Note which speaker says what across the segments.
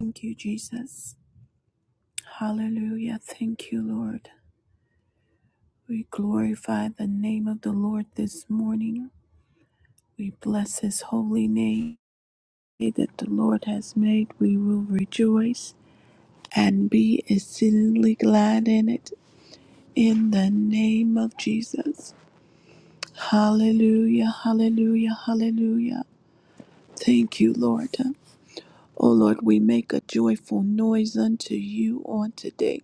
Speaker 1: Thank you, Jesus. Hallelujah. Thank you, Lord. We glorify the name of the Lord this morning. We bless his holy name. The Day That the Lord has made, we will rejoice and be exceedingly glad in it. In the name of Jesus. Hallelujah. Hallelujah. Hallelujah. Thank you, Lord. O Lord, we make a joyful noise unto you on today,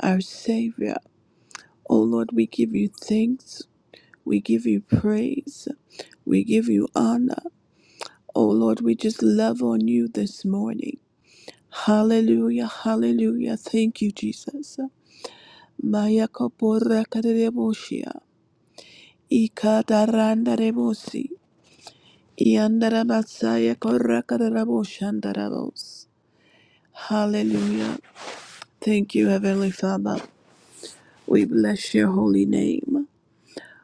Speaker 1: our Savior. O Lord, we give you thanks We give you praise. We give you honor. Oh Lord, we just love on you this morning. Hallelujah, hallelujah. Thank you, Jesus. Maya kapora kareboshia. Ikataranda rebosi. Iandarabasaya korra karaboshandarabos. Hallelujah. Thank you, Heavenly Father. We bless your holy name.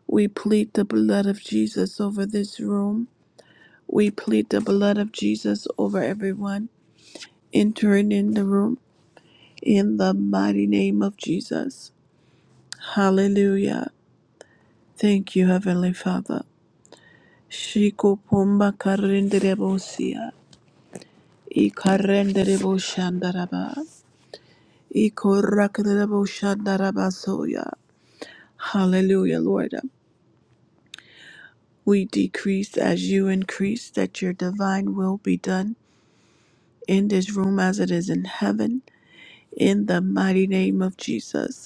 Speaker 1: We plead the blood of Jesus over this room. We plead the blood of Jesus over everyone entering in the room in the mighty name of Jesus. Hallelujah. Thank you, Heavenly Father. Shiko pomba karenderebosia. I karenderebo shandaraba. I korakarebo shandaraba soya. Hallelujah, Lord. We decrease as you increase, that your divine will be done in this room as it is in heaven. In the mighty name of Jesus.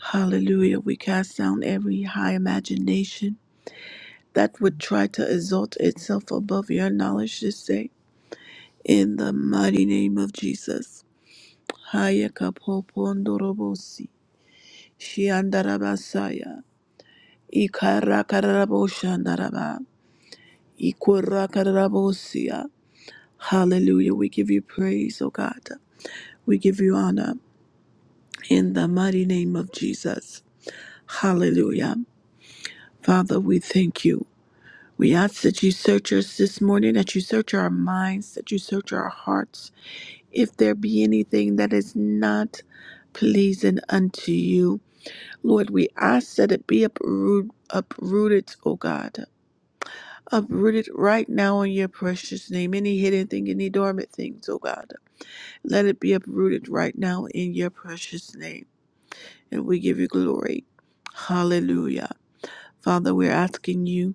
Speaker 1: Hallelujah. We cast down every high imagination that would try to exalt itself above your knowledge this day. In the mighty name of Jesus. Haya kapopondorobosi. Shiandarabasaya. Ikarakaraboshandaraba. Ikorakarabosia. Hallelujah. We give you praise, O God. We give you honor in the mighty name of Jesus. Hallelujah. Father, we thank you. We ask that you search us this morning, that you search our minds, that you search our hearts. If there be anything that is not pleasing unto you, Lord, we ask that it be uproot, uprooted, O God. Uprooted right now in your precious name. Any hidden thing, any dormant things, O God. Let it be uprooted right now in your precious name. And we give you glory. Hallelujah. Father, we're asking you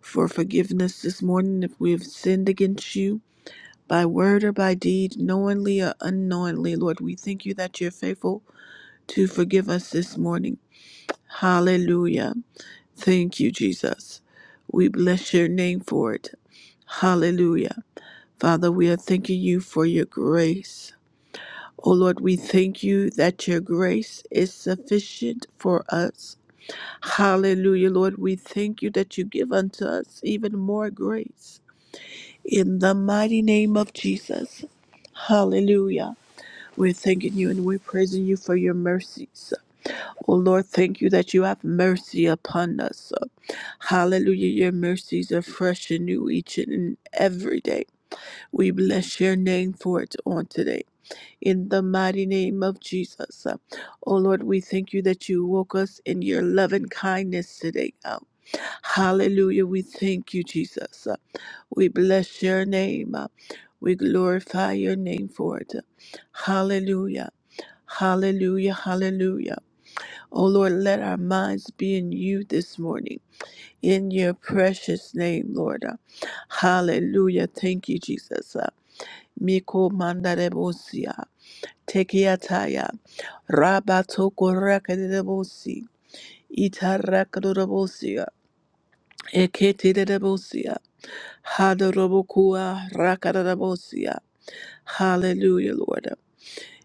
Speaker 1: for forgiveness this morning if we have sinned against you by word or by deed, knowingly or unknowingly, Lord. We thank you that you're faithful to forgive us this morning. Hallelujah. Thank you, Jesus. We bless your name for it. Hallelujah. Father, we are thanking you for your grace. Oh Lord, we thank you that your grace is sufficient for us. Hallelujah, Lord. We thank you that you give unto us even more grace. In the mighty name of Jesus. Hallelujah. We're thanking you and we're praising you for your mercies. Oh Lord, thank you that you have mercy upon us. Hallelujah. Your mercies are fresh and new each and every day. We bless your name for it on today. In the mighty name of Jesus. Oh Lord, we thank you that you woke us in your loving kindness today. Um, Hallelujah. We thank you, Jesus. We bless your name. We glorify your name for it. Hallelujah. Hallelujah, hallelujah. Oh Lord, let our minds be in you this morning, in your precious name, Lord. Uh, Hallelujah. Thank you, Jesus. Uh, Miko mandarebosia, tekiataya, rabatoko rakadebosi. itarakadorobosia, eketidebosia, hadarobokua rakadorobosia. Hallelujah, Lord. Uh,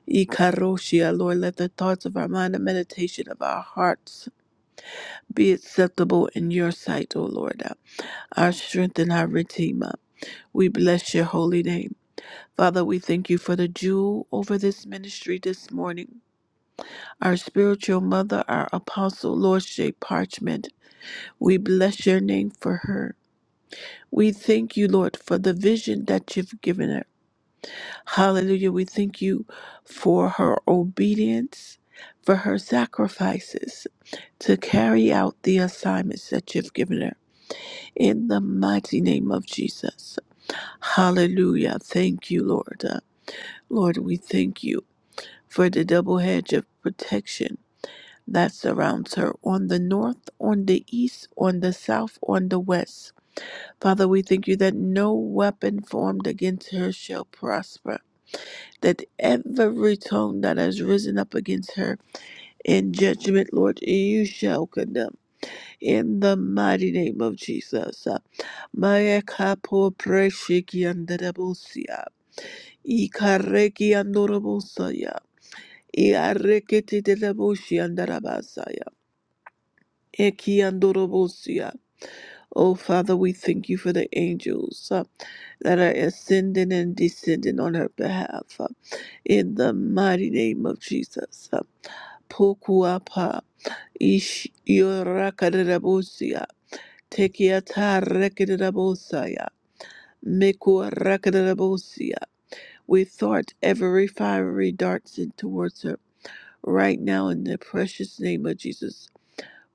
Speaker 1: Ikaroshia, Lord, let the thoughts of our mind and meditation of our hearts be acceptable in your sight, O Lord, uh, our strength and our redeemer. We bless your holy name. Father, we thank you for the jewel over this ministry this morning. Our spiritual mother, our apostle, Lord Shea Parchment, we bless your name for her. We thank you, Lord, for the vision that you've given her. Hallelujah. We thank you for her obedience, for her sacrifices to carry out the assignments that you've given her. in the mighty name of Jesus. Hallelujah. Thank you, Lord. Uh, Lord, we thank you for the double hedge of protection that surrounds her on the north, on the east, on the south, on the west. Father, we thank you that no weapon formed against her shall prosper, that every tongue that has risen up against her in judgment, Lord, you shall condemn in the mighty name of Jesus. Uh, Maya preshiki andarabosia. Ikareki andorobosaya. Iarekete delaboshi andarabasaya. Eki andorobosia. Oh, Father, we thank you for the angels uh, that are ascending and descending on her behalf. uh, in the mighty name of Jesus. uh, Pokuapa. Ish yorakadarabosia. Tekiata rekedabosaya. Meku We thought every fiery dart sent towards her right now in the precious name of Jesus.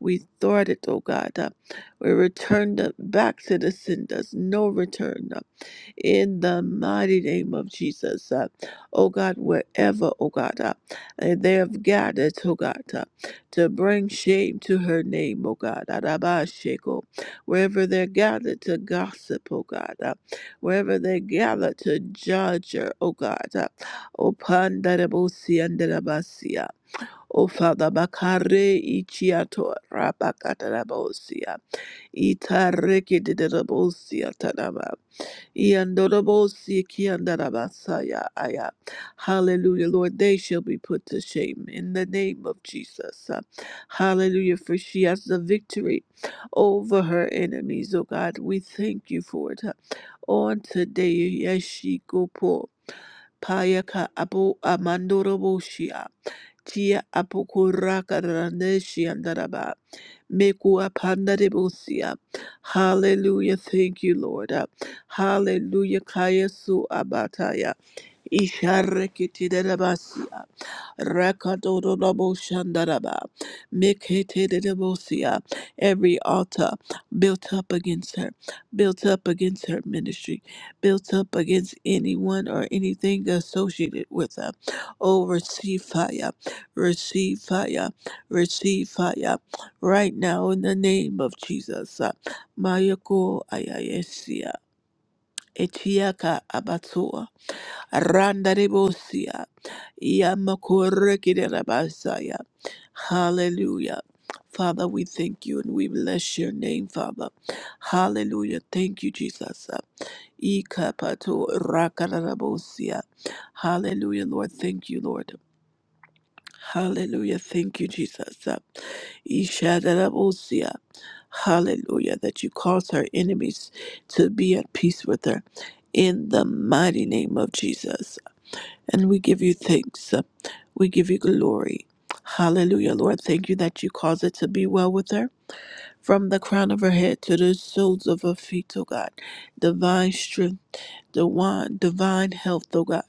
Speaker 1: We thought it, O God. Uh, We return them back to the senders. No return. uh, in the mighty name of Jesus. Uh, oh God, wherever, oh God, uh, and they have gathered, oh God, uh, to bring shame to her name, oh God, Arabashiko. wherever they're gathered to gossip, oh God, uh, wherever they gather to judge her, oh God, uh, O Pandarabosi and Darabasia. O Father Bakare Ichiato Rabakatarabosia. Itareki de Darabosia Yandorobo-sikiandarabasaya. Hallelujah, Lord, they shall be put to shame in the name of Jesus. Uh, Hallelujah, for she has the victory over her enemies. Oh God, we thank you for it. Uh, On today, Yeshikopo, Payaka Apo Amandoroboshia, Tia Apokoraka Mekua pandaribusia. Hallelujah. Thank you, Lord. Uh, Hallelujah. Kayasu abataya. Isharekitidabasia. Rakadodoboshandaraba. Mikhetedebosia. Every altar built up against her, built up against her ministry, built up against anyone or anything associated with her. Oh, receive fire, receive fire, receive fire right now in the name of Jesus. Mayoko Ayayesia. etiaka Abatua. Randaribosia. Yamakorekirabasaya. Hallelujah. Father, we thank you and we bless your name, Father. Hallelujah. Thank you, Jesus. Ikapato rakarabosia. Hallelujah, Lord. Thank you, Lord. Hallelujah. Thank you, Jesus. Ishadarabosia. Hallelujah. That you cause her enemies to be at peace with her. In the mighty name of Jesus and we give you thanks. We give you glory. Hallelujah, Lord. Thank you that you cause it to be well with her from the crown of her head to the soles of her feet, O God. Divine strength, divine, divine health, O God.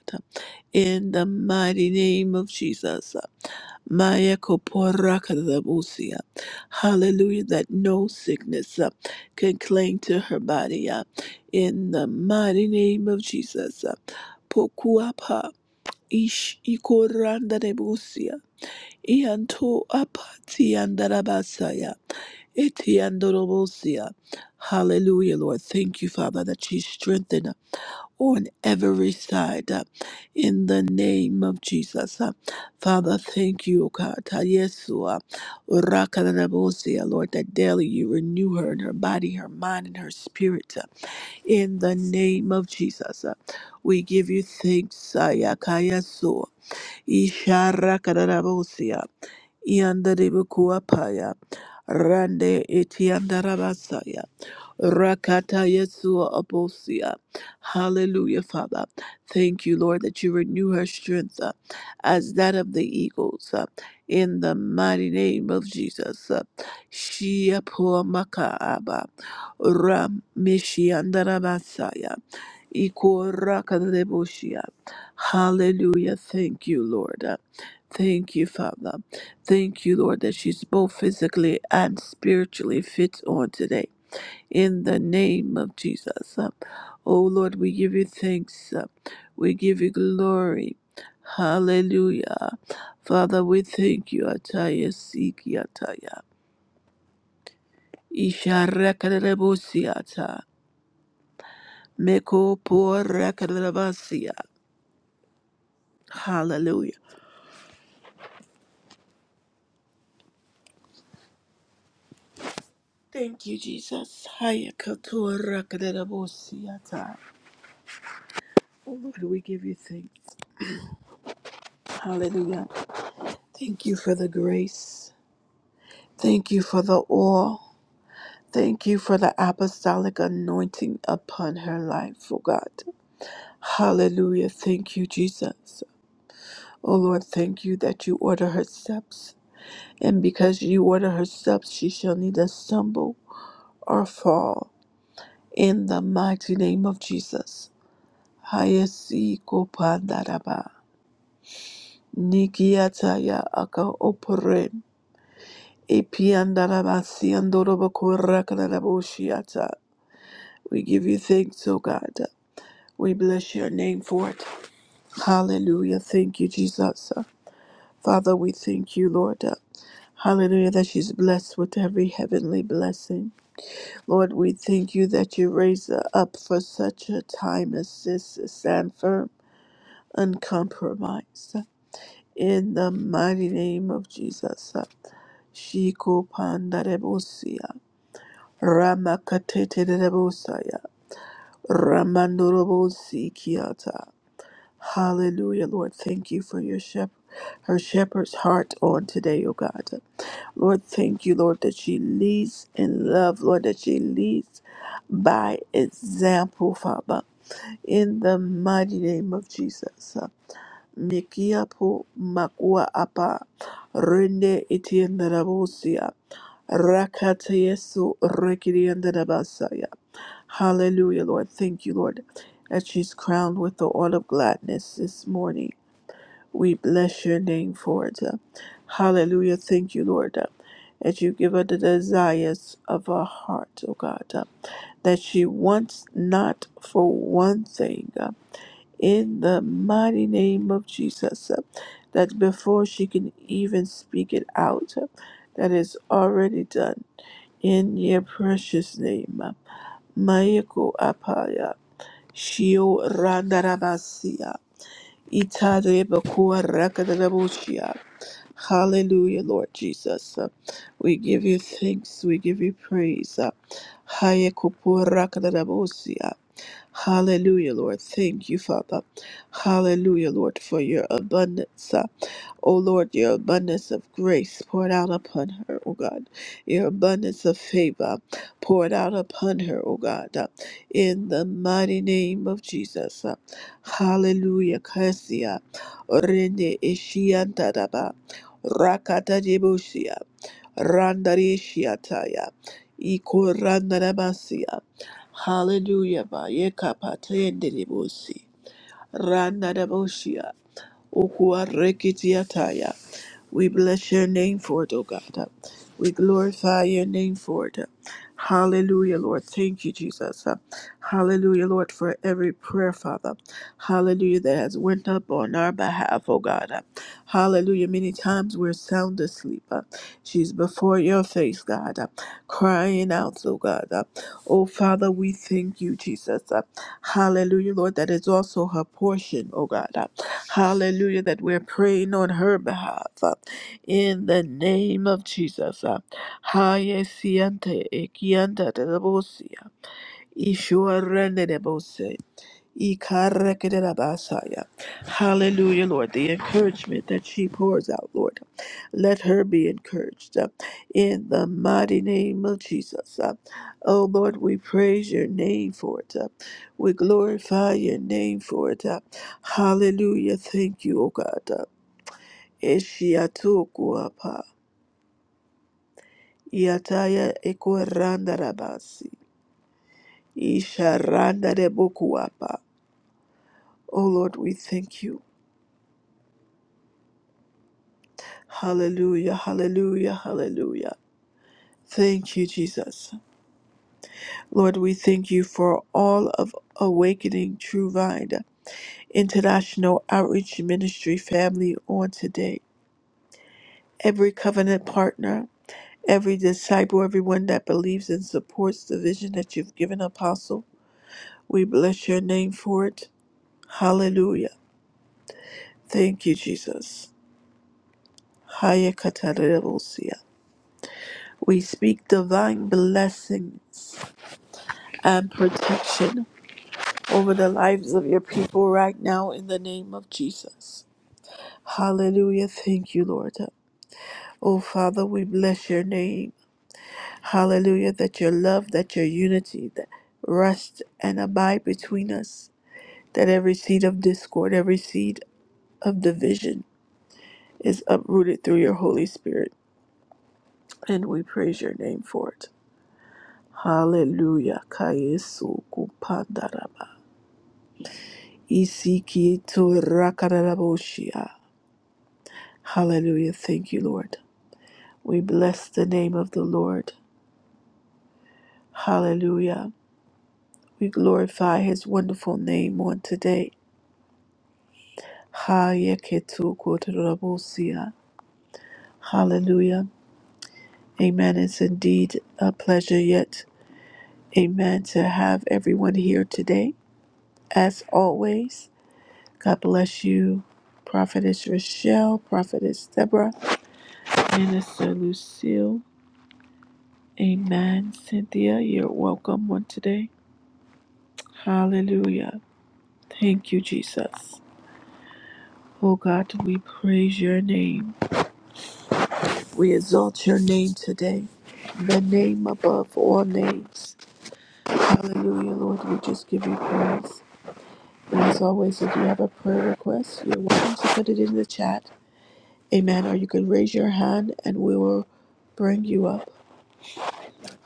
Speaker 1: In the mighty name of Jesus. Maya Kopora Kadabusia. Hallelujah, that no sickness uh, can cling to her body. uh, in the mighty name of Jesus. Uh, Pokuapa Ish ikoranda rebusia. Ianto apati andarabasaya. Eti andorobosia. Hallelujah, Lord. Thank you, Father, that you strengthen on every side uh, in the name of Jesus. Uh, Father, thank you, O God. Ta Yesua. Rakarabosia, Lord, that daily you renew her in her body, her mind, and her spirit. uh, In the name of Jesus. Uh, We give you thanks, Sayakayasua. Ishara Kadarabosia, Yandaribukuapaya, Rande Itiandarabasaya, Rakata Yesua Abosia. Hallelujah, Father. Thank you, Lord, that you renew her strength uh, as that of the eagles. uh, in the mighty name of Jesus. uh, Shia Pua Makaaba, Ram Mishiandarabasaya, Ikora Kadeboshia. Hallelujah. Thank you, Lord. Uh, Thank you, Father. Thank you, Lord, that she's both physically and spiritually fit on today. In the name of Jesus. Uh, Oh, Lord, we give you thanks. Uh, We give you glory. Hallelujah. Father, we thank you. Ataya siki ataya. Isha rekarebusiata. Meko poor Thank you, Jesus. Haya Hayakatorakadarabusiata. Lord, we give you thanks. Hallelujah. Thank you for the grace. Thank you for the oil. Thank you for the apostolic anointing upon her life, oh God. Hallelujah. Thank you, Jesus. Oh Lord, thank you that you order her steps. And because you order her steps, she shall neither stumble or fall. In the mighty name of Jesus. Hayasi kopandaraba. Nikiataya aka opore epiandarabasiandorobokorakadaboshiata. We give you thanks, O God. We bless your name for it. Hallelujah. Thank you, Jesus. Father, we thank you, Lord. Hallelujah, that she's blessed with every heavenly blessing. Lord, we thank you that you raise her up for such a time as this. Stand firm, uncompromised. In the mighty name of Jesus. Shiko Pandarebosia, Ramakatete Rebosaya, Ramandorobosi Kiata. Hallelujah, Lord. Thank you for your shepherd, her shepherd's heart on today, O God. Lord, thank you, Lord, that she leads in love, Lord, that she leads by example, Father, in the mighty name of Jesus. Mikiapo makua apa rende itienerabosia Rakata Yesu, Rekiri and Dabasaya. Hallelujah, Lord. Thank you, Lord, that she's crowned with the oil of gladness this morning. We bless your name for it. Hallelujah. Thank you, Lord, that you give her the desires of her heart, oh God, that she wants not for one thing. In the mighty name of Jesus, that before she can even speak it out, that is already done in your precious name, Mayako Apaya, Shio Randarabasia, Itadebakua Rakadabushia. Hallelujah, Lord Jesus. We give you thanks, we give you praise. Hayekupu Rakadabusia. Hallelujah, Lord. Thank you, Father. Hallelujah, Lord, for your abundance. O Lord, your abundance of grace poured out upon her, O God. Your abundance of favor poured out upon her, O God. uh, In the mighty name of Jesus. uh, Hallelujah. Kasia. Rende ishiantadaba. Rakata debushia. Randarishiataya. Iko randarabasia. Hallelujah. ba, Yekapata yenderebusi. Randarabushia. Ukua rekitiataya. We bless your name for it, oh God. We glorify your name for it. Hallelujah, Lord. Thank you, Jesus. Hallelujah, Lord, for every prayer, Father. Hallelujah, that has went up on our behalf, oh God. Hallelujah. Many times we're sound asleep. She's before your face, God, crying out, oh God. Oh Father, we thank you, Jesus. Hallelujah, Lord. That is also her portion, oh God. Hallelujah, that we're praying on her behalf. In the name of Jesus. uh, Haye siante ekianta de bosia. Ishuarende de bose. Ikarekerabasaya. Hallelujah, Lord. The encouragement that she pours out, Lord. Let her be encouraged uh, in the mighty name of Jesus. Uh, Oh, Lord, we praise your name for it. uh, We glorify your name for it. uh, Hallelujah. Thank you, O God. uh, Eshiatokuapa. Yataya Ekoranda Rabasi. Isharanda Rebokuapa. Oh Lord, we thank you. Hallelujah, hallelujah, hallelujah. Thank you, Jesus. Lord, we thank you for all of Awakening True Vine International Outreach Ministry family on today. Every covenant partner, every disciple, everyone that believes and supports the vision that you've given, Apostle. We bless your name for it. Hallelujah. Thank you, Jesus. Haya katarebosia. We speak divine blessings and protection over the lives of your people right now in the name of Jesus. Hallelujah. Thank you, Lord. Oh, Father, we bless your name. Hallelujah. That your love, that your unity that rest and abide between us, that every seed of discord, every seed of division is uprooted through your Holy Spirit. And we praise your name for it. Hallelujah. Kayesu kupandaraba. Isiki to rakaraboshia. Hallelujah. Thank you, Lord. We bless the name of the Lord. Hallelujah. We glorify his wonderful name on today. Hayeketu kotarabosia. Hallelujah. Amen. It's indeed a pleasure yet. Amen. To have everyone here today. As always. God bless you, Prophetess Rochelle, Prophetess Deborah, Minister Lucille. Amen. Cynthia, you're welcome on today. Hallelujah. Thank you, Jesus. Oh God, we praise your name. We exalt your name today. The name above all names. Hallelujah, Lord. We just give you praise. And as always, if you have a prayer request, you're welcome to put it in the chat. Amen. Or you can raise your hand and we will bring you up.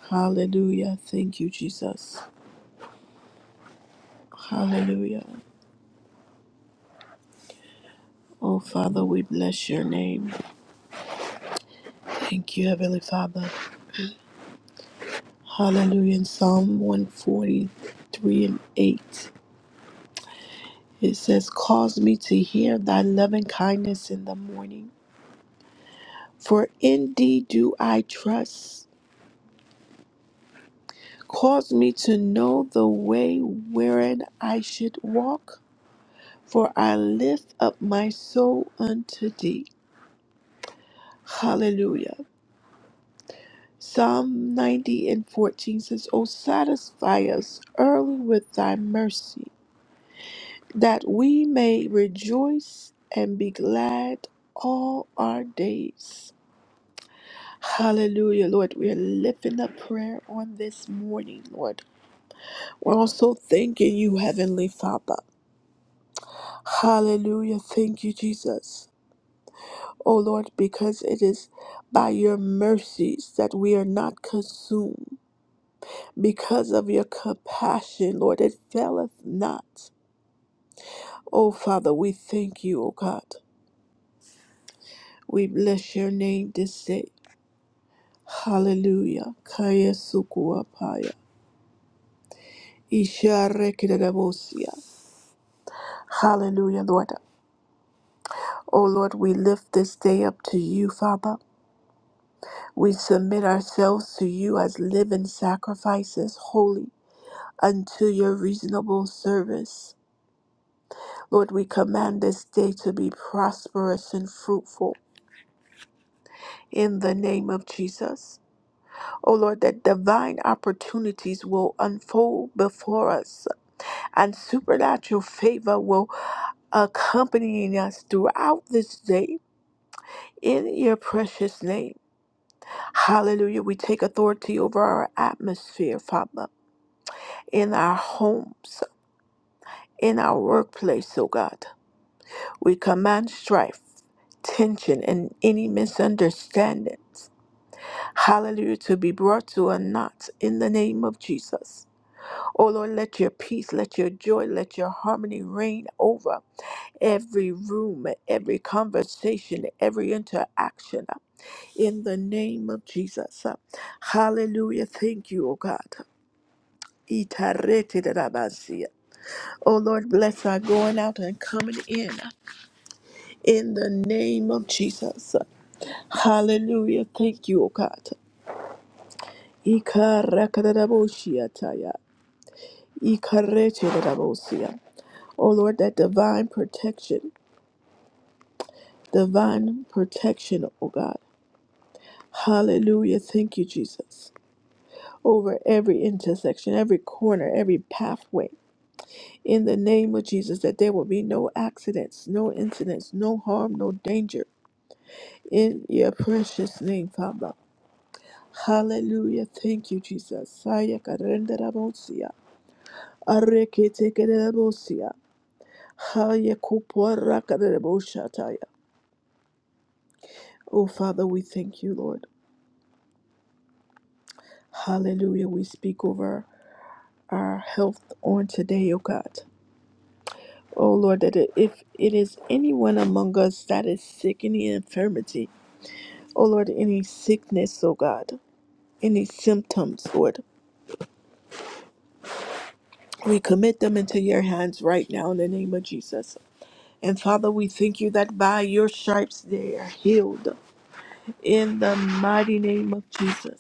Speaker 1: Hallelujah. Thank you, Jesus. Hallelujah. Oh, Father, we bless your name. Thank you, Heavenly Father. Hallelujah. In Psalm 143 and 8, it says, Cause me to hear thy loving kindness in the morning, for in thee do I trust. Cause me to know the way wherein I should walk, for I lift up my soul unto thee. Hallelujah. Psalm 90 and 14 says, O satisfy us early with thy mercy, that we may rejoice and be glad all our days. Hallelujah, Lord. We are lifting up prayer on this morning, Lord. We're also thanking you, Heavenly Father. Hallelujah. Thank you, Jesus. Oh Lord, because it is by your mercies that we are not consumed. because of your compassion, Lord, it faileth not. Oh, Father, we thank you, oh God. We bless your name this day. Hallelujah. Kaya sukua paya. Isha rekidabosia. Hallelujah, Lord. Oh, Lord, we lift this day up to you, Father. We submit ourselves to you as living sacrifices, holy, unto your reasonable service. Lord, we command this day to be prosperous and fruitful. in the name of Jesus. Oh Lord, that divine opportunities will unfold before us and supernatural favor will accompanying us throughout this day in your precious name. Hallelujah. We take authority over our atmosphere, Father, in our homes, in our workplace, oh God. We command strife, tension, and any misunderstandings. Hallelujah. To be brought to a knot in the name of Jesus. Oh Lord, let your peace, let your joy, let your harmony reign over every room, every conversation, every interaction in the name of Jesus. Hallelujah. Thank you, O God. Itaretidarabasia. Oh Lord, bless our going out and coming in in the name of Jesus. Hallelujah. Thank you, O God. Ikarakadaboshiataya. Ikaretidarabosia. Oh Lord, that divine protection. divine protection, oh God. Hallelujah. Thank you, Jesus. Over every intersection, every corner, every pathway. In the name of Jesus, that there will be no accidents, no incidents, no harm, no danger. In your precious name, Father. Hallelujah. Thank you, Jesus. Saya karenda rabosia. Arekete kerebosia. Haya kupora kareboshataya. Oh, Father, we thank you, Lord. Hallelujah. We speak over. our health on today, O God. O Lord, that it- if it is anyone among us that is sick, any infirmity, O Lord, any sickness, O God, any symptoms, Lord, we commit them into your hands right now in the name of Jesus. And Father, we thank you that by your stripes they are healed in the mighty name of Jesus.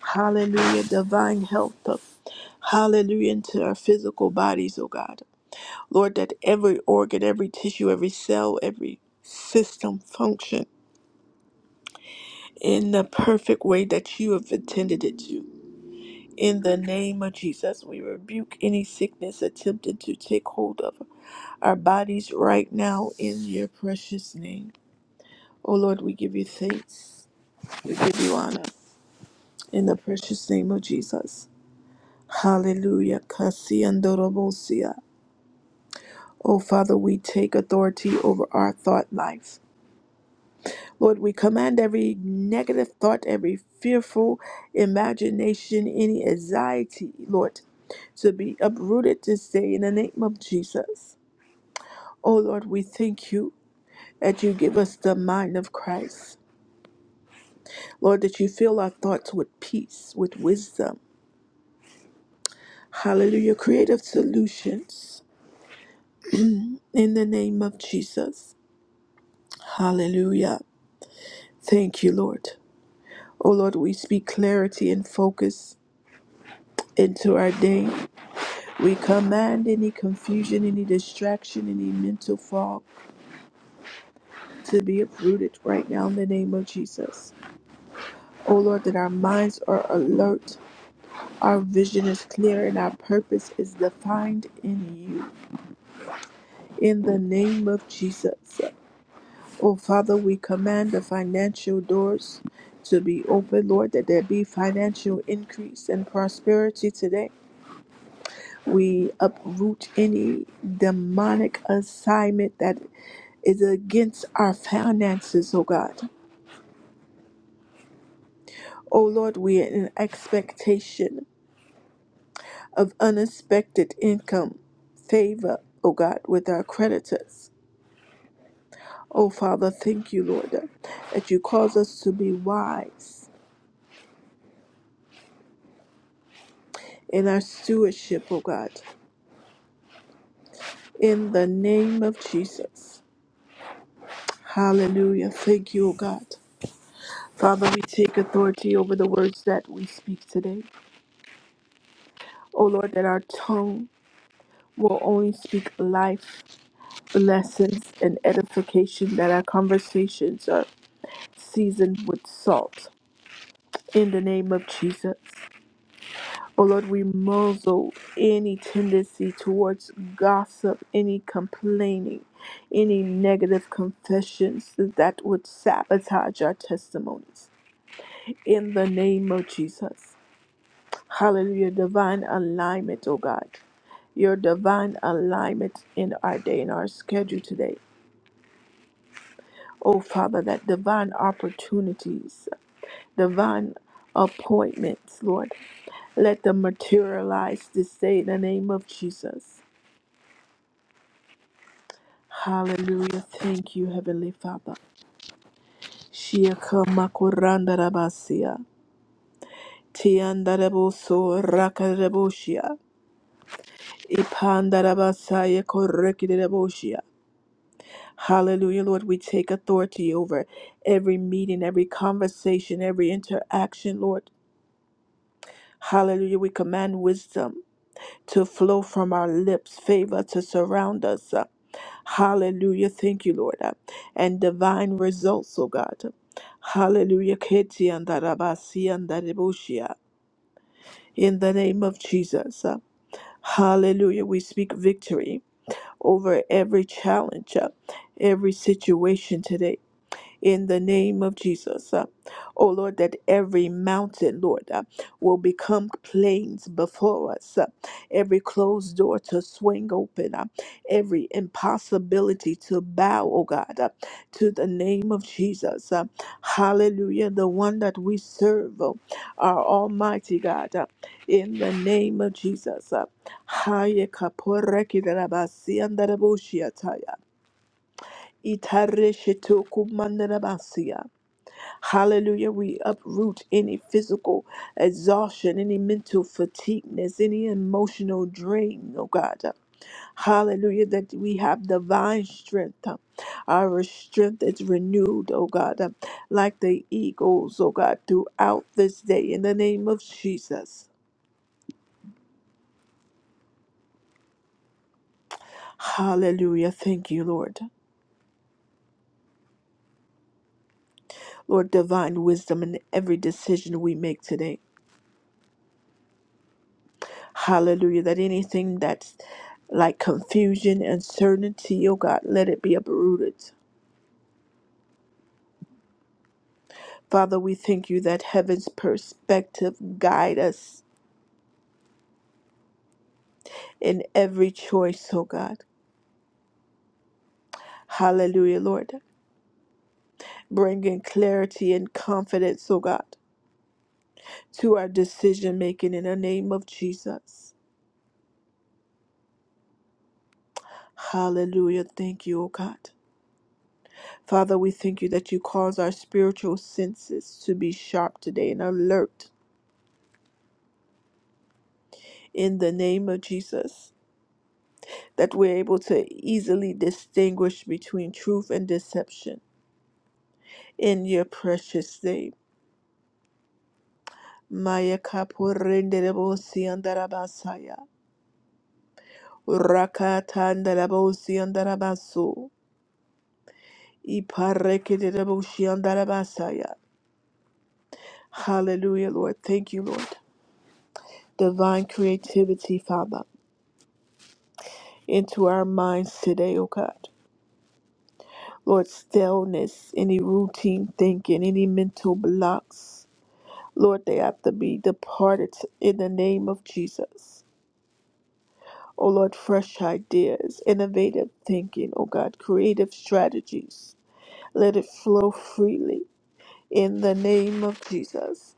Speaker 1: Hallelujah. Divine health. Hallelujah into our physical bodies, O God. Lord, that every organ, every tissue, every cell, every system function in the perfect way that you have intended it to. In the name of Jesus, we rebuke any sickness attempting to take hold of our bodies right now in your precious name. Oh Lord, we give you thanks. We give you honor. In the precious name of Jesus. Hallelujah. Kasi andorobosia. Oh Father, we take authority over our thought life. Lord, we command every negative thought, every fearful imagination, any anxiety, Lord, to be uprooted this day in the name of Jesus. Oh Lord, we thank you that you give us the mind of Christ. Lord, that you fill our thoughts with peace, with wisdom. Hallelujah. Creative solutions in the name of Jesus. Hallelujah. Thank you, Lord. Oh Lord, we speak clarity and focus into our day. We command any confusion, any distraction, any mental fog to be uprooted right now in the name of Jesus. Oh Lord, that our minds are alert, our vision is clear, and our purpose is defined in you. In the name of Jesus. Oh Father, we command the financial doors to be open, Lord, that there be financial increase and prosperity today. We uproot any demonic assignment that is against our finances, oh God. Oh Lord, we are in expectation of unexpected income, favor, oh God, with our creditors. Oh Father, thank you, Lord, that you cause us to be wise in our stewardship, oh God, in the name of Jesus. Hallelujah. Thank you, oh God. Father, we take authority over the words that we speak today. Oh Lord, that our tongue will only speak life blessings and edification, that our conversations are seasoned with salt. In the name of Jesus. Oh Lord, we muzzle any tendency towards gossip, any complaining, any negative confessions that would sabotage our testimonies. In the name of Jesus. Hallelujah. Divine alignment, oh God. Your divine alignment in our day, in our schedule today Oh, Father, that divine opportunities, divine appointments, Lord, let them materialize this day in the name of Jesus. Hallelujah. Thank you, Heavenly Father. Shiaka makuranda rabasia. Tiandareboso rakarebosia. Ipandarabasaya korekidebosia. Hallelujah, Lord. We take authority over every meeting, every conversation, every interaction, Lord. Hallelujah. We command wisdom. to flow from our lips, favor to surround us. uh, Hallelujah. Thank you, Lord. uh, And divine results, oh God. Hallelujah. Keti andarabasi andaribushia. In the name of Jesus. uh, Hallelujah. We speak victory over every challenge, uh, every situation today in the name of Jesus. Uh, oh Lord, that every mountain, Lord, uh, will become plains before us, uh, every closed door to swing open, uh, every impossibility to bow, oh God, uh, to the name of Jesus. Uh, hallelujah, the one that we serve, oh, our Almighty God, uh, in the name of Jesus. Uh, Haya kapora kidarabasi andarabushiataya. Itare shetu kumandarabasi. Hallelujah. We uproot any physical exhaustion, any mental fatigueness, any emotional drain, oh God. Hallelujah, that we have divine strength. Our strength is renewed, oh God, like the eagles, oh God, throughout this day in the name of Jesus. Hallelujah. Thank you, Lord. Lord, divine wisdom in every decision we make today. Hallelujah. That anything that's like confusion, uncertainty, oh God, let it be uprooted. Father, we thank you that heaven's perspective guide us in every choice, oh God. Hallelujah, Lord. Bringing clarity and confidence, oh God, to our decision making in the name of Jesus. Hallelujah. Thank you, oh God. Father, we thank you that you cause our spiritual senses to be sharp today and alert in the name of Jesus. that we're able to easily distinguish between truth and deception. In your precious name. Maya kapurendelebo siandarabasaya. Rakatandelebo siandarabaso. Iparekedelebo siandarabasaya. Hallelujah, Lord. Thank you, Lord. Divine creativity, Father, into our minds today, O God. Lord, stillness, any routine thinking, any mental blocks. Lord, they have to be departed in the name of Jesus. Oh Lord, fresh ideas, innovative thinking, oh God, creative strategies. Let it flow freely in the name of Jesus.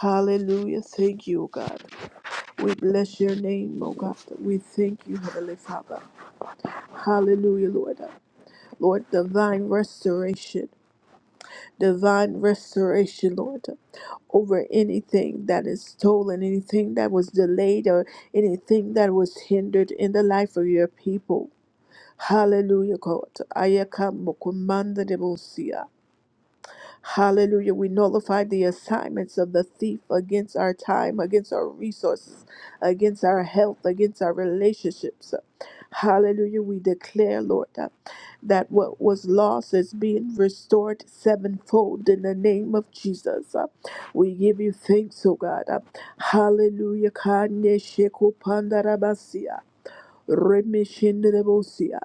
Speaker 1: Hallelujah. Thank you, oh God. We bless your name, oh God. We thank you, Heavenly Father. Hallelujah, Lord. Lord, divine restoration. divine restoration, Lord, over anything that is stolen, anything that was delayed, or anything that was hindered in the life of your people. Hallelujah, God. Ayaka mokumanda Hallelujah. We nullify the assignments of the thief against our time, against our resources, against our health, against our relationships. Hallelujah. We declare, Lord, that that what was lost is being restored sevenfold in the name of Jesus. Uh, We give you thanks, O God. Uh, Hallelujah. Kane sheku pandarabasia. Remishinderebosia.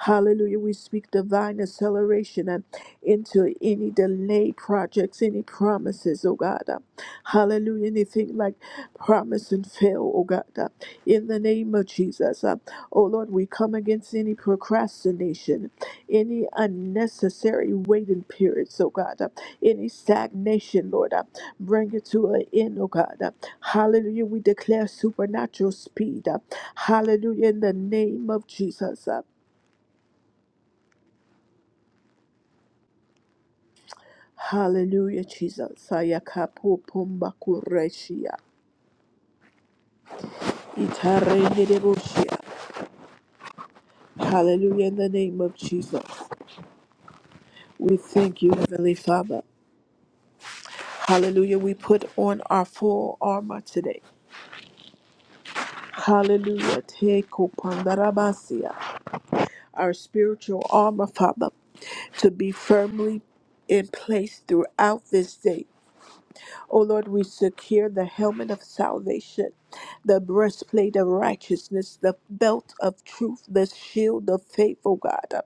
Speaker 1: Hallelujah. We speak divine acceleration and into any delayed projects, any promises, oh God. uh, Hallelujah. Anything like promise and fail, oh God. uh, In the name of Jesus. uh, Oh Lord, we come against any procrastination, any unnecessary waiting periods, oh God. uh, Any stagnation, Lord. uh, Bring it to an end, oh God. Uh, Hallelujah. We declare supernatural speed. Hallelujah. In the name of Jesus. Hallelujah, Jesus. Ayakapu pumba kureshia. Itarenedeboshia. Hallelujah. In the name of Jesus. We thank you, Heavenly Father. Hallelujah. We put on our full armor today. Hallelujah. Teko pandarabasia. Our spiritual armor, Father, to be firmly in place throughout this day. O Lord, we secure the helmet of salvation, the breastplate of righteousness, the belt of truth, the shield of faith, O God, uh,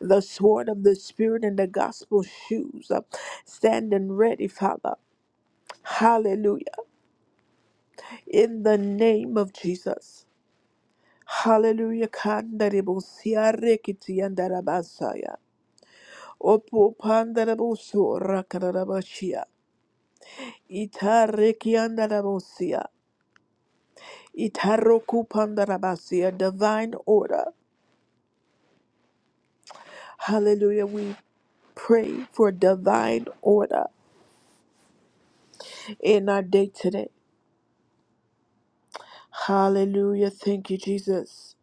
Speaker 1: the sword of the Spirit, and the gospel shoes. uh, Standing ready, Father. Hallelujah. In the name of Jesus. Hallelujah. Kandarebo siarekiti andarabasaya. Opo pandarabo so rakarabashia. Itareki andarabosia. Itaroku pandarabasia, divine order. Hallelujah. We pray for divine order in our day today. Hallelujah. Thank you, Jesus.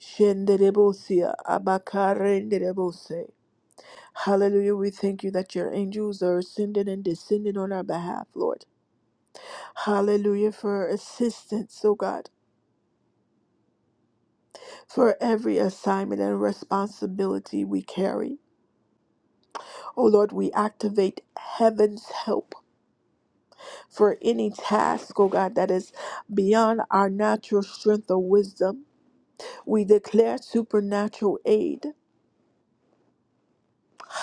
Speaker 1: Shenderebosia, abakarenderebose. Hallelujah. We thank you that your angels are ascending and descending on our behalf, Lord. Hallelujah. For assistance, oh God, for every assignment and responsibility we carry. Oh Lord, we activate heaven's help for any task, oh God, that is beyond our natural strength or wisdom. We declare supernatural aid,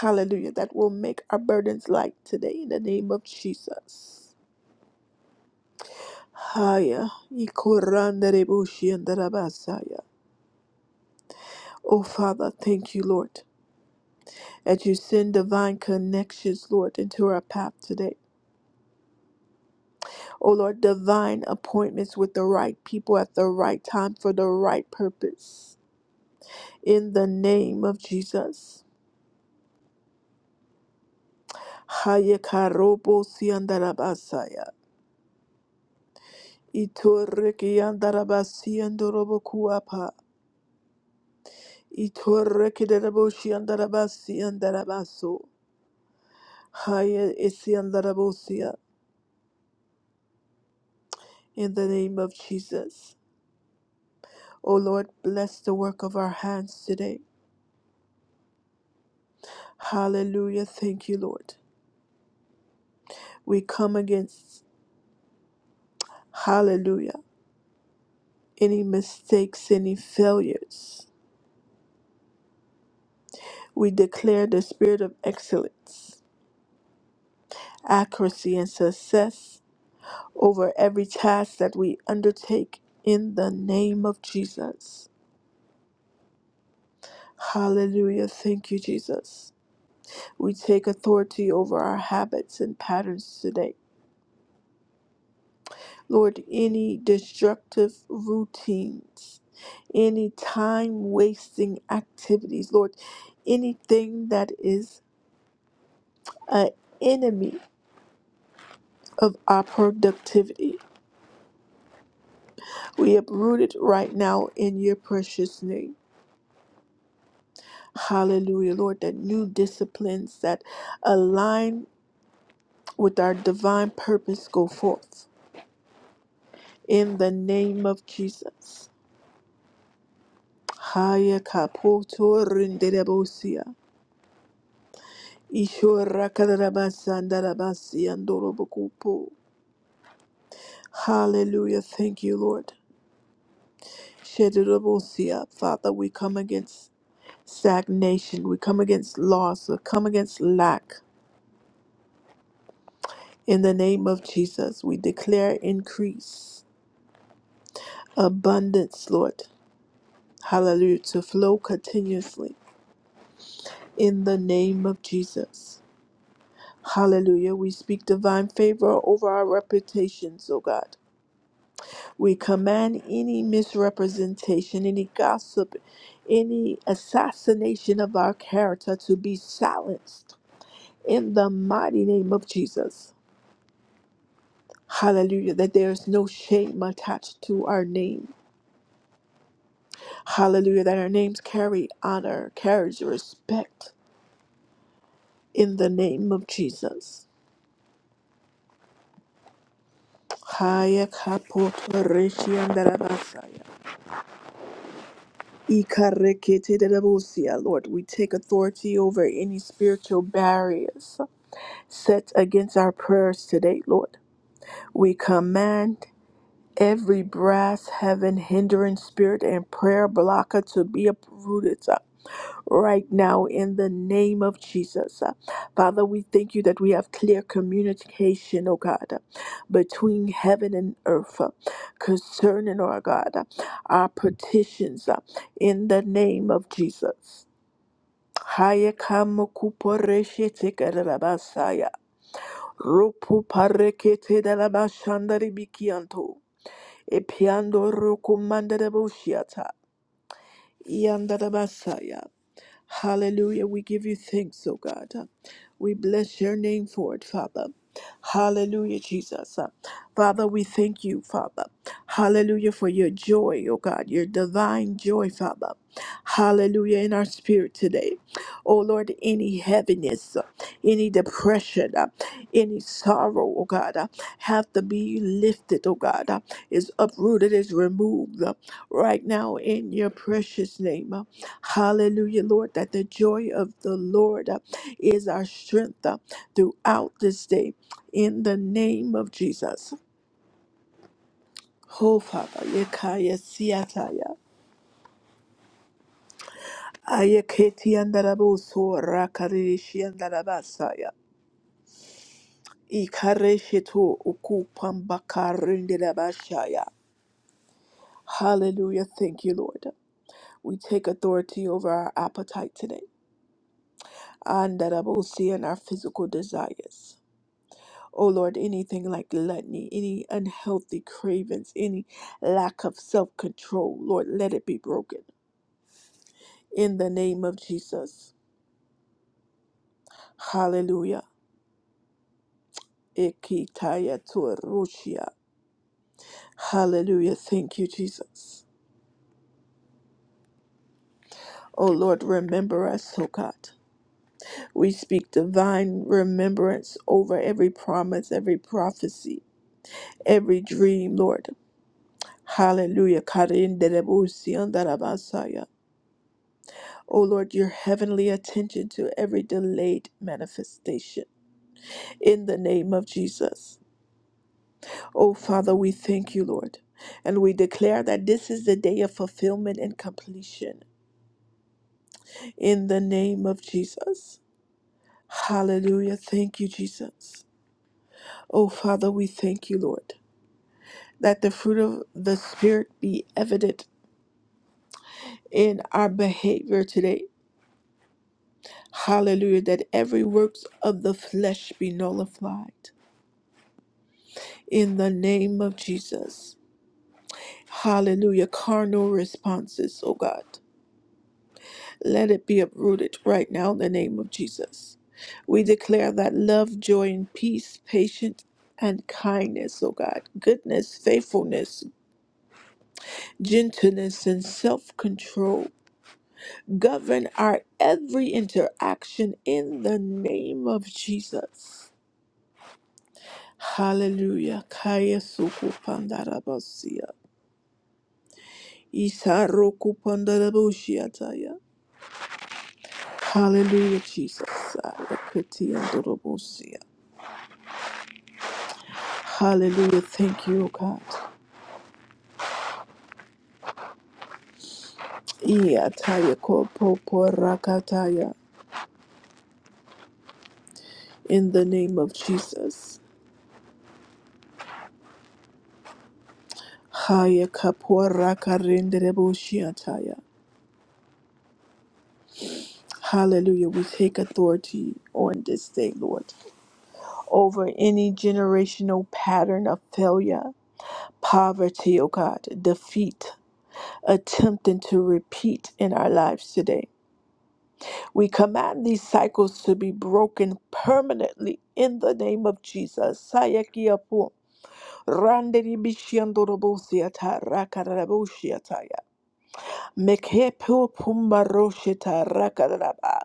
Speaker 1: hallelujah, that will make our burdens light today in the name of Jesus. Haya, ikoranderebushi andarabasaya. Oh Father, thank you, Lord, that you send divine connections, Lord, into our path today. Oh Lord, divine appointments with the right people at the right time for the right purpose. In the name of Jesus. Hayekarobo siandarabasaya. Itoreki andarabasi andorobo kuapa. Itoreki deraboshi andarabasi andarabaso. Haya esi andarabosia. In the name of Jesus. O Lord, bless the work of our hands today. Hallelujah. Thank you, Lord. We come against, hallelujah, any mistakes, any failures. We declare the spirit of excellence, accuracy, and success over every task that we undertake in the name of Jesus. Hallelujah. Thank you, Jesus. We take authority over our habits and patterns today. Lord, any destructive routines, any time wasting activities, Lord, anything that is an enemy of our productivity, we uproot it right now in your precious name. Hallelujah, Lord, that new disciplines that align with our divine purpose go forth in the name of Jesus. Haya kapoto rinderebosia. Ishora kadarabasandarabasia ndorobokupo. Hallelujah. Thank you, Lord. Shedorobosia. Father, we come against stagnation. We come against loss. We come against lack. In the name of Jesus, we declare increase. abundance, Lord. Hallelujah. To flow continuously in the name of Jesus. Hallelujah. We speak divine favor over our reputations, O God. We command any misrepresentation, any gossip, any assassination of our character to be silenced in the mighty name of Jesus. Hallelujah. That there is no shame attached to our name. Hallelujah. That our names carry honor, carries respect. in the name of Jesus. Haya kapoto reshiandarabasaya. Ikareketedebosia. Lord, we take authority over any spiritual barriers set against our prayers today, Lord. We command every brass, heaven, hindering spirit, and prayer blocker to be uprooted. right now in the name of Jesus. Uh, Father, we thank you that we have clear communication, oh God, uh, between heaven and earth uh, concerning, oh God, uh, our petitions uh, in the name of Jesus. Haya kamo kuporeshe tekerabasaya. Rupu parekete dalabashandari bikianto. Epiando rukumandere bushiata. Yandere basaya. Hallelujah. We give you thanks, oh God. We bless your name for it, Father. Hallelujah, Jesus. Father, we thank you, Father. Hallelujah for your joy, oh God, your divine joy, Father. Hallelujah in our spirit today. Oh Lord, any heaviness, any depression, any sorrow, oh God, have to be lifted, oh God, is uprooted, is removed right now in your precious name. Hallelujah, Lord, that the joy of the Lord uh, is our strength uh, throughout this day. In the name of Jesus. Oh, Father, yekaya siyataya. Ayeketi andarabuso rakarishi andarabasaya. Ikareshetu ukupambakarindilabashaya. Hallelujah. Thank you, Lord. We take authority over our appetite today. Andarabusi and our physical desires. Oh Lord, anything like gluttony, any unhealthy cravings, any lack of self control, Lord, let it be broken. In the name of Jesus. Hallelujah. Ikitaya tuarushia. Hallelujah. Thank you, Jesus. Oh Lord, remember us, oh God. We speak divine remembrance over every promise, every prophecy, every dream, Lord. Hallelujah. Karinderebusiandarabasaya. O Lord, your heavenly attention to every delayed manifestation in the name of Jesus. O Father, we thank you, Lord, and we declare that this is the day of fulfillment and completion in the name of Jesus. Hallelujah. Thank you, Jesus. O Father, we thank you, Lord, that the fruit of the Spirit be evident in our behavior today. Hallelujah. That every works of the flesh be nullified. in the name of Jesus. Hallelujah. Carnal responses, oh God. Let it be uprooted right now in the name of Jesus. We declare that love, joy, and peace, patience, and kindness, oh God, goodness, faithfulness, gentleness, and self control govern our every interaction in the name of Jesus. Hallelujah. Kaya suku pandarabasia. Isaroku pandarabushiyataya. Hallelujah, Jesus. Sarakatiyandorobusiya. Hallelujah. Thank you, O God. Iyataya kopoporakataya. In the name of Jesus. Haya kaporakarenderebushiyataya. Hallelujah. We take authority on this day, Lord, over any generational pattern of failure, poverty, O God, defeat, attempting to repeat in our lives today. We command these cycles to be broken permanently in the name of Jesus. Sayakiapo, randeribishiandorobosiata, rakaraboshiataya, mekepopumbaroshita, rakaraba.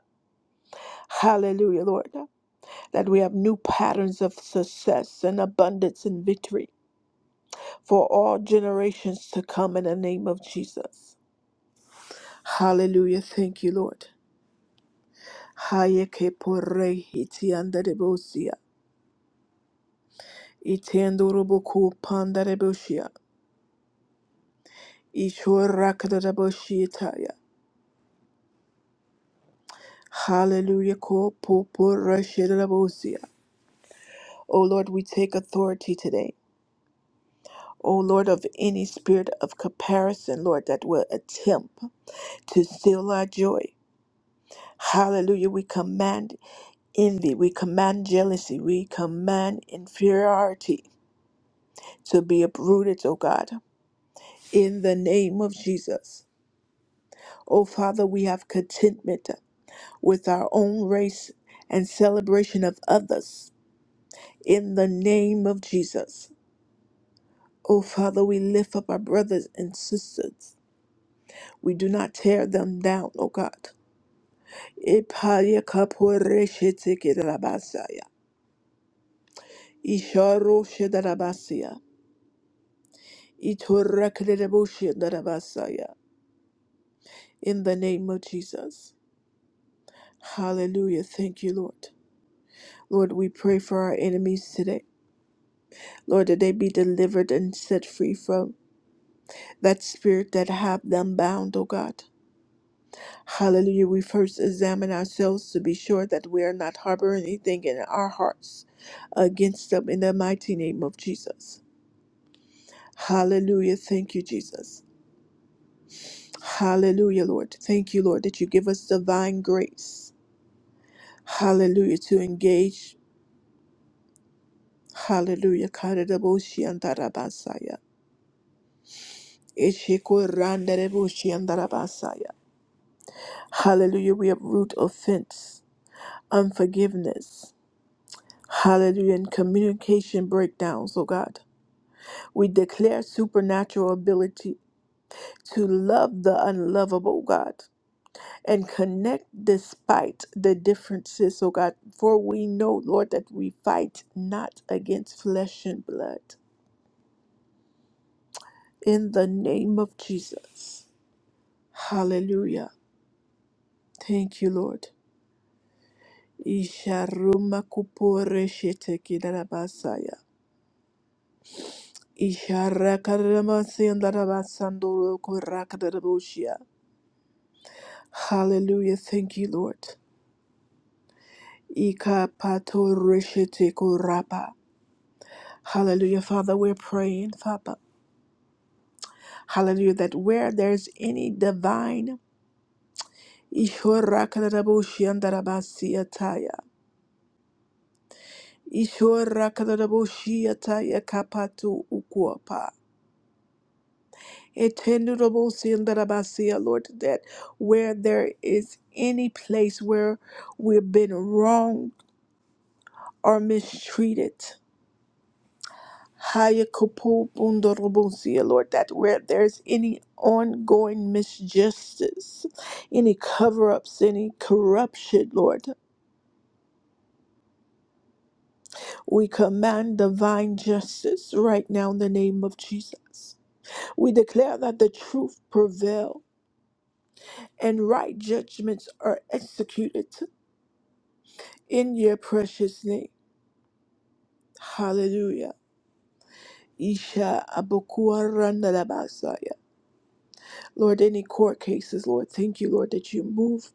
Speaker 1: Hallelujah, Lord, that we have new patterns of success and abundance and victory for all generations to come in the name of Jesus. Hallelujah. Thank you, Lord. Haye ke porre hiti andere bosia. Itendoro boku pandare bosia. Ishora kadare boshietaya. Hallelujah ko popore shedare bosia. O Lord, we take authority today. O Lord, of any spirit of comparison, Lord, that will attempt to steal our joy. Hallelujah. We command envy. We command jealousy. We command inferiority to be uprooted, O God in the name of Jesus. Oh, Father, we have contentment with our own race and celebration of others. In the name of Jesus. Oh, Father, we lift up our brothers and sisters. We do not tear them down, oh God. Ipaya kapore sheteke darabasaya. Isharo shedarabasia. Itorakedebo shedarabasaya. In the name of Jesus. Hallelujah. Thank you, Lord. Lord, we pray for our enemies today. Lord, that they be delivered and set free from that spirit that have them bound, O God. Hallelujah. We first examine ourselves to be sure that we are not harboring anything in our hearts against them in the mighty name of Jesus. Hallelujah. Thank you, Jesus. Hallelujah, Lord. Thank you, Lord, that you give us divine grace. Hallelujah. To engage. Hallelujah. Karadaboshi andarabasaya. Eshekorandareboshiandarabasaya. Hallelujah. We uproot offense, unforgiveness. Hallelujah. And communication breakdowns, oh God. We declare supernatural ability to love the unlovable, oh God, and connect despite the differences, oh God. For we know, Lord, that we fight not against flesh and blood. In the name of Jesus. Hallelujah. Thank you, Lord. Isharuma kupore sheteki darabasaya. Isharakaramasandarabasandorokorakarabushia. Hallelujah. Thank you, Lord. Ikapatorishitekorapa. Hallelujah. Father, we're praying, Father. Hallelujah. That where there's any divine Ishorakarabushiandarabasiataya. Ishorakarabushiataya kapatu ukuapa. Etendurobosindarabasiya, Lord, that where there is any place where we've been wronged or mistreated, Hayakupubundorobosiya, Lord, that where there's any ongoing misjustice, any cover ups, any corruption, Lord, we command divine justice right now in the name of Jesus. We declare that the truth prevails and right judgments are executed in your precious name. Hallelujah. Isha Abokua Randalabasaya. Lord, any court cases, Lord, thank you, Lord, that you move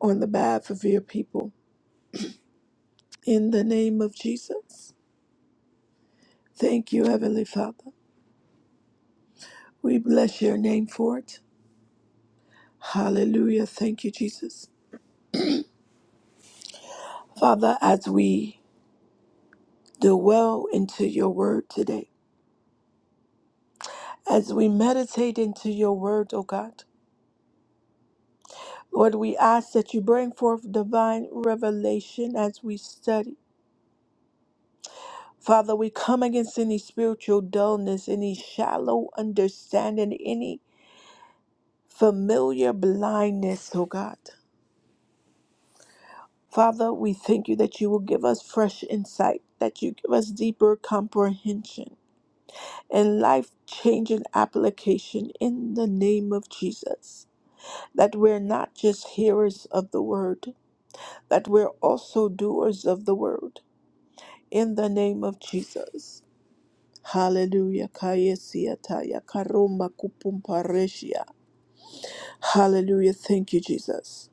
Speaker 1: on the behalf of your people. In the name of Jesus. Thank you, Heavenly Father. We bless your name for it. Hallelujah. Thank you, Jesus. Father, as we dwell into your word today, as we meditate into your word, O God, Lord, we ask that you bring forth divine revelation as we study. Father, we come against any spiritual dullness, any shallow understanding, any familiar blindness, oh God. Father, we thank you that you will give us fresh insight, that you give us deeper comprehension and life changing application in the name of Jesus. That we're not just hearers of the word, that we're also doers of the word in the name of Jesus. Hallelujah. Kayesiataya karoma kupumpareshia. Hallelujah. Thank you, Jesus.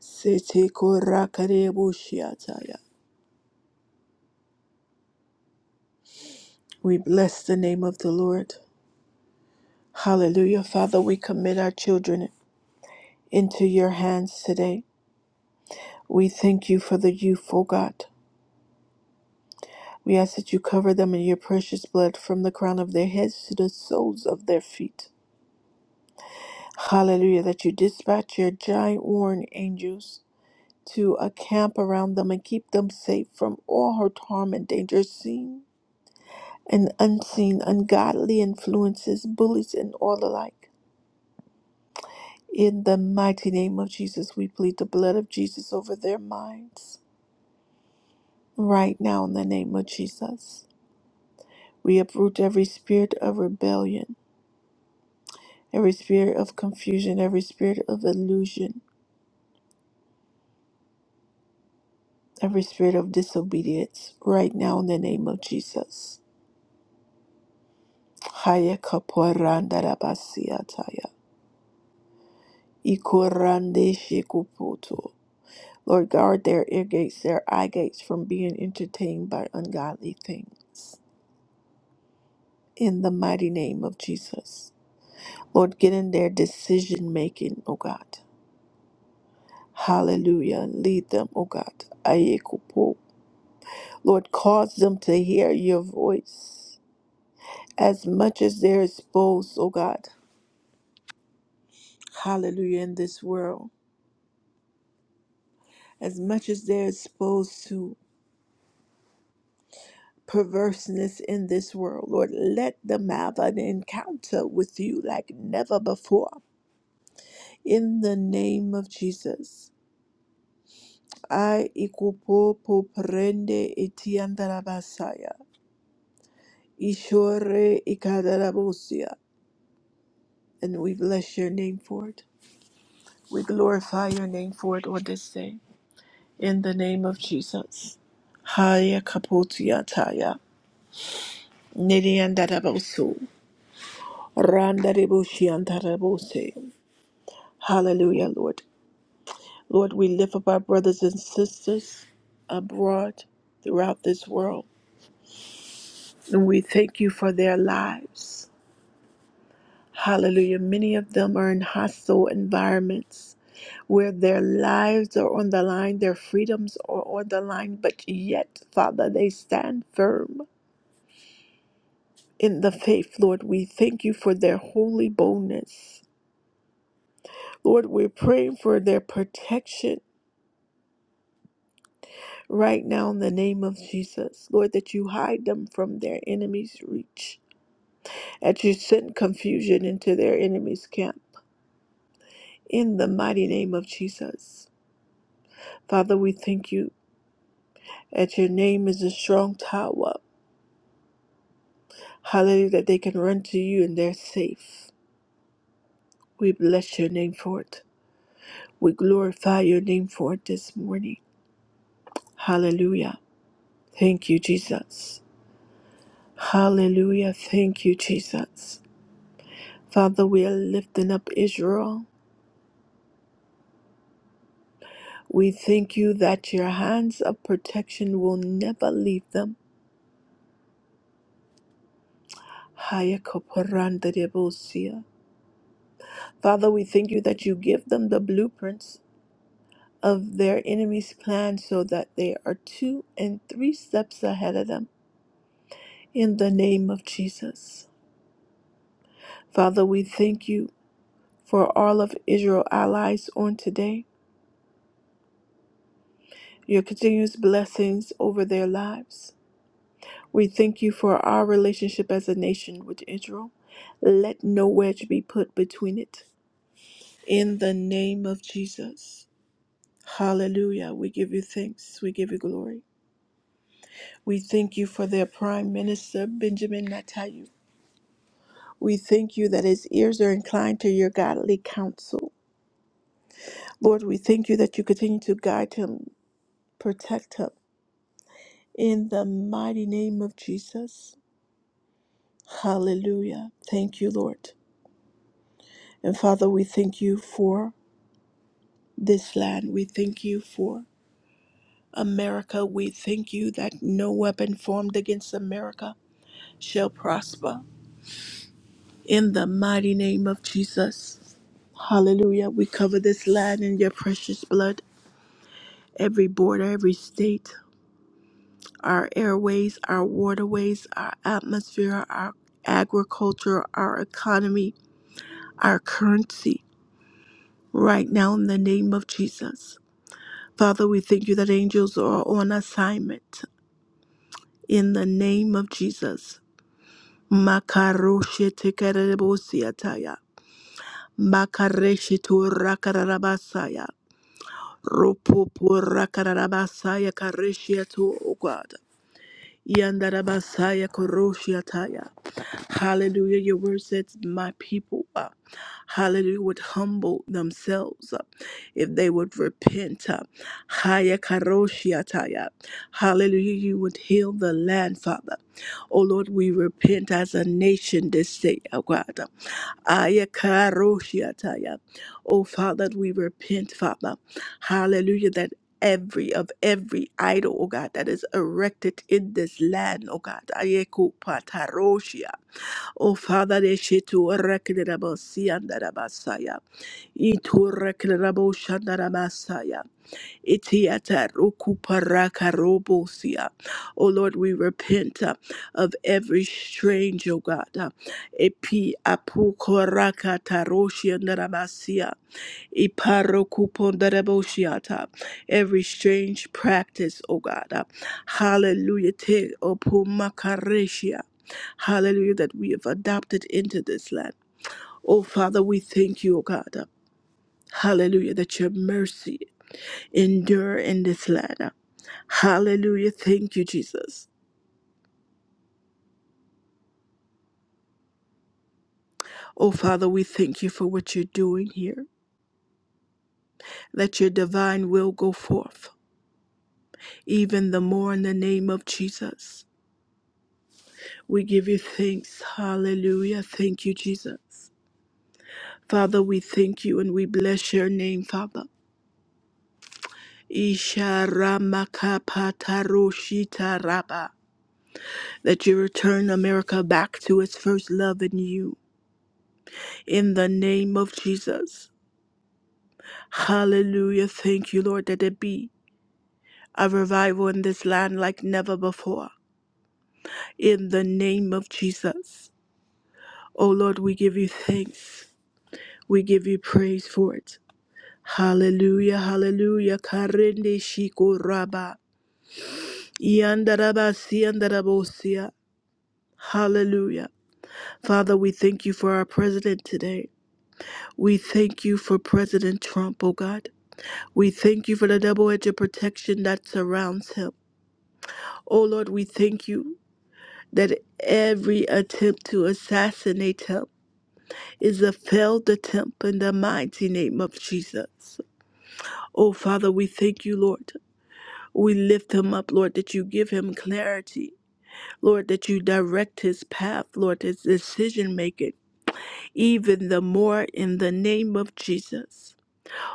Speaker 1: Sete korakarebushiataya. We bless the name of the Lord. Hallelujah. Father, we commit our children into your hands today. We thank you for the youth, O God. We ask that you cover them in your precious blood from the crown of their heads to the soles of their feet. Hallelujah. That you dispatch your giant warring angels to a camp around them and keep them safe from all hurt, harm, and danger, seen and unseen, ungodly influences, bullies, and all alike. In the mighty name of Jesus, we plead the blood of Jesus over their minds. Right now, in the name of Jesus, we uproot every spirit of rebellion, every spirit of confusion, every spirit of illusion, every spirit of disobedience. Right now, in the name of Jesus. Haya kaporanda rabasiataya. Ikorande Ikorandeshikuputu. Lord, guard their ear gates, their eye gates from being entertained by ungodly things. In the mighty name of Jesus. Lord, get in their decision making, O God. Hallelujah. Lead them, O God. Ayekupu. Lord, cause them to hear your voice as much as they're exposed, O God. Hallelujah, in this world. As much as they're exposed to. perverseness in this world. Lord, let them have an encounter with you like never before. In the name of Jesus. I ikupo poprende itiandarabasaya. Ishore ikadarabosia. And we bless your name for it. We glorify your name for it on this day. In the name of Jesus. Haya kapotiataya. Nidiandarabosu. Randaribushiandarabose. Hallelujah, Lord. Lord, we lift up our brothers and sisters abroad throughout this world, and we thank you for their lives. Hallelujah. Many of them are in hostile environments where their lives are on the line, their freedoms are on the line, but yet, Father, they stand firm in the faith, Lord. We thank you for their holy boldness. Lord, we're praying for their protection right now in the name of Jesus, Lord, that you hide them from their enemies' reach, that you send confusion into their enemies' camp. In the mighty name of Jesus. Father, we thank you that your name is a strong tower. Hallelujah, that they can run to you and they're safe. We bless your name for it. We glorify your name for it this morning. Hallelujah. Thank you, Jesus. Hallelujah. Thank you, Jesus. Father, we are lifting up Israel. We thank you that your hands of protection will never leave them. Haya koporanda debosia. Father, we thank you that you give them the blueprints of their enemy's plan so that they are two and three steps ahead of them in the name of Jesus. Father, we thank you for all of Israel allies on today, your continuous blessings over their lives. We thank you for our relationship as a nation with Israel. Let no wedge be put between it. In the name of Jesus. Hallelujah. We give you thanks. We give you glory. We thank you for their Prime Minister, Benjamin Netanyahu. We thank you that his ears are inclined to your godly counsel. Lord, we thank you that you continue to guide him, protect him. In the mighty name of Jesus. Hallelujah. Thank you, Lord. And Father, we thank you for this land. We thank you for America. We thank you that no weapon formed against America shall prosper. In the mighty name of Jesus. Hallelujah. We cover this land in your precious blood, every border, every state, our airways, our waterways, our atmosphere, our agriculture, our economy, our currency, right now in the name of Jesus. Father, we thank you that angels are on assignment in the name of Jesus. Makaroshe tekerebosia makareshe tu rakarabasaya. Ropopo rakarabasaya kareshe tu, oh God. Yandarabasaya koroshiataya. Hallelujah. Your word says, My people, uh, hallelujah, would humble themselves uh, if they would repent. uh, haya karoshiataya. Hallelujah. You would heal the land, Father. Oh Lord, we repent as a nation this day, oh God. Aya karoshiataya. Oh Father, we repent, Father. Hallelujah. That every of every idol, oh God, that is erected in this land, oh God. Ayeku pataroshia. Oh, Father, they shit to Rekinabosi and Rabasaya. Itu Rekinabosha and Ramasaya. Itiata rukuparaka robosia. Oh Lord, we repent uh, of every strange, oh God. uh, Epi apukoraka taroshia naramasia. Iparokupondaraboshiata. Every strange practice, oh God. uh, Hallelujah. Te opumakaresia. Hallelujah, that we have adopted into this land. Oh, Father, we thank you, O God. Hallelujah, that your mercy endure in this land. Hallelujah. Thank you, Jesus. Oh, Father, we thank you for what you're doing here. Let your divine will go forth, even the more in the name of Jesus. We give you thanks. Hallelujah. Thank you, Jesus. Father, we thank you and we bless your name, Father. Isharamakapatarushitara. That you return America back to its first love in you, in the name of Jesus. Hallelujah. Thank you, Lord, that it be a revival in this land like never before, in the name of Jesus. Oh, Lord, we give you thanks. We give you praise for it. Hallelujah, hallelujah. Karende shikoraba. Iandaraba siandarabosia. Hallelujah. Father, we thank you for our president today. We thank you for President Trump, oh God. We thank you for the double edge of protection that surrounds him. Oh Lord, we thank you that every attempt to assassinate him is a failed attempt in the mighty name of Jesus. Oh Father, we thank you, Lord. We lift him up, Lord, that you give him clarity. Lord, that you direct his path, Lord, his decision making, even the more in the name of Jesus.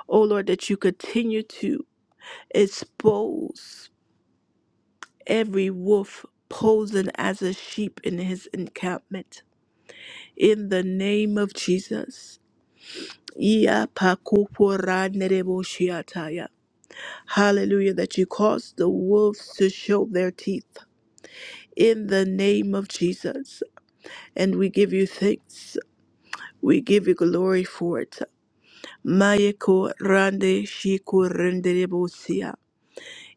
Speaker 1: Oh Lord, that you continue to expose every wolf posing as a sheep in his encampment. In the name of Jesus. Ia pakupora nerebo shiataya. Hallelujah, that you cause the wolves to show their teeth. In the name of Jesus. And we give you thanks. We give you glory for it. Mayeko rande shiku renderebo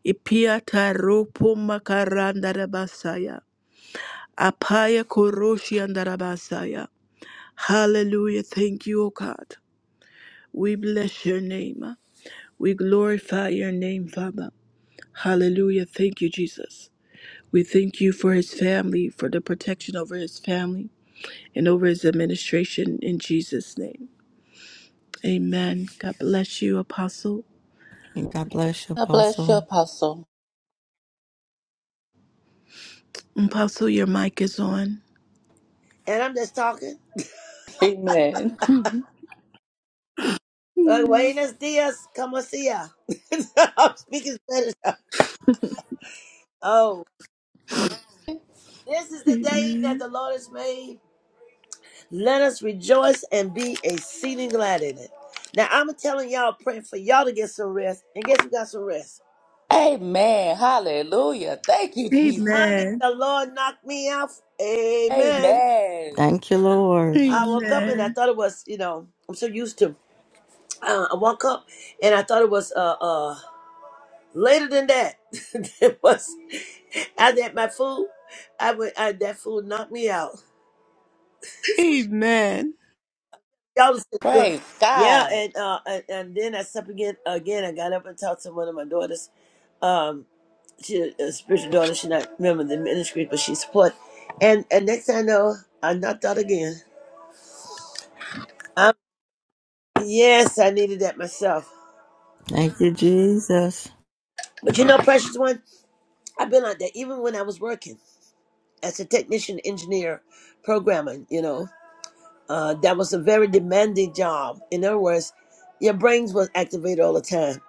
Speaker 1: Ipiata ropo makaranda rabasaya. Apaya koroshi andarabasaya. Hallelujah. Thank you, O God. We bless your name. We glorify your name, Father. Hallelujah. Thank you, Jesus. We thank you for his family, for the protection over his family and over his administration in Jesus' name. Amen. God bless you, Apostle.
Speaker 2: God bless you,
Speaker 3: God bless you,
Speaker 2: Apostle.
Speaker 3: Apostle.
Speaker 1: Apostle, your mic is on.
Speaker 4: And I'm just talking.
Speaker 3: Amen.
Speaker 1: Mhm.
Speaker 4: Like, buenos dias, como sea. I'm speaking Spanish. Oh, this is the day that
Speaker 1: Amen.
Speaker 4: the Lord has made. Let us rejoice and be exceeding glad in it. Now, I'm telling y'all, praying for y'all to get some rest. And guess who got some rest?
Speaker 3: Amen. Hallelujah. Thank you, Jesus.
Speaker 4: I mean,
Speaker 1: Amen.
Speaker 4: the Lord knocked me out. Amen.
Speaker 3: Amen.
Speaker 2: Thank you, Lord.
Speaker 4: I woke up and I
Speaker 1: Amen.
Speaker 4: thought it was, you know, I'm so used to. Uh, I woke up and I thought it was uh, uh, Later than that, it was I had my food. I would I, that food knocked me out.
Speaker 1: Amen.
Speaker 4: Y'all was so good.
Speaker 3: Praise
Speaker 4: Yeah,
Speaker 3: God.
Speaker 4: and uh and, and then I slept again again. I got up and talked to one of my daughters. Um she a spiritual daughter, she not remember the ministry, but she support. And and next thing I know, I knocked out again. i yes, I needed that myself.
Speaker 2: Thank you, Jesus.
Speaker 4: But you know, precious one, I've been like that even when I was working as a technician, engineer, programmer, you know. Uh, that was a very demanding job. In other words, your brains was activated all the time.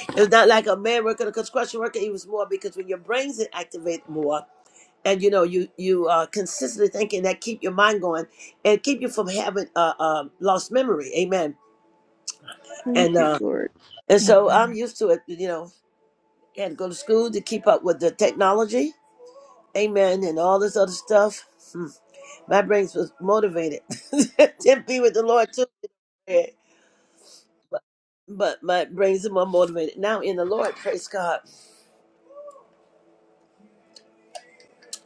Speaker 4: it's not like a man working a construction worker. It was more because when your brains is activate more, and you know you you are consistently thinking that keep your mind going and keep you from having uh, uh lost memory. Amen.
Speaker 1: Thank
Speaker 4: And
Speaker 1: you,
Speaker 4: uh
Speaker 1: Lord.
Speaker 4: and so I'm
Speaker 1: Amen.
Speaker 4: used to it. You know, had to go to school to keep up with the technology. Amen. And all this other stuff. Hmm. My brains was motivated. Then be with the Lord too. but but but brings more motivated. Now in the Lord, praise God.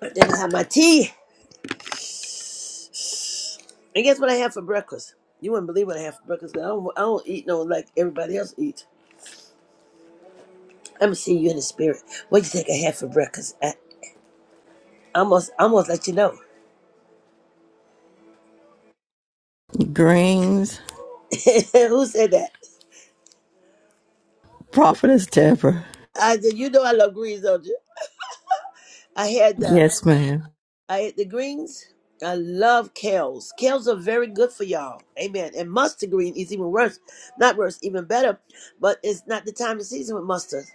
Speaker 4: I didn't have my tea. And guess what I had for breakfast? You wouldn't believe what I had for breakfast. I don't, I don't eat no like everybody else eats. I'm gonna see you in the spirit. What do you think I had for breakfast? I almost almost let you know.
Speaker 2: Greens,
Speaker 4: Who said that?
Speaker 2: Prophetess Deborah.
Speaker 4: I said, you know I love greens, don't you? I had the
Speaker 2: Yes, ma'am.
Speaker 4: I ate the greens. I love kales. Kales are very good for y'all. Amen. And mustard green is even worse. Not worse, even better. But it's not the time of season with mustard.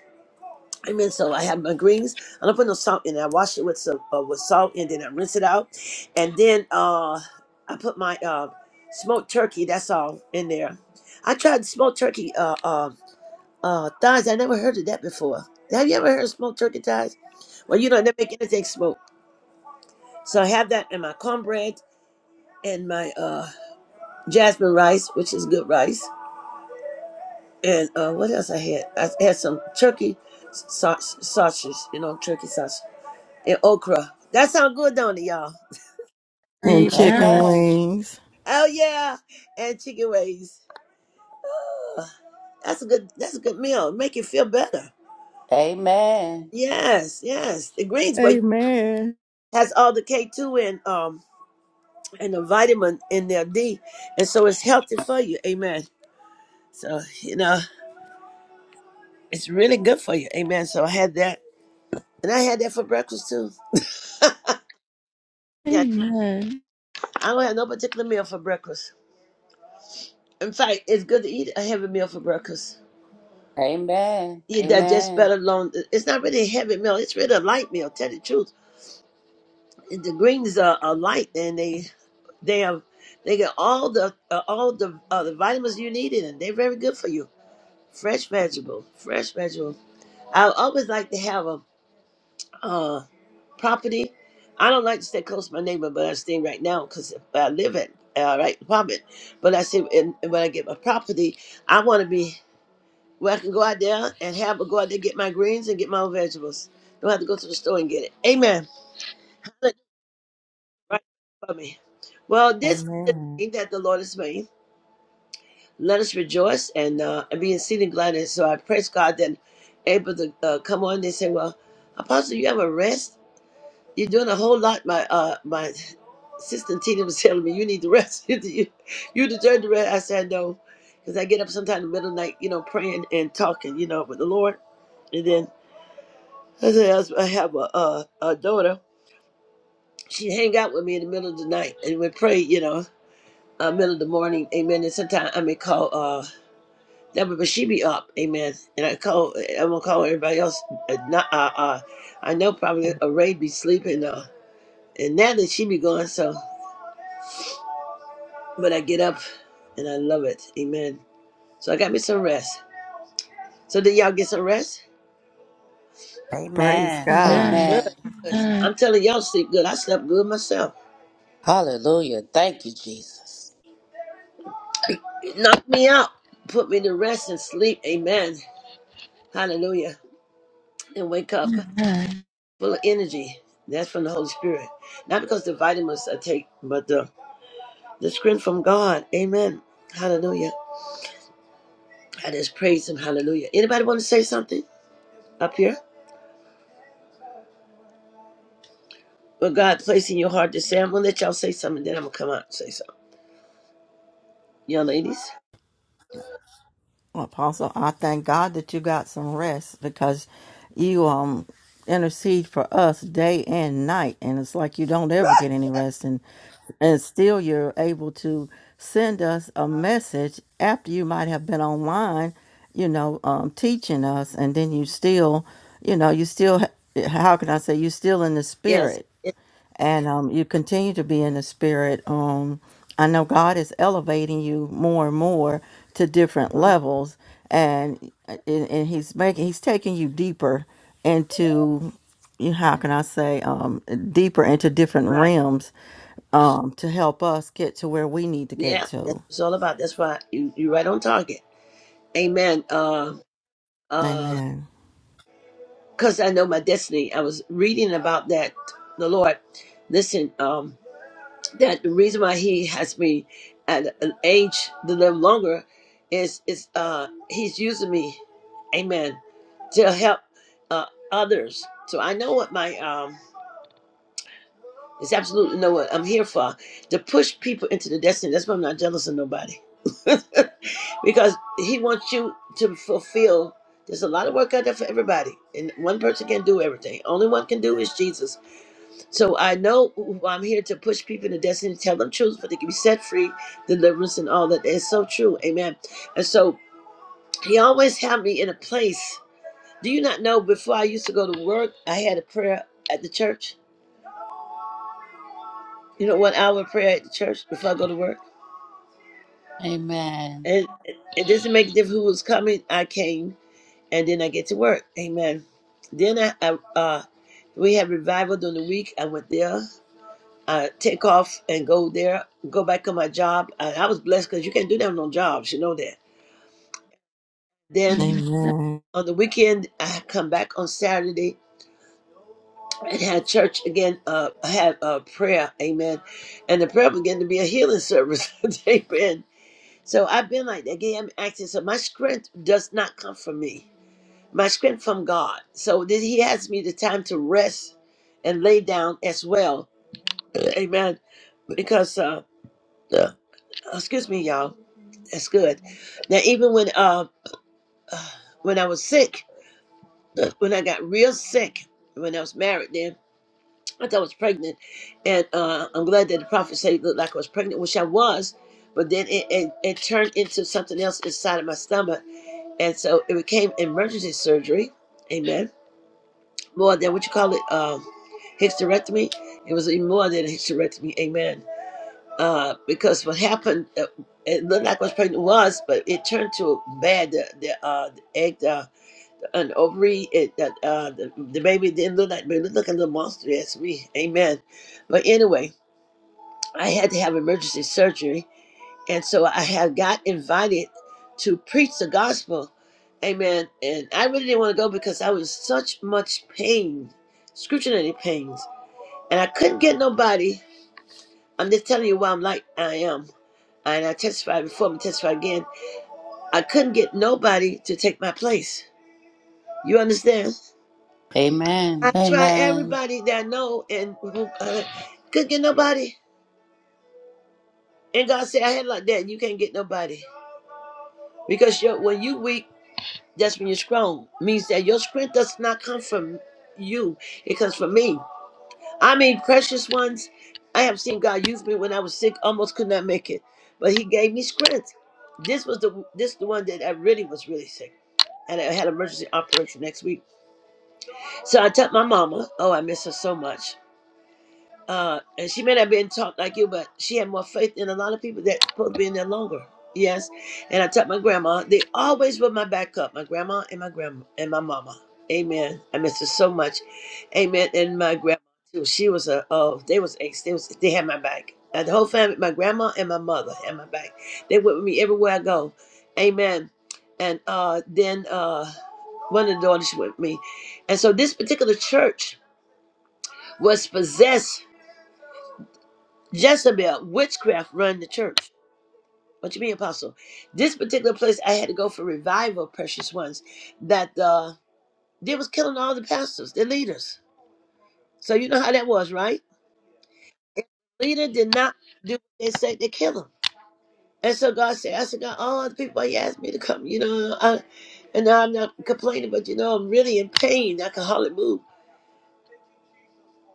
Speaker 4: Amen. So I have my greens. I don't put no salt in. it. I wash it with some uh, with salt and then I rinse it out. And then uh I put my uh smoked turkey, that's all, in there. I tried smoked turkey uh uh uh thighs. I never heard of that before. Have you ever heard of smoked turkey thighs? Well, you know, they make anything smoked. So I have that in my cornbread and my uh jasmine rice, which is good rice, and uh what else I had? I had some turkey sa- sausage, you know, turkey sausage and okra. That sounds good, don't it, y'all?
Speaker 2: And
Speaker 1: Amen.
Speaker 2: chicken
Speaker 3: Amen.
Speaker 2: wings.
Speaker 4: Oh yeah, and chicken wings. That's a good. That's a good meal. Make you feel better.
Speaker 3: Amen.
Speaker 4: Yes, yes. The greens, but
Speaker 2: Amen.
Speaker 4: has all the K two and um and the vitamin in there D, and so it's healthy for you. Amen. So you know it's really good for you. Amen. So I had that, and I had that for breakfast too.
Speaker 1: Amen.
Speaker 4: I don't have no particular meal for breakfast. In fact, it's good to eat a heavy meal for breakfast.
Speaker 3: Amen.
Speaker 4: You digest
Speaker 3: Amen.
Speaker 4: better long. It's not really a heavy meal. It's really a light meal. Tell the truth, the greens are, are light and they they have they get all the uh, all the uh, the vitamins you need in it. They're very good for you. Fresh vegetable, fresh vegetables. I always like to have a uh, property. I don't like to stay close to my neighbor, but I stay right now because I live at uh, right apartment. But I see, and, and when I get my property, I want to be. where I can go out there and have a go out there get my greens and get my own vegetables. Don't have to go to the store and get it. Amen. Right for me. Well, this is the
Speaker 2: Amen.
Speaker 4: day that the Lord has made. Let us rejoice and uh, and be exceeding glad. And so I praise God that able to uh, come on. They say, "Well, Apostle, you have a rest. You're doing a whole lot." My uh, my sister Tina was telling me, "You need to rest. you you deserve to rest." I said, "No," because I get up sometime in the middle of the night, you know, praying and talking, you know, with the Lord, and then. I said, I was- I have a, uh a daughter. She hang out with me in the middle of the night and we pray, you know, uh, middle of the morning, amen. And sometimes I may call, uh, that but she be up, amen. And I call, I'm gonna call everybody else. Uh, not, uh, uh, I know probably a Ray be sleeping, uh, and now that she be gone, so, but I get up and I love it, amen. So I got me some rest. So did y'all get some rest?
Speaker 2: Praise
Speaker 3: Amen.
Speaker 2: God.
Speaker 1: Amen.
Speaker 3: Amen.
Speaker 4: Good, good.
Speaker 1: Amen.
Speaker 4: I'm telling y'all, sleep good. I slept good myself.
Speaker 3: Hallelujah. Thank you, Jesus.
Speaker 4: It knocked me out, put me to rest and sleep, amen. Hallelujah. And wake up full of energy. That's from the Holy Spirit. Not because the vitamins I take, but the, the strength from God. Amen. Hallelujah. I just praise him. Hallelujah. Anybody want to say something up here? What God placed in your heart to say. I'm going to let y'all say something, then I'm going to come out and say something. Young ladies?
Speaker 2: Well, Apostle, I thank God that you got some rest because you um intercede for us day and night, and it's like you don't ever get any rest, and and still you're able to send us a message after you might have been online, you know, um, teaching us, and then you still, you know, you still. How can I say you still in the
Speaker 4: Yes.
Speaker 2: spirit?
Speaker 4: yes.
Speaker 2: and um, you continue to be in the spirit. Um, I know God is elevating you more and more to different
Speaker 4: Mhm.
Speaker 2: levels, and uh, and, and He's making He's taking you deeper into you. How can I say um, deeper into different
Speaker 4: Right.
Speaker 2: realms um, to help us get to where we need to get
Speaker 4: Yeah. That's what
Speaker 2: to.
Speaker 4: it's all about. That's why you, you're right on target. Amen. Uh, uh,
Speaker 2: Amen.
Speaker 4: Because I know my destiny. I was reading about that, the Lord. Listen, um. that the reason why he has me at an age to live longer is is uh he's using me amen to help uh others so i know what my um it's absolutely know what i'm here for to push people into the destiny that's why i'm not jealous of nobody because he wants you to fulfill there's a lot of work out there for everybody and one person can't do everything only one can do is jesus so I know I'm here to push people to destiny, tell them truth, but they can be set free, deliverance, and all that. That's so true. Amen. And so he always had me in a place. Do you not know before I used to go to work, I had a prayer at the church? You know, one hour prayer at the church before I go to work?
Speaker 3: Amen.
Speaker 4: And it doesn't make a difference who was coming. I came and then I get to work. Amen. Then I, I uh, we had revival during the week. I went there I take off and go there, go back on my job. I, I was blessed because you can't do that on no jobs, you know that. Then
Speaker 1: Amen.
Speaker 2: Amen.
Speaker 4: on the weekend, I come back on Saturday and had church again. Uh, I had a prayer, amen, and the prayer began to be a healing service, amen. So I've been like that. Again, I'm acting. So my strength does not come from me. My strength from God. So then He has me the time to rest and lay down as well, amen. Because uh, uh, excuse me, y'all That's good. Now, even when uh, uh, when I was sick, the- when I got real sick, when I was married, then I thought I was pregnant, and uh, I'm glad that the prophet said it looked like I was pregnant, which I was. But then it, it, it turned into something else inside of my stomach, and so it became emergency surgery. Amen. More than what you call it, um, hysterectomy. It was even more than a hysterectomy. Amen. uh, because what happened, uh, it looked like I was pregnant was, but it turned to bad. The, the, uh, the egg, uh, an ovary, it, that, uh, the, the baby didn't look like, but it looked like a little monster. Yes, we, amen. But anyway, I had to have emergency surgery. And so I had got invited to preach the gospel. Amen. And I really didn't want to go because I was in such much pain, excruciating pains. And I couldn't get nobody. I'm just telling you why I'm like I am and I testified before, I'm gonna testify again. I couldn't get nobody to take my place. You understand?
Speaker 3: Amen.
Speaker 4: I try
Speaker 3: Amen.
Speaker 4: everybody that I know and uh, couldn't get nobody. And God said, I had like that. You can't get nobody. Because you're, when you weak, that's when you're strong. Means that your strength does not come from you. It comes from me. I mean, precious ones, I have seen God use me when I was sick, almost could not make it. But he gave me strength. This was the this the one that I really was really sick. and I had an emergency operation next week. So I told my mama, oh, I miss her so much. Uh, and she may not have been taught like you, but she had more faith than a lot of people that supposed to be in there longer. Yes. And I told my grandma, they always were my backup, my grandma and my grandma and my mama. Amen. I miss her so much. Amen. And my grandma too. She was a oh, they was ace. They was they had my back. Uh, the whole family, my grandma and my mother had my back. They went with me everywhere I go. Amen. And uh then uh one of the daughters with me. And so this particular church was possessed. Jezebel, witchcraft run the church. What you mean, apostle? This particular place I had to go for revival, precious ones, that uh they was killing all the pastors, the leaders. So you know how that was, right? If the leader did not do what they said, they kill him. And so God said, I said, God, all the people you asked me to come, you know, I, and I'm not complaining, but you know, I'm really in pain. I can hardly move.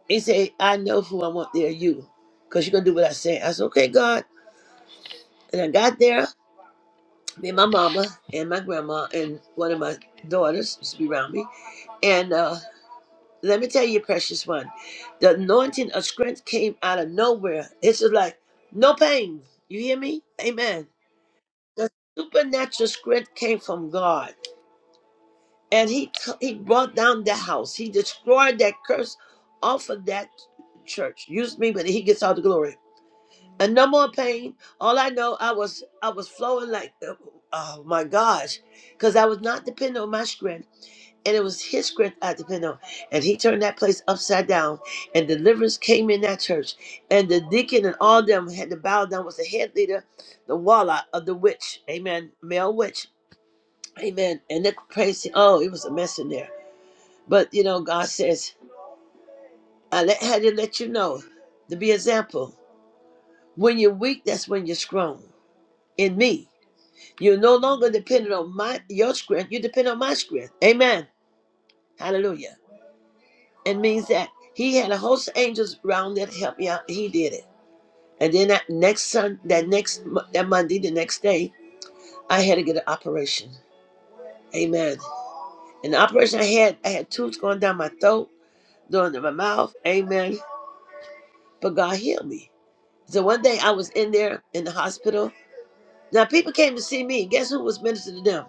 Speaker 4: He said, I know who I want there, you, because you're going to do what I say. I said, okay, God. And I got there, me and my mama and my grandma and one of my daughters used to be around me. And uh, let me tell you, precious one, the anointing of strength came out of nowhere. It's just like, no pain. You hear me? Amen. The supernatural strength came from God. And he, he brought down the house. He destroyed that curse off of that church. Used me, but he gets all the glory. and no more pain. All I know, I was I was flowing like, oh my gosh, because I was not dependent on my strength, and it was His strength I depended on. And He turned that place upside down, and deliverance came in that church, and the deacon and all them had to bow down. Was the head leader, the walla of the witch, amen, male witch, amen. And the crazy, oh, it was a mess in there. But you know, God says, I let, had to let you know to be example. When you're weak, that's when you're strong. In me. You're no longer dependent on my your strength. You depend on my strength. Amen. Hallelujah. It means that he had a host of angels round that help you out. He did it. And then that next sun, that next mo- that Monday, the next day, I had to get an operation. Amen. And the operation I had, I had tubes going down my throat, down to my mouth. Amen. But God healed me. So one day I was in there in the hospital. Now people came to see me. Guess who was ministering to them?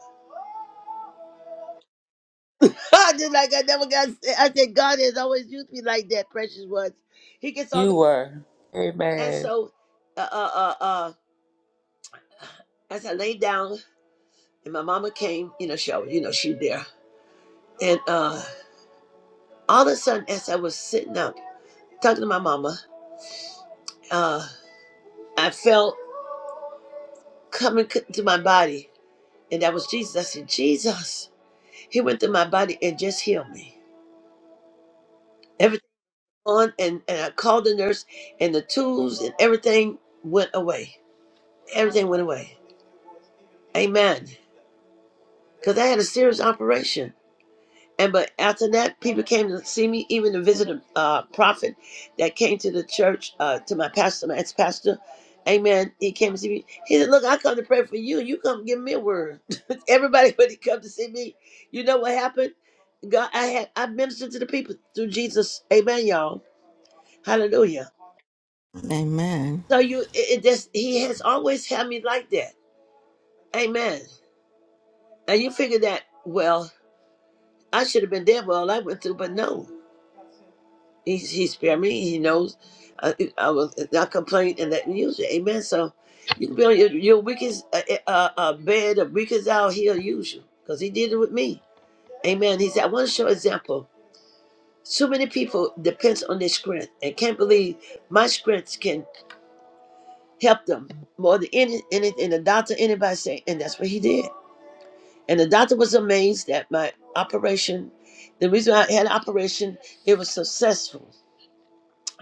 Speaker 4: Just like I never got sick. I said, God has always used me like that, precious ones. He gets all the.
Speaker 3: You were.
Speaker 4: And
Speaker 3: Amen.
Speaker 4: so, uh, uh, uh, uh, as I lay down and my mama came, you know, she, always- you know, she there. And uh, all of a sudden, as I was sitting up talking to my mama, uh, I felt coming c- to my body, and that was Jesus. I said, Jesus, He went through my body and just healed me. Everything on, and and I called the nurse, and the tools and everything went away. Everything went away. Amen. Because I had a serious operation. And but after that, people came to see me, even to visit a uh, prophet that came to the church, uh, to my pastor, my ex pastor. Amen. He came to see me. He said, Look, I come to pray for you. You come give me a word. Everybody, when he come to see me, you know what happened? God, I had I ministered to the people through Jesus. Amen, y'all. Hallelujah.
Speaker 2: Amen.
Speaker 4: So you, it, it just, he has always had me like that. Amen. And you figure that well. I should have been there for all I went through, but no. He, he spared me. He knows I, I was not complaining and that music. Amen. So you can be on your, your weakest uh, eh, uh, uh, bed, the weakest out, he'll use you because he did it with me. Amen. He said, I want to show example. So many people depends on their strength and can't believe my strength can help them more than any, any and the doctor, anybody say. And that's what he did. And the doctor was amazed that my operation, the reason I had an operation, it was successful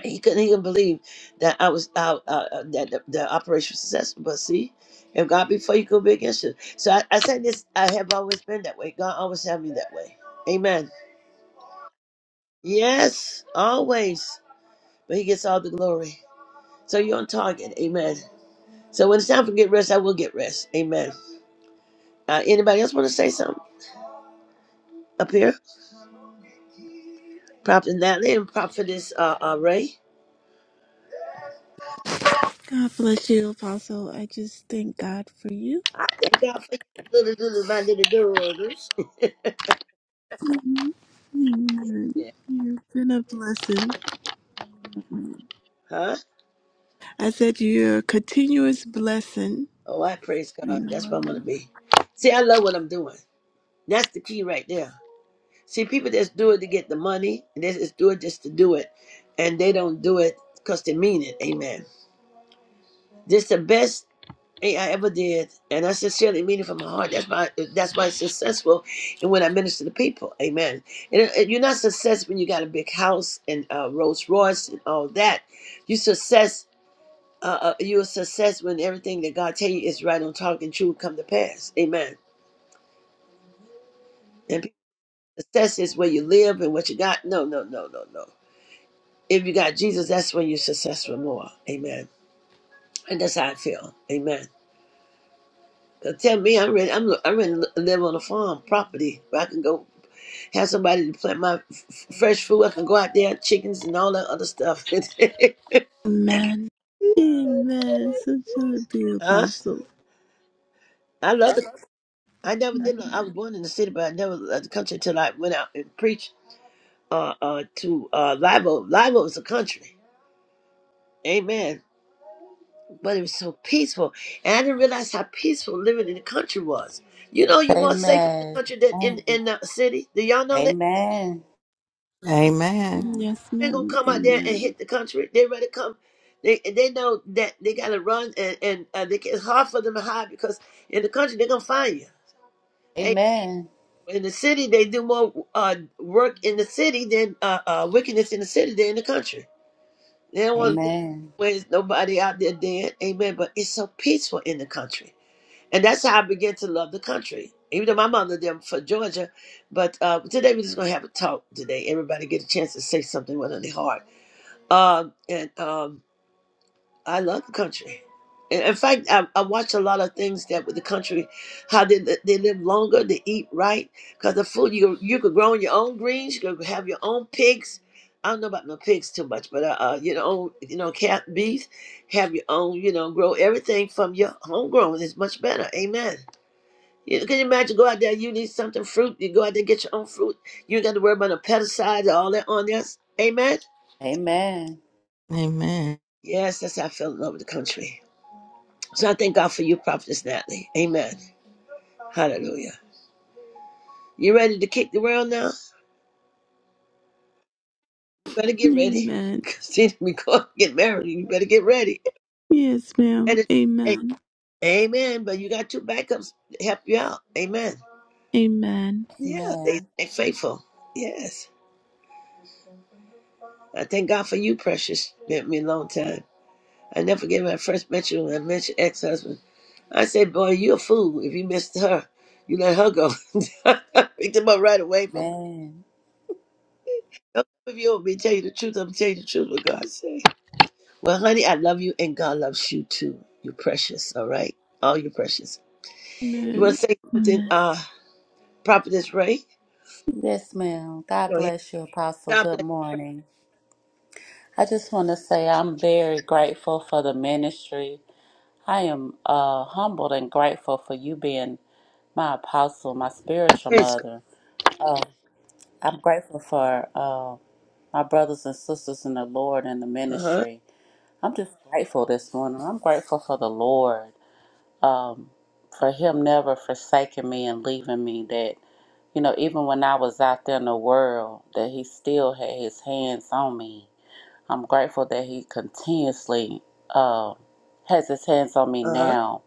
Speaker 4: He couldn't even believe that I was out, uh, uh, that the, the operation was successful. But see, if God before you go be against you. So I, I said this, I have always been that way. God always had me that way. Amen. Yes, always. But He gets all the glory. So you're on target. Amen. So when it's time for get rest, I will get rest. Amen. Uh, anybody else want to say something up here? Prophet Natalie and Prophetess uh, uh, Ray.
Speaker 1: God bless you, Apostle. I just thank God for you.
Speaker 4: I thank God for you, little, little, my little girls.
Speaker 1: Amen.
Speaker 4: Yeah.
Speaker 1: You've been a blessing.
Speaker 4: Huh?
Speaker 1: I said you're a continuous blessing.
Speaker 4: Oh, I praise God. That's where I'm gonna
Speaker 1: Amen.
Speaker 4: be. See, I love what I'm doing. That's the key right there. See, people just do it to get the money, and they just do it just to do it, and they don't do it because they mean it. Amen. This is the best thing I ever did, and I sincerely mean it from my heart. That's why that's why it's successful, and when I minister to people, Amen. And, and you're not success when you got a big house and uh, Rolls Royce and all that. You success. Uh, uh, you're a success when everything that God tell you is right on target and true come to pass. Amen. And people, success is where you live and what you got. No, no, no, no, no. If you got Jesus, that's when you're successful more. Amen. And that's how I feel. Amen. 'Cause tell me, I'm ready. I'm, I'm ready to live on a farm property where I can go have somebody to plant my f- f- fresh food. I can go out there, chickens and all that other stuff.
Speaker 1: Amen. Amen. So shall it be,
Speaker 4: huh?
Speaker 1: Apostle.
Speaker 4: I love the. I never did. lo- I was born in the city, but I never left the country until I went out and preached uh, uh, to uh, Live Oak. Live Oak is a country. Amen. but it was so peaceful. And I didn't realize how peaceful living in the country was. You know, you're more safe in the
Speaker 3: Amen.
Speaker 4: country than in,
Speaker 3: Amen.
Speaker 4: in the city. Do y'all know that?
Speaker 3: Amen.
Speaker 2: Amen.
Speaker 1: Yes,
Speaker 4: They're gonna
Speaker 1: ma'am.
Speaker 4: come out there and
Speaker 1: Amen.
Speaker 4: hit the country. They ready to come. They they know that they gotta run and and uh, they, it's hard for them to hide because in the country they're gonna find you. And
Speaker 3: Amen.
Speaker 4: in the city, they do more uh, work in the city than uh, uh, wickedness in the city than in the country. They don't want to be
Speaker 3: Amen.
Speaker 4: where there's nobody out there dead. Amen. But it's so peaceful in the country. And that's how I began to love the country. Even though my mother them for Georgia, but uh, today we're just gonna have a talk today. Everybody get a chance to say something with on their heart. Um, and um, I love the country. And in fact, I, I watch a lot of things that with the country, how they li- they live longer, they eat right, because the food you you could grow on your own greens, you could have your own pigs. I don't know about no pigs too much, but uh, uh you know, you know, cat, beef, have your own, you know, grow everything from your homegrown. It's much better. Amen. You can you imagine go out there, you need something fruit, you go out there get your own fruit. You ain't got to worry about no pesticides or all that on there. Amen.
Speaker 3: Amen.
Speaker 2: Amen.
Speaker 4: Yes, that's how I feel in love with the country. So I thank God for you, Prophetess Natalie. Amen. Hallelujah. You ready to kick the world now? You better get ready.
Speaker 1: Amen.
Speaker 4: See, we going to get married. You better get ready.
Speaker 1: Yes, ma'am.
Speaker 4: And it's,
Speaker 1: Amen.
Speaker 4: amen. But you got two backups to help you out. Amen.
Speaker 1: Amen.
Speaker 4: Yeah,
Speaker 3: Amen.
Speaker 4: they stay faithful. Yes. I thank God for you, precious. Been me a long time. I never forget when I first met you and I met your ex husband. I said, Boy, you a fool. If you missed her, you let her go. I picked him up right away from
Speaker 3: Man.
Speaker 4: do if you want me to tell you the truth, I'm gonna tell you the truth what God say. Well, honey, I love you and God loves you too. You're precious, all right? All you're precious. You wanna
Speaker 1: Amen.
Speaker 4: say something,
Speaker 1: Amen.
Speaker 4: uh, Prophetess Ray?
Speaker 3: Yes, ma'am. God
Speaker 4: Go ahead.
Speaker 3: bless you, Apostle.
Speaker 4: God
Speaker 3: Good
Speaker 4: bless
Speaker 3: morning. I just want to say I'm very grateful for the ministry. I am uh, humbled and grateful for you being my apostle, my
Speaker 4: you.
Speaker 3: spiritual
Speaker 4: Praise God.
Speaker 3: mother. Uh, I'm grateful for uh, my brothers and sisters in the Lord and the
Speaker 4: Uh-huh.
Speaker 3: ministry. I'm just grateful this morning. I'm grateful for the Lord, um, for Him never forsaking me and leaving me. You know, even when I was out there in the world, that He still had His hands on me. I'm grateful that He continuously uh, has His hands on me
Speaker 4: Uh-huh.
Speaker 3: now,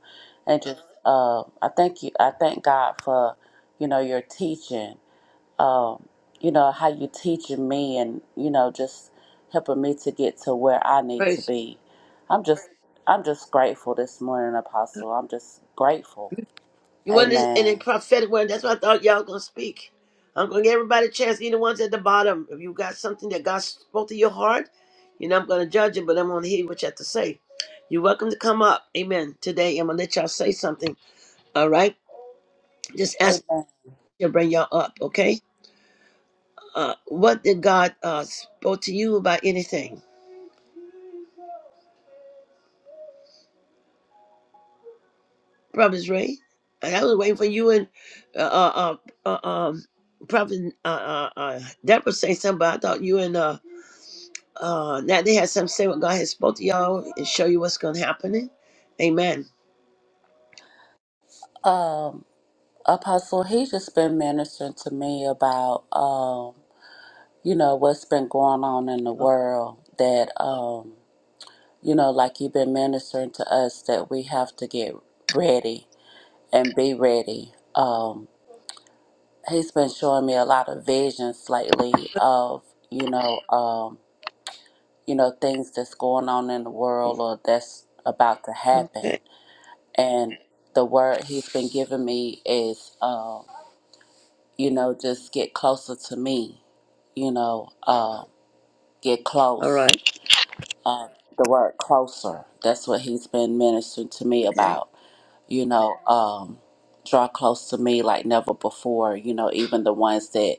Speaker 3: and just uh, I thank you. I thank God for you know your teaching. Um, you know how you teaching me, and you know just helping me to get to where I need to
Speaker 4: Praise.
Speaker 3: be. I'm just I'm just grateful this morning, Apostle. I'm just grateful.
Speaker 4: You wasn't in a
Speaker 3: Amen.
Speaker 4: prophetic word. That's what I thought y'all gonna speak. I'm gonna give everybody a chance, even the ones at the bottom. If you got something that God spoke to your heart, you know I'm gonna judge it, but I'm gonna hear what you have to say. You're welcome to come up. Amen. Today I'm gonna let y'all say something. All right. Just ask
Speaker 3: Amen.
Speaker 4: to bring y'all up, okay? Uh what did God uh spoke to you about anything? Brothers Ray. And I was waiting for you and uh uh uh, uh um Prophet uh, uh, uh, Deborah say something, but I thought you and uh, Uh, now they have something to say what God has spoke to y'all and show you what's going to happen. Amen.
Speaker 3: Um, Apostle, he's just been ministering to me about, um, you know, what's been going on in the
Speaker 4: O-
Speaker 3: world. That, um, you know, like you've been ministering to us, that we have to get ready and be ready. Um, he's been showing me a lot of visions lately of, you know, um, you know, things that's going on in the world or that's about to happen.
Speaker 4: Okay.
Speaker 3: And the word he's been giving me is, um, you know, just get closer to me you know, uh, get
Speaker 4: All
Speaker 3: close.
Speaker 4: right.
Speaker 3: Uh, the word closer. That's what he's been ministering to me
Speaker 4: Okay.
Speaker 3: about. You know, um, draw close to me like never before. You know, even the ones that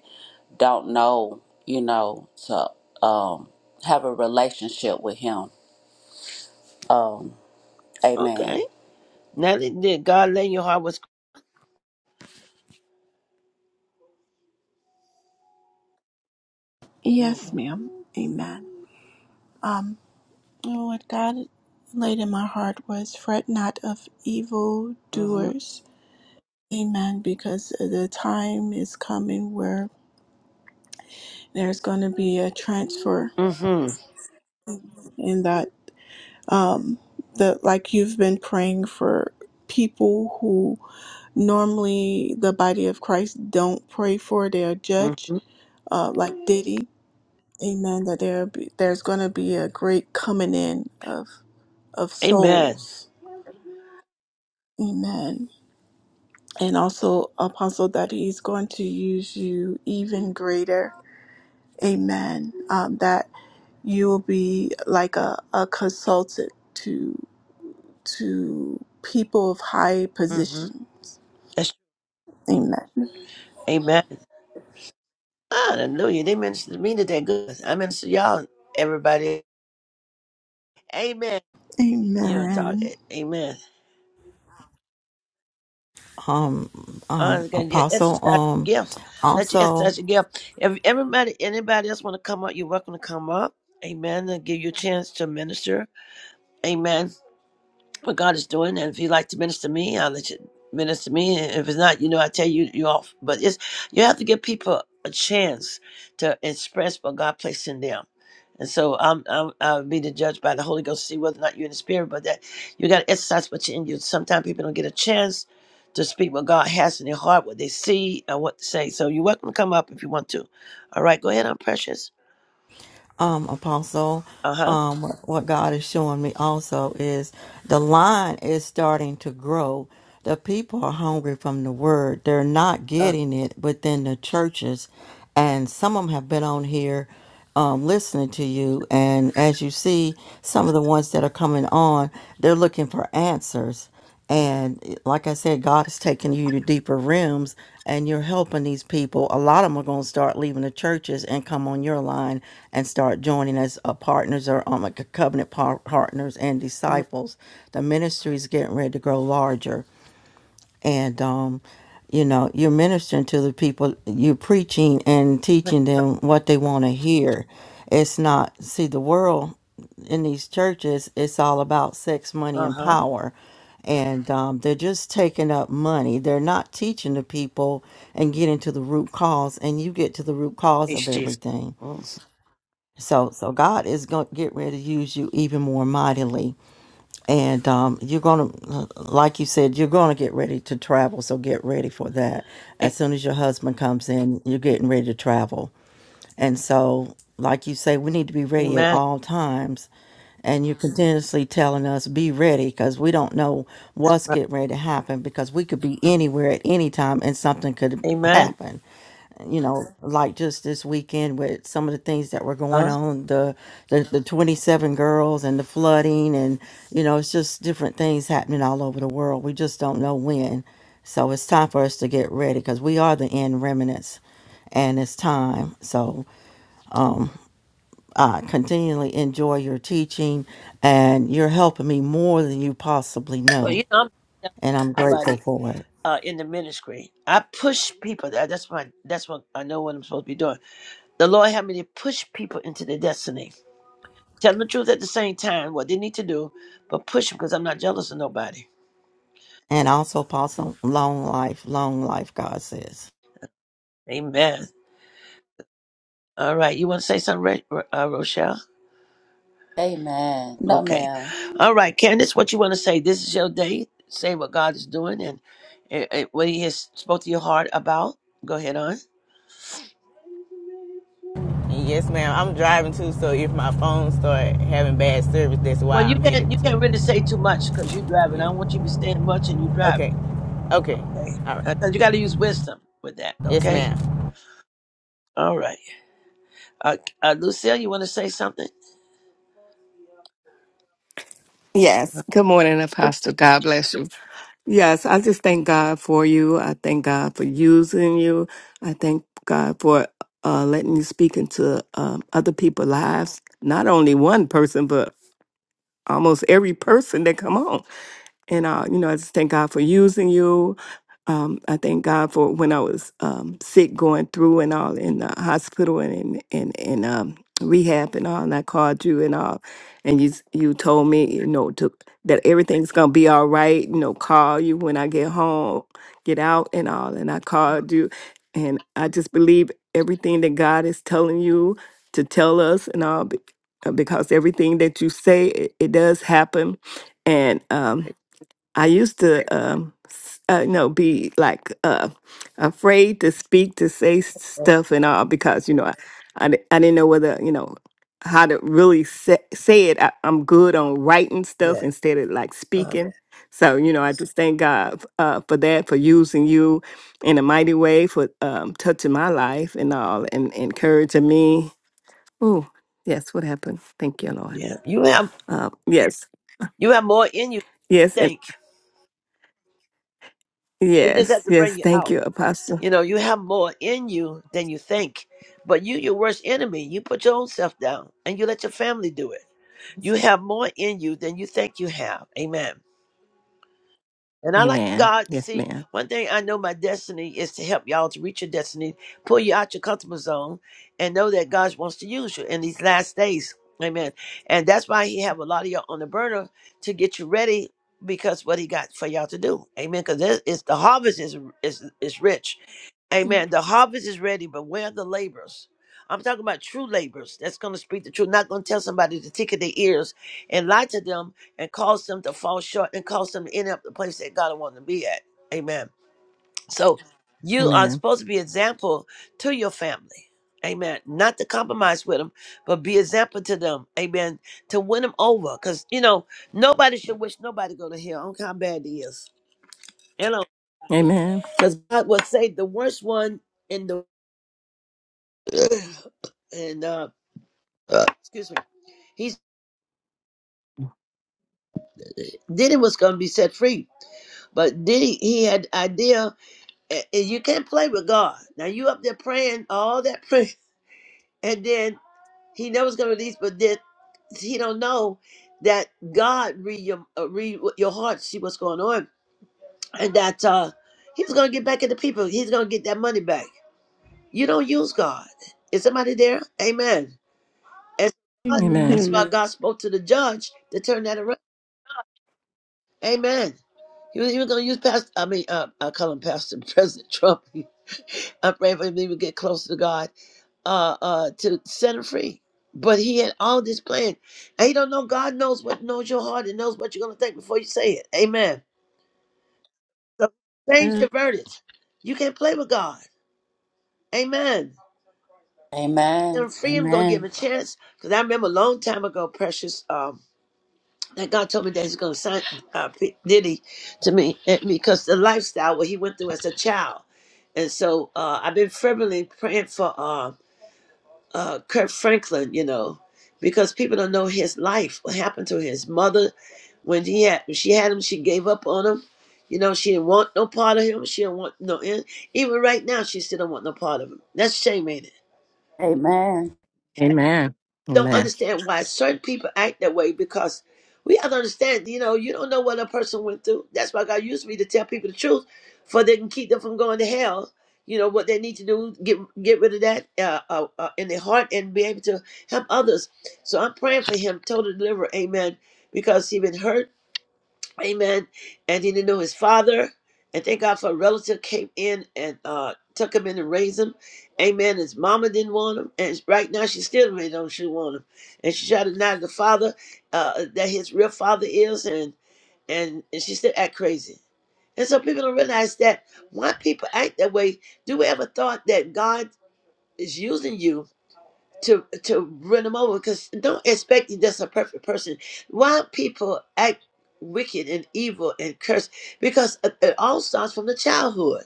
Speaker 3: don't know, you know, to um, have a relationship with him. Um,
Speaker 4: Okay.
Speaker 3: amen.
Speaker 4: Now that that God lay in your heart what's hmm
Speaker 1: Yes, ma'am. Amen. Um, and what God laid in my heart was fret not of evil
Speaker 4: hmm
Speaker 1: doers. Amen. Because the time is coming where there's going to be a transfer
Speaker 4: hmm
Speaker 1: in that, um, the like you've been praying for people who normally the body of Christ don't pray for. They're judged,
Speaker 4: hmm
Speaker 1: uh, like Diddy. Amen. That there be, there's going to be a great coming in of of
Speaker 4: Amen.
Speaker 1: souls. Amen. And also, Apostle, that He's going to use you even greater. Amen. Um, that you will be like a, a consultant to to people of high
Speaker 4: hmm
Speaker 1: positions.
Speaker 4: That's,
Speaker 1: Amen.
Speaker 4: amen. Hallelujah. They ministered to me today. Good. I minister to y'all, everybody. Amen. You don't talk
Speaker 1: Amen.
Speaker 4: it. Amen.
Speaker 2: Um, um,
Speaker 4: I'm gonna get
Speaker 2: Apostle.
Speaker 4: exercise
Speaker 2: Um,
Speaker 4: gifts. Let you
Speaker 2: also.
Speaker 4: exercise your gift. If everybody, anybody else want to come up, you're welcome to come up. Amen. And give you a chance to minister. Amen. what God is doing. And if you like to minister to me, I'll let you minister to me. And if it's not, you know, I tell you, you off. But it's you have to give people a chance to express what God placed in them. And so I'm, I'm I'll be the judge by the Holy Ghost, see whether or not you're in the spirit, but that you got to exercise what's in you. Sometimes people don't get a chance to speak what God has in their heart, what they see, and what to say. So you're welcome to come up if you want to. All right, go ahead. I'm precious.
Speaker 2: um, Apostle,
Speaker 4: Uh huh.
Speaker 2: um, what what God is showing me also is the line is starting to grow. The people are hungry from the word. They're not getting it within the churches. And some of them have been on here um, listening to you. And as you see, some of the ones that are coming on, they're looking for answers. And it- like I said, God is taking you to deeper realms and you're helping these people. A lot of them are going to start leaving the churches and come on your line and start joining as uh, partners or um, like covenant par- partners and disciples. The ministry is getting ready to grow larger and um, you know you're ministering to the people you're preaching and teaching them what they want to hear it's not see the world in these churches it's all about sex money
Speaker 4: Uh
Speaker 2: and
Speaker 4: huh.
Speaker 2: power and um, they're just taking up money they're not teaching the people and getting to the root cause and you get to the root cause of
Speaker 4: Praise Jesus.
Speaker 2: everything
Speaker 4: Mhm.
Speaker 2: so so god is going to get ready to use you even more mightily and um, you're going to like you said you're going to get ready to travel so get ready for that as soon as your husband comes in you're getting ready to travel and so like you say we need to be ready at
Speaker 4: Amen.
Speaker 2: all times and you're continuously telling us be ready because we don't know
Speaker 4: That's
Speaker 2: what's
Speaker 4: right.
Speaker 2: getting ready to happen because we could be anywhere at any time and something could
Speaker 4: Amen.
Speaker 2: happen you know like just this weekend with some of the things that were going
Speaker 4: Huh?
Speaker 2: on the the, the 27 girls and the flooding and you know it's just different things happening all over the world we just don't know when so it's time for us to get ready because we are the end remnants and it's time so um I continually enjoy your teaching and you're helping me more than you possibly
Speaker 4: Well, you
Speaker 2: know
Speaker 4: know, I'm not
Speaker 2: and I'm grateful
Speaker 4: everybody
Speaker 2: for it
Speaker 4: uh, in the ministry. I push people. That- That's my. That's what I know what I'm supposed to be doing. The Lord helped me to push people into their destiny. Tell them the truth at the same time, what they need to do, but push them because I'm not jealous of nobody.
Speaker 2: and also possible long life long life God says
Speaker 4: Amen. All right. You want to say something, Ra- Ro- uh, Rochelle?
Speaker 3: Amen. No,
Speaker 4: Okay.
Speaker 3: ma'am.
Speaker 4: All right, Candace, what you want to say? This is your day. Say what God is doing and, and, and what He has spoke to your heart about. Go ahead on.
Speaker 5: Yes, ma'am. I'm driving too, so if my phone start having bad service, that's why
Speaker 4: Well, you
Speaker 5: I'm headed
Speaker 4: can't you can't really
Speaker 5: to.
Speaker 4: say too much because you're driving. I don't want
Speaker 5: Yeah.
Speaker 4: you to be saying much and you driving.
Speaker 5: Okay. Okay.
Speaker 4: Okay,
Speaker 5: All
Speaker 4: Uh,
Speaker 5: right.
Speaker 4: 'Cause you got to use wisdom with that.
Speaker 5: Yes,
Speaker 4: Okay,
Speaker 5: ma'am.
Speaker 4: all right. Uh, uh, Lucille, you want to say something?
Speaker 6: Yes. Good morning,
Speaker 4: Good
Speaker 6: Apostle. God bless you. Yes, I just thank God for you. I thank God for using you. I thank God for uh, letting you speak into um, other people's lives. Not only one person, but almost every person that come on. And, uh, you know, I just thank God for using you. Um, I thank God for when I was um, sick, going through and all in the hospital and in and, and, um, rehab and all. And I called you and all, and you s- you told me, you know, to, that everything's gonna be all right. You know, call you when I get home, get out and all. And I called you, and I just believe everything that God is telling you to tell us and all, be- uh, because everything that you say, it, it does happen. And um, I used to, um, s- uh, no, be like uh, afraid to speak, to say s-
Speaker 4: morning.
Speaker 6: stuff and all because, you know, I, I, di- I didn't know whether, you know, how to really say, say it. I, I'm good on writing stuff
Speaker 4: Yeah,
Speaker 6: instead of like
Speaker 4: uh,
Speaker 6: speaking. So, you know, I just thank God f- uh, for that, for using you in a mighty way, for um, touching my life and all and encouraging me. Oh, yes, what happened? Thank you, Lord.
Speaker 4: yeah. You have
Speaker 6: Um, yes,
Speaker 4: you have more in you
Speaker 6: yes,
Speaker 4: than you
Speaker 6: and
Speaker 4: think. They just
Speaker 6: yes,
Speaker 4: have to
Speaker 6: yes,
Speaker 4: bring you
Speaker 6: thank
Speaker 4: out.
Speaker 6: you, Apostle.
Speaker 4: You know, you have more in you than you think. But you, your worst enemy, you put your own self down and you let your family do it. You have more in you than you think you have. Amen. And I like
Speaker 6: Amen.
Speaker 4: God.
Speaker 6: Yes,
Speaker 4: See,
Speaker 6: ma'am.
Speaker 4: one thing I know my destiny is to help y'all to reach your destiny, pull you out your comfortable zone, and know that God wants to use you in these last days. Amen. And that's why He have a lot of y'all on the burner to get you ready because what He got for y'all to do. Amen. Because it's the harvest is is is rich.
Speaker 6: Mm.
Speaker 4: Amen. The harvest is ready, but where are the labors? I'm talking about true labors that's going to speak the truth, not going to tell somebody to tickle their ears and lie to them and cause them to fall short and cause them to end up the place that God wants them to be at. Amen. So you are
Speaker 6: Amen.
Speaker 4: supposed to be example to your family. Amen. Not to compromise with them, but be example to them. Amen. To win them over. Because, you know, nobody should wish nobody go to hell. I don't care how bad it is. You know,
Speaker 6: Amen.
Speaker 4: because God will say the worst one in the and uh, uh, excuse me, he Diddy was going to be set free, but Diddy he had idea, and you can't play with God. Now you up there praying all that prayer, and then he knows going to release, but then he don't know that God read your uh, read what your heart, see what's going on, and that uh, he was going to get back at the people. He's going to get that money back. You don't use God. Is somebody there? Amen. And
Speaker 1: Amen.
Speaker 6: Amen.
Speaker 4: that's why God spoke to the judge to turn that around. Amen. He was, he was going to use Pastor, I mean, uh, I call him Pastor President Trump. I'm praying for him to get closer to God, uh, uh, to set him free. But he had all this plan. And you don't know, God knows what knows your heart and knows what you're going to think before you say it. Amen. So change
Speaker 1: Amen.
Speaker 4: the verdict. You can't play with God. Amen.
Speaker 3: Amen.
Speaker 4: And free him, going to give him
Speaker 3: Amen.
Speaker 4: a chance. Because I remember a long time ago, Precious, um, That God told me that He's going to sign uh, P- Diddy to me eh, because the lifestyle what he went through as a child, and so uh, I've been fervently praying for uh, uh, Kurt Franklin, you know, because people don't know his life, what happened to his mother when he had when she had him, she gave up on him. You know, she didn't want no part of him. She didn't want no end. Even right now, she still don't want no part of him. That's shame, ain't it?
Speaker 3: Amen.
Speaker 6: Amen.
Speaker 4: don't
Speaker 6: Amen.
Speaker 4: understand why certain people act that way because we have to understand, you know, you don't know what a person went through. That's why God used me to tell people the truth, for they can keep them from going to hell. You know what they need to do, get get rid of that uh, uh, uh, in their heart and be able to help others. So I'm praying for him, total deliver, Amen. Because he been hurt, Amen. And he didn't know his father. And thank God for a relative came in and uh, took him in and raised him. Amen. His mama didn't want him. And right now she still really don't she want him. And she tried to deny the father uh, that his real father is. And, and, and she still act crazy. And so people don't realize that why people act that way. Do we ever thought that God is using you to to run them over because don't expect you just a perfect person. Why people act wicked and evil and curse? Because it, it all starts from the childhood.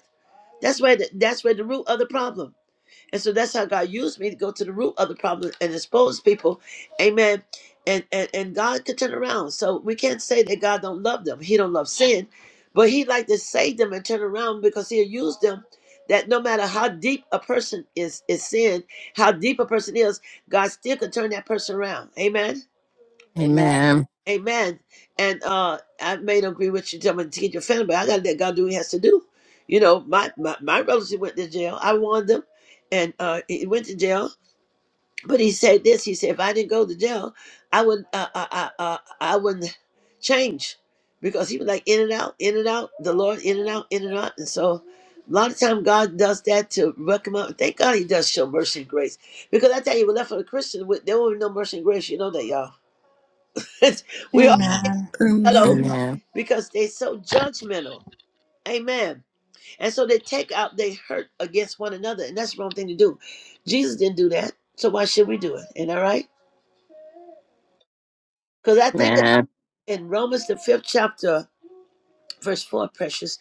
Speaker 4: That's where the, that's where the root of the problem. And so that's how God used me to go to the root of the problem and expose people. Amen. And and, and God can turn around. So we can't say that God don't love them. He don't love sin. But he like to save them and turn around because he'll use them that no matter how deep a person is is sin, how deep a person is, God still can turn that person around. Amen.
Speaker 3: Amen.
Speaker 6: Amen.
Speaker 4: Amen. And uh I may not agree with you, tell me to get your family, but I gotta let God do what he has to do. You know, my my, my relative went to jail. I warned them and uh he went to jail but he said this. He said, if I didn't go to jail, I would uh, uh, uh, uh, I wouldn't change because he was like in and out, in and out, the Lord in and out, in and out. And so a lot of time God does that to wreck him up. Thank God he does show mercy and grace because I tell you, we're left for the Christian, with- there won't be no mercy and grace. You know that, y'all. we all
Speaker 1: Amen.
Speaker 4: hello
Speaker 1: Amen.
Speaker 6: Amen.
Speaker 4: because they're so judgmental. Amen. And so they take out, they hurt against one another, and that's the wrong thing to do. Jesus didn't do that, so why should we do it? Ain't that right? Because I think.
Speaker 6: Amen.
Speaker 4: in Romans the fifth chapter, verse four, precious,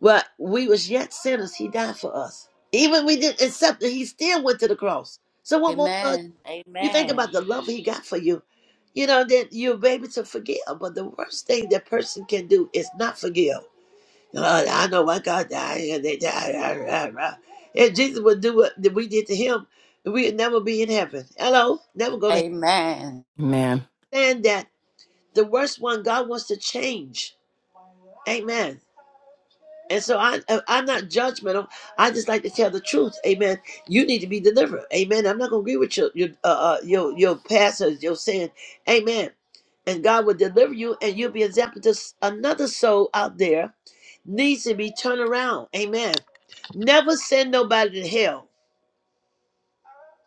Speaker 4: well, we was yet sinners, he died for us. Even we didn't accept it, he still went to the cross. So what more love?
Speaker 3: Amen.
Speaker 4: You think about
Speaker 3: Amen.
Speaker 4: the love he got for you. You know, that you're able to forgive. But the worst thing that person can do is not forgive. Uh, I know my God died and they died. rah, rah, rah. If Jesus would do what that we did to him, we'd never be in heaven. Hello? Never go to
Speaker 3: Amen.
Speaker 6: Amen.
Speaker 4: heaven. And that the worst one God wants to change. Amen And so I, I- am not judgmental. I just like to tell the truth. Amen. You need to be delivered. Amen. I'm not gonna agree with your your uh, uh, your your pastors. Your sin. Amen. And God will deliver you, and you'll be an example to s- another soul out there needs to be turned around. Amen. Never send nobody to hell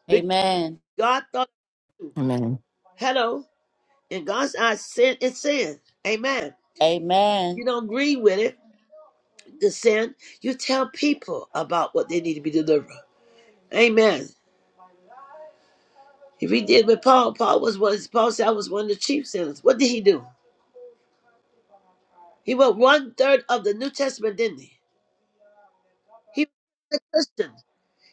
Speaker 4: because
Speaker 3: Amen.
Speaker 4: God thought of you.
Speaker 6: Amen.
Speaker 4: Hello. In God's eyes, sin is sin. Amen.
Speaker 3: Amen.
Speaker 4: You don't agree with it, the sin. You tell people about what they need to be delivered. Amen. If he did with Paul, Paul was one. Paul said, "I was one of the chief sinners." What did he do? He wrote one third of the New Testament, didn't he? He was a Christian.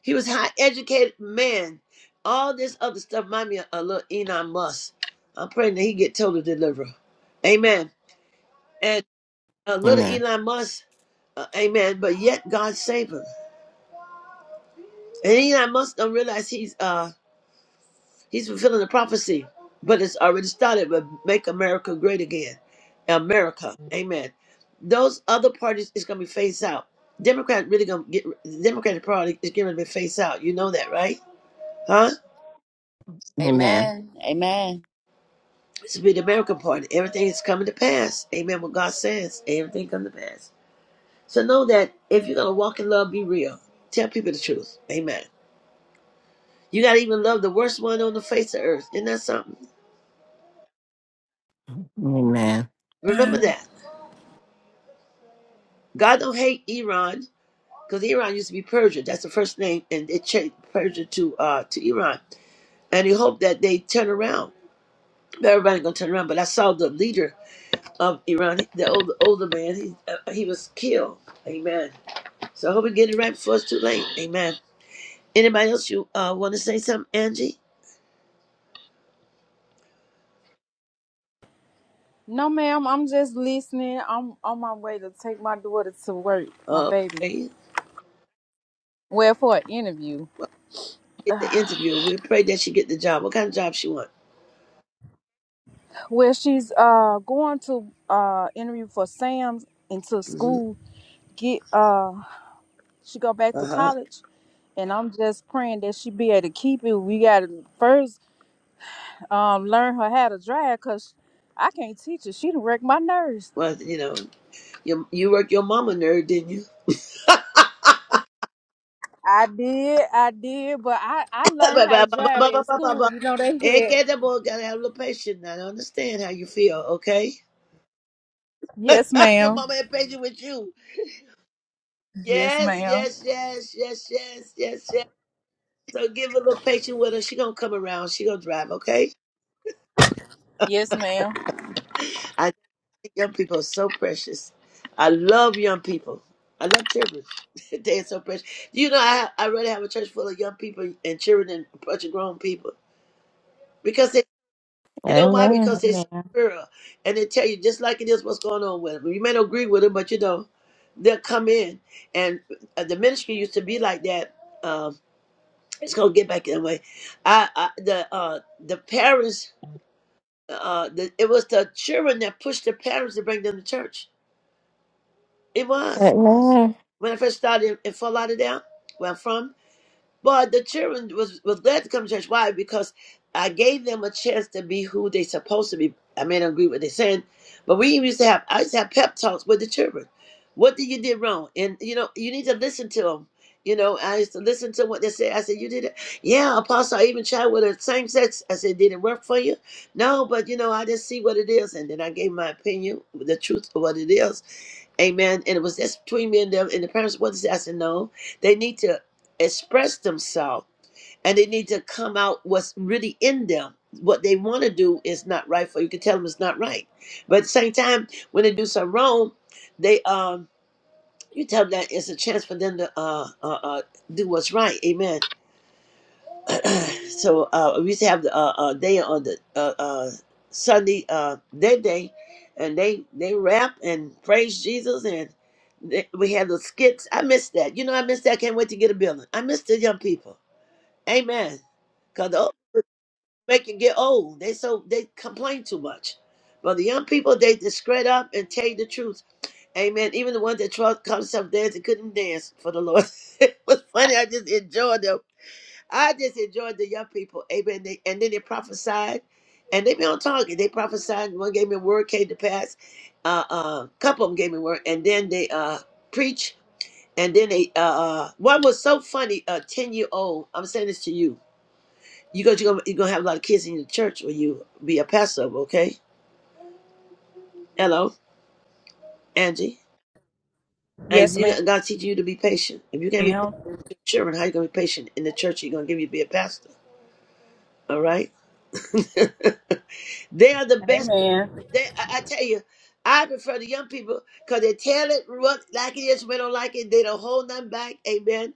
Speaker 4: He was a high educated man. All this other stuff remind me of a little Elon Musk. I'm praying that he get total deliverer. Amen. And a
Speaker 6: Amen.
Speaker 4: little
Speaker 6: Amen.
Speaker 4: Elon Musk, uh, amen. But yet God saved him. And Elon Musk don't realize he's uh He's fulfilling the prophecy, but it's already started. But make America great again, America, Amen. Those other parties is going to be phased out. Democrat really going to get the Democratic Party is going to be phased out. You know that, right? Huh?
Speaker 6: Amen.
Speaker 3: Amen. Amen.
Speaker 4: This will be the American Party. Everything is coming to pass. Amen. What God says, everything come to pass. So know that if you're going to walk in love, be real. Tell people the truth. Amen. You got to even love the worst one on the face of earth. Isn't that something?
Speaker 6: Amen.
Speaker 4: Remember that. God don't hate Iran. because Iran used to be Persia. That's the first name, and they changed Persia to uh to Iran. And he hoped that they turn around. But Everybody gonna turn around. But I saw the leader of Iran, the older older man. He uh, he was killed. Amen. So I hope we get it right before it's too late. Amen. Anybody else you uh want to say something, Angie?
Speaker 7: No, ma'am. I'm just listening. I'm on my way to take my daughter to work, my baby.
Speaker 4: Okay.
Speaker 7: Well, for an interview.
Speaker 4: Well, get the interview. We pray that she get the job. What kind of job she want?
Speaker 7: Well, she's uh going to uh interview for Sam's into
Speaker 4: hmm
Speaker 7: school. Get uh, she go back to
Speaker 4: Uh huh.
Speaker 7: college, and I'm just praying that she be able to keep it. We gotta first um learn her how to drive, cause I can't teach her. She done wrecked my nerves.
Speaker 4: Well, you know, you you worked your mama nerd, didn't you?
Speaker 7: I did, I did, but I I learned how to drive at school.
Speaker 4: Ekede
Speaker 7: You know?
Speaker 4: boy gotta have a little patience now. I understand how you feel, okay?
Speaker 7: Yes,
Speaker 4: Your
Speaker 7: ma'am.
Speaker 4: mama ain't patient with you.
Speaker 7: Yes,
Speaker 4: Yes,
Speaker 7: ma'am.
Speaker 4: yes, yes, yes, yes, yes, yes. So give her a little patience with her. She gonna come around. She gonna drive, okay?
Speaker 7: Yes, ma'am.
Speaker 4: I think young people are so precious. I love young people. I love children. they are so precious. You know, I I really have a church full of young people and children and a bunch of grown people because they You know why? Because they're so
Speaker 7: Amen.
Speaker 4: pure. And they tell you just like it is what's going on with them. You may not agree with them, but you know, they'll come in. And uh, the ministry used to be like that. Um, it's going to get back that way. I, I the uh, the parents, uh, the, it was the children that pushed the parents to bring them to church. It was.
Speaker 6: Amen.
Speaker 4: When I first started in Fort Lauderdale, where I'm from, But the children was, was glad to come to church. Why? Because I gave them a chance to be who they supposed to be. I may not agree with what they're saying, but we used to have I used to have pep talks with the children. What did you did wrong? And you know, you need to listen to them. You know, I used to listen to what they said. I said, "You did it, yeah, Apostle." I even tried with the same sex. I said, "Did it work for you?" No, but you know, I just see what it is, and then I gave my opinion, the truth of what it is Amen. And it was just between me and them. And the parents wanted to say, I said, no, they need to express themselves and they need to come out what's really in them. What they want to do is not right for you. You can tell them it's not right. But at the same time, when they do something wrong, they um you tell them that it's a chance for them to uh uh, uh do what's right. Amen. so uh, we used to have a uh, uh, day on the uh, uh, Sunday, uh, their day, and they they rap and praise Jesus, and they, we had the skits. I miss that. You know, I miss that. Can't wait to get a building. I miss the young people. Amen. Cause the old make you get old. They so they complain too much, but the young people they just straight up and tell you the truth. Amen. Even the ones that tried to come some dance and couldn't dance for the Lord. it was funny. I just enjoyed them I just enjoyed the young people. Amen. They, and then they prophesied. And they been on target. They prophesied. One gave me a word, came to pass. A uh, uh, couple of them gave me a word. And then they uh, preach. And then they, uh, uh, one was so funny, a 10 year old, I'm saying this to you. You go, you're going you're gonna have a lot of kids in your church when you be a pastor, okay? Hello, Angie. And
Speaker 7: Yes,
Speaker 4: you
Speaker 7: ma'am.
Speaker 4: God's teaching you to be patient. If you can't be patient
Speaker 7: Amen.
Speaker 4: with your children, how you going to be patient in the church you're going to give you to be a pastor? All right? They are the best. They, I, I tell you, I prefer the young people because they tell it what like it is. We don't like it. They don't hold nothing back. Amen.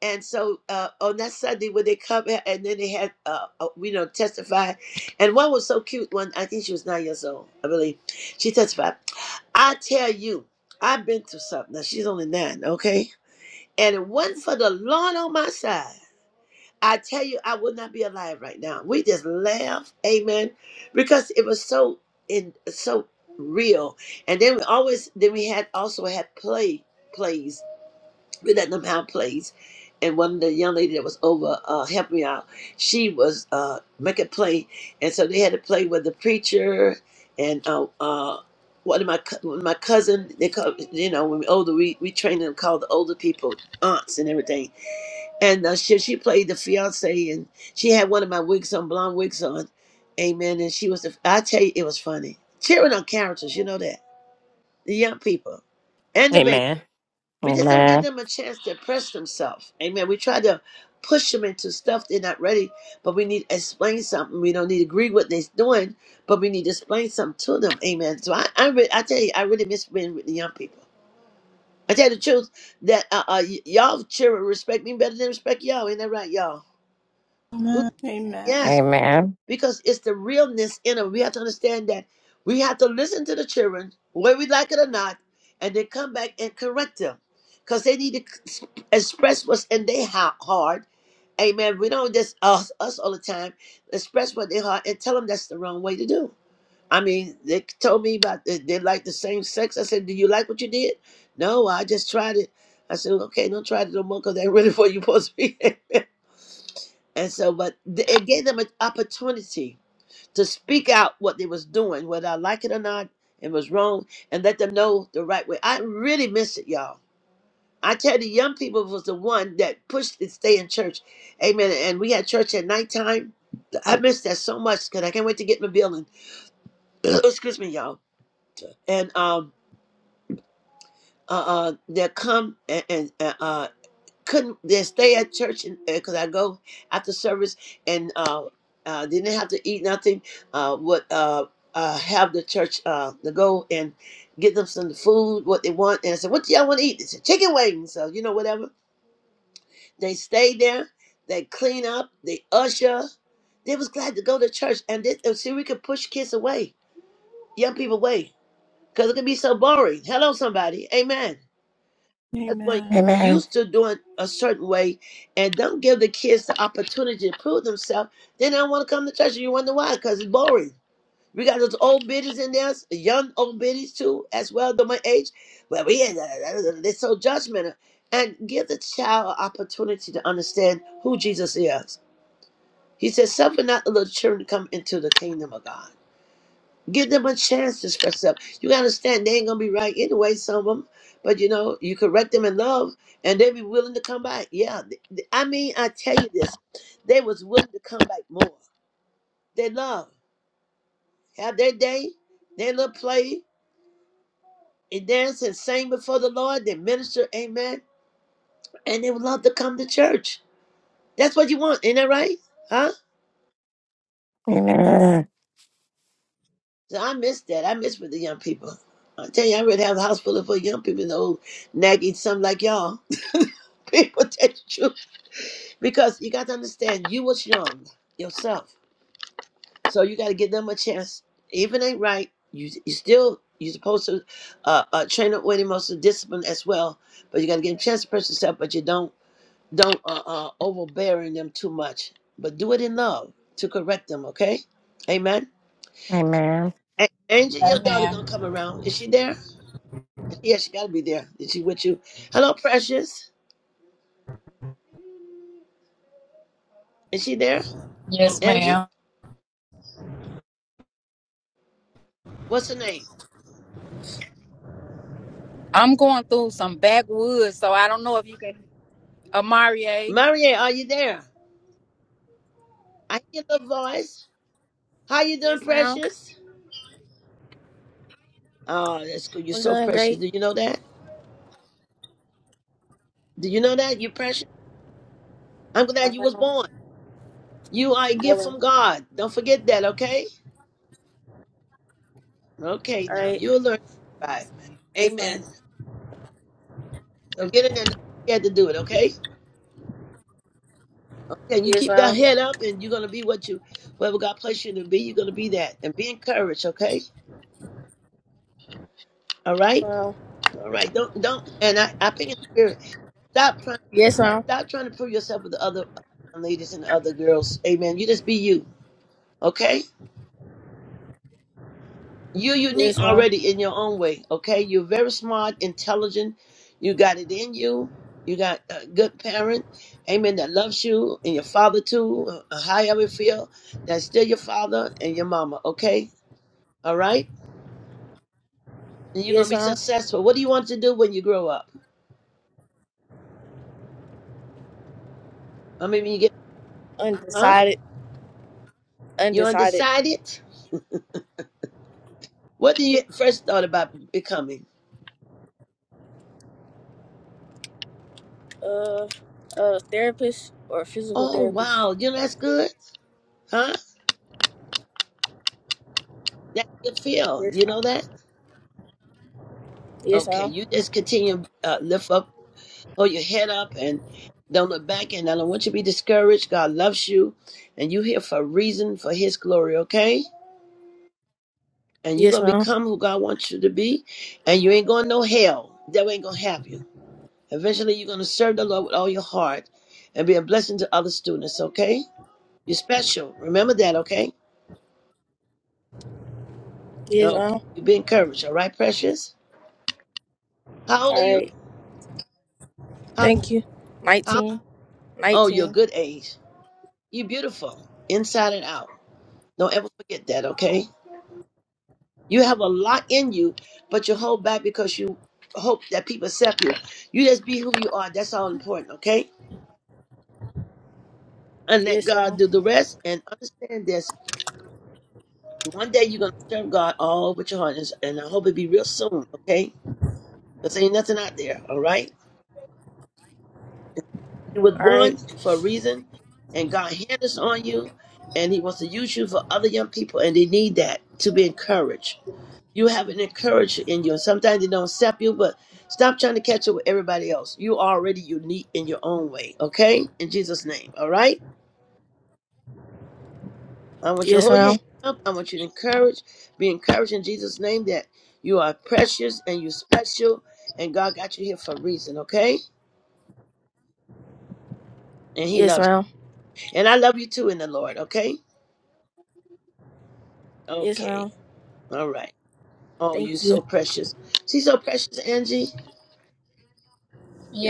Speaker 4: And so uh, on that Sunday when they come here and then they had uh, uh, you know testify, and one was so cute. One I think she was nine years old. I believe she testified. I tell you, I've been through something. Now she's only nine. Okay. And it wasn't for the Lord on my side. I tell you, I would not be alive right now. We just laugh, amen, because it was so in so real. And then we always then we had also had play plays. We let them have plays, and one of the young lady that was over uh, helped me out. She was uh, making play, and so they had to play with the preacher and uh, uh, one of my cou- one of my cousin. They call you know when we older we we train them called the older people aunts and everything and uh, she, she played the fiance, and she had one of my wigs on, blonde wigs on. Amen. And she was, the, I tell you, it was funny. Cheering on characters, you know that. The young people and the baby.
Speaker 6: Amen. Amen. Amen.
Speaker 4: We
Speaker 6: Amen.
Speaker 4: just don't give them a chance to express themselves. Amen. We try to push them into stuff they're not ready, but we need to explain something. We don't need to agree with what they're doing, but we need to explain something to them. Amen. So I, I, re- I tell you, I really miss being with the young people. I tell you the truth that uh, uh, y- y'all children respect me better than respect y'all. Ain't that right, y'all?
Speaker 1: Amen.
Speaker 6: Amen. Amen.
Speaker 1: Amen.
Speaker 4: Yes,
Speaker 6: Amen.
Speaker 4: because it's the realness in them. We have to understand that we have to listen to the children, whether we like it or not, and then come back and correct them because they need to ex- express what's in their ha- heart. Amen. We don't just us, us all the time express what they heart and tell them that's the wrong way to do. I mean, they told me about they, they like the same sex. I said, "Do you like what you did?" No, I just tried it. I said, "Okay, don't try it no more because that really what you're supposed to be." and so, but th- it gave them an opportunity to speak out what they was doing, whether I like it or not, it was wrong, and let them know the right way. I really miss it, y'all. I tell the young people was the one that pushed to stay in church. Amen. And we had church at nighttime. I miss that so much because I can't wait to get in the building. Excuse me, y'all. And um uh, uh they'll come and, and uh, uh, couldn't they stay at church and because I go after service and uh, uh, didn't have to eat nothing. Uh, would uh, uh, have the church uh, to go and get them some food what they want. And I said, "What do y'all want to eat?" They said, "Chicken wings." So you know whatever. They stayed there. They clean up. They usher. They was glad to go to church and this, and see we could push kids away, young people away, because it can be so boring. Hello, somebody. Amen. That's what
Speaker 1: Amen.
Speaker 4: you used to doing a certain way and don't give the kids the opportunity to prove themselves, then they don't want to come to church. And you wonder why, because it's boring. We got those old biddies in there, s- young old biddies too, as well, the my age. Well, we ain't, uh, uh, uh, uh, they're so judgmental. And give the child an opportunity to understand who Jesus is. He says, suffer not the little children to come into the kingdom of God. Give them a chance to express themselves. You gotta understand they ain't gonna be right anyway, some of them. But you know, you correct them in love, and they be willing to come back. Yeah, th- th- I mean, I tell you this, they was willing to come back more. They love have their day, their little play, and dance and sing before the Lord. They minister, Amen, and they would love to come to church. That's what you want, ain't that right? Huh? So I miss that. I miss with the young people. I tell you, I really have a house full of full young people and old nagging some like y'all. people tell the truth. Because you got to understand, you was young yourself. So you got to give them a chance. even ain't right, you you still, you're supposed to uh, uh, train up with emotional discipline as well. But you got to give them a chance to press yourself, but you don't, don't uh, uh, overbearing them too much. But do it in love to correct them, okay? Amen. A- Angel, your daughter gonna
Speaker 7: Amen.
Speaker 4: come around. Is she there? Yeah, she gotta be there. Is she with you? Hello, Precious. Is she there?
Speaker 7: Yes,
Speaker 4: Angie?
Speaker 7: ma'am.
Speaker 4: What's her name?
Speaker 7: I'm going through some backwoods, so I don't know if you can. Amarie.
Speaker 4: Marie, are you there? I hear your voice. How you doing,
Speaker 7: Yes, ma'am.
Speaker 4: Precious? Oh, that's good. You're
Speaker 7: I'm
Speaker 4: so
Speaker 7: doing
Speaker 4: precious.
Speaker 7: great.
Speaker 4: Do you know that? Do you know that? You're precious. I'm glad
Speaker 7: No,
Speaker 4: you was
Speaker 7: ma'am.
Speaker 4: born. You are a
Speaker 7: No,
Speaker 4: gift
Speaker 7: ma'am.
Speaker 4: from God. Don't forget that, okay? Okay,
Speaker 7: All
Speaker 4: now
Speaker 7: right.
Speaker 4: you'll learn. Bye.
Speaker 7: Yes, ma'am. Yes, ma'am.
Speaker 4: Amen. So get in there. Don't forget to do it, okay? Okay, you
Speaker 7: Yes,
Speaker 4: keep that
Speaker 7: ma'am.
Speaker 4: head up and you're gonna be what you whatever God placed you to be, you're gonna be that. And be encouraged, okay? All right?
Speaker 7: Well,
Speaker 4: All right. Don't don't and I, I think in the spirit, stop trying
Speaker 7: Yes, ma'am.
Speaker 4: stop trying to prove yourself with the other ladies and the other girls. Amen. You just be you, okay? You're unique
Speaker 7: Yes, ma'am.
Speaker 4: already in your own way, okay? You're very smart, intelligent, you got it in you. You got a good parent, amen, that loves you, and your father too, uh, however you feel, that's still your father and your mama, okay? All right? and you're gonna
Speaker 7: Yes,
Speaker 4: be
Speaker 7: ma'am.
Speaker 4: successful. What do you want to do when you grow up? I mean, when you get, huh?
Speaker 7: Undecided.
Speaker 4: You
Speaker 7: Undecided.
Speaker 4: undecided? What do you first thought about becoming?
Speaker 7: Uh, a therapist or physical
Speaker 4: Oh
Speaker 7: therapist.
Speaker 4: wow, you know that's good, huh? That's good feel.
Speaker 7: Yes,
Speaker 4: You know
Speaker 7: ma'am.
Speaker 4: that?
Speaker 7: Yes,
Speaker 4: Okay,
Speaker 7: ma'am.
Speaker 4: you just continue uh, lift up, hold your head up, and don't look back. And I don't want you to be discouraged. God loves you, and you here for a reason for His glory. Okay, and you're
Speaker 7: Yes,
Speaker 4: gonna
Speaker 7: ma'am.
Speaker 4: become who God wants you to be, and you ain't going no hell. Devil ain't gonna have you. Eventually, you're going to serve the Lord with all your heart and be a blessing to other students, okay? You're special. Remember that, okay?
Speaker 7: Yes,
Speaker 4: Okay.
Speaker 7: ma'am.
Speaker 4: You be encouraged, all right, precious? How old are
Speaker 7: All
Speaker 4: you?
Speaker 7: right.
Speaker 4: How,
Speaker 7: Thank you.
Speaker 4: how?
Speaker 7: 19,
Speaker 4: Oh, you're a
Speaker 7: 19.
Speaker 4: good age. You're beautiful, inside and out. Don't ever forget that, okay? You have a lot in you, but you hold back because you hope that people accept you. You just be who you are. That's all important, okay? And let
Speaker 7: Yes, ma'am.
Speaker 4: God do the rest. And understand this. One day you're gonna serve God all with your heart, and and I hope it be real soon. Okay, because ain't nothing out there. All right, you was
Speaker 7: All right.
Speaker 4: born for a reason, and God hand us on you, and He wants to use you for other young people, and they need that to be encouraged. You have an encouragement in you, and sometimes they don't accept you, but stop trying to catch up with everybody else. You already unique in your own way. Okay, in Jesus' name. All right. I want you to
Speaker 7: Yes,
Speaker 4: hold your
Speaker 7: ma'am.
Speaker 4: hand up. I want you to encourage, be encouraged in Jesus' name that you are precious and you're special, and God got you here for a reason, okay? And He
Speaker 7: Yes,
Speaker 4: loves
Speaker 7: ma'am.
Speaker 4: you. And I love you too in the Lord, okay?
Speaker 7: Yes,
Speaker 4: Okay.
Speaker 7: ma'am.
Speaker 4: All right. Oh,
Speaker 7: Thank
Speaker 4: you're so
Speaker 7: you.
Speaker 4: precious. She's so precious, Angie.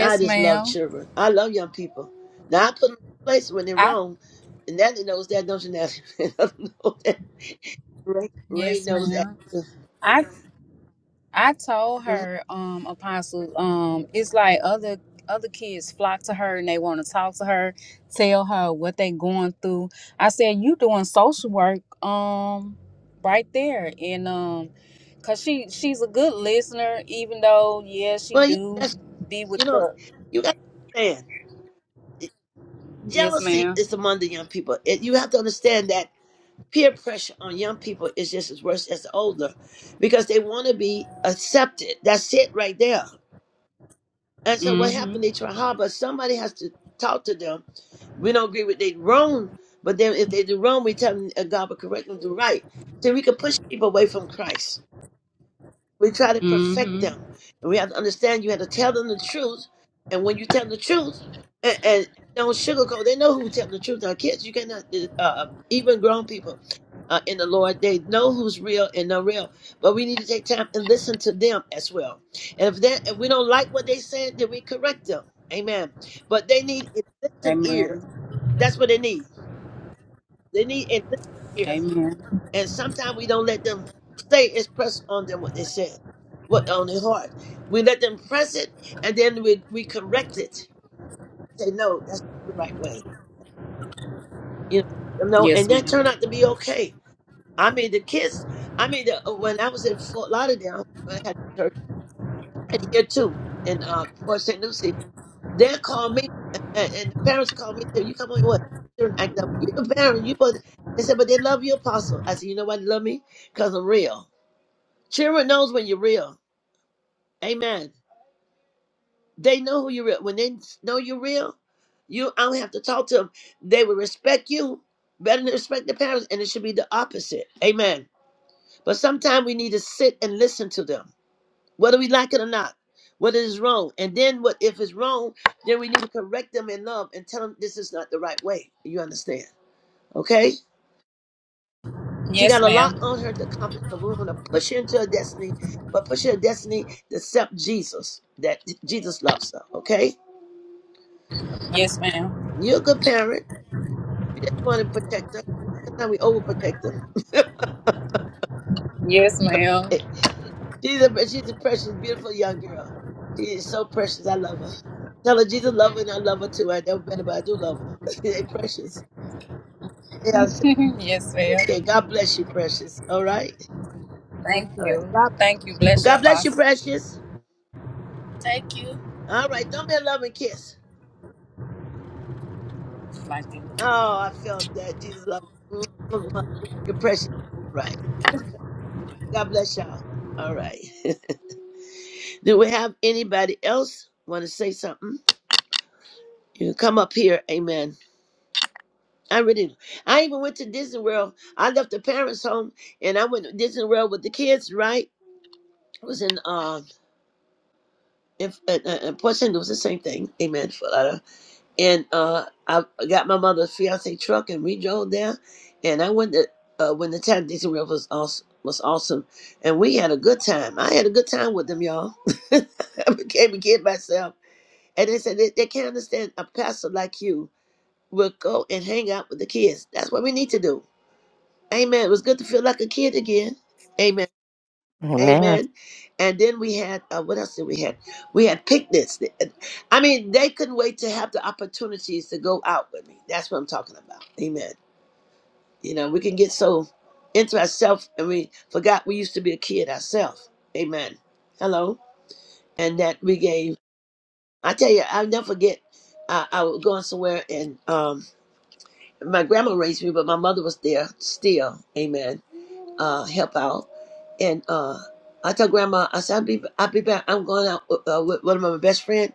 Speaker 4: I just love
Speaker 7: ma'am.
Speaker 4: children. I love young people. Now I put them in place when they're
Speaker 7: I
Speaker 4: wrong. And Natalie knows that, don't you, Natalie? Natalie knows that. Ray, Ray
Speaker 7: yes,
Speaker 4: knows that.
Speaker 7: ma'am. I I told
Speaker 4: Mhm.
Speaker 7: her, um, Apostle, um, it's like other other kids flock to her and they want to talk to her, tell her what they going through. I said, you doing social work, um, right there, and um, cause she she's a good listener, even though yeah, she
Speaker 4: Well, you,
Speaker 7: do
Speaker 4: that's,
Speaker 7: be with
Speaker 4: you know,
Speaker 7: the
Speaker 4: you got to understand.
Speaker 7: Yes,
Speaker 4: jealousy
Speaker 7: ma'am.
Speaker 4: is among the young people. It, you have to understand that peer pressure on young people is just as worse as the older because they want to be accepted. That's it right there. And so what
Speaker 7: Mm-hmm.
Speaker 4: happened? They try hard, but somebody has to talk to them. We don't agree with they wrong, but then if they do wrong, we tell them uh, God will correct them to do right. So we can push people away from Christ. We try to perfect
Speaker 7: Mm-hmm.
Speaker 4: them. And we have to understand you have to tell them the truth. And when you tell the truth, and, and don't sugarcoat, they know who's telling the truth. Our kids, you cannot, uh, uh, even grown people uh, in the Lord, they know who's real and not real. But we need to take time and listen to them as well. And if, that, if we don't like what they said, then we correct them. Amen. But they need a listening ear.
Speaker 7: Amen.
Speaker 4: That's what they need. They need a listening ear.
Speaker 7: Amen.
Speaker 4: And sometimes we don't let them say It's express on them what they said, what on their heart. We let them press it, and then we, we correct it. Say no, that's not the right way. You know, you know,
Speaker 7: Yes,
Speaker 4: and that
Speaker 7: ma'am.
Speaker 4: turned out to be okay. I mean, the kids. I mean, the, uh, when I was in Fort Lauderdale, when I had church, and here too in uh, Port St. Lucie, they called me, and, and the parents called me. Said, "You come on, what? Children act up. You the parent. You put." They said, "But they love you, apostle." I said, "You know why they love me? Cause I'm real." Children knows when you're real. Amen. They know who you're real. When they know you're real, you I don't have to talk to them. They will respect you better than they respect their parents, and it should be the opposite. Amen. But sometimes we need to sit and listen to them, whether we like it or not. Whether it's wrong, and then what if it's wrong? Then we need to correct them in love and tell them this is not the right way. You understand? Okay. She
Speaker 7: Yes,
Speaker 4: got a lot
Speaker 7: ma'am.
Speaker 4: on her to accomplish. So we're going to push her into her destiny, but push her destiny to accept Jesus, that Jesus loves her, okay?
Speaker 7: Yes, ma'am.
Speaker 4: You're a good parent. You just want to protect her. Sometimes we overprotect them.
Speaker 7: Yes, ma'am.
Speaker 4: She's a, she's a precious, beautiful young girl. She is so precious. I love her. Tell her Jesus love her and I love her too. I know better, but I do love her. they precious. Yeah, so-
Speaker 7: yes, ma'am.
Speaker 4: okay. God bless you, precious. All right?
Speaker 7: Thank
Speaker 4: All right.
Speaker 7: you.
Speaker 4: God,
Speaker 7: Thank you.
Speaker 4: well,
Speaker 7: Bless your
Speaker 4: God bless you,
Speaker 7: apostle.
Speaker 4: precious.
Speaker 7: Thank you.
Speaker 4: All right. Don't be a loving kiss.
Speaker 7: Thank you.
Speaker 4: Oh, I felt that. Jesus love. Your precious. Right. God bless y'all. All right. Do we have anybody else want to say something? You can come up here. Amen. I really do. I even went to Disney World. I left the parents' home and I went to Disney World with the kids, right? It was in um in, in, in Port St. Louis, the same thing. Amen. and uh, I got my mother's fiance truck, and we drove there. And I went to uh, when the time Disney World was awesome, was awesome, and we had a good time. I had a good time with them, y'all. I became a kid myself, and they said they, they can't understand a pastor like you will go and hang out with the kids. That's what we need to do. Amen. It was good to feel like a kid again. Amen. Amen. And then we had uh, what else did we had? We had picnics. I mean, they couldn't wait to have the opportunities to go out with me. That's what I'm talking about. Amen. You know, we can get so into ourselves and we forgot we used to be a kid ourselves. Amen. Hello. And that we gave. I tell you, I'll never forget. I, I was going somewhere and um, my grandma raised me, but my mother was there still. Amen uh, help out. And uh, I told Grandma, I said, I'll be, I'll be back. I'm going out with, uh, with one of my best friends.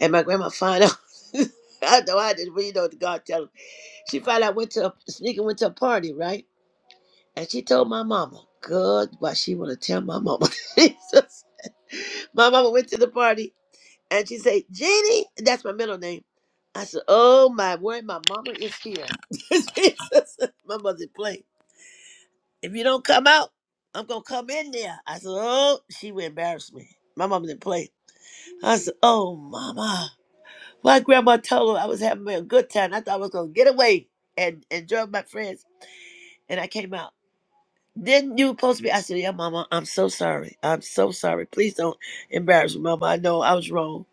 Speaker 4: And my grandma find out. I know I didn't, but you know what God tell her. She found out, went to a, sneaking went to a party, right? And she told my mama, good, why she want to tell my mama. Jesus. My mama went to the party and she said, Jeannie, that's my middle name. I said, oh my word, my mama is here. Jesus. My mother's playing if you don't come out, I'm gonna come in there. I said, Oh, she would embarrass me. My mom didn't play. I said, Oh mama. My grandma told her I was having a good time. I thought I was gonna get away and enjoy my friends. And I came out. Then you were supposed to be I said, Yeah, mama, I'm so sorry. I'm so sorry. Please don't embarrass me, mama. I know I was wrong.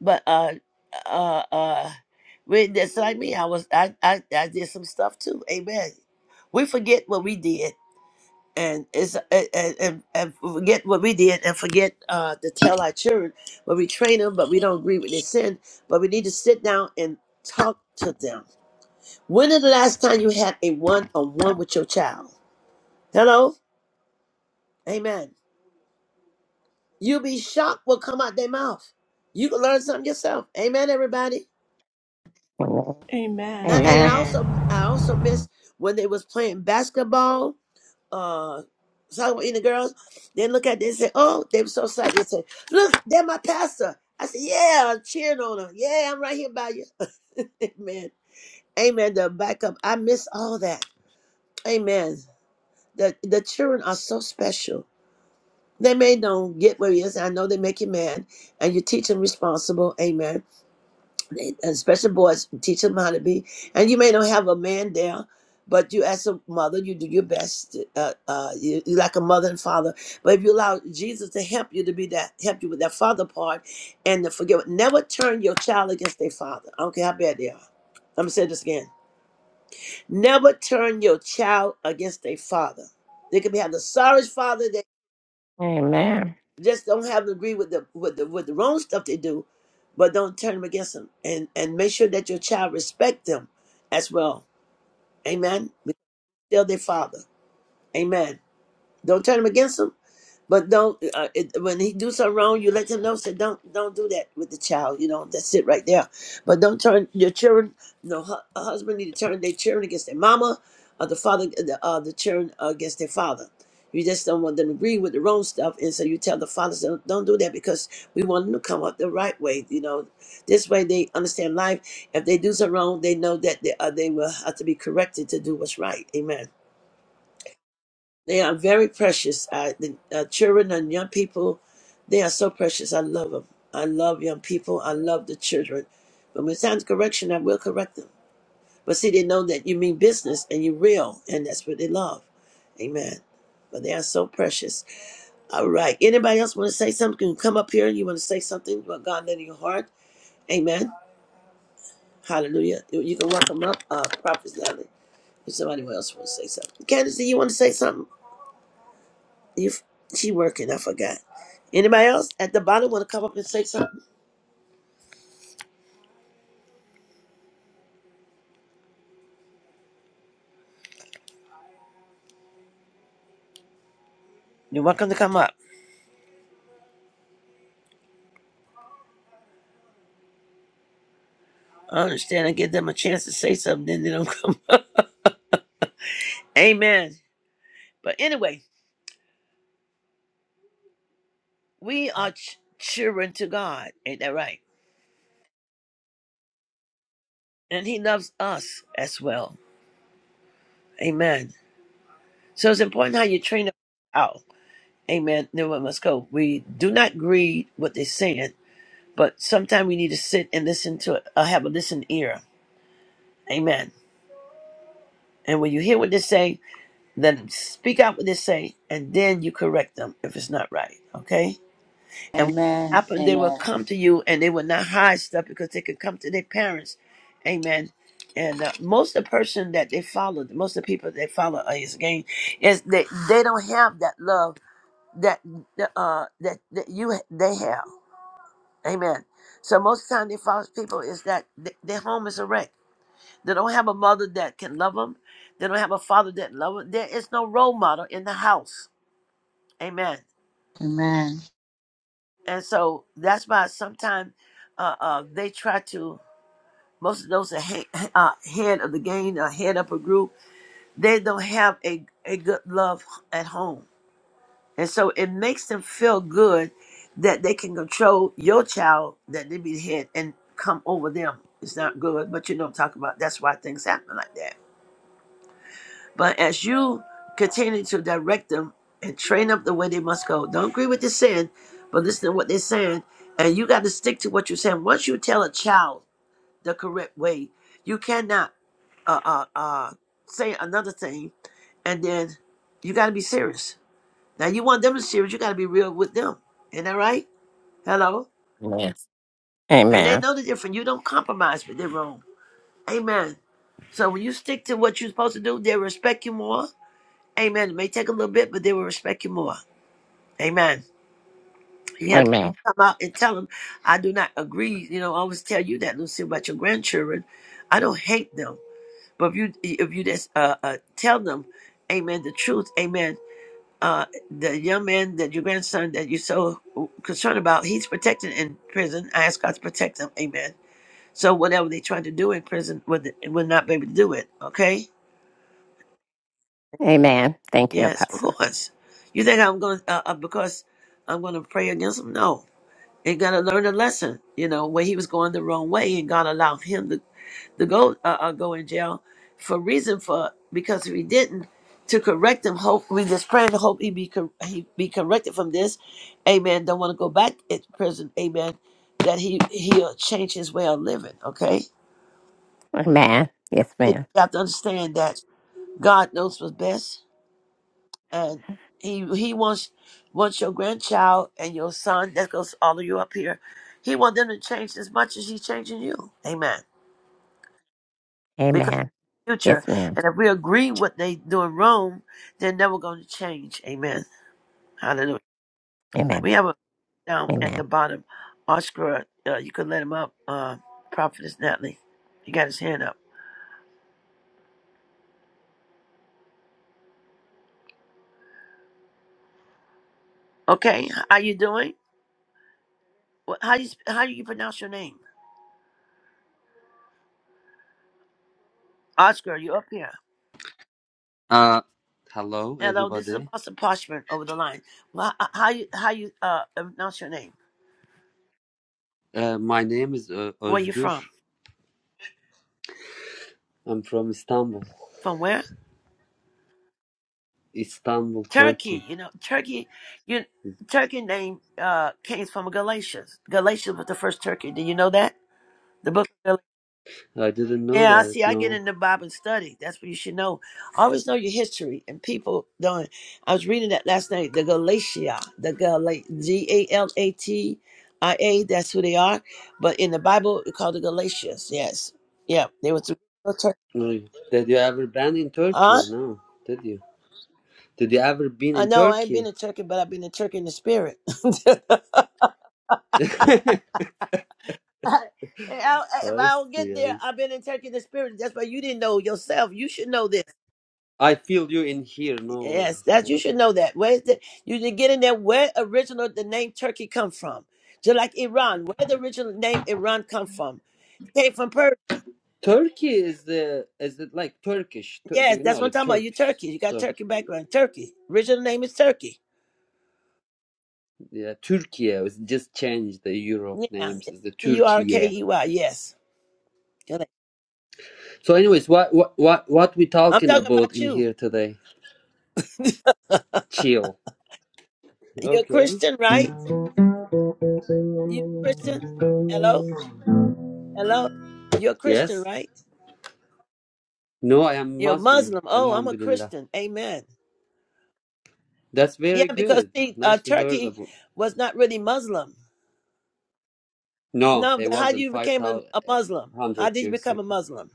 Speaker 4: But uh uh uh when just like me, I was I, I I did some stuff too. Amen. We forget what we did and it's and, and, and forget what we did and forget uh, to tell our children but we train them but we don't agree with their sin but we need to sit down and talk to them when is the last time you had a one-on-one with your child hello amen you'll be shocked what come out their mouth you can learn something yourself amen everybody and
Speaker 6: Amen.
Speaker 4: and i
Speaker 6: Amen.
Speaker 1: Amen.
Speaker 4: also
Speaker 5: Amen.
Speaker 4: i also miss when they was playing basketball uh talking about eating the girls, they look at this and say, Oh, they were so excited. They say, Look, they're my pastor. I said, Yeah, I'm cheering on her. Yeah, I'm right here by you. Amen. Amen. The backup. I miss all that. Amen. The the children are so special. They may don't get where he is. I know they make you mad. And you teach them responsible. Amen and special boys, teach them how to be. And you may not have a man there, but you as a mother, you do your best. Uh, uh, you, you like a mother and father. But if you allow Jesus to help you to be that, help you with that father part, and to forgive, never turn your child against their father. I don't care how bad they are. I'm gonna say this again. Never turn your child against their father. They could be have the sorriest father.
Speaker 6: Amen.
Speaker 4: Just don't have to agree with the with the with the wrong stuff they do, but don't turn them against them. And and make sure that your child respect them as well. Amen. Because they're their father. Amen. Don't turn them against them. But don't uh, it, when he do something wrong, you let them know. Say don't don't do that with the child. You know that's it right there. But don't turn your children. No hu- a husband need to turn their children against their mama, or the father uh, the uh, the children uh, against their father. You just don't want them to agree with the wrong stuff, and so you tell the fathers don't, don't do that because we want them to come up the right way. You know, this way they understand life. If they do something wrong, they know that they uh, they will have to be corrected to do what's right. Amen. They are very precious. I, the uh, children and young people, they are so precious. I love them. I love young people. I love the children. But When it to correction, I will correct them. But see, they know that you mean business and you're real, and that's what they love. Amen. But they are so precious. All right. Anybody else want to say something? Can come up here. You want to say something? What God laid in your heart? Amen. Hallelujah. You you can welcome up, uh, Prophet Natalie. If somebody else wants to say something, Candace, you want to say something? If she working, I forgot. Anybody else at the bottom want to come up and say something? You're welcome to come up. I understand. I give them a chance to say something, then they don't come. Up. Amen. But anyway, we are ch- children to God. Ain't that right? And He loves us as well. Amen. So it's important how you train up. out. Amen. Then we must go. We do not greed what they're saying, but sometimes we need to sit and listen to it, or have a listening ear. Amen. And when you hear what they say, Let them speak out what they say, and then you correct them if it's not right. Okay? And what
Speaker 3: Amen.
Speaker 4: happened, they will
Speaker 3: Amen.
Speaker 4: come to you and they will not hide stuff because they can come to their parents. Amen. And uh, most of the person that they follow, most of the people they follow uh, is game, is they they don't have that love that uh that, that you they have. Amen. So most of the time they follow people is that th- their home is a wreck. They don't have a mother that can love them. They don't have a father that love them. There is no role model in the house. Amen.
Speaker 3: Amen.
Speaker 4: And so that's why sometimes uh, uh, they try to, most of those are he- uh, head of the gang, uh, head up a group, they don't have a, a good love at home. And so it makes them feel good that they can control your child, that they be the head and come over them. It's not good, but you know what I'm talking about. That's why things happen like that. But as you continue to direct them and train up the way they must go, don't agree with the sin, but listen to what they're saying. And you got to stick to what you're saying. Once you tell a child the correct way, you cannot uh, uh, uh, say another thing. And then you got to be serious. Now, you want them to be serious, you got to be real with them. Isn't that right? Hello? And they
Speaker 6: Amen.
Speaker 4: know the difference. You don't compromise with their wrong. Amen. So when you stick to what you're supposed to do, they'll respect you more. Amen. It may take a little bit, but they will respect you more. Amen. He had
Speaker 6: Amen.
Speaker 4: to come out and tell them, I do not agree. You know, I always tell you that, Lucy, about your grandchildren. I don't hate them. But if you if you just uh, uh, tell them, amen, the truth, amen, uh, the young man that your grandson that you're so concerned about, he's protected in prison. I ask God to protect him, amen. So whatever they try to do in prison, would would not be able to do it, okay?
Speaker 6: Amen. Thank you,
Speaker 4: Yes, of
Speaker 6: Apostle.
Speaker 4: course. You think I'm going to, uh, uh, because I'm going to pray against them? No. and got to learn a lesson, you know, where he was going the wrong way, and God allowed him to, to go uh, uh, go in jail for reason for because if he didn't to correct him, hope we just praying to hope he be cor- he be corrected from this, amen. Don't want to go back into prison, amen. That he he'll change his way of living. Okay,
Speaker 6: Amen. Yes,
Speaker 4: you
Speaker 6: ma'am.
Speaker 4: have to understand that God knows what's best. and he he wants wants your grandchild and your son that goes all of you up here. He wants them to change as much as he's changing you. Amen. Because
Speaker 6: Amen.
Speaker 4: future,
Speaker 6: Yes, ma'am.
Speaker 4: and if we agree what they do in Rome, they're never going to change. Amen. Hallelujah.
Speaker 6: Amen.
Speaker 4: We have a down at the
Speaker 6: Amen.
Speaker 4: bottom, Oscar. Uh, you could let him up. Uh, Prophetess Natalie, he got his hand up. Okay, how you doing? What, how you sp- how do you pronounce your name? Oscar, you up here?
Speaker 8: Uh, hello,
Speaker 4: Hello, this is
Speaker 8: everybody.
Speaker 4: Apostle Parchment over the line. Well, h- how you how you uh pronounce your name?
Speaker 8: Uh, my name is uh,
Speaker 4: Where you
Speaker 8: Özgür.
Speaker 4: from?
Speaker 8: I'm from Istanbul,
Speaker 4: From where?
Speaker 8: Istanbul,
Speaker 4: Turkey.
Speaker 8: Turkey.
Speaker 4: You know, Turkey. You Turkey name uh came from Galatians. Galatians was the first Turkey. Do you know that? The book. of
Speaker 8: I didn't know
Speaker 4: Yeah, I
Speaker 8: that.
Speaker 4: see. I get
Speaker 8: No.
Speaker 4: in the Bible and study. That's what you should know. Always know your history, and people don't. I was reading that last night. The Galatia, the Gala, G A L A T I A. That's who they are. But in the Bible, it's called the Galatians. Yes, yeah, they were through.
Speaker 8: No. Did you ever been in Turkey?
Speaker 4: Huh?
Speaker 8: No. Did you? Did you ever been
Speaker 4: I
Speaker 8: in
Speaker 4: know. I ain't been
Speaker 8: Turkey?
Speaker 4: to Turkey, but I've been to Turkey in the spirit.
Speaker 8: I
Speaker 4: I- I- if I don't get
Speaker 8: see.
Speaker 4: there,
Speaker 8: I see.
Speaker 4: I've been in Turkey in the spirit. That's why you didn't know yourself. You should know
Speaker 8: I feel you in here. No
Speaker 4: Yes,
Speaker 8: worries.
Speaker 4: that you
Speaker 8: Right.
Speaker 4: should know that. Where's the you should get in there where original the name Turkey come from? Just like Iran, where the original name Iran come from? Came from Persia.
Speaker 8: Turkey is the is it like Turkish? Tur- Do
Speaker 4: Yes,
Speaker 8: you
Speaker 4: that's
Speaker 8: know
Speaker 4: what I'm
Speaker 8: the
Speaker 4: talking about. You
Speaker 8: Turks?
Speaker 4: Turkey. You got
Speaker 8: So
Speaker 4: Turkey background. Turkey. Original name is Turkey.
Speaker 8: yeah, Turkey was just changed the Europe
Speaker 4: Yeah.
Speaker 8: names. Is the
Speaker 4: T U R K
Speaker 8: Turkey?
Speaker 4: E Y. Yes. you
Speaker 8: So, anyways, what what what what we
Speaker 4: I'm
Speaker 8: talking
Speaker 4: talking
Speaker 8: about
Speaker 4: about
Speaker 8: in
Speaker 4: you.
Speaker 8: here today? Chill.
Speaker 4: You're a
Speaker 8: Okay.
Speaker 4: Christian, right? You Christian? Hello? Hello? You're a Christian,
Speaker 8: Yes.
Speaker 4: right?
Speaker 8: No, I am
Speaker 4: You're a
Speaker 8: Muslim.
Speaker 4: Muslim. Oh, I'm a
Speaker 8: Alhamdulillah.
Speaker 4: Christian. Amen.
Speaker 8: That's
Speaker 4: Yeah,
Speaker 8: very
Speaker 4: because
Speaker 8: good.
Speaker 4: see, uh,
Speaker 8: Nice to hear
Speaker 4: Turkey
Speaker 8: about.
Speaker 4: was not really Muslim
Speaker 8: No,
Speaker 4: No,
Speaker 8: they
Speaker 4: then how
Speaker 8: wasn't
Speaker 4: you
Speaker 8: five
Speaker 4: became a,
Speaker 8: thousand
Speaker 4: a Muslim? How
Speaker 8: hundred
Speaker 4: did you
Speaker 8: years
Speaker 4: become a
Speaker 8: ago.
Speaker 4: Muslim?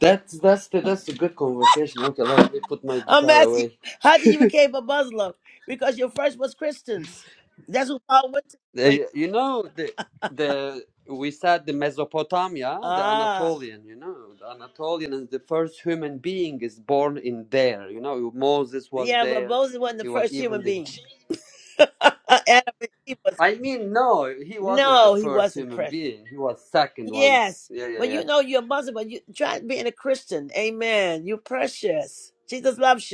Speaker 8: That's that's the, that's a good conversation. Okay, let me put my
Speaker 4: I'm
Speaker 8: guitar
Speaker 4: asking
Speaker 8: away.
Speaker 4: you, how did you become a Muslim? Because your first was Christians. That's what Paul went to. Like,
Speaker 8: They- you know the the we said the Mesopotamia, the
Speaker 4: ah,
Speaker 8: Anatolian. You know, the Anatolian is the first human being is born in there. You know, Moses was
Speaker 4: yeah, but
Speaker 8: there.
Speaker 4: Moses wasn't the
Speaker 8: He was
Speaker 4: first
Speaker 8: even
Speaker 4: human
Speaker 8: the.
Speaker 4: being.
Speaker 8: J-
Speaker 4: Adam and Eve was.
Speaker 8: I mean, no, he wasn't the
Speaker 4: No, he
Speaker 8: first
Speaker 4: wasn't
Speaker 8: human
Speaker 4: first.
Speaker 8: being. He was second one.
Speaker 4: Yes,
Speaker 8: Yeah, yeah,
Speaker 4: but
Speaker 8: yeah.
Speaker 4: you know you're a Muslim, but you try being a Christian. Amen. You're precious. Jesus loves you.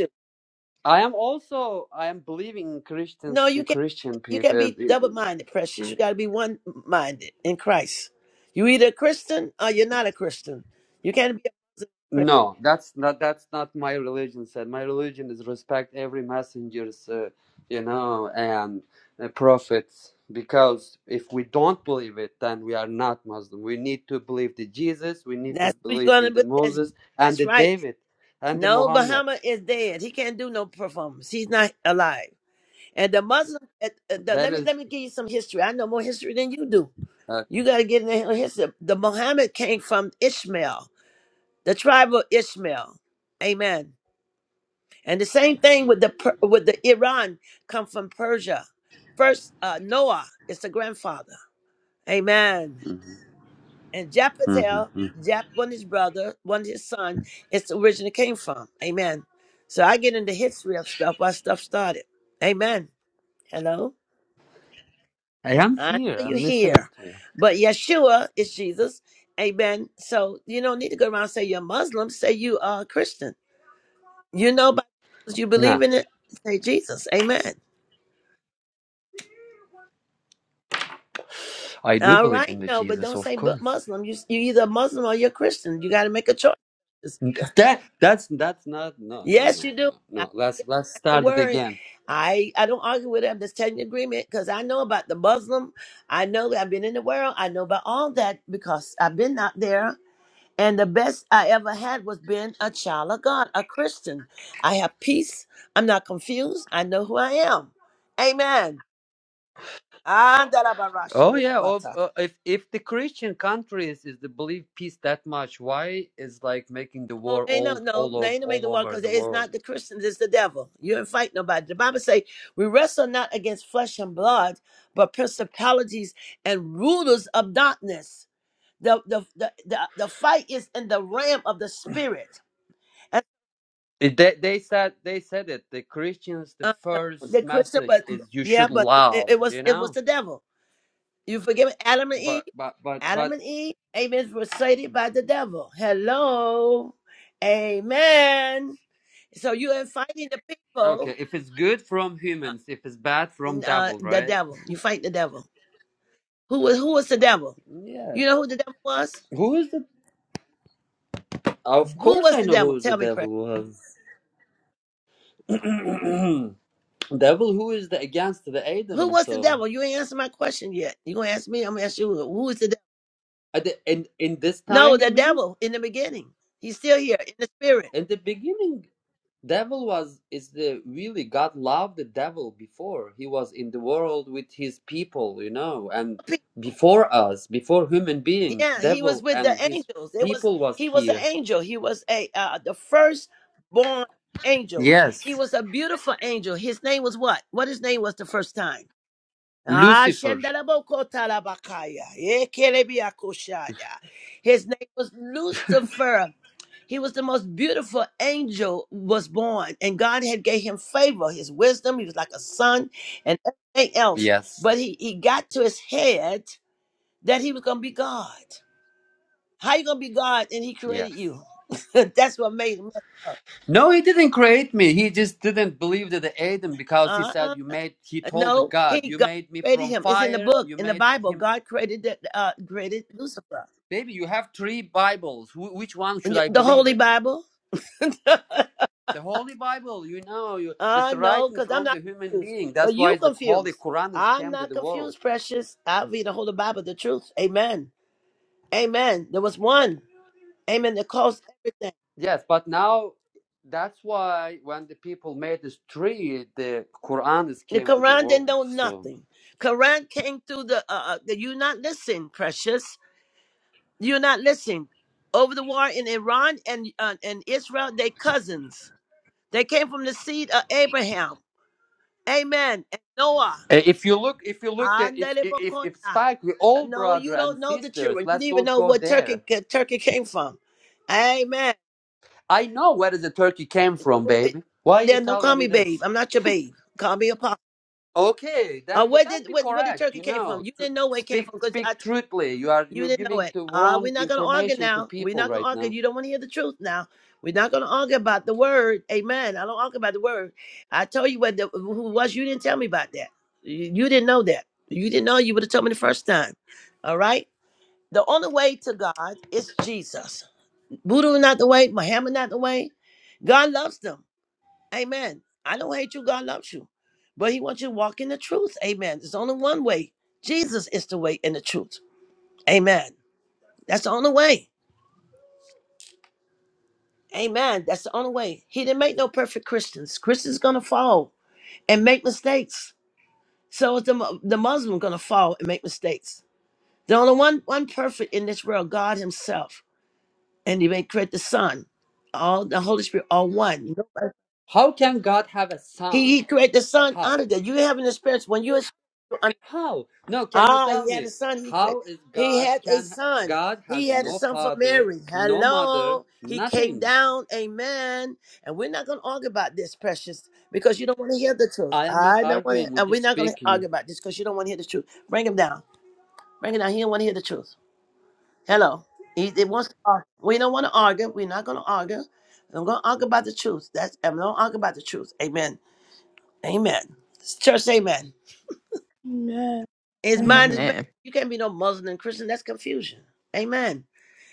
Speaker 8: I am also I am believing in
Speaker 4: No,
Speaker 8: Christians
Speaker 4: you
Speaker 8: to
Speaker 4: can't.
Speaker 8: Christian
Speaker 4: You can't
Speaker 8: people.
Speaker 4: be double-minded, precious. You got to be one-minded in Christ. You either a Christian or you're not a Christian. You can't be a Christian.
Speaker 8: No, that's not that's not my religion said. My religion is respect every messenger's, uh, you know, and uh, prophets. Because if we don't believe it, then we are not Muslim. We need to believe the Jesus. We need to
Speaker 4: That's who you're
Speaker 8: believe
Speaker 4: gonna
Speaker 8: in the
Speaker 4: be. That's,
Speaker 8: Moses and
Speaker 4: that's
Speaker 8: the
Speaker 4: right.
Speaker 8: David and the
Speaker 4: No,
Speaker 8: Muhammad.
Speaker 4: Bahama is dead. He can't do no performance. He's not alive. And the Muslim. uh, uh, the,
Speaker 8: That
Speaker 4: let me let
Speaker 8: is.
Speaker 4: me give you some history. I know more history than you do. You
Speaker 8: Okay.
Speaker 4: got to get in the history. The Muhammad came from Ishmael, the tribe of Ishmael. Amen. And the same thing with the Per- with the Iran come from Persia. First, uh, Noah is the grandfather. Amen.
Speaker 8: Mhm,
Speaker 4: And Japheth,
Speaker 8: mhm.
Speaker 4: Jap, one of his brother, one of his son, it's the origin it came from. Amen. So I get into history of stuff why stuff started. Amen. Hello.
Speaker 8: I am
Speaker 4: I
Speaker 8: here.
Speaker 4: know you
Speaker 8: I'm listening
Speaker 4: here,
Speaker 8: to you.
Speaker 4: but Yeshua is Jesus. Amen. So you don't need to go around and say you're Muslim. Say you are a Christian. You know, by you
Speaker 8: Nah,
Speaker 4: believe in it. Say Jesus. Amen.
Speaker 8: I do
Speaker 4: All
Speaker 8: believe in
Speaker 4: right,
Speaker 8: the
Speaker 4: no, but
Speaker 8: Jesus,
Speaker 4: don't
Speaker 8: of
Speaker 4: say but
Speaker 8: course.
Speaker 4: Muslim. You you either a Muslim or you're Christian. You got to make a choice.
Speaker 8: That that's that's not no no
Speaker 4: Yes,
Speaker 8: no
Speaker 4: you do.
Speaker 8: no
Speaker 4: I-
Speaker 8: no. Let's let's
Speaker 4: That's the
Speaker 8: start it
Speaker 4: word.
Speaker 8: again.
Speaker 4: I I don't argue with it. I'm just telling you agreement because I know about the Muslim. I know that I've been in the world. I know about all that because I've been out there. And the best I ever had was being a child of God, a Christian. I have peace. I'm not confused. I know who I am. Amen. Ah, da da ba ra
Speaker 8: Oh
Speaker 4: shi ya
Speaker 8: yeah,
Speaker 4: ba
Speaker 8: of
Speaker 4: ta.
Speaker 8: uh, if if the Christian countries is the believe peace that much, why is like making the
Speaker 4: Oh,
Speaker 8: war
Speaker 4: ain't no,
Speaker 8: all
Speaker 4: no,
Speaker 8: all
Speaker 4: they
Speaker 8: over
Speaker 4: ain't no make the
Speaker 8: all
Speaker 4: war
Speaker 8: over
Speaker 4: because
Speaker 8: the
Speaker 4: it's
Speaker 8: world?
Speaker 4: not the Christians, it's the devil. You ain't fight nobody. The Bible say we wrestle not against flesh and blood, but principalities and rulers of darkness. The the the the, the fight is in the realm of the spirit. And,
Speaker 8: It- They they said they said it. The Christians, the
Speaker 4: uh,
Speaker 8: first
Speaker 4: the Christian,
Speaker 8: message
Speaker 4: but
Speaker 8: is you
Speaker 4: yeah,
Speaker 8: should
Speaker 4: but it,
Speaker 8: love,
Speaker 4: it was
Speaker 8: you
Speaker 4: it was
Speaker 8: know.
Speaker 4: the devil. You forgive me? Adam and Eve.
Speaker 8: But but but
Speaker 4: Adam
Speaker 8: but
Speaker 4: and Eve, amen, were sated by the devil. Hello, amen. So you ain't fighting the people.
Speaker 8: okay, if it's good from humans, if it's bad from
Speaker 4: uh,
Speaker 8: devil,
Speaker 4: the
Speaker 8: right?
Speaker 4: devil. You fight the devil. Who was who was the devil?
Speaker 8: Yeah.
Speaker 4: You know who the devil was?
Speaker 8: Who is the? Of
Speaker 4: Who
Speaker 8: course,
Speaker 4: was
Speaker 8: I
Speaker 4: the
Speaker 8: know
Speaker 4: devil?
Speaker 8: who is the
Speaker 4: Tell me,
Speaker 8: devil
Speaker 4: precious.
Speaker 8: was. devil who is the against the
Speaker 4: Who
Speaker 8: Adam,
Speaker 4: was the
Speaker 8: so.
Speaker 4: devil? You ain't answered my question yet. You gonna ask me? I'm gonna ask you. Who is the devil?
Speaker 8: At the, in in this
Speaker 4: No,
Speaker 8: time, you
Speaker 4: the
Speaker 8: mean?
Speaker 4: devil in the beginning. He's still here in the spirit.
Speaker 8: In the beginning, devil was is the really God loved the devil before he was in the world with his people, you know, and before us, before human being,
Speaker 4: Yeah, he was
Speaker 8: devil
Speaker 4: with the
Speaker 8: and his
Speaker 4: angels. It was
Speaker 8: people was
Speaker 4: he was an
Speaker 8: here.
Speaker 4: angel. He was a uh, the first born angel. He
Speaker 8: Yes,
Speaker 4: was a beautiful angel. His name was what? What his name was the first time? Ah,
Speaker 8: Lucifer.
Speaker 4: Shandaraboko Talabakaya. Ekelebiakoshaya. His name was Lucifer. He was the most beautiful angel was born, and God had gave him favor, his wisdom. He was like a son and everything else.
Speaker 8: Yes,
Speaker 4: But he, he got to his head that he was gonna be God. How you gonna be God and he created
Speaker 8: yes.
Speaker 4: you? That's what made him.
Speaker 8: No, he didn't create me. He just didn't believe that the Adam because he
Speaker 4: Uh-uh.
Speaker 8: said you made. He told
Speaker 4: No,
Speaker 8: God,
Speaker 4: he
Speaker 8: you
Speaker 4: God
Speaker 8: made me
Speaker 4: created
Speaker 8: from
Speaker 4: him. It's in the
Speaker 8: fire.
Speaker 4: book,
Speaker 8: You
Speaker 4: in the
Speaker 8: made
Speaker 4: Bible.
Speaker 8: him
Speaker 4: God created the, uh created Lucifer.
Speaker 8: Baby, you have three Bibles. Wh- which one
Speaker 4: When
Speaker 8: should
Speaker 4: you-
Speaker 8: I
Speaker 4: The
Speaker 8: believe
Speaker 4: Holy
Speaker 8: it?
Speaker 4: Bible.
Speaker 8: The Holy Bible, you know, you, that's
Speaker 4: uh no,
Speaker 8: writing
Speaker 4: because I'm
Speaker 8: from
Speaker 4: not
Speaker 8: the human
Speaker 4: confused.
Speaker 8: being.
Speaker 4: But
Speaker 8: That's
Speaker 4: you
Speaker 8: why the Holy
Speaker 4: confused.
Speaker 8: Quran has
Speaker 4: I'm
Speaker 8: came to
Speaker 4: not
Speaker 8: the world.
Speaker 4: confused, precious. I read the whole Bible, the truth. Amen. Amen. There was one. Amen. That caused everything.
Speaker 8: Yes, but now that's why when the people made this tree, the Quran is
Speaker 4: The
Speaker 8: came to the
Speaker 4: Quran didn't
Speaker 8: world.
Speaker 4: know
Speaker 8: So
Speaker 4: nothing. Quran came through the uh uh, the you not listen, precious. You're not listening. Over the war in Iran and uh, and Israel, they cousins. They came from the seed of Abraham. Amen. And Noah.
Speaker 8: Uh, if you look, if you look, at, if if if if Spike, we all
Speaker 4: No,
Speaker 8: brother
Speaker 4: you
Speaker 8: and
Speaker 4: don't know the
Speaker 8: sisters.
Speaker 4: children. You
Speaker 8: Let's
Speaker 4: didn't even
Speaker 8: don't
Speaker 4: know
Speaker 8: go
Speaker 4: what
Speaker 8: there.
Speaker 4: Turkey Turkey came from. Amen.
Speaker 8: I know where the turkey came from, baby. Why are you
Speaker 4: Then don't
Speaker 8: telling
Speaker 4: call
Speaker 8: me
Speaker 4: me
Speaker 8: this?
Speaker 4: babe. I'm not your babe. Call me apostle.
Speaker 8: Okay,
Speaker 4: Uh,
Speaker 8: then th-
Speaker 4: where
Speaker 8: that'd
Speaker 4: did
Speaker 8: be
Speaker 4: where, where did
Speaker 8: correct.
Speaker 4: Turkey
Speaker 8: You
Speaker 4: came from?
Speaker 8: know,
Speaker 4: You
Speaker 8: tr-
Speaker 4: didn't know where it came
Speaker 8: speak
Speaker 4: from because I
Speaker 8: speak
Speaker 4: t-
Speaker 8: truthfully. You are
Speaker 4: you
Speaker 8: you're
Speaker 4: didn't know
Speaker 8: giving
Speaker 4: it.
Speaker 8: the
Speaker 4: Ah, we're
Speaker 8: wrong
Speaker 4: not gonna argue
Speaker 8: information to
Speaker 4: now. We're
Speaker 8: people
Speaker 4: not gonna
Speaker 8: right
Speaker 4: argue.
Speaker 8: now.
Speaker 4: You don't want to hear the truth now. We're not gonna argue about the word. Amen. I don't argue about the word. I told you what the, who it was. You didn't tell me about that. You, you didn't know that. You didn't know. You would have told me the first time. All right. The only way to God is Jesus. Buddha not the way, Muhammad not the way. God loves them. Amen. I don't hate you, God loves you. But He wants you to walk in the truth. Amen. There's only one way. Jesus is the way and the truth. Amen. That's the only way. Amen. That's the only way. He didn't make no perfect Christians. Christians gonna fall and make mistakes. So is the Mu- the Muslim gonna fall and make mistakes. The only one one perfect in this world, God Himself, and He may create the Son, all the Holy Spirit, all one.
Speaker 8: How can God have a
Speaker 4: He,
Speaker 8: son?
Speaker 4: he created the son
Speaker 8: How?
Speaker 4: under that. You have an experience when you ex-
Speaker 8: How? No, can you
Speaker 4: ah,
Speaker 8: tell
Speaker 4: he had a
Speaker 8: me
Speaker 4: son. He created.
Speaker 8: how is
Speaker 4: He
Speaker 8: God
Speaker 4: had a
Speaker 8: can
Speaker 4: son.
Speaker 8: God has
Speaker 4: He had a
Speaker 8: no
Speaker 4: son from
Speaker 8: father,
Speaker 4: Mary.
Speaker 8: no mother,
Speaker 4: Hello. He came
Speaker 8: nothing.
Speaker 4: down. Amen. And we're not going to argue about this, precious, because you don't want to hear the truth.
Speaker 8: I am not
Speaker 4: I don't want
Speaker 8: arguing.
Speaker 4: to,
Speaker 8: We're
Speaker 4: and we're
Speaker 8: just
Speaker 4: not going to
Speaker 8: speaking.
Speaker 4: argue about this because you don't want to hear the truth. Bring him down. Bring him down. He don't want to hear the truth. Hello. He, he wants to argue. We don't want to argue. We're not going to argue. I'm going to argue about the truth. That's I'm going to argue about the truth. Amen. Amen. Church, amen.
Speaker 1: Amen.
Speaker 4: His
Speaker 1: Amen.
Speaker 4: mind is made.
Speaker 6: Amen.
Speaker 4: You can't be no Muslim and Christian. That's confusion. Amen.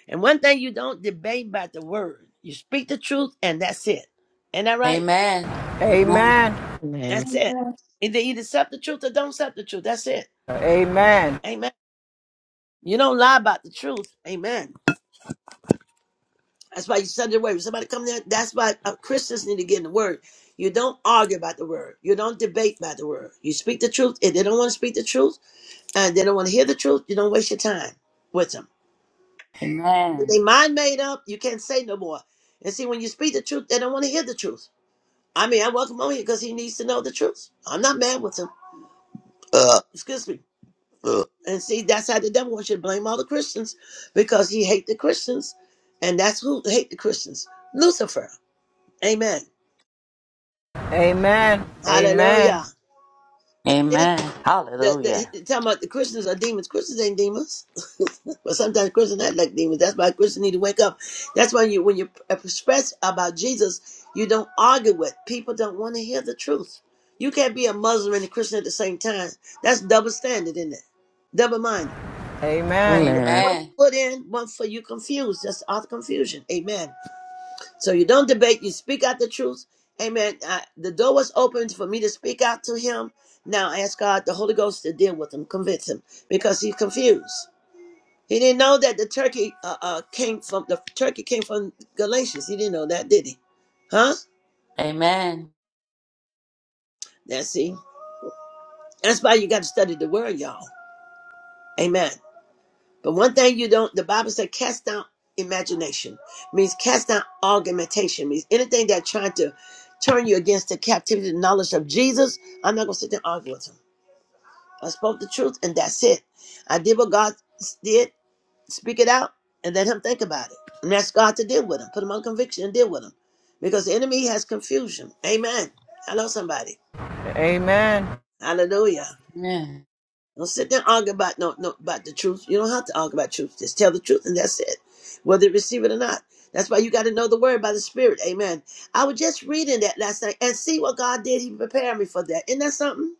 Speaker 4: And one thing you don't debate about the word. You speak the truth and that's it. Ain't that right?
Speaker 3: Amen.
Speaker 9: Amen.
Speaker 3: Amen.
Speaker 6: Amen.
Speaker 4: That's it. Either either accept the truth or don't accept the truth. That's it.
Speaker 9: Amen.
Speaker 4: Amen. You don't lie about the truth. Amen. That's why you study the word. When somebody come there, that's why uh, Christians need to get in the word. You don't argue about the word. You don't debate about the word. You speak the truth. If they don't want to speak the truth and they don't want to hear the truth, you don't waste your time with them.
Speaker 3: Amen.
Speaker 4: They mind made up. You can't say no more. And see, when you speak the truth, they don't want to hear the truth. I mean, I welcome him here because he needs to know the truth. I'm not mad with him. Uh, excuse me. Uh. And see, that's how the devil wants you to blame all the Christians because he hate the Christians, and that's who hate the Christians. Lucifer. Amen.
Speaker 9: Amen. Amen. Amen.
Speaker 4: Hallelujah. And then
Speaker 3: Amen.
Speaker 4: the, the,
Speaker 3: Hallelujah.
Speaker 4: he- talking about the Christians are demons. Christians ain't demons, but sometimes Christians act like demons. That's why Christians need to wake up. That's why you, when you express about Jesus, you don't argue with people. Don't want to hear the truth. You can't be a Muslim and a Christian at the same time. That's double standard, isn't it? Double minded.
Speaker 9: Amen.
Speaker 6: Amen.
Speaker 4: One
Speaker 3: Amen.
Speaker 4: foot in, one foot you confused. That's all the confusion. Amen. So you don't debate, you speak out the truth. Amen. I, the door was opened for me to speak out to him. Now I ask God, the Holy Ghost, to deal with him, convince him, because he's confused. He didn't know that the turkey uh, uh, came from the turkey came from Galatians. He didn't know that, did he? Huh?
Speaker 3: Amen.
Speaker 4: That's see. That's why you got to study the word, y'all. Amen. But one thing you don't, the Bible said, cast down imagination, means cast down argumentation, means anything that trying to turn you against the captivity and knowledge of Jesus. I'm not going to sit there and argue with him. I spoke the truth, and that's it. I did what God did, speak it out, and let him think about it. And ask God to deal with him, put him on conviction and deal with him. Because the enemy has confusion. Amen. Hello, somebody.
Speaker 9: Amen.
Speaker 4: Hallelujah.
Speaker 3: Amen.
Speaker 4: Don't sit there and argue about no, no about the truth. You don't have to argue about truth. Just tell the truth and that's it. Whether you receive it or not. That's why you got to know the word by the Spirit. Amen. I was just reading that last night and see what God did. He prepared me for that. Isn't that something?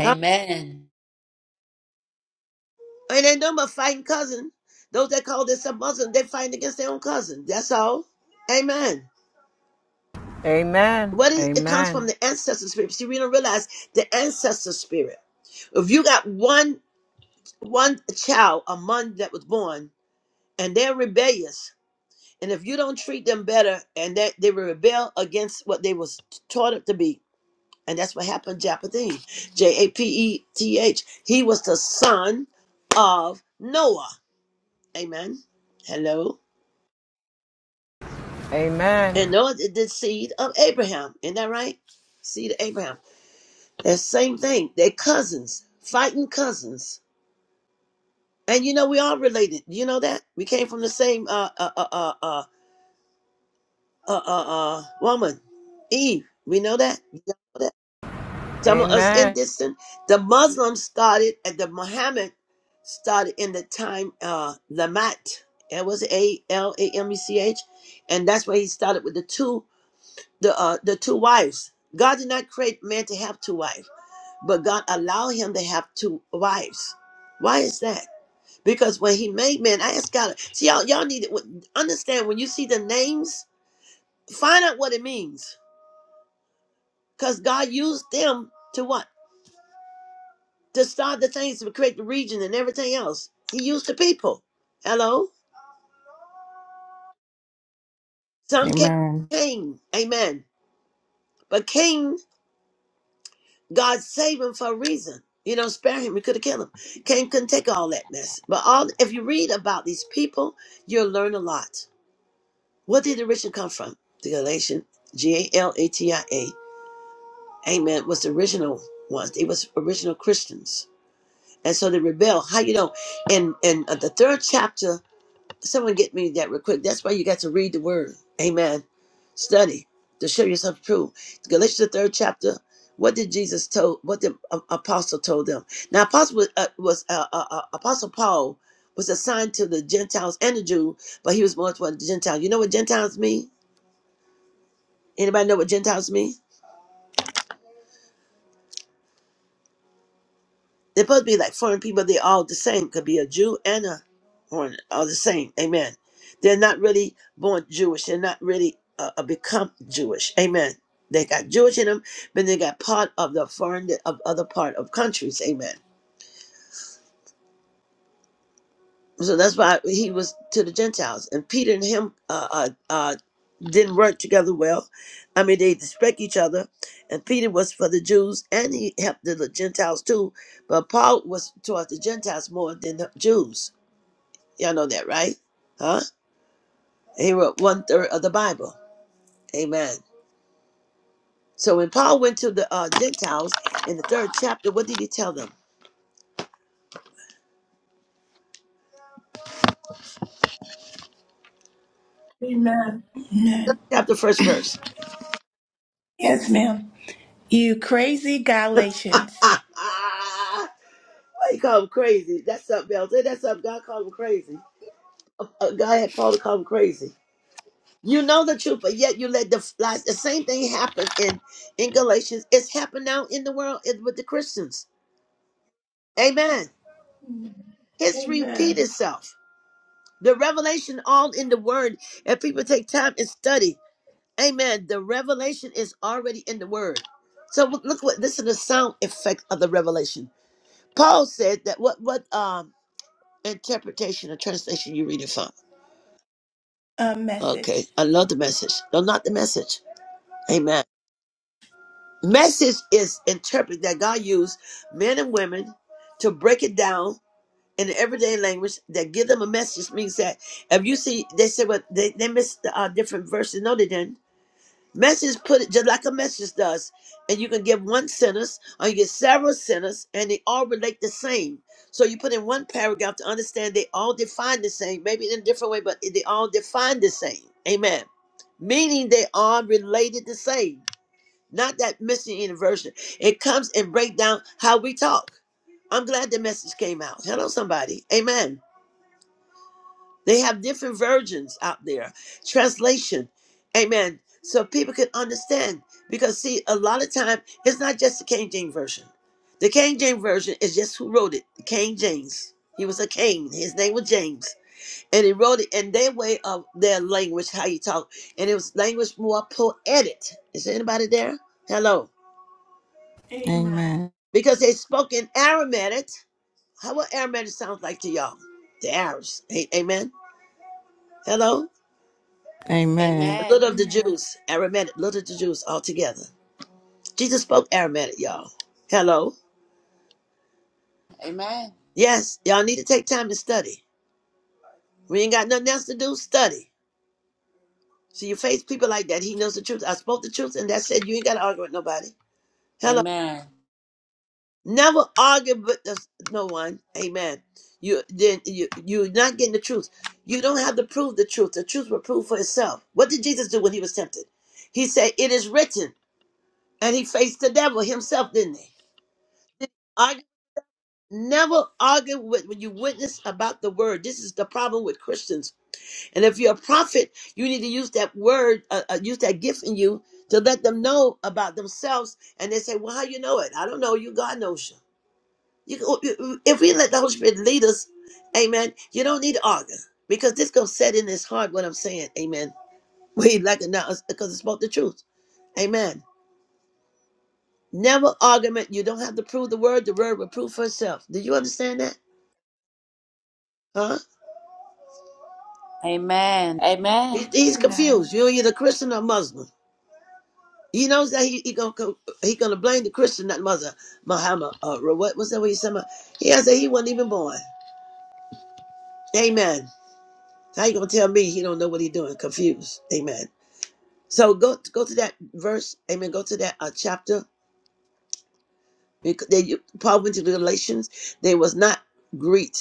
Speaker 4: Huh?
Speaker 3: Amen.
Speaker 4: Ain't ain't no but fighting cousin. Those that call themselves Muslim, they fighting against their own cousin. That's all. Amen.
Speaker 9: Amen.
Speaker 4: What is, it comes
Speaker 9: Amen.
Speaker 4: from the ancestor spirit. See, we don't realize the ancestor spirit. If you got one one child among that was born and they're rebellious, And if you don't treat them better, and that they will rebel against what they was taught it to be, and that's what happened. to Japetheth, J A P E T H. He was the son of Noah. Amen. Hello.
Speaker 9: Amen.
Speaker 4: And Noah is the seed of Abraham. Isn't that right? Seed of Abraham. That same thing. They're cousins, fighting cousins. And you know we all related. You know that we came from the same uh uh uh uh uh uh, uh, uh woman, Eve. We know that.
Speaker 9: Amen.
Speaker 4: Some of us in
Speaker 9: Amen.
Speaker 4: this, the Muslims started, and the Muhammad started in the time uh Lamat. It was A L A M E C H, and that's where he started with the two the uh the two wives. God did not create man to have two wives, but God allowed him to have two wives. Why is that? Because when he made man, I asked God. See y'all, y'all need to understand when you see the names, find out what it means. Cause God used them to what? to start the things to create the region and everything else. He used the people. Hello? Some came
Speaker 2: amen
Speaker 4: from Cain. Amen. But Cain, God saved him for a reason. You know, spare him. We could have killed him. Cain couldn't take all that mess. But all if you read about these people, you'll learn a lot. What did the original come from? The Galatian G A L A T I A. Amen. Was the original ones. It was original Christians. And so they rebel. How you know? In in uh, the third chapter Someone get me that real quick. That's why you got to read the word. Amen. Study to show yourself true. Galatians the third chapter. What did Jesus told? What the a- apostle told them? Now, apostle was, uh, was uh, uh, uh, apostle Paul was assigned to the Gentiles and the Jew, but he was more toward the Gentiles. You know what Gentiles mean? Anybody know what Gentiles mean? They're supposed to be like foreign people. They're all the same. Could be a Jew and a foreigner, all the same. Amen. They're not really born Jewish. They're not really uh, uh, become Jewish. Amen. They got Jewish in them, but they got part of the foreign of other part of countries. Amen. So that's why he was to the Gentiles, and Peter and him uh, uh, uh, didn't work together well. I mean, they respect each other, and Peter was for the Jews, and he helped the Gentiles too. But Paul was towards the Gentiles more than the Jews. Y'all know that, right? Huh? He wrote one third of the Bible. Amen. So when Paul went to the uh, Gentiles in the third chapter, what did he tell them?
Speaker 1: Amen. Amen.
Speaker 4: Chapter first verse.
Speaker 1: Yes, ma'am. You crazy Galatians.
Speaker 4: Why you call him crazy? That's something else. Ain't that something God called him crazy? Uh, God had Paul to call him crazy. You know the truth, but yet you let the lies. The same thing happen in in Galatians. It's happened now in the world in- with the Christians. Amen. History repeat
Speaker 1: Amen.
Speaker 4: itself. The revelation all in the word. If people take time and study, amen. The revelation is already in the word. So w- look what this is the sound effect of the revelation. Paul said that what what um interpretation or translation you reading from?
Speaker 1: A
Speaker 4: Okay,
Speaker 1: message.
Speaker 4: I love the message. No, not the message. Amen. Message is interpreted that God used men and women to break it down in the everyday language that give them a message means that if you see they said well they, they missed the uh, different verses no they didn't Message put it just like a message does. And you can give one sentence or you get several sentences and they all relate the same. So you put in one paragraph to understand they all define the same, maybe in a different way, but they all define the same. Amen. Meaning they are related the same. Not that missing in a version. It comes and break down how we talk. I'm glad the message came out. Hello, somebody. Amen. They have different versions out there, translation, amen, so people can understand. Because see, a lot of time it's not just the King James version. The King James version is just who wrote it, King James. He was a king. His name was James, and he wrote it in their way of their language, how you talk, and it was language more poetic. Is anybody there? Hello,
Speaker 1: Amen.
Speaker 2: Amen.
Speaker 4: because they spoke in Aramaic. How what Aramaic sounds like to y'all? The Arabs, A- amen. Hello.
Speaker 2: Amen.
Speaker 4: The
Speaker 3: Amen.
Speaker 4: little of the
Speaker 1: Amen.
Speaker 4: Jews, Aramaic, little of the Jews altogether. Jesus spoke Aramaic, y'all. Hello?
Speaker 3: Amen.
Speaker 4: Yes, y'all need to take time to study. We ain't got nothing else to do, study. So you face people like that. He knows the truth. I spoke the truth, and that's it. You ain't got to argue with nobody. Hello?
Speaker 3: Amen.
Speaker 4: Never argue with this- no one. Amen. You then you you're not getting the truth. You don't have to prove the truth. The truth will prove for itself. What did Jesus do when he was tempted? He said, "It is written," and he faced the devil himself, didn't he? Never argue with when you witness about the word. This is the problem with Christians. And if you're a prophet, you need to use that word, uh, uh, use that gift in you to let them know about themselves. And they say, "Well, how you know it? I don't know. You God knows you." You, if we let the Holy Spirit lead us, Amen. You don't need to argue because this gonna set in his heart what I'm saying, Amen. We like it now because it spoke the truth, Amen. Never argument. You don't have to prove the word. The word will prove for itself. Do you understand that? Huh?
Speaker 3: Amen.
Speaker 4: He, he's
Speaker 1: Amen.
Speaker 4: confused. You're either Christian or Muslim. He knows that he, he gonna he gonna blame the Christian, not Mother Muhammad. Uh, what what's that? What you saying? about? He has said he wasn't even born. Amen. How you gonna tell me he don't know what he doing? Confused. Amen. So go go to that verse. Amen. Go to that uh, chapter. Bec- They, you- Paul went to the Galatians. They was not Greek.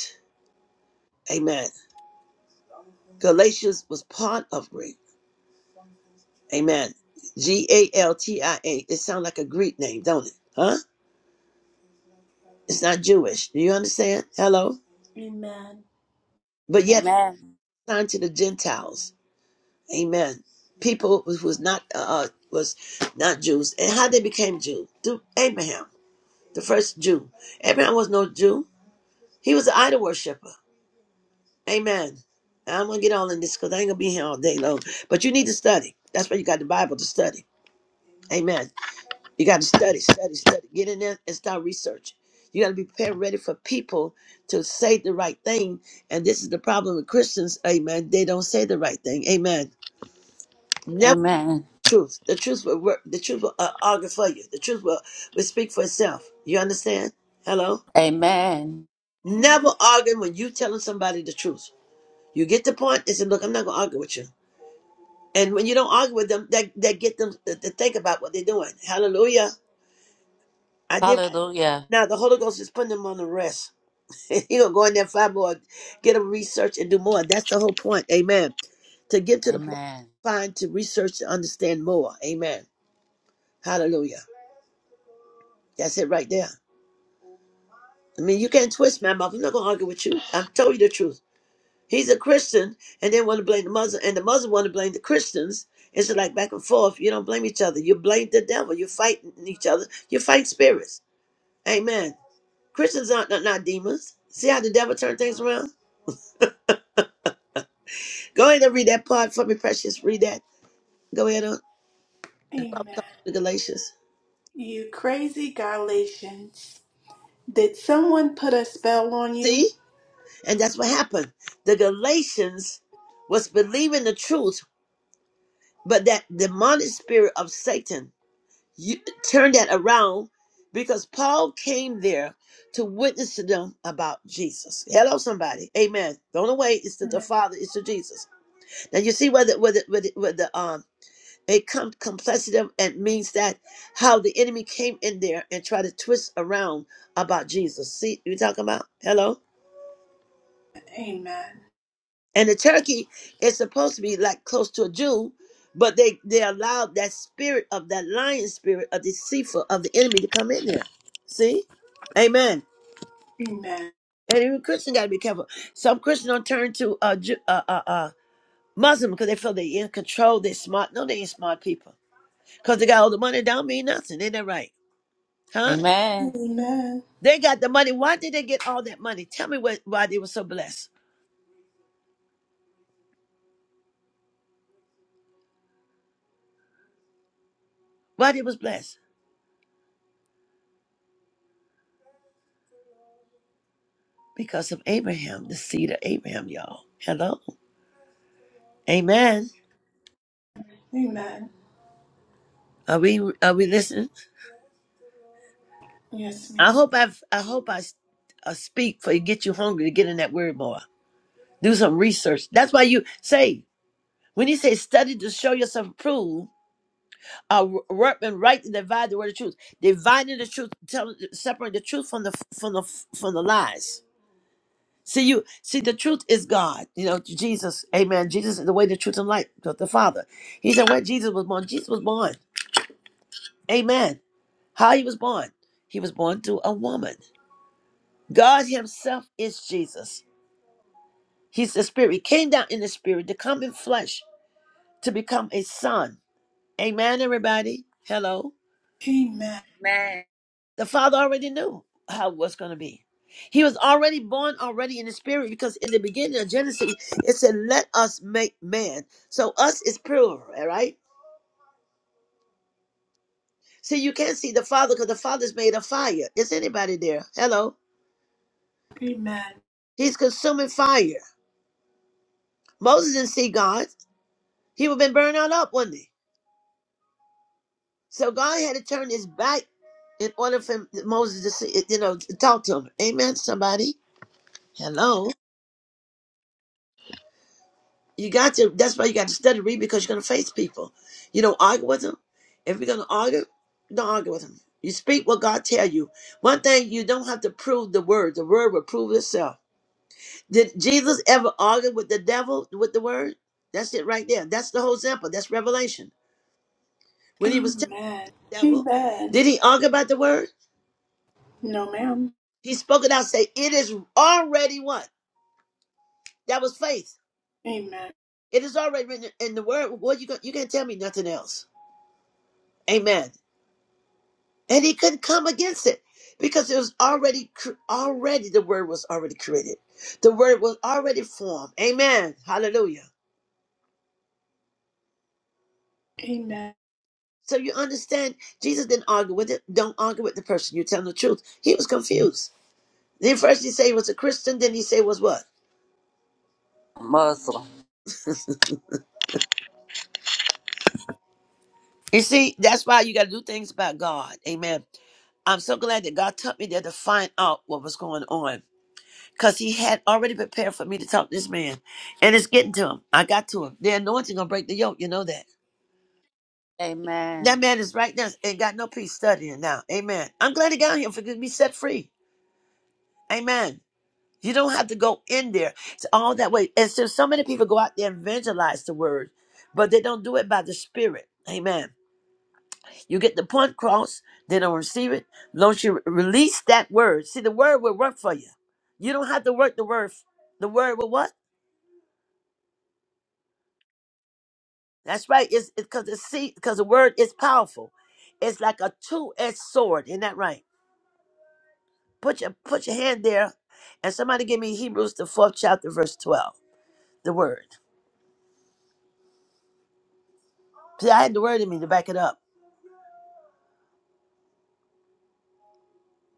Speaker 4: Amen. Galatians was part of Greek. Amen. G A L T I A. It sounds like a Greek name, don't it? Huh? It's not Jewish. Do you understand? Hello?
Speaker 1: Amen.
Speaker 4: But
Speaker 3: Amen.
Speaker 4: yet
Speaker 3: Amen.
Speaker 4: assigned to the Gentiles. Amen. People who was not uh, uh, was not Jews. And how they became Jews? Through Abraham, the first Jew. Abraham was no Jew. He was an idol worshiper. Amen. And I'm gonna get all in this because I ain't gonna be here all day long. But you need to study. That's why you got the Bible to study. Amen. You got to study, study, study. Get in there and start researching. You got to be prepared, ready for people to say the right thing. And this is the problem with Christians. Amen. They don't say the right thing. Amen. Never
Speaker 3: Amen.
Speaker 4: the truth. The truth will work. The truth will uh, argue for you. The truth will, will speak for itself. You understand? Hello.
Speaker 3: Amen.
Speaker 1: Amen.
Speaker 4: Never argue when you telling somebody the truth. You get the point and say, "Look, I'm not gonna argue with you." And when you don't argue with them, that that get them to, to think about what they're doing. Hallelujah. I did.
Speaker 3: Hallelujah.
Speaker 4: Now the Holy Ghost is putting them on the rest. He gonna go in there and find more, get him research and do more. That's the whole point. Amen. To get to the point,
Speaker 3: Amen.
Speaker 4: find to research to understand more. Amen. Hallelujah. That's it right there. I mean, you can't twist my mouth. I'm not gonna argue with you. I told you the truth. He's a Christian, and they want to blame the Muslim, and the Muslim want to blame the Christians. It's like back and forth. You don't blame each other. You blame the devil. You fight each other. You fight spirits. Amen. Christians aren't not, not demons. See how the devil turned things around? Go ahead and read that part for me, precious. Read that. Go ahead on and talk
Speaker 1: Amen.
Speaker 4: to the Galatians.
Speaker 1: You crazy Galatians. Did someone put a spell on you?
Speaker 4: See? And that's what happened. The Galatians was believing the truth, but that demonic spirit of Satan you, turned that around because Paul came there to witness to them about Jesus. Hello, somebody. Amen. The only way is to the
Speaker 1: Amen.
Speaker 4: Father is to Jesus. Now you see where the, where the, where the, where the, um, It comes complexity and means that how the enemy came in there and tried to twist around about Jesus. See, you talking about hello?
Speaker 1: Amen.
Speaker 4: And the turkey is supposed to be like close to a Jew, but they they allowed that spirit of that lion spirit of the deceiver of the enemy to come in there. See, Amen.
Speaker 1: Amen.
Speaker 4: And even Christian got to be careful. Some Christians don't turn to uh, Jew, uh, uh, uh, Muslim because they feel they in control. They smart. No, they ain't smart people because they got all the money. Don't mean nothing. Ain't that right? Huh?
Speaker 3: Amen.
Speaker 1: Amen.
Speaker 4: They got the money. Why did they get all that money? Tell me what, why they were so blessed. Why they was blessed? Because of Abraham, the seed of Abraham, y'all. Hello, Amen.
Speaker 1: Amen.
Speaker 4: Are we are we listening?
Speaker 1: Yes,
Speaker 4: I
Speaker 1: ma'am.
Speaker 4: hope I I hope I, s- I speak for you. Get you hungry to get in that word more. Do some research. That's why you say when you say study to show yourself approved, a w- workman right to divide the word of truth, dividing the truth, telling, separating the truth from the from the from the lies. See you see the truth is God. You know, Jesus, amen. Jesus is the way, the truth, and life, the the Father. He said where Jesus was born. Jesus was born. Amen. How he was born. He was born through a woman. God Himself is Jesus. He's the spirit. He came down in the spirit to come in flesh, to become a son. Amen, everybody. Hello.
Speaker 1: Amen.
Speaker 3: Amen.
Speaker 4: The Father already knew how it was going to be. He was already born already in the spirit because in the beginning of Genesis, it said, Let us make man. So us is plural, all right? See, you can't see the Father because the Father's made of fire. Is anybody there? Hello?
Speaker 1: Amen.
Speaker 4: He's consuming fire. Moses didn't see God. He would have been burned out up, wouldn't he? So God had to turn his back in order for Moses to see, you know, to talk to him. Amen, somebody? Hello? You got to. That's why you got to study, read, because you're gonna face people. You don't argue with them. If you're gonna argue, don't argue with them. You speak what God tell you. One thing you don't have to prove the word. The word will prove itself. Did Jesus ever argue with the devil with the word? That's it right there. That's the whole example. That's revelation. When he was telling
Speaker 1: Amen.
Speaker 4: the devil,
Speaker 1: Amen.
Speaker 4: did he argue about the word?
Speaker 1: No, ma'am.
Speaker 4: He spoke it out. Say, it is already what? That was faith.
Speaker 1: Amen.
Speaker 4: It is already written in the word. What you going you can't tell me nothing else. Amen. and he couldn't come against it because it was already cr- already the word was already created the word was already formed amen hallelujah
Speaker 1: Amen.
Speaker 4: so you understand jesus didn't argue with it don't argue with the person you tell the truth he was confused then first he said he was a christian then he said was what
Speaker 3: Muslim.
Speaker 4: you see that's why you got to do things about god amen i'm so glad that god took me there to find out what was going on because he had already prepared for me to talk to this man and it's getting to him i got to him the anointing gonna break the yoke you know that That
Speaker 3: Amen.
Speaker 4: man is right now and got no peace studying now. Amen. I'm glad he got here for to be set free. Amen. You don't have to go in there. It's all that way. And so so many people go out there and evangelize the word, but they don't do it by the spirit. Amen. You get the point cross, they don't receive it. Don't you re- release that word. See, the word will work for you. You don't have to work the word. f- The word will what? That's right. It's because it's, 'cause the it's because the word is powerful. It's like a two-edged sword. Isn't that right? Put your put your hand there, and somebody give me Hebrews the fourth chapter, verse twelve. The word. See, I had the word in me to back it up.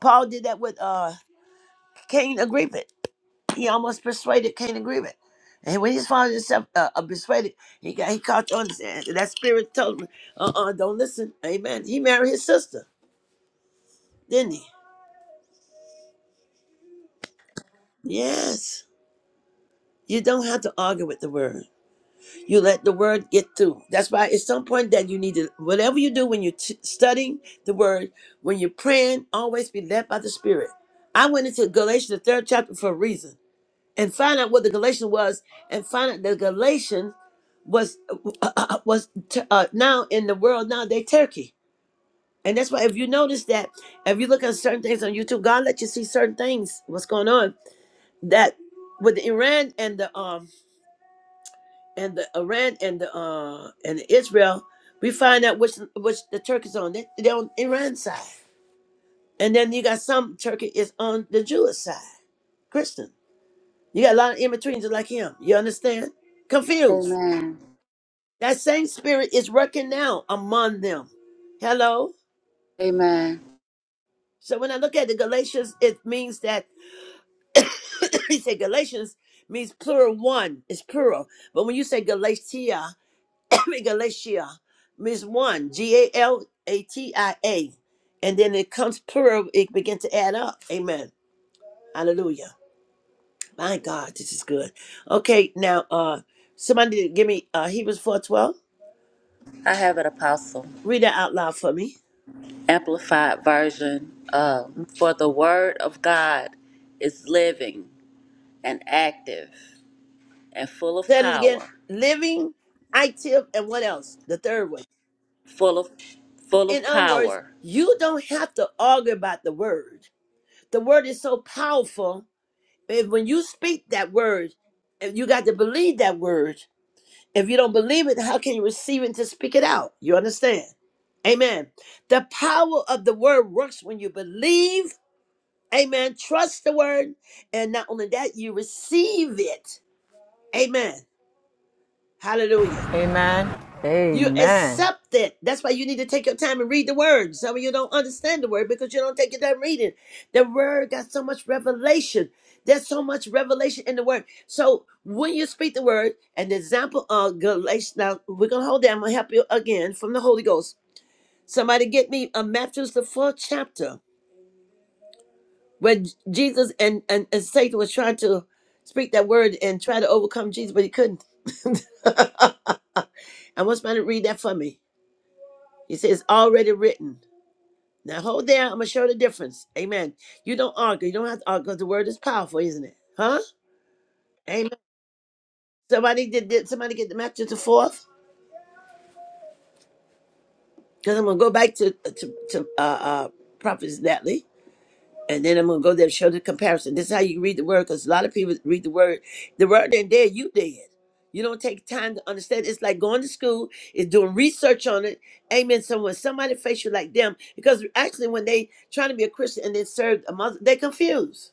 Speaker 4: Paul did that with uh Cain agreement. He almost persuaded Cain agreement. And when he found himself uh, uh, persuaded, he got he caught on this, and that spirit told him, uh-uh, don't listen. Amen. He married his sister, didn't he? Yes. You don't have to argue with the word. You let the word get through. That's why at some point that you need to, whatever you do when you're t- studying the word, when you're praying, always be led by the Spirit. I went into Galatians, the third chapter, for a reason and find out what the Galatians was and find out the Galatians was was t- uh, now in the world now they Turkey. And that's why if you notice that if you look at certain things on YouTube, God let you see certain things what's going on that with Iran and the um and the Iran and the uh and Israel, we find out which which the Turkish on. They, they're on Iran side, and then you got some Turkey is on the Jewish side, Christian. You got a lot of in betweens like him. You understand? Confused.
Speaker 3: Amen.
Speaker 4: That same spirit is working now among them. Hello.
Speaker 3: Amen.
Speaker 4: So when I look at the Galatians, it means that he said Galatians means plural one. It's plural. But when you say Galatia, Galatia means one, G A L A T I A. And then it comes plural, it begins to add up. Amen. Hallelujah. My God, this is good. Okay, now uh somebody give me uh Hebrews four twelve.
Speaker 3: I have an apostle.
Speaker 4: Read that out loud for me.
Speaker 3: Amplified Version. Um, For the Word of God is living and active and full of
Speaker 4: Said it again.
Speaker 3: power.
Speaker 4: Living, active, and what else? The third one.
Speaker 3: Full of, full
Speaker 4: In
Speaker 3: of
Speaker 4: other words,
Speaker 3: power.
Speaker 4: you don't have to argue about the word. The word is so powerful. And when you speak that word, and you got to believe that word If you don't believe it, how can you receive it to speak it out? You understand? Amen. The power of the word works when you believe. Amen. Trust the word. And not only that, you receive it. Amen. Hallelujah.
Speaker 9: Amen.
Speaker 4: You
Speaker 9: Amen.
Speaker 4: accept it. That's why you need to take your time and read the word. Some of you don't understand the word because you don't take your time reading. The word got so much revelation. There's so much revelation in the word. So when you speak the word, an example of Galatians. Now we're gonna hold that. I'm gonna help you again from the Holy Ghost. Somebody get me a Matthew's the fourth chapter where J- Jesus and, and, and Satan was trying to speak that word and try to overcome Jesus, but he couldn't. I want somebody to read that for me. He says, it's already written. Now hold there. I'm gonna show the difference. Amen. You don't argue. You don't have to argue because the word is powerful, isn't it? Huh? Amen. Somebody did, did somebody get the match to the fourth? Because I'm gonna go back to uh, to, to uh, uh Prophet Natalie, and then I'm gonna go there and show the comparison. This is how you read the word, because a lot of people read the word. The word ain't there, you did. You don't take time to understand. It's like going to school, it's doing research on it. Amen. So when somebody face you like them, because actually when they trying to be a Christian and they serve a mother, they confused.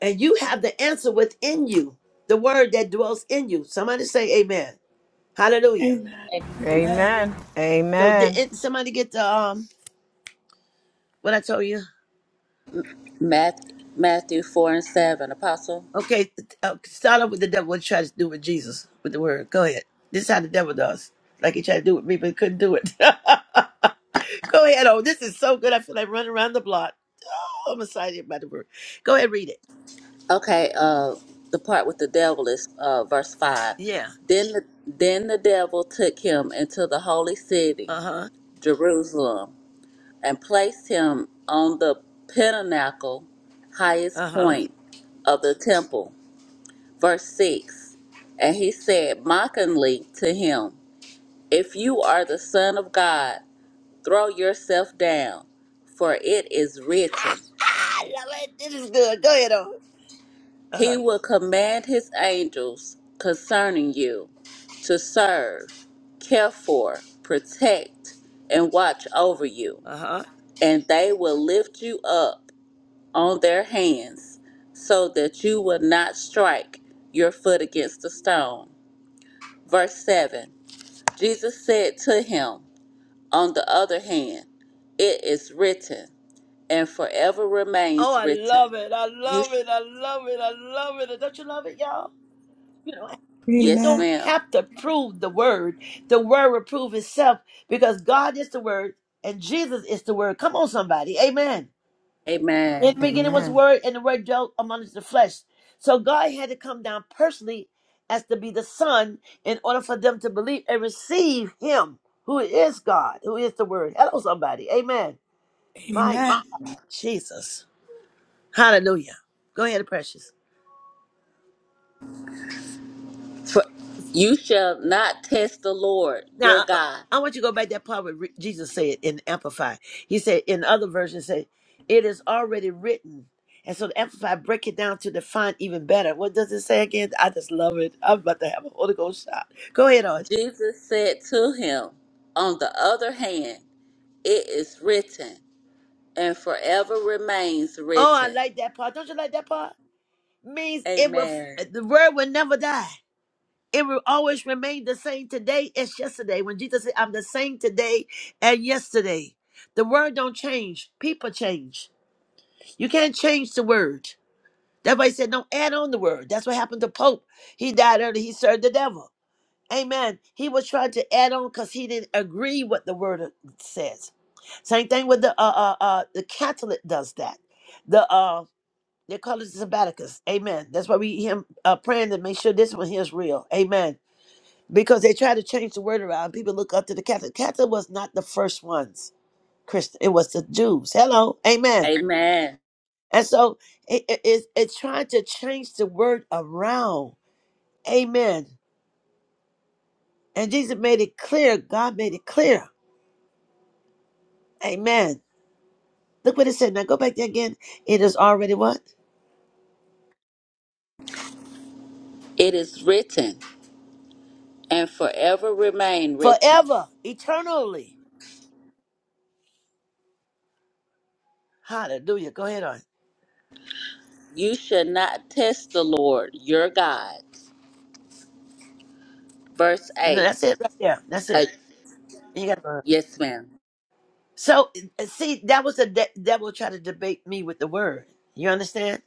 Speaker 4: And you have the answer within you, the word that dwells in you. Somebody say amen. Hallelujah.
Speaker 1: Amen.
Speaker 3: Amen.
Speaker 9: Amen.
Speaker 1: Amen.
Speaker 4: So
Speaker 9: Amen.
Speaker 4: did somebody get the um what I told you?
Speaker 3: Matthew, Matthew 4 and 7, Apostle.
Speaker 4: Okay, th- uh, start off with the devil. What you try to do with Jesus with the word? Go ahead. This is how the devil does. Like he tried to do with me, but he couldn't do it. Go ahead. Oh, this is so good. I feel like running around the block. Oh, I'm excited about the word. Go ahead, read it.
Speaker 3: Okay, uh, the part with the devil is uh, verse 5.
Speaker 4: Yeah.
Speaker 3: Then the, then the devil took him into the holy city,
Speaker 4: Uh huh.
Speaker 3: Jerusalem, and placed him on the pinnacle, highest
Speaker 4: Uh huh.
Speaker 3: point of the temple verse 6 and he said mockingly to him if you are the son of god throw yourself down for it is written
Speaker 4: I love it. This is good. Go ahead. Oh. Uh
Speaker 3: he
Speaker 4: huh.
Speaker 3: will command his angels concerning you to serve care for protect and watch over you
Speaker 4: Uh huh.
Speaker 3: and they will lift you up on their hands so that you will not strike your foot against a stone verse 7 Jesus said to him, On the other hand, it is written, and forever
Speaker 4: Oh,
Speaker 3: remains
Speaker 4: I
Speaker 3: written.
Speaker 4: love it. I
Speaker 3: You,
Speaker 4: love
Speaker 3: sh-
Speaker 4: it. I love it. I love it. Don't you love it, y'all? You know, you
Speaker 3: yes,
Speaker 1: Amen.
Speaker 4: don't
Speaker 3: ma'am.
Speaker 4: have to prove the word. The word will prove itself because God is the word and Jesus is the word. Come on, somebody. Amen. In
Speaker 3: Amen.
Speaker 4: the beginning was the word, and the word dwelt amongst the flesh. So God had to come down personally as to be the Son in order for them to believe and receive Him, who is God, who is the Word. Hello, somebody. Amen. My
Speaker 1: Amen.
Speaker 4: Jesus. Hallelujah. Go ahead, Precious.
Speaker 3: For you shall not test the Lord your
Speaker 4: Now, uh,
Speaker 3: God.
Speaker 4: I want you to go back to that part where re- Jesus said in Amplify. He said in other versions, say, it is already written. And so the Amplify break it down to define even better. What does it say again? I just love it. I'm about to have a Holy Ghost shot. Go ahead on.
Speaker 3: Jesus said to him, On the other hand, it is written, and forever remains
Speaker 4: Oh, I
Speaker 3: written.
Speaker 4: like that part. Don't you like that part? Means it will,
Speaker 3: Amen.
Speaker 4: the word will never die. It will always remain the same today as yesterday. When Jesus said, I'm the same today and yesterday. The word don't change. People change. You can't change the word. That's why he said, don't add on the word. That's what happened to Pope. He died early. He served the devil. Amen. He was trying to add on because he didn't agree what the word of- says. Same thing with the uh uh, uh the Catholic does that. The uh they call it sabbaticus. Amen. That's why we him uh, praying to make sure this one here is real. Amen. Because they try to change the word around. People look up to the Catholic. Catholic was not the first ones. Christian. It was the Jews. Hello. Amen.
Speaker 3: Amen.
Speaker 4: And so it, it- it's, it's trying to change the word around. Amen. And Jesus made it clear. God made it clear. Amen. Look what it said. Now go back there again. It is already what?
Speaker 3: It is written, and forever remain written.
Speaker 4: Forever, eternally. Hallelujah. Go ahead on.
Speaker 3: You should not test the Lord your God. Verse
Speaker 4: And
Speaker 3: 8.
Speaker 4: That's it right there. That's
Speaker 3: Uh,
Speaker 4: it. You got to
Speaker 3: yes, ma'am.
Speaker 4: So uh, see, that was the de- devil trying to debate me with the word. You understand?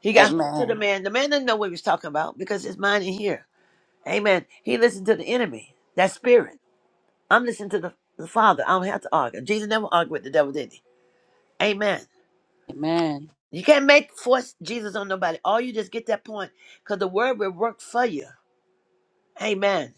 Speaker 4: He got hold to the
Speaker 3: Amen.
Speaker 4: man. The man didn't know what he was talking about because his mind in here. Amen. He listened to the enemy, that spirit. I'm listening to the, the Father. I don't have to argue. Jesus never argued with the devil, did he? Amen.
Speaker 3: Amen.
Speaker 4: You can't make force Jesus on nobody. All you just get that point because the word will work for you. Amen.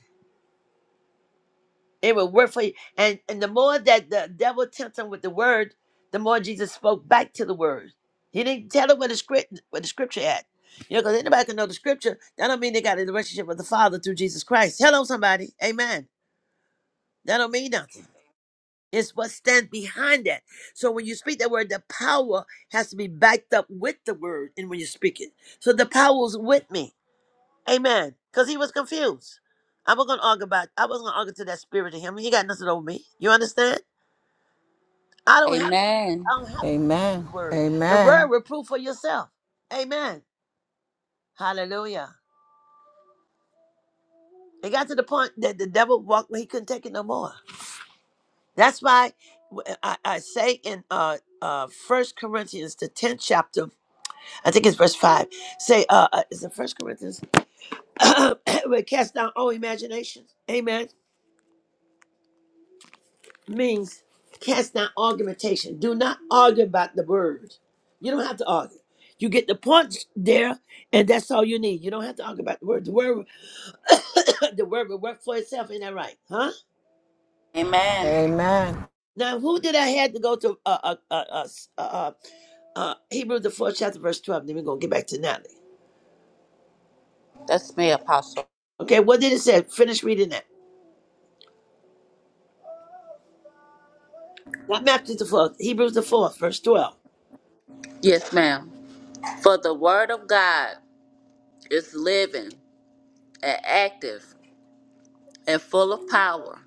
Speaker 4: It will work for you. And and the more that the devil tempts him with the word, the more Jesus spoke back to the word. He didn't tell him where the script where the scripture at. You know, because anybody can know the scripture. That don't mean they got a relationship with the Father through Jesus Christ. Hello, somebody. Amen. That don't mean nothing. It's what stands behind that. So when you speak that word, the power has to be backed up with the word. And when you speak it, so the power's with me. Amen. Because he was confused. I wasn't gonna argue about. I wasn't gonna argue to that spirit in him. He got nothing over me. You understand? I don't have. I
Speaker 3: Amen.
Speaker 4: don't have the word. The
Speaker 9: Amen.
Speaker 4: word reproof for yourself. Amen. Hallelujah. It got to the point that the devil walked. where He couldn't take it no more. That's why I, I say in uh uh First Corinthians the tenth chapter I think it's verse five. Say, uh, uh, is it First Corinthians? We cast down all imaginations. Amen. Means cast down argumentation. Do not argue about the word. You don't have to argue. You get the points there, and that's all you need. You don't have to argue about the word. The word, the word will work for itself. Ain't that right? Huh?
Speaker 3: Amen.
Speaker 9: Amen.
Speaker 4: Now, who did I had to go to? Uh, uh, uh, uh, s- uh, uh, uh, Hebrews the fourth chapter, verse twelve. Then we're gonna get back to Natalie.
Speaker 3: That's me, Apostle.
Speaker 4: Okay, what did it say? Finish reading that. Not Matthew the fourth. Hebrews the fourth, verse twelve.
Speaker 3: Yes, ma'am. For the word of God is living and active and full of power,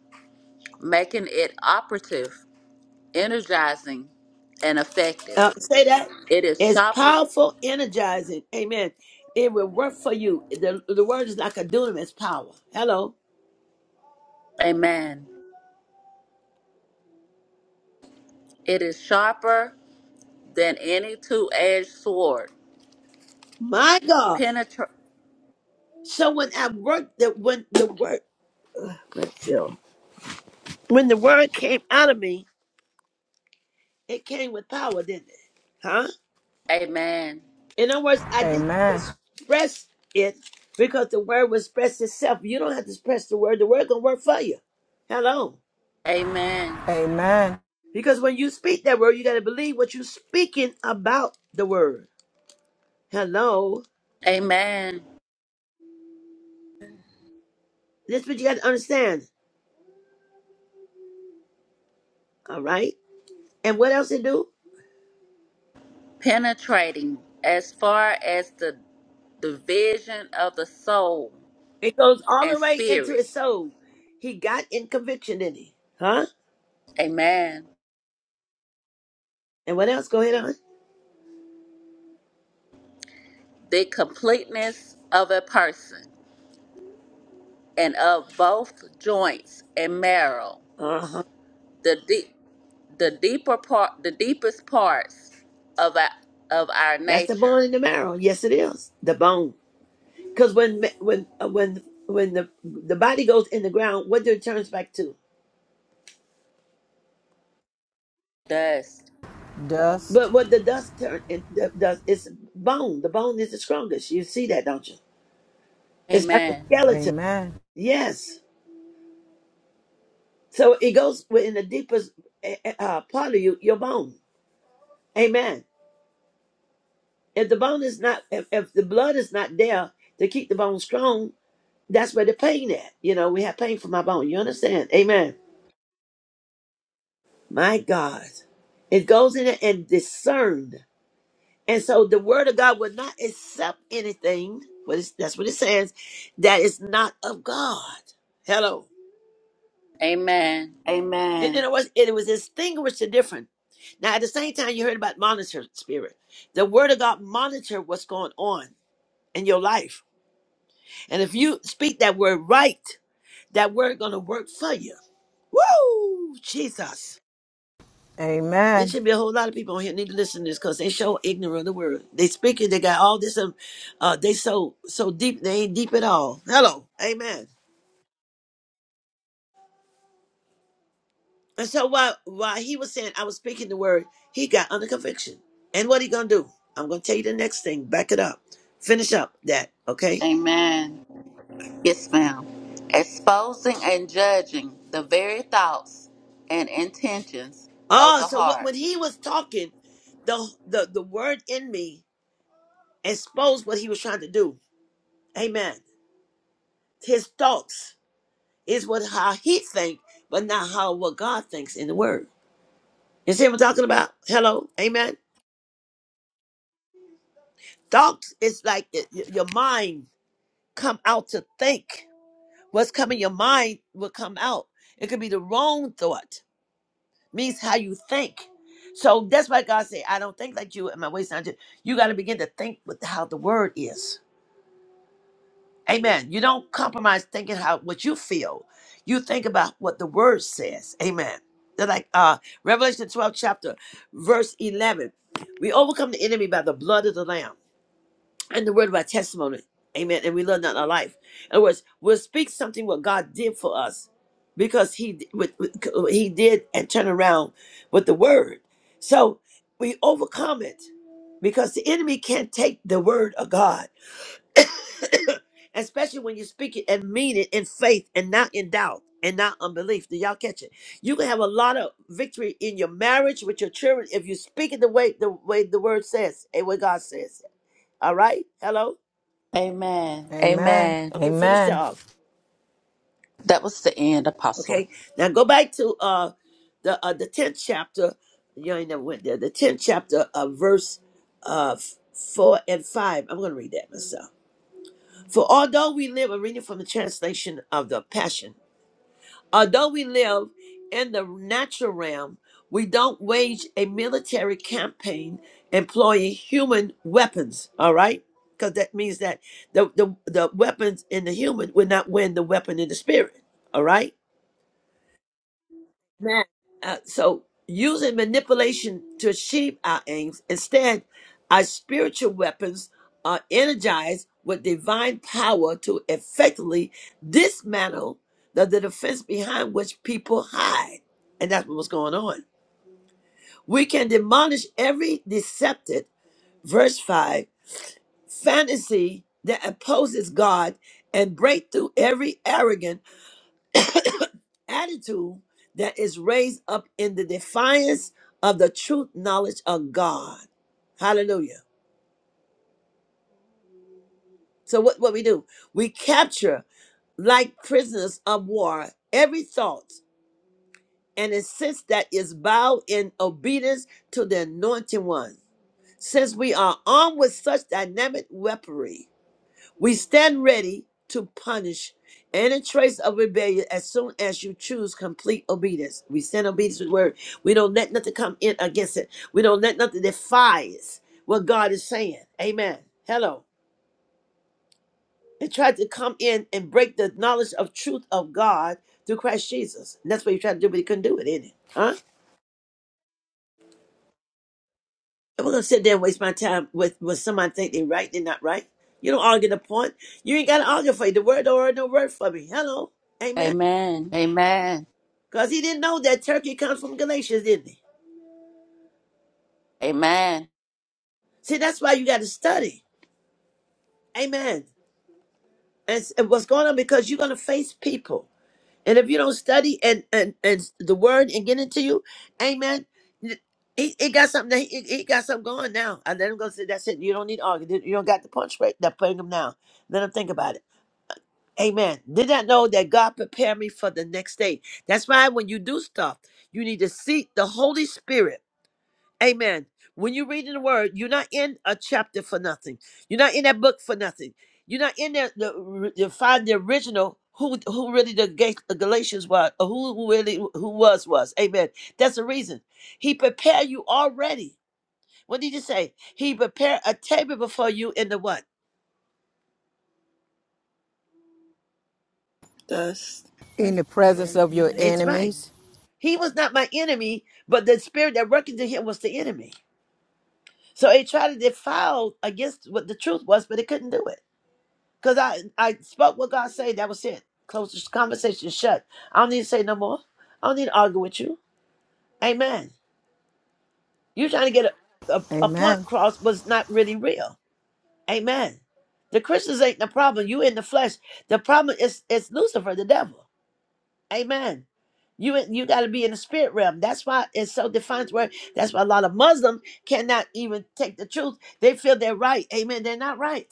Speaker 3: making it operative, energizing, and
Speaker 4: Uh,
Speaker 3: effective.
Speaker 4: say that
Speaker 3: It is
Speaker 4: it's
Speaker 3: sharper.
Speaker 4: powerful, energizing. Amen. It will work for you. The, the word is like a dunamis power. Hello,
Speaker 3: Amen. It is sharper than any two edged sword,
Speaker 4: my God. So when I worked, the when the word, let's see. when the word came out of me, it came with power, didn't it? Huh?
Speaker 3: Amen.
Speaker 4: In other words, I didn't have
Speaker 9: Amen.
Speaker 4: to express it because the word will express itself. You don't have to express the word. The word gonna work for you. Hello.
Speaker 3: Amen.
Speaker 9: Amen.
Speaker 4: Because when you speak that word, you gotta believe what you're speaking about the word. Hello.
Speaker 3: Amen.
Speaker 4: This is what you got to understand. All right. And what else it do?
Speaker 3: Penetrating as far as the division of the soul
Speaker 4: It goes all
Speaker 3: and
Speaker 4: the way into
Speaker 3: spirit.
Speaker 4: his soul. He got in conviction, didn't he? Huh?
Speaker 3: Amen.
Speaker 4: And what else? Go ahead on.
Speaker 3: The completeness of a person and of both joints and marrow.
Speaker 4: Uh huh.
Speaker 3: The deep the deeper part the deepest parts of our of our
Speaker 4: That's the
Speaker 3: nature.
Speaker 4: bone in the marrow. Yes, it is the bone. Because when when uh, when when the the body goes in the ground, what do it turns back to?
Speaker 3: Thus.
Speaker 9: Dust.
Speaker 4: But what the dust turn it the dust is bone. The bone is the strongest. You see that, don't you? It's like a
Speaker 3: Amen.
Speaker 4: skeleton.
Speaker 9: Amen.
Speaker 4: Yes. So it goes within the deepest eh, eh, uh, part of you, your bone. Amen. If the bone is not, if, if the blood is not there to keep the bone strong, that's where the pain at. You know, we have pain from our bone. You understand? Amen. My God. It goes in there and discern. And so the word of God will not accept anything, what is- that's what it says, that is not of God. Hello.
Speaker 3: Amen.
Speaker 4: It,
Speaker 3: Amen.
Speaker 4: it was it was distinguished and different. Now at the same time you heard about monitor spirit. The word of God monitor what's going on in your life. And if you speak that word right, that word gonna work for you. Woo! Jesus. There
Speaker 9: Amen.
Speaker 4: should be a whole lot of people on here need to listen to this because they show ignorant of the word. They speak it, they got all this um, uh they so so deep they ain't deep at all. Hello. Amen. And so while while he was saying I was speaking the word, he got under conviction. And what he gonna do? I'm gonna tell you the next thing. Back it up. Finish up that. Okay.
Speaker 3: Amen. Yes, ma'am. Exposing and judging the very thoughts and intentions of
Speaker 4: Oh,
Speaker 3: the
Speaker 4: so what
Speaker 3: heart.
Speaker 4: when he was talking, the the the word in me exposed what he was trying to do. Amen. His thoughts is what how he think, but not how what God thinks in the word. You see what I'm talking about? Hello. Amen. Thoughts is like y- y- your mind come out to think. What's coming your mind will come out. It could be the wrong thought, means how you think. So that's why God said, I don't think like you and my ways not you. You got to begin to think with how the word is. Amen. You don't compromise thinking how what you feel. You think about what the word says. Amen. They're like uh Revelation 12 chapter, verse 11. We overcome the enemy by the blood of the Lamb and the word of our testimony. Amen. And we learn that in our life. In other words, we'll speak something what God did for us because He with, with, He did and turn around with the word. So we overcome it because the enemy can't take the word of God, especially when you speak it and mean it in faith and not in doubt and not unbelief. Do y'all catch it? You can have a lot of victory in your marriage with your children if you speak it the way the way the word says and what God says. All right? Hello?
Speaker 3: Amen.
Speaker 9: Amen.
Speaker 3: Amen.
Speaker 4: Okay, finish that
Speaker 9: Amen.
Speaker 4: off.
Speaker 3: That was the end, Apostle.
Speaker 4: Okay, now go back to uh the uh, the tenth chapter. You ain't never went there. The tenth chapter of verse uh f- four and five. I'm gonna read that myself. For although we live, I'm reading from the translation of the Passion. Although we live in the natural realm, we don't wage a military campaign employing human weapons. All right, because that means that the the the weapons in the human will not win the weapon in the spirit. All right. Man. Uh, so using manipulation to achieve our aims, instead, our spiritual weapons are energized with divine power to effectively dismantle the, the defense behind which people hide. And that's what's going on. We can demolish every deceptive, verse 5, fantasy that opposes God and break through every arrogant attitude that is raised up in the defiance of the truth knowledge of God. Hallelujah. So what, what we do? We capture like prisoners of war every thought and insist that is bowed in obedience to the anointed one. Since we are armed with such dynamic weaponry, We stand ready to punish any trace of rebellion as soon as you choose complete obedience. We stand obedience with word. We don't let nothing come in against it. We don't let nothing defies what God is saying. Amen. Hello. And tried to come in and break the knowledge of truth of God through Christ Jesus. And that's what he tried to do, but he couldn't do it, didn't he? Huh? And we're gonna sit there and waste my time with with somebody think they right, they're not right. You don't argue the point. You ain't gotta argue for it. The word don't argue no word for me. Hello. Amen.
Speaker 3: Amen. Amen.
Speaker 4: Because he didn't know that Turkey comes from Galatians, didn't he?
Speaker 3: Amen.
Speaker 4: See, that's why you got to study. Amen. And s- and what's going on? Because you're going to face people. And if you don't study and, and, and the word and get into you, amen. n- He, he got something. That he, he got something going now. I let him go. Say that's it. You don't need to argue. You don't got the punch right. That putting him down. Let him think about it. Amen. Did not know that God prepared me for the next day. That's why when you do stuff, you need to seek the Holy Spirit Amen. When you're reading the word, you're not in a chapter for nothing. You're not in that book for nothing. You're not in there to, to find the original who who really the Ga- the Galatians was, or who really who was was. Amen. That's the reason he prepared you already. What did he say? He prepared a table before you in the what?
Speaker 1: Thus.
Speaker 9: In
Speaker 1: Amen.
Speaker 9: the presence of
Speaker 5: Praise
Speaker 9: your
Speaker 5: in your
Speaker 4: It's
Speaker 5: enemy.
Speaker 4: right.
Speaker 9: enemies.
Speaker 4: He was not my enemy, but the spirit that worked into him was the enemy. So he tried to defile against what the truth was, but it couldn't do it. Cause I I spoke what God said. That was it. Close this conversation. Shut. I don't need to say no more. I don't need to argue with you. Amen. You trying to get a, a, a point
Speaker 9: Amen.
Speaker 4: cross was not really real. Amen. The Christians ain't the problem. You in the flesh. The problem is is Lucifer, the devil. Amen. You in- you got to be in the spirit realm. That's why it's so defined. Where that's why a lot of Muslims cannot even take the truth. They feel they're right. Amen. They're not right.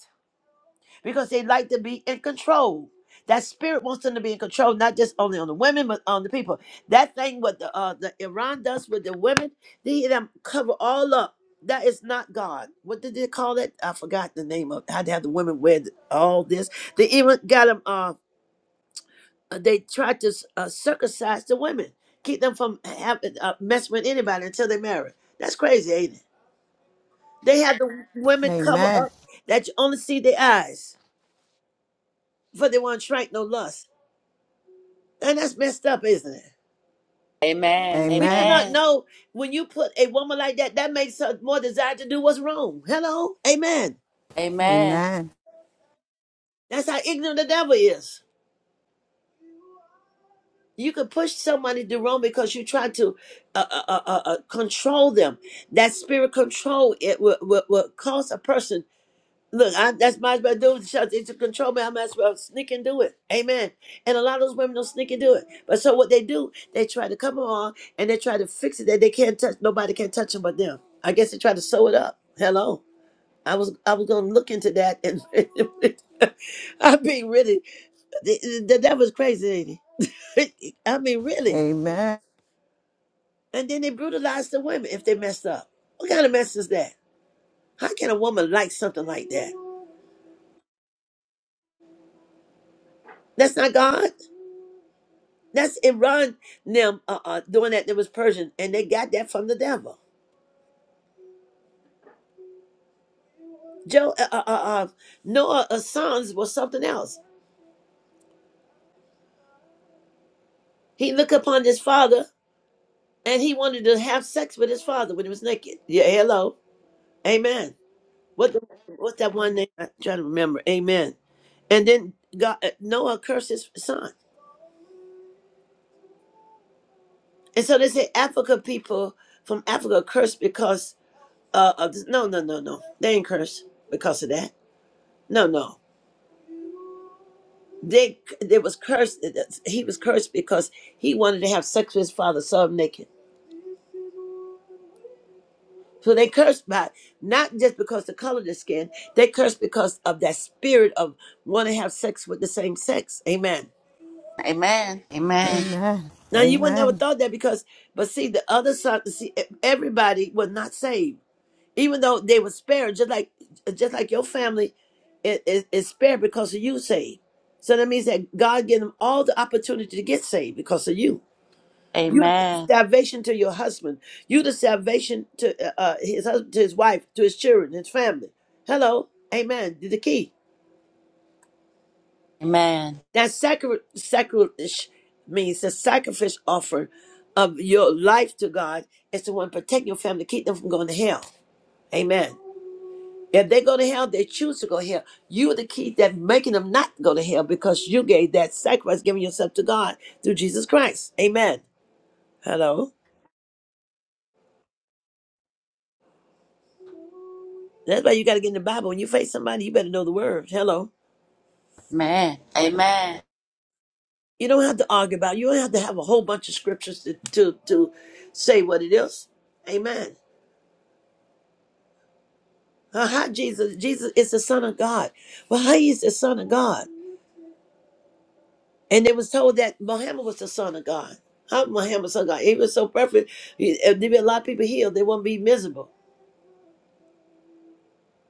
Speaker 4: because they like to be in control. That spirit wants them to be in control, not just only on the women, but on the people. That thing what the uh, the Iran does with the women, they them cover all up. That is not God. What did they call it? I forgot the name of. How they have the women wear th- all this? They even got them. Uh, they tried to uh, circumcise the women, keep them from having uh, mess with anybody until they marry. That's crazy, ain't it? They have the women cover
Speaker 9: Amen.
Speaker 4: up that you only see their eyes, for they won't shrink no lust. And that's messed up, isn't it?
Speaker 3: Amen.
Speaker 4: Do you
Speaker 9: Amen.
Speaker 4: not
Speaker 3: Amen.
Speaker 4: know when you put a woman like that, that makes her more desire to do what's wrong? Hello? Amen.
Speaker 3: Amen.
Speaker 9: Amen.
Speaker 4: That's how ignorant the devil is. You can push somebody to do wrong because you try to uh, uh, uh, uh, uh, control them. That spirit control it will, will, will cause a person Look, I, that's might as well do it. Shut- It's a control me. I might as well sneak and do it. Amen. And a lot of those women don't sneak and do it. But so what they do, they try to come on and they try to fix it that they can't touch. Nobody can touch them but them. I guess they try to sew it up. Hello. I was I was gonna look into that and I mean really the, the devil's crazy, ain't he? I mean really.
Speaker 9: Amen.
Speaker 4: And then they brutalize the women if they mess up. What kind of mess is that? How can a woman like something like that? That's not God. That's Iran them uh, uh, doing that. There was Persian, and they got that from the devil. Joe uh, uh, uh, uh, Noah's sons was something else. He looked upon his father, and he wanted to have sex with his father when he was naked. Yeah, hello, amen. What the, what's that one name? I'm trying to remember. Amen. And then God, uh, Noah cursed his son, and so they say Africa people from Africa cursed because uh, of this. no no no no they ain't cursed because of that. No no They they was cursed. He was cursed because he wanted to have sex with his father, saw him naked. So they cursed by not just because the color of the skin. They cursed because of that spirit of want to have sex with the same sex. Amen.
Speaker 3: Amen. Amen.
Speaker 9: Amen.
Speaker 4: Now you would never
Speaker 9: Amen. Amen.
Speaker 4: thought that because, but see, the other side, see, e, everybody was not saved, even though they were spared, just like, just like your family is, is, is spared because of you saved. So that means that God gave them all the opportunity to get saved because of you. You the
Speaker 3: Amen.
Speaker 4: salvation to your husband. You the salvation to uh, uh, his husband, to his wife, to his children, his family. Hello, amen. The key
Speaker 3: Amen.
Speaker 4: that sacri- sacrilege means the sacrifice offer of your life to God is the one protecting your family, keep them from going to hell. Amen. If they go to hell, they choose to go to hell. You are the key that making them not go to hell because you gave that sacrifice, giving yourself to God through Jesus Christ. Amen. Hello. That's why you got to get in the Bible. When you face somebody, you better know the word. Hello.
Speaker 3: Amen. Amen.
Speaker 4: You don't have to argue about it. You don't have to have a whole bunch of scriptures to, to, to say what it is. Amen. Uh, How Jesus, Jesus is the son of God. Well, how he is the son of God. And they was told that Muhammad was the son of God. How Muhammad was the son of God? He was so perfect. He- If there be a lot of people healed, they won't be miserable.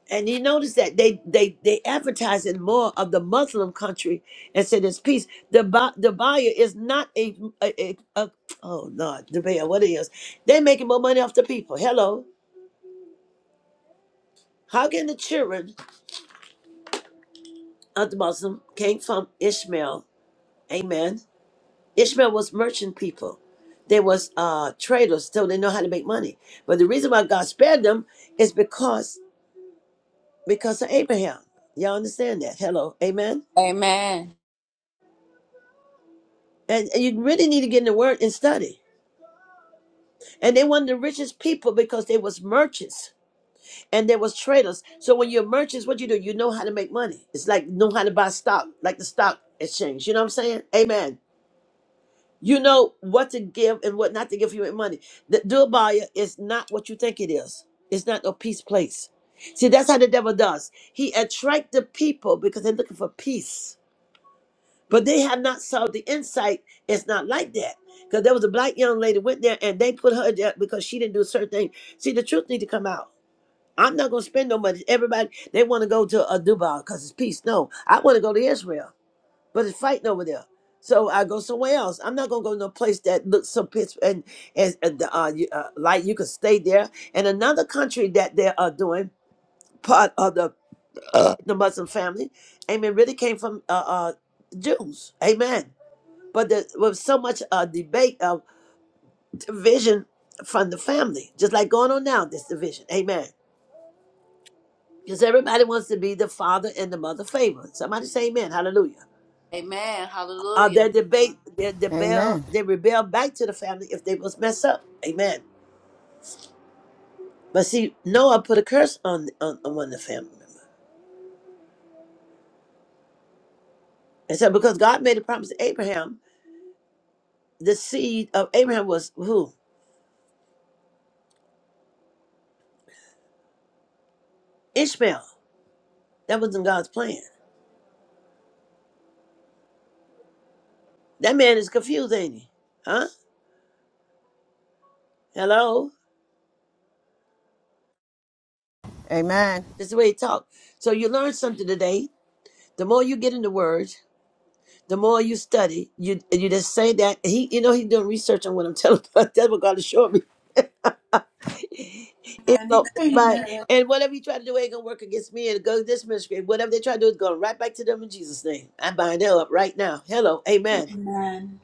Speaker 4: And you notice that they they they advertise in more of the Muslim country and say there's peace. The Ba- the buyer is not a, a, a, a oh Lord, the buyer what it is. They making more money off the people. Hello, how can the children of the Muslim came from Ishmael? Amen. Ishmael was merchant people. They was uh traders, so they know how to make money. But the reason why God spared them is because because of Abraham. Y'all understand that? Hello, Amen.
Speaker 3: Amen.
Speaker 4: And, and you really need to get in the word and study. And they were the richest people because they was merchants and they was traders. So when you're merchants, what you do? You know how to make money. It's like know how to buy stock, like the stock exchange. You know what I'm saying? Amen. You know what to give and what not to give you in money. The Dubai is not what you think it is. It's not a peace place. See, that's how the devil does. He attract the people because they're looking for peace But they have not saw the insight. It's not like that. Because there was a black young lady went there and they put her there because she didn't do a certain thing. See, the truth need to come out. I'm not going to spend no money. Everybody, they want to go to uh, Dubai because it's peace. No, I want to go to Israel, but it's fighting over there. So I go somewhere else. I'm not gonna go to a place that looks so pitch and and and, uh, you- uh, like you can stay there. And another country that they are doing part of the uh, the Muslim family, amen, really came from uh, uh, Jews, amen but there was so much uh, debate of division from the family, just like going on now, this division. Amen. Because everybody wants to be the father and the mother favorite. Somebody say amen. Hallelujah.
Speaker 3: Amen.
Speaker 4: Uh, their
Speaker 3: Hallelujah.
Speaker 4: debate, their rebel,
Speaker 9: Amen.
Speaker 4: they rebel back to the family if they was messed up. Amen. But see, Noah put a curse on, on, on one of the family members. And so because God made a promise to Abraham, the seed of Abraham was who? Ishmael. That wasn't God's plan. That man is confused, ain't he? Huh? Hello?
Speaker 9: Amen.
Speaker 4: That's the way he talked. So you learn something today. The more you get in the word, the more you study. You you just say that he, you know, he's doing research on what I'm telling. That's what God is showing me. And
Speaker 1: Amen.
Speaker 4: so, but
Speaker 1: Amen.
Speaker 4: and whatever you try to do ain't gonna work against me and go to this ministry. Whatever they try to do is going right back to them in Jesus' name. I bind them up right now. Hello, Amen.
Speaker 1: Amen.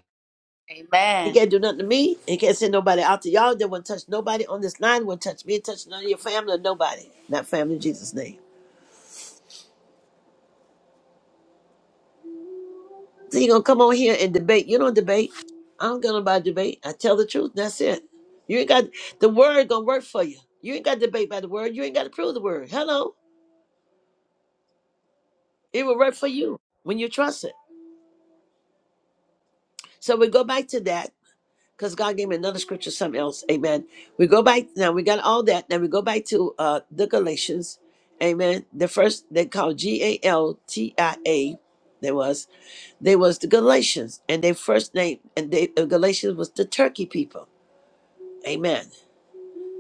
Speaker 4: He
Speaker 3: Amen.
Speaker 4: can't do nothing to me. He can't send nobody out to y'all. They won't touch nobody on this line. Won't touch me. Touch none of your family. or Nobody. Not family in Jesus' name. So you gonna come on here and debate. You don't debate. I don't go about debate. I tell the truth. And That's it. You ain't got the word gonna work for you. You ain't got to debate by the word. You ain't got to prove the word. Hello. It will work for you when you trust it. So we go back to that because God gave me another scripture, something else. Amen. We go back now. We got all that. Now we go back to uh the Galatians. Amen. The first they called G A L T I A. There was they was the Galatians, and their first name and they uh, Galatians was the Turkey people. Amen.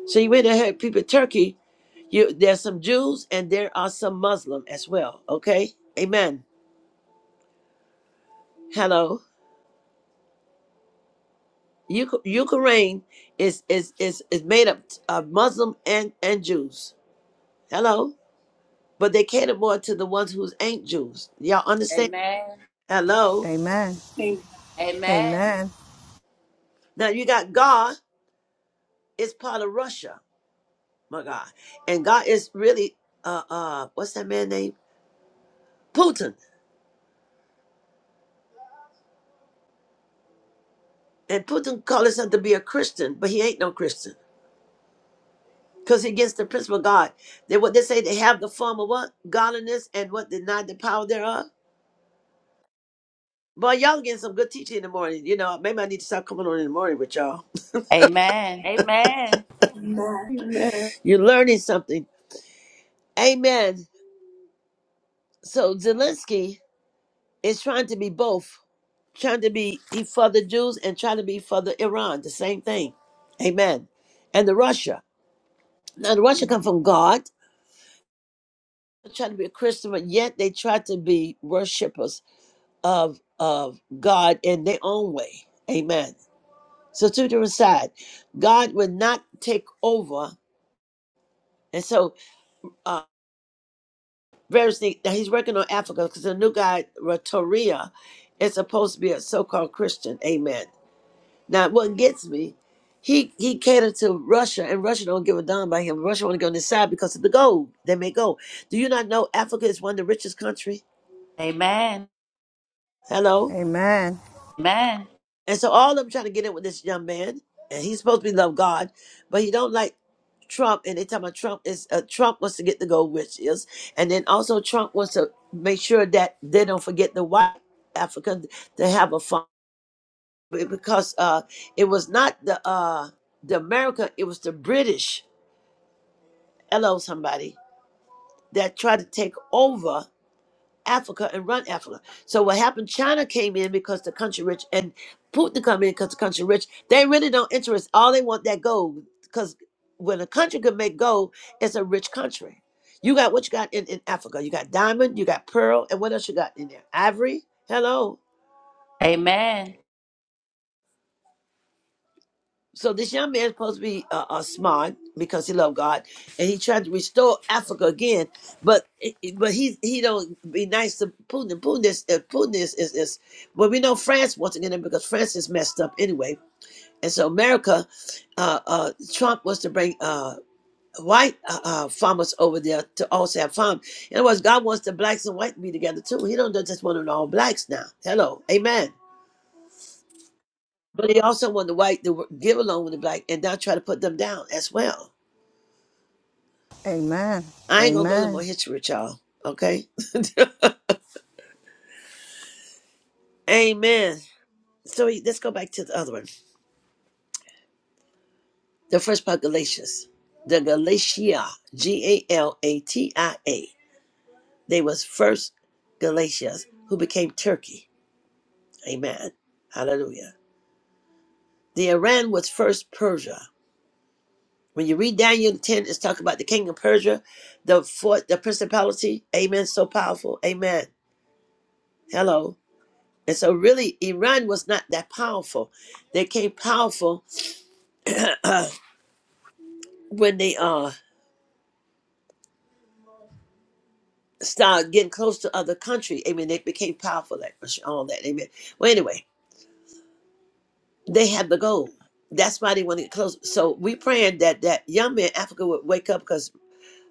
Speaker 4: So you went ahead, people Turkey. You there's some Jews and there are some Muslim as well. Okay, Amen. Hello, Uk- Ukraine is is is is made up of Muslim and and Jews. Hello, but they cater more to the ones who ain't Jews. Y'all understand?
Speaker 3: Amen.
Speaker 4: Hello.
Speaker 9: Amen.
Speaker 1: Amen.
Speaker 3: Amen.
Speaker 9: Amen.
Speaker 4: Now you got God is part of Russia, my God, and God is really uh uh what's that man name? Putin. And Putin called himself to be a Christian, but he ain't no Christian. because it against the principle of God. They what they say they have the form of what godliness and what deny the power thereof. Boy, y'all getting some good teaching in the morning. You know, maybe I need to stop coming on in the morning with y'all.
Speaker 3: Amen. Amen.
Speaker 1: Amen.
Speaker 4: You're learning something. Amen. So Zelensky is trying to be both, trying to be he for the Jews and trying to be for the Iran, the same thing. Amen. And the Russia. Now the Russia come from God, trying to be a Christian, but yet they try to be worshippers of of God in their own way. Amen So to the side, God would not take over. And so uh various things now he's working on Africa because the new guy, Ratoria, is supposed to be a so-called Christian. Amen. Now what gets me, he he catered to Russia and Russia don't give a damn by him. Russia wanna go on this side because of the gold. They may go. Do you not know Africa is one of the richest country?
Speaker 3: Amen.
Speaker 4: Hello?
Speaker 9: Amen.
Speaker 3: Amen.
Speaker 4: And so all of them trying to get in with this young man, and he's supposed to be love God, but he don't like Trump. And they talking about Trump is uh, Trump wants to get the gold riches, and then also Trump wants to make sure that they don't forget the white African to have a farm because uh, it was not the uh, the America, it was the British. Hello, somebody that tried to take over. Africa and run Africa. So what happened? China came in because the country rich, and Putin come in because the country rich. They really don't interest. All they want that gold because when a country can make gold, it's a rich country. You got what you got in, in Africa. You got diamond, you got pearl, and what else you got in there? Ivory. Hello.
Speaker 3: Amen.
Speaker 4: So this young man is supposed to be uh, uh, smart because he loved God, and he tried to restore Africa again. But it- it- but he he don't be nice to Putin. Putin is uh, Putin is, is is well we know France once again because France is messed up anyway. And so America, uh, uh, Trump was to bring uh, white uh, uh, farmers over there to also have farm. In other words, God wants the blacks and white to be together too. He don't just want it all blacks now. Hello, Amen. But they also want the white to give along with the black and not try to put them down as well. I ain't gonna go no
Speaker 9: Amen.
Speaker 4: more history with y'all. Okay? Amen. So we- let's go back to the other one. The first part, Galatians. The Galatia, G A L A T I A. They was first Galatians who became Turkey. Amen. Hallelujah. The Iran was first Persia. When you read Daniel 10, it's talking about the king of Persia, the fort, the principality. Amen. So powerful. Amen. Hello. And so, really, Iran was not that powerful. They came powerful when they uh started getting close to other countries. I mean, they became powerful, like all that. Amen. Well, anyway, they had the goal. That's why they want to get close. So we praying that that young man in Africa would wake up because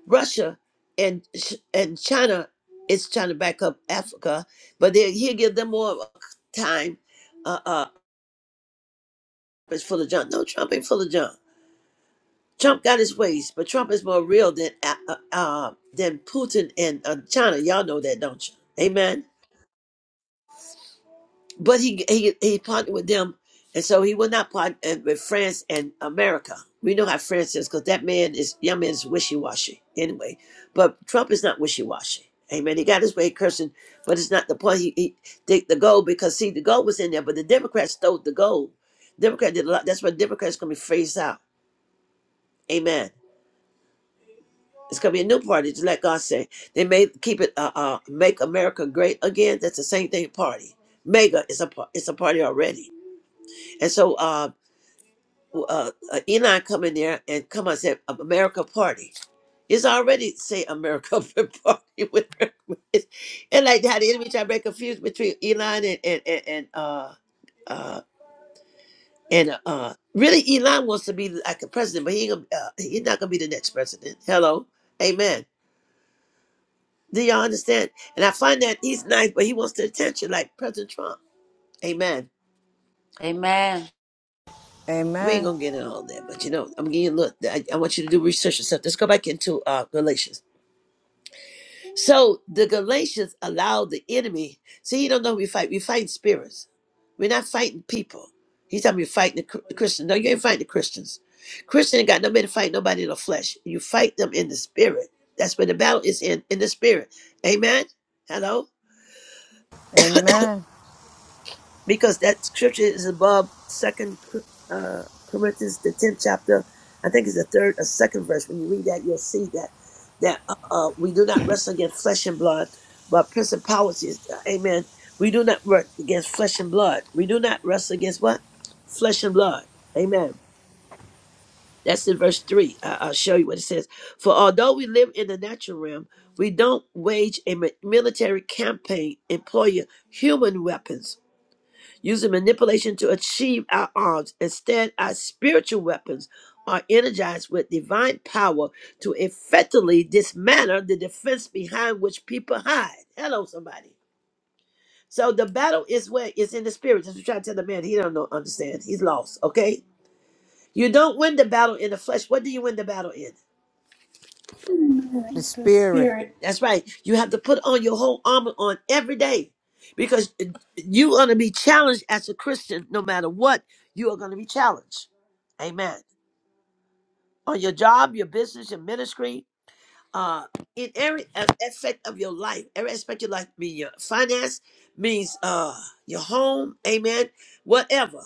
Speaker 4: Russia and Ch- and China is trying to back up Africa, but they he'll give them more time. Uh, uh, it's full of junk. No, Trump ain't full of junk. Trump got his ways, but Trump is more real than uh, uh, uh, than Putin and uh, China. Y'all know that, don't you? Amen. But he he he partnered with them, and so he will not partner uh, with France and America. We know how France is because that man is young man is wishy washy anyway. But Trump is not wishy washy. Amen. He got his way cursing, but it's not the point. He, he the, the gold because see the gold was in there, but the Democrats stole the gold. Democrat did a lot. That's why Democrats gonna be phased out. Amen. It's gonna be a new party. Just let God say they may keep it. Uh, uh, make America great again. That's the same thing. Party. Mega is a par- it's a party already. And so uh, w- uh, uh Enoch come in there and come on say America party. It's already say America party with with- and like how the enemy try to make confused between Elon and and and, and uh uh and uh uh, really Elon wants to be like a president, but he ain't gonna, uh, he's not gonna be the next president. Hello, Amen. Do y'all understand? And I find that he's nice, but he wants the attention like President Trump. Amen.
Speaker 3: Amen.
Speaker 4: We ain't
Speaker 9: Amen.
Speaker 4: gonna get into all that, but you know, I'm getting look. I, I want you to do research and stuff. Let's go back into uh, Galatians. So the Galatians allowed the enemy. See, you don't know who we fight. We fight spirits. We're not fighting people. He's talking about fighting the Chr- Christians. No, you ain't fighting the Christians. Christian ain't got nobody to fight nobody in the flesh. You fight them in the spirit. That's where the battle is in in the spirit. Amen. Hello.
Speaker 9: Amen.
Speaker 4: because that scripture is above second uh, corinthians the 10th chapter i think it's the third or second verse when you read that you'll see that that uh, uh, we do not wrestle against flesh and blood but principalities amen we do not work against flesh and blood we do not wrestle against what flesh and blood amen that's in verse 3 I- i'll show you what it says for although we live in the natural realm we don't wage a mi- military campaign employing human weapons using manipulation to achieve our arms. Instead, our spiritual weapons are energized with divine power to effectively dismantle the defense behind which people hide. Hello, somebody. So the battle is where it's in the spirit. That's what I'm trying to tell the man. He don't know, understand. He's lost. Okay. You don't win the battle in the flesh. What do you win the battle in?
Speaker 9: The
Speaker 1: Amen. The
Speaker 9: spirit,
Speaker 1: Spirit.
Speaker 4: That's right. You have to put on your whole armor on every day because you're going to be challenged as a Christian no matter what. You are going to be challenged. Amen. on your job, your business, your ministry, uh, in every a- aspect of your life, every aspect of your life, mean your finance, means uh, your home, amen, whatever.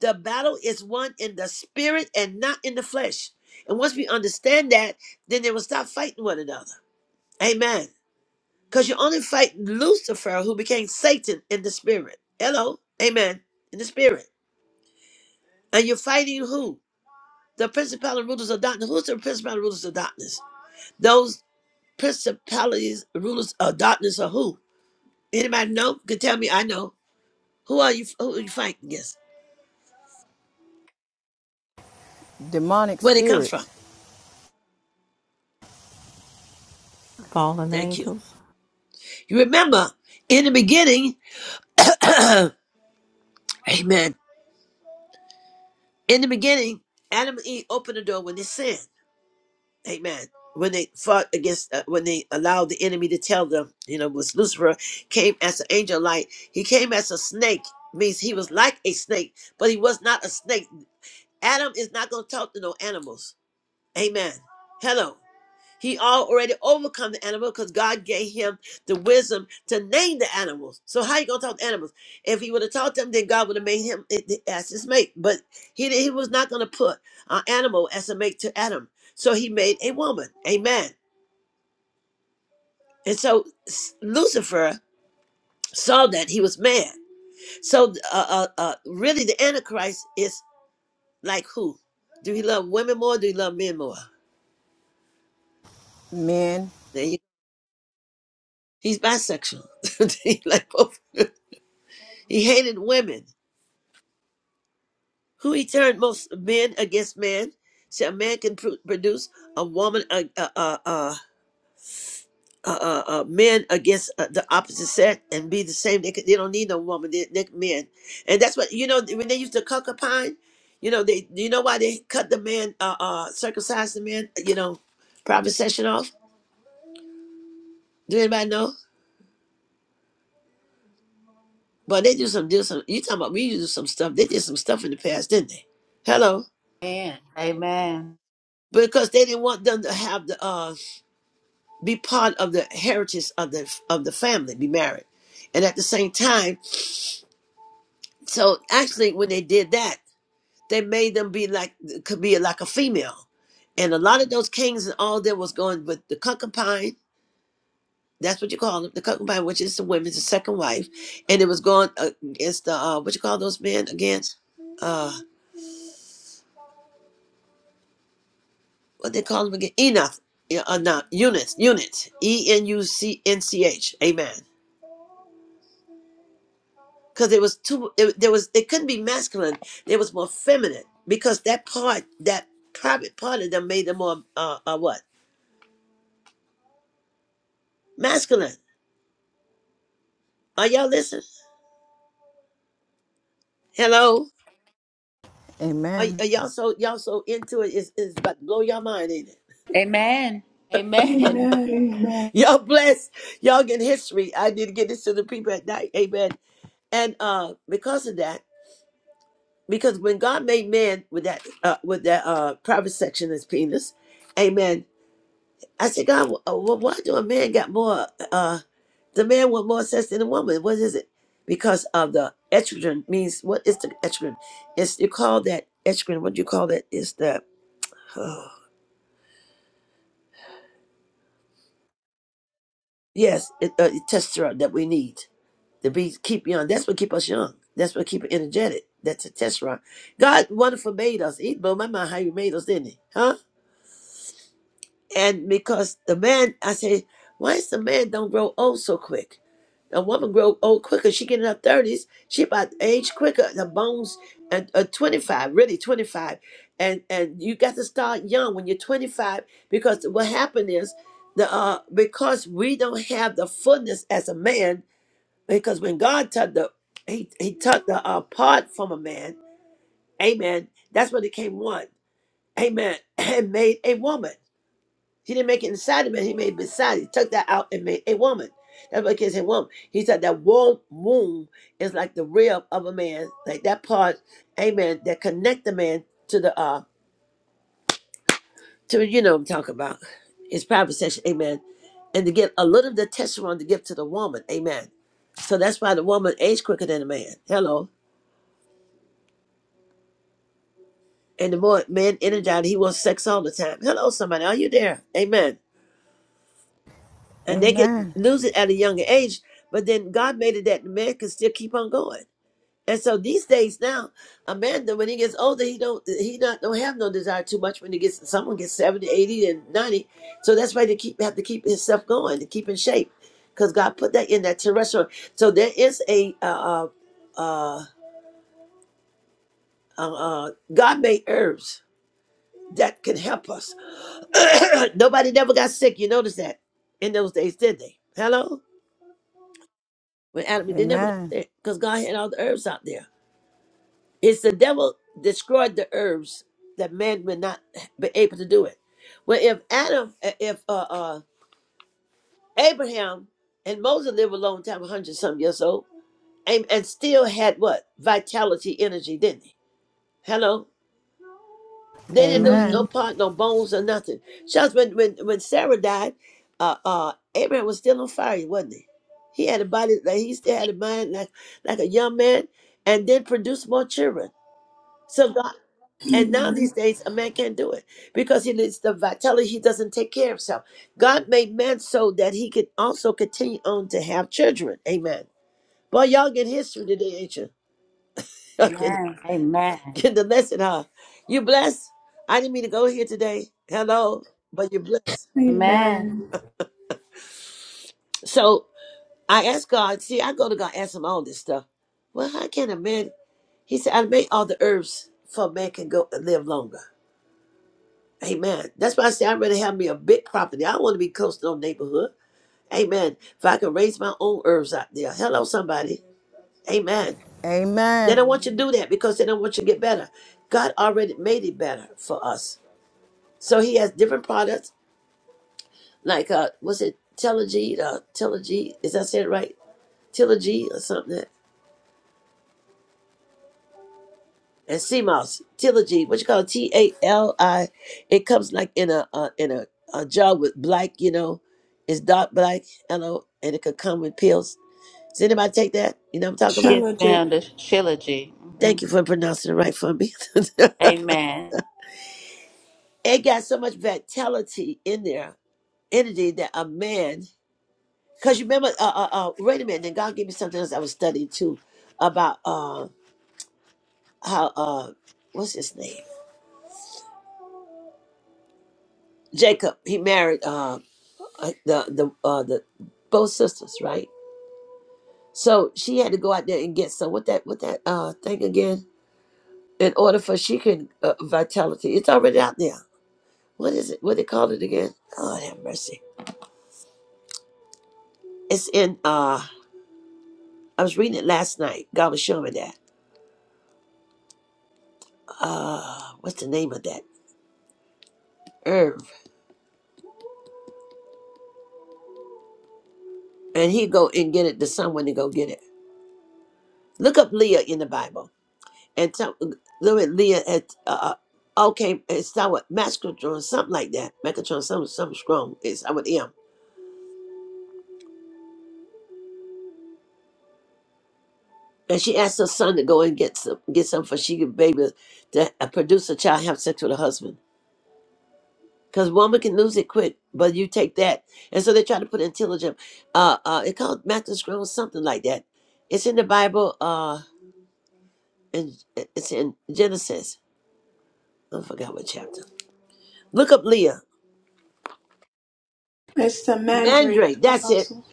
Speaker 4: The battle is won in the spirit and not in the flesh. And once we understand that, then they will stop fighting one another. Amen. Because you only fight Lucifer, who became Satan in the spirit. Hello. Amen. In the spirit. And you're fighting who? The principal and rulers of darkness. Who's the principal and rulers of darkness? Those principalities, rulers of darkness are who? Anybody know? can tell me. I know. Who are you? Who are you fighting against?
Speaker 9: demonic
Speaker 4: Where they come from?
Speaker 9: spirits,
Speaker 2: Fallen
Speaker 4: Thank you.
Speaker 2: angels.
Speaker 4: You remember in the beginning, Amen. In the beginning, Adam and Eve opened the door when they sinned. Amen. When they fought against, uh, when they allowed the enemy to tell them, you know, was Lucifer came as an angel of light. He came as a snake, means he was like a snake, but he was not a snake. Adam is not going to talk to no animals. Amen. Hello. He already overcome the animal because God gave him the wisdom to name the animals. So how you gonna talk to animals? If he would have taught them, then God would have made him as his mate. But he he was not gonna put an animal as a mate to Adam. So he made a woman. Amen. And so s- Lucifer saw that he was man. So uh, uh, uh, really, the Antichrist is like who? Do he love women more? Or do he love men more?
Speaker 9: men.
Speaker 4: There you- He's bisexual. he like both. He hated women Who he turned most men against man? See, a man can pr- produce a woman, a uh, uh, uh, uh, uh, uh, men against uh, the opposite sex and be the same. They, could- they don't need no woman. They, they men, and that's what you know. When they used to concubine, you know they. You know why they cut the man, uh, uh, circumcise the man? You know, private session off. Do anybody know? But they do some, do some. You talking about we used to do some stuff? They did some stuff in the past, didn't they? Hello,
Speaker 3: Amen. Amen.
Speaker 4: because they didn't want them to have the. uh. be part of the heritage of the of the family, be married. And at the same time, so actually when they did that, they made them be like could be like a female. And a lot of those kings and all that was going with the concubine, that's what you call them, the concubine, which is the women's the second wife, and it was going uh, against the uh, what you call those men again, uh, what they call them again, Enoch, yeah, uh, no, units, units, E N U C N C H, amen. because it was too it, there was it couldn't be masculine It was more feminine because that part that private part of them made them more uh, uh what masculine are y'all listening hello are,
Speaker 9: Amen.
Speaker 4: are y'all so y'all so into it it's, it's about to blow your mind ain't it
Speaker 3: Amen. Amen.
Speaker 1: Amen. Amen.
Speaker 4: y'all blessed y'all get history i need to get this to the people at night amen and uh because of that because when god made man with that uh with that uh private section of his penis amen I said, God, wh- uh, wh- why do a man got more? Uh, the man want more sex than the woman. What is it? Because of the estrogen means what is the estrogen? It's you call that estrogen. What do you call that? It's the yes, it, uh, testosterone that we need to be keep young. That's what keep us young. That's what keep us energetic. That's the testosterone. God wonderful made us. He blew my mind how He made us, didn't He? Huh? And because the man, I say, why is the man don't grow old so quick? A woman grow old quicker. She get in her thirties. She about age quicker. The bones and uh, twenty five, really twenty five, and and you got to start young when you're twenty five because what happened is the uh because we don't have the fullness as a man because when God took the he he took the uh, part from a man, amen. That's what it came one, amen, and made a woman. He didn't make it inside the man, he made beside. He took that out and made a woman. That's what kids say woman. He said that wo- womb is like the rib of a man, like that part, amen, that connect the man to the uh to you know what I'm talking about. His private session, amen. And to give a little of the testosterone to give to the woman, amen. So that's why the woman ages quicker than the man. Hello. And the more man energized, he wants sex all the time. Hello, somebody. Are you there? Amen. and they can
Speaker 9: Amen.
Speaker 4: lose it at a younger age. But then God made it that the man can still keep on going. And so these days now, a man when he gets older, he don't he not don't have no desire too much when he gets someone gets 70, 80, and ninety. So that's why they keep have to keep himself going to keep in shape, because God put that in that terrestrial. So there is a uh uh uh, uh God made herbs that can help us. Nobody never got sick. You notice that in those days, did they? Hello. When Adam, they never got
Speaker 9: Amen.
Speaker 4: there because God had all the herbs out there. It's the devil destroyed the herbs that man would not be able to do it. Well, if Adam, eh, if uh, uh, Abraham and Moses lived a long time, 100 some years old, and, and still had what? Vitality, energy, didn't he? Hello? They didn't lose
Speaker 9: Amen.
Speaker 1: Amen.
Speaker 4: no part, no bones or nothing. Just when when, when Sarah died, uh, uh, Abraham was still on fire, wasn't he? He had a body like he still had a mind like like a young man, and then produced more children. So God, and now
Speaker 1: Amen.
Speaker 4: these days a man can't do it because he needs the vitality. He doesn't take care of himself. God made man so that he could also continue on to have children. Amen. Boy, y'all get history today, ain't you? Okay.
Speaker 3: Amen. Amen.
Speaker 4: the lesson, huh? You blessed. I didn't mean to go here today. Hello, but you're blessed.
Speaker 3: Amen.
Speaker 1: Amen.
Speaker 4: So I asked God. See, I go to God, ask Him all this stuff. Well, how can a man? He said, "I make all the herbs for man can go and live longer." Amen. That's why I say I'd rather have me a big property. I want to be close to no neighborhood. Amen. If I can raise my own herbs out there. Hello, somebody. Amen. They
Speaker 9: Amen.
Speaker 4: don't want you to
Speaker 5: Amen.
Speaker 4: do that because they don't want you to get better. God already made it better for us. So He has different products like uh was it Telogy, uh Telogy, is that said right? Telogy or something. And CMOS, Telogy, what you call it? T A L I. It comes like in a uh, in a, a jar with black, you know, it's dark black, yellow, and it could come with pills. Does anybody take that? You know what I'm talking about?
Speaker 3: Yes,
Speaker 1: Trilogy.
Speaker 3: ma'am. The trilogy. hmm
Speaker 4: Thank you for pronouncing it right for me.
Speaker 3: Amen.
Speaker 4: it got so much vitality in there, energy that a man, because you remember, uh, uh, uh, wait a minute, then God gave me something else I was studying too about. uh. how uh what's his name jacob he married uh uh, the the uh the both sisters right so she had to go out there and get some what that what that uh thing again in order for she can uh, vitality it's already out there what is it what they call it again god have mercy it's in uh i was reading it last night god was showing me that uh what's the name of that herb and he go and get it to someone to go get it look up leah in the bible and tell look at Leah at uh, uh, okay, it's start what Mascatron, something like that. Macatron, something something strong. It's I with M. And she asked her son to go and get some get some for she could baby to uh, produce a child, have sex with her husband. Cause woman can lose it quick, but you take that. And so they try to put intelligent uh uh it called Macatron, something like that. It's in the Bible, uh and it's in Genesis. I forgot what chapter. Look up Leah.
Speaker 1: It's the Mandrake
Speaker 4: Mandrake, that's it.
Speaker 1: Apostle.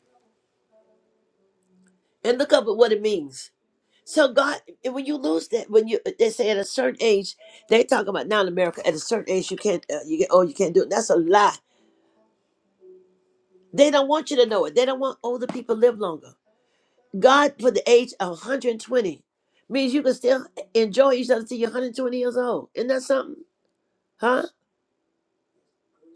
Speaker 4: And look up what it means So God, when you lose that, when you they say at a certain age, they talk about now in America at a certain age you can't, uh, you get oh you can't do it. That's a lie. They don't want you to know it. They don't want older people to live longer. God put the age of 120 means you can still enjoy each other till you're 120 years old. Isn't that something, huh?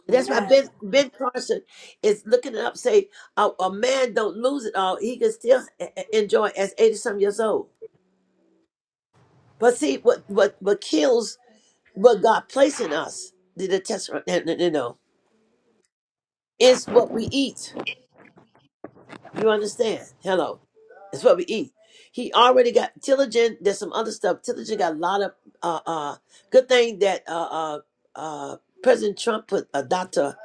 Speaker 4: That's why
Speaker 1: Amen.
Speaker 4: Ben Ben Carson is looking it up. Say a, a man don't lose it all. He can still e- e- enjoy as 80 some years old. But see what what what kills. What God placed in us, the, the test, you know. no, no, is what we eat. You understand? Hello. It's what we eat. He already got Tilligen. There's some other stuff. Tilligen got a lot of uh, uh, good thing that uh, uh, uh, President Trump put a doctor,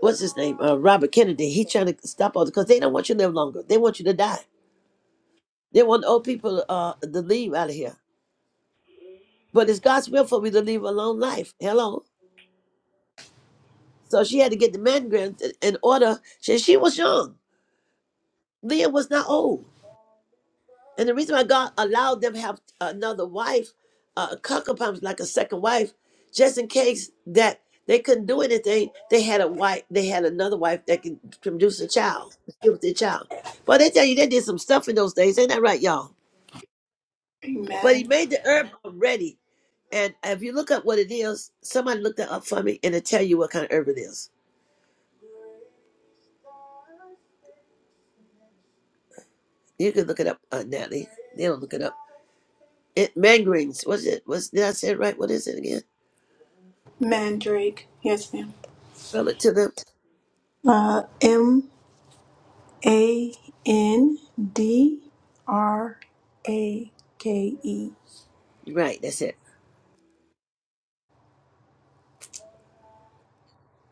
Speaker 4: what's his name, uh, Robert Kennedy. He trying to stop all because they don't want you to live longer. They want you to die. They want old people uh, to leave out of here. But it's God's will for me to live a long life. Hello. So she had to get the mammograms in order. She, she was young. Leah was not old. And the reason why God allowed them to have another wife, uh, concubine was like a second wife, just in case that they couldn't do anything, they had a wife, they had another wife that could produce a child, deal with their child. But they tell you they did some stuff in those days, ain't that right, y'all? But he
Speaker 1: Amen.
Speaker 4: made the herb already. And if you look up what it is, somebody looked it up for me and it'll tell you what kind of herb it is. You can look it up, uh, Natalie. They don't look it up. It mangarines. What's it? What's did I say it right? What is it again?
Speaker 1: Mandrake. Yes, ma'am.
Speaker 4: Well, it to the
Speaker 1: Uh, A N D R A K E.
Speaker 4: right. That's it.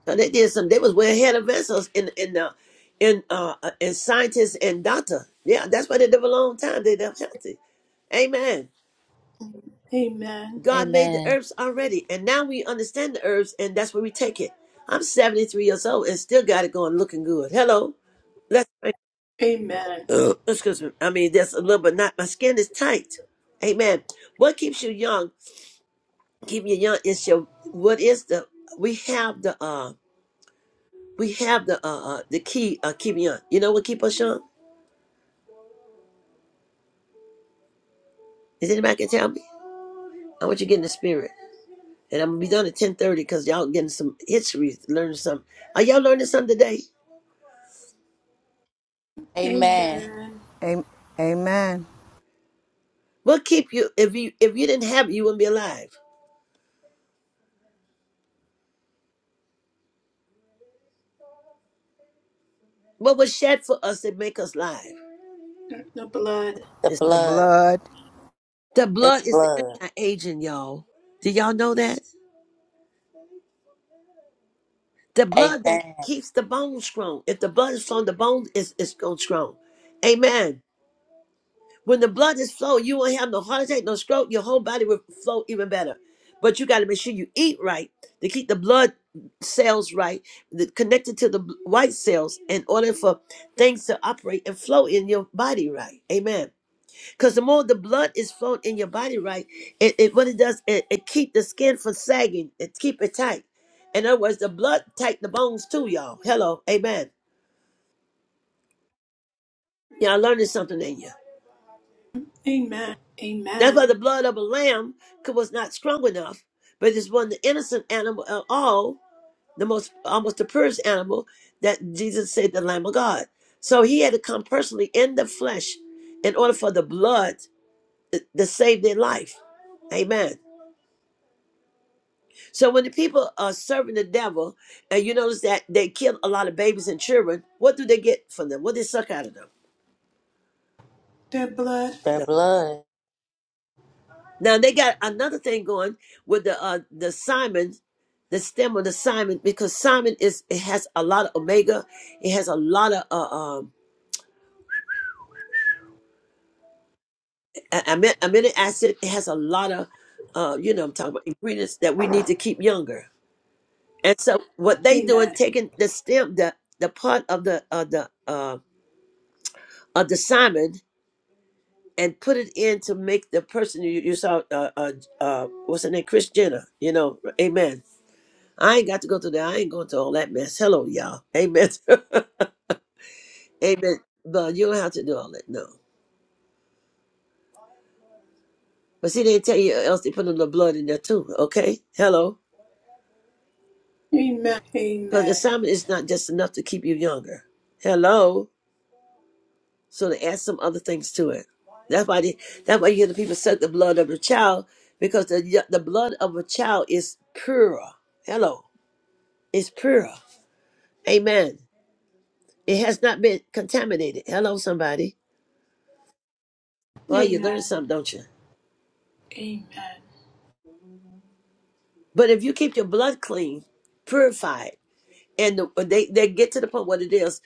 Speaker 4: So they did some. They was way ahead of vessels in in the in uh uh, in scientists and doctor. Yeah, that's why they live a long time. They live healthy. Amen.
Speaker 1: Amen.
Speaker 4: God made the
Speaker 3: Amen.
Speaker 4: herbs already, and now we understand the herbs, and that's where we take it. I'm 73 years old and still got it going, looking good. Hello. Let's.
Speaker 1: Amen.
Speaker 4: Uh, excuse me. I mean, that's a little, but not. My skin is tight. Amen. What keeps you young? Keep you young is your. What is the? We have the. Uh, We have the uh, uh the key uh Kibion. You know what keep us young? Is anybody can tell me? I want you to get in the spirit. And I'm gonna be done at ten thirty because y'all getting some history, learning something. Are y'all learning something today?
Speaker 3: Amen.
Speaker 1: Amen.
Speaker 9: Am- Amen.
Speaker 4: What keep you if you if you didn't have it, you wouldn't be alive. What was shed for us that make us live?
Speaker 1: The blood.
Speaker 3: The
Speaker 4: It's
Speaker 9: The
Speaker 3: blood.
Speaker 9: blood.
Speaker 4: the
Speaker 3: It's
Speaker 4: blood is the
Speaker 3: blood.
Speaker 4: anti-aging, y'all. Do y'all know that? The blood that
Speaker 3: Amen.
Speaker 4: keeps the bone strong. If the blood is strong, the bone is, is going strong. Amen. When the blood is flowing, you won't have no heart attack, no stroke. Your whole body will flow even better. But you got to make sure you eat right to keep the blood cells right, the, connected to the bl- white cells, in order for things to operate and flow in your body right. Amen. Because the more the blood is flowing in your body right, it, it what it does, it, it keep the skin from sagging. It keep it tight. In other words, the blood tight the bones too, y'all. Hello. Amen. Yeah, I learned something in you.
Speaker 1: Amen.
Speaker 4: That's why the
Speaker 1: Amen.
Speaker 4: blood of a lamb could- was not strong enough, but it's one of the innocent animal of all, the most almost the purest animal that Jesus said the Lamb of God. So he had to come personally in the flesh in order for the blood to save their life. Amen. So when the people are serving the devil, and you notice that they kill a lot of babies and children, what do they get from them? What do they suck out of them?
Speaker 1: The blood.
Speaker 3: The blood.
Speaker 4: Now they got another thing going with the uh the Simon, the stem of the Simon, because Simon is it has a lot of omega, it has a lot of uh, um a- ami- amino acid, it has a lot of uh you know what I'm talking about ingredients that we need to keep younger. And so what they doing
Speaker 1: Amen.
Speaker 4: taking the stem the the part of the of the uh of the Simon and put it in to make the person you, you saw uh, uh uh what's her name Chris Jenner you know amen I ain't got to go through that. I ain't going through all that mess. Hello, y'all. Amen. Amen. But you don't have to do all that. No. But see, they tell you uh, else they put a little blood in there too. Okay. Hello.
Speaker 1: Amen.
Speaker 4: Because the
Speaker 1: Amen.
Speaker 4: salmon is not just enough to keep you younger. Hello. So they add some other things to it. That's why they, that's why you hear the people suck the blood of the child because the y- the blood of a child is pure. Hello. It's pure. Amen. It has not been contaminated. Hello, somebody. Well, you learn
Speaker 1: Amen.
Speaker 4: something, don't you?
Speaker 1: Amen.
Speaker 4: But if you keep your blood clean, purified, and the, they they get to the point what it is.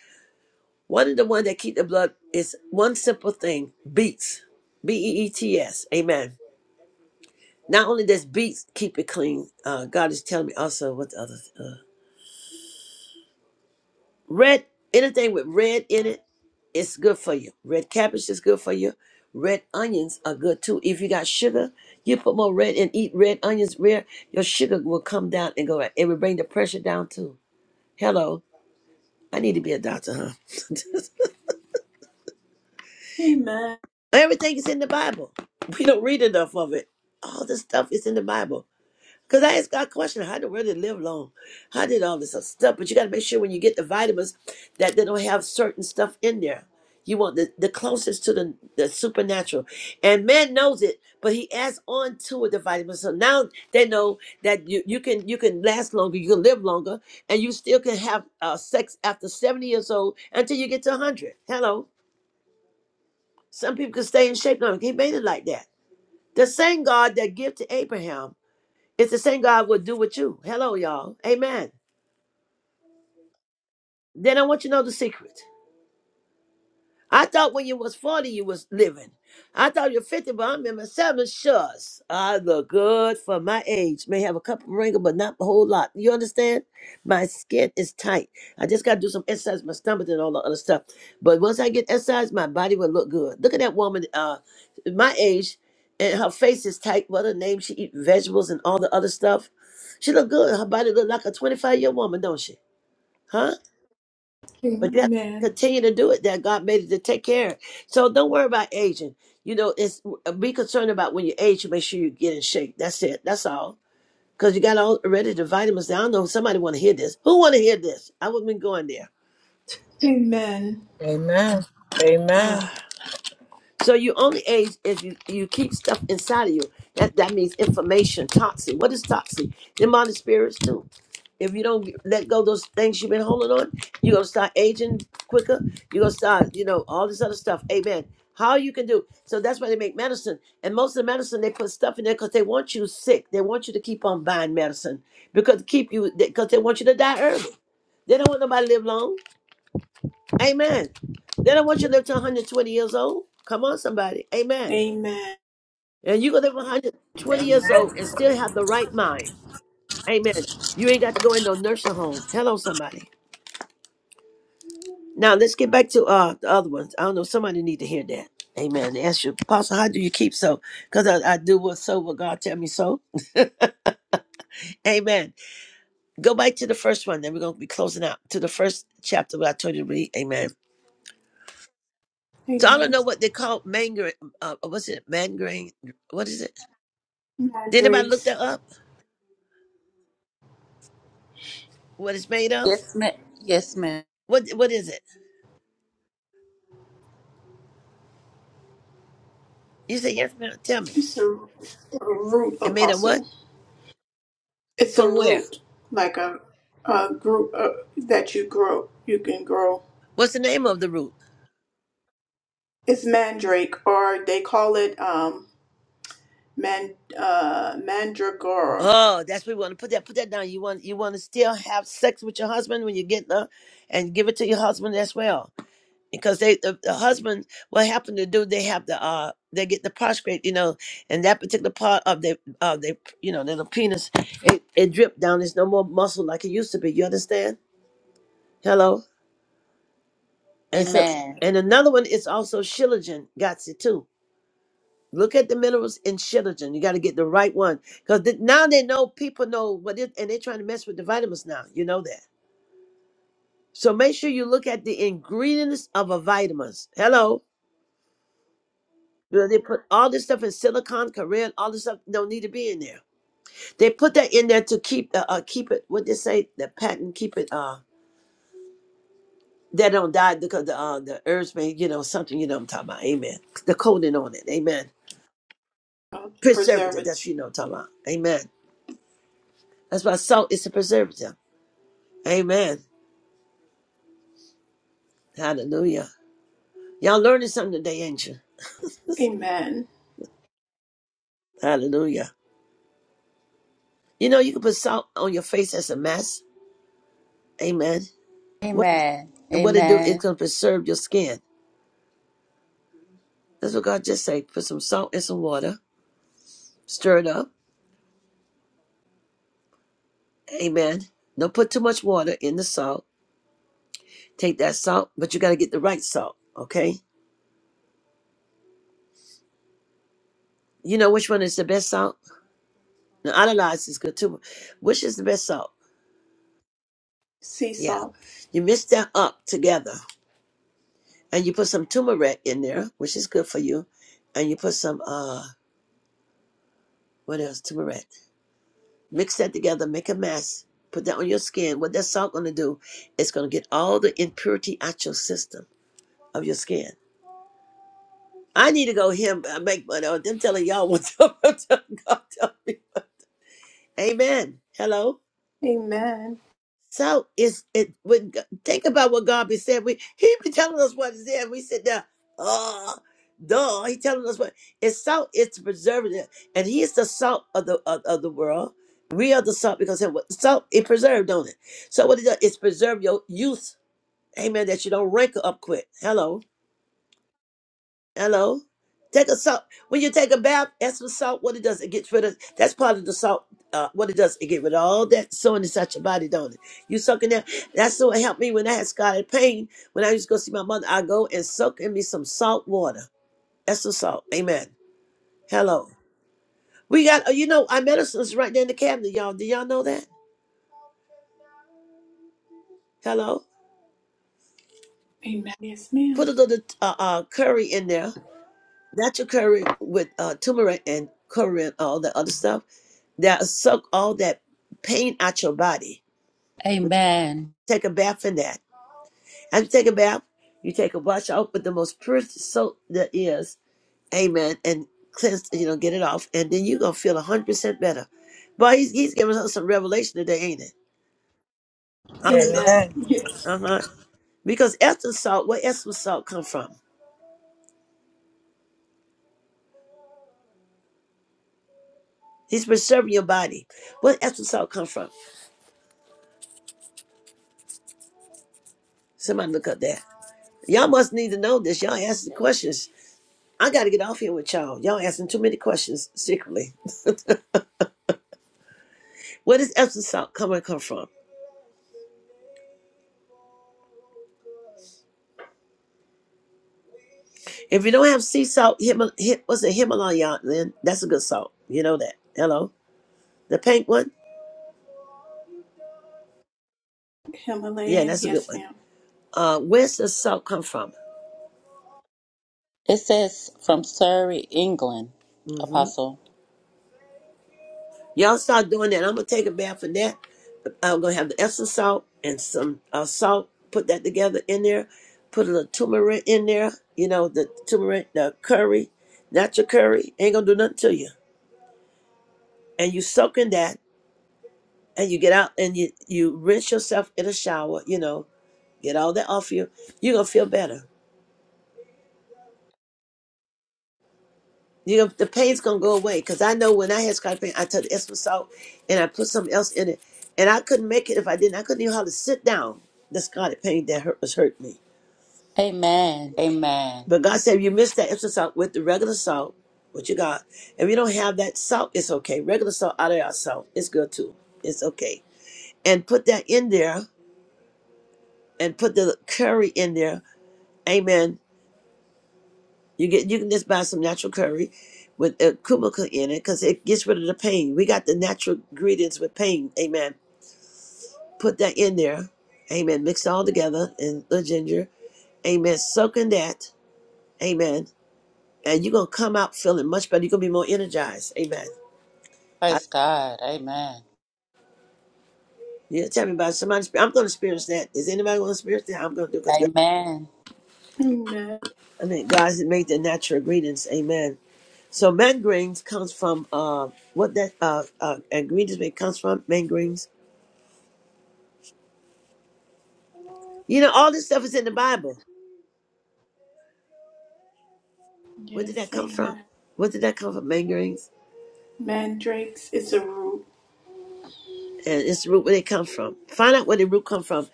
Speaker 4: One of the one that keep the blood is one simple thing: beets, B E E T S. Amen. Not only does beets keep it clean, uh, God is telling me also what the other uh, red anything with red in it, it's good for you. Red cabbage is good for you. Red onions are good too. If you got sugar, you put more red and eat red onions. Red, your sugar will come down and go. It will bring the pressure down too. Hello. I need to be a doctor, huh?
Speaker 1: Amen.
Speaker 4: Everything is in the Bible. We don't read enough of it. All this stuff is in the Bible. Because I asked God a question, how did where live long? How did all this stuff? But you got to make sure when you get the vitamins that they don't have certain stuff in there. You want the, the closest to the, the supernatural. And man knows it, but he adds on to it the vitamins. So now they know that you, you can you can last longer, you can live longer, and you still can have uh, sex after 70 years old until you get to 100. Hello Some people can stay in shape long. He made it like that. The same God that gave to Abraham is the same God will do with you. Hello, y'all. Amen. Then I want you to know the secret. I thought when you was 40, you was living. I thought you are 50, but I am in my seventies. shucks. I look good for my age. May have a couple wrinkles, but not a whole lot. You understand? My skin is tight. I just got to do some exercise, my stomach and all the other stuff. But once I get exercise, my body will look good. Look at that woman uh, my age, and her face is tight. What her name? She eat vegetables and all the other stuff. She look good. Her body look like a 25 year woman, don't she? Huh? But you have to
Speaker 1: Amen.
Speaker 4: continue to do it that God made it to take care of. So don't worry about aging. You know, it's be concerned about when you age, you make sure you get in shape. That's it. That's all. Because you got all already the vitamins. I don't know if somebody want to hear this. Who want to hear this? I wouldn't be going there.
Speaker 1: Amen.
Speaker 9: Amen. Amen.
Speaker 4: So you only age if you, you keep stuff inside of you. That that means information, toxic. What is toxic? Demonic spirits too. If you don't let go of those things you've been holding on, you're gonna start aging quicker. You're gonna start, you know, all this other stuff. Amen. How you can do so that's why they make medicine. And most of the medicine they put stuff in there because they want you sick. They want you to keep on buying medicine because keep you because they want you to die early. They don't want nobody to live long. Amen. They don't want you to live to 120 years old. Come on, somebody. Amen.
Speaker 1: Amen.
Speaker 4: And you can live 120 years old and still have the right mind. Amen. You ain't got to go in no nursing home. Hello, somebody. Now let's get back to uh the other ones. I don't know. Somebody need to hear that. Amen. Ask you, Apostle, how do you keep so? Because I, I do what so what God tell me so. Amen. Go back to the first one. Then we're gonna be closing out to the first chapter what I told you to read. Amen. So I don't
Speaker 1: Amen.
Speaker 4: know what they call mangrain. Uh, what's it? Mangrain. What is it? Did anybody look
Speaker 1: Madrix.
Speaker 4: that up? What it's made of?
Speaker 3: Yes, ma'am. Yes, ma'am.
Speaker 4: What What is it? You say yes, ma'am. Tell me.
Speaker 1: It's a, a root
Speaker 4: It made of
Speaker 1: apostle.
Speaker 4: what?
Speaker 1: It's a
Speaker 4: From where?
Speaker 1: root, like a, a group uh, that you grow. You can grow.
Speaker 4: What's the name of the root?
Speaker 1: It's mandrake, or they call it um, man, uh, mandragora
Speaker 4: Oh, that's what we want to put that. Put that down. You want you want to still have sex with your husband when you get there, and give it to your husband as well, because they the, the husband what happened to do they have the uh they get the prostrate you know, and that particular part of the of the you know little penis it it drip down. There's no more muscle like it used to be. You understand? Hello. And so
Speaker 3: Amen.
Speaker 4: and another one is also shilajit. Got it too. Look at the minerals in Shilajit. You got to get the right one because now they know people know what it, and they're trying to mess with the vitamins now. You know that. So make sure you look at the ingredients of a vitamins. Hello. You know, They put all this stuff in silicon, Korean, all this stuff don't need to be in there. They put that in there to keep uh, uh keep it. What they say, the patent, keep it uh that don't die because the uh the herbs may you know something you know what I'm talking about. Amen. The coating on it. Amen.
Speaker 1: uh,
Speaker 4: Preservative. That's what
Speaker 1: preservative.
Speaker 4: you know what I'm talking about. Amen. That's why salt is a preservative. Amen. Hallelujah. Y'all learning something today, ain't you?
Speaker 1: Amen.
Speaker 4: Hallelujah. You know, you can put salt on your face as a mask. Amen. What
Speaker 3: Amen.
Speaker 4: and what it do, it's
Speaker 3: Amen.
Speaker 4: gonna preserve your skin. That's what God just said. Put some salt and some water. Stir it up. Amen. Don't put too much water in the salt. Take that salt, but you gotta get the right salt, okay? You know which one is the best salt? Now, analyze is good too. Which is the best salt?
Speaker 1: Sea
Speaker 4: Yeah.
Speaker 1: salt.
Speaker 4: You mix that up together. and you put some turmeric in there, which is good for you, and you put some uh what else turmeric. Mix that together, make a mass. put that on your skin. What that salt gonna do? It's gonna get all the impurity out your system of your skin. I need to go here and make money. Oh, them telling y'all what to God tell me. Amen. Hello.
Speaker 1: Amen.
Speaker 4: So it's it when G- think about what God be saying. We he be telling us what is there. and We sit there, oh duh. He telling us what it's salt, it's preservative. And he is the salt of the of, of the world. We are the salt because it, what- salt it preserved, don't it? So what it does, it's preserve your youth, amen, that you don't wrinkle up quick. Hello. Hello. Take a salt. When you take a bath, that's what salt. What it does, it gets rid of. That's part of the salt. Uh, what it does, it get rid of all that soreness inside your body, don't it? You soaking that. That's what helped me when I had scarlet pain. When I used to go see my mother, I go and soak in me some salt water. That's the salt. Amen. Hello. We got. uh, You know, our medicine is right there in the cabinet, y'all. Do y'all know that? Hello.
Speaker 1: Amen. Yes,
Speaker 4: Put
Speaker 1: ma'am.
Speaker 4: a little uh, uh, curry in there. Natural curry with uh, turmeric and curry and all that other stuff that suck all that pain out your body.
Speaker 3: Amen.
Speaker 4: Take a bath in that. And take a bath, you take a wash off with the most pure soap there is. Amen. And cleanse, you know, get it off. And then you're going to feel 100% better. Boy, he's, he's giving us some revelation today, ain't it? Uh
Speaker 1: Amen.
Speaker 9: Amen.
Speaker 1: Yes.
Speaker 4: huh. Because Epsom salt, where Epsom salt come from? He's preserving your body. Where Epsom salt come from? Somebody look up that. Y'all must need to know this. Y'all asking questions. I got to get off here with y'all. Y'all asking too many questions secretly. Where does Epsom salt come and come from? If you don't have sea salt, Himal- Him, what's a Himalayan? Then that's a good salt. You know that. Hello, the pink one. Yeah,
Speaker 1: Himalayan.
Speaker 4: that's a good
Speaker 1: Yes,
Speaker 4: one.
Speaker 1: ma'am.
Speaker 4: Uh, where's the salt come from?
Speaker 3: It says from Surrey, England,
Speaker 4: hmm
Speaker 3: Apostle.
Speaker 4: Y'all start doing that. I'm gonna take a bath for that. I'm gonna have the Epsom salt and some uh, salt. Put that together in there. Put a little turmeric in there. You know the turmeric, the curry, natural curry ain't gonna do nothing to you. And you soak in that, and you get out and you you rinse yourself in a shower. You know Get all that off you. You're gonna feel better. You the pain's gonna go away. Cause I know when I had scalp pain, I took the Epsom salt and I put something else in it, and I couldn't make it if I didn't. I couldn't even hardly sit down. The scarlet pain that hurt was hurt me.
Speaker 3: Amen. Amen.
Speaker 4: But God said, if you miss that Epsom salt with the regular salt, what you got. If you don't have that salt, it's okay. Regular salt, out of our salt, it's good too. It's okay. And put that in there, and put the curry in there. Amen You get you can just buy some natural curry with uh, kumaka in it because it gets rid of the pain. We got the natural ingredients with pain. Amen. Put that in there. Amen. Mix it all together and the ginger. Amen. Soak in that. Amen. And you're gonna come out feeling much better. You're gonna be more energized. Amen. How-
Speaker 3: Praise God. Amen.
Speaker 4: Yeah, tell me about it. somebody. I'm gonna experience that. Is anybody gonna experience that? I'm gonna do because
Speaker 3: Amen.
Speaker 1: Amen.
Speaker 4: I think God has made the natural ingredients. Amen. So mangroves comes from uh what that uh, uh ingredients it comes from mangroves You know, all this stuff is in the Bible. Where did
Speaker 1: Yes,
Speaker 4: that come from?
Speaker 1: amen.
Speaker 4: Where did that come from? Mangerings?
Speaker 1: Mandrakes is a root.
Speaker 4: And it's the root where they come from. Find out where the root come from.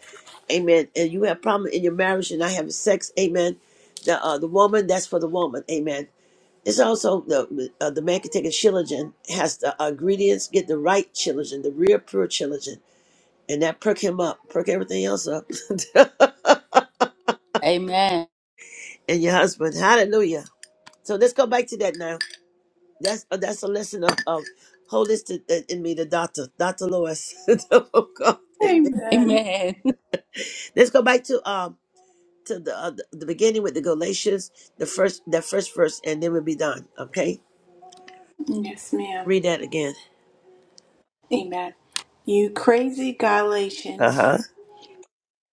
Speaker 4: Amen. And you have problem in your marriage and not having sex. Amen. The uh, the woman, that's for the woman. Amen. It's also the uh, the man can take a chilogen, has the uh, ingredients, get the right chilogen, the real pure chilogen, and that perk him up, perk everything else up,
Speaker 3: Amen.
Speaker 4: and your husband. Hallelujah. So let's go back to that now. That's uh, that's a lesson of, of holistic in in me, the doctor, Doctor Lewis. oh God, amen.
Speaker 1: Amen.
Speaker 3: Amen.
Speaker 4: Let's go back to um to the uh, the the beginning with the Galatians, the first that first verse, and then we'll be done. Okay,
Speaker 1: Yes, ma'am.
Speaker 4: read that again.
Speaker 1: Amen. You crazy
Speaker 4: Uh
Speaker 1: Galatians.
Speaker 4: huh.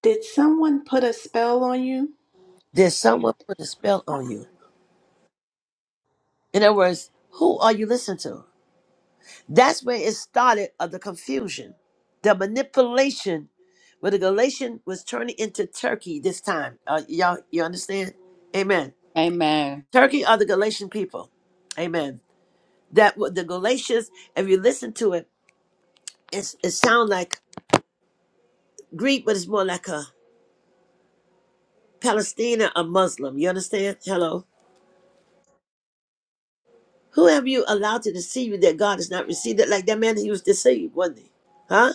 Speaker 1: Did someone put a spell on you?
Speaker 4: Did someone put a spell on you? In other words, who are you listening to? That's where it started of the confusion, the manipulation, where the Galatian was turning into Turkey this time. Uh, y'all, you understand? Amen.
Speaker 3: Amen.
Speaker 4: Turkey are the Galatian people. Amen. That what the Galatians, if you listen to it, it's, it sounds like Greek, but it's more like a Palestinian, a Muslim. You understand? Hello. Who have you allowed to deceive you that God has not received it? Like that man, he was deceived, wasn't he? Huh?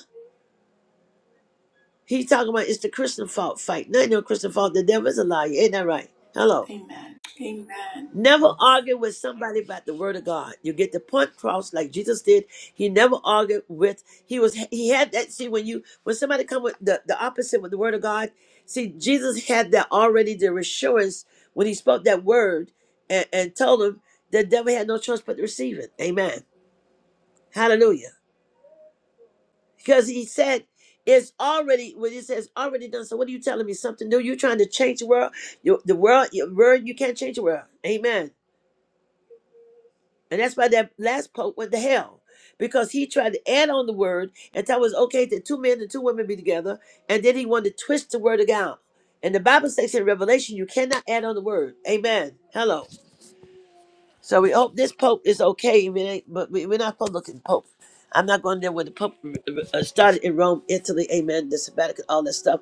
Speaker 4: He talking about it's the Christian fault fight. Not no Christian fault. The devil is a liar. Ain't that right? Hello.
Speaker 1: Amen. Amen.
Speaker 4: Never argue with somebody about the word of God. You get the point cross like Jesus did. He never argued with he was he had that see when you when somebody come with the, the opposite with the word of God, see Jesus had that already the assurance when he spoke that word and, and told them the devil had no choice but to receive it. Amen. Hallelujah. Because he said it's already when he says already done. So what are you telling me? Something new? You're trying to change the world. You, the world, your word. you can't change the world. Amen. And that's why that last pope went to hell. Because he tried to add on the word and thought it was okay that two men and two women be together. And then he wanted to twist the word of God. And the Bible says in Revelation, you cannot add on the word. Amen. Hello. So we hope this pope is okay. We ain't, but we, we're not supposed to look at the pope. I'm not going there where the pope uh, started in Rome, Italy. Amen. The sabbatical, all that stuff.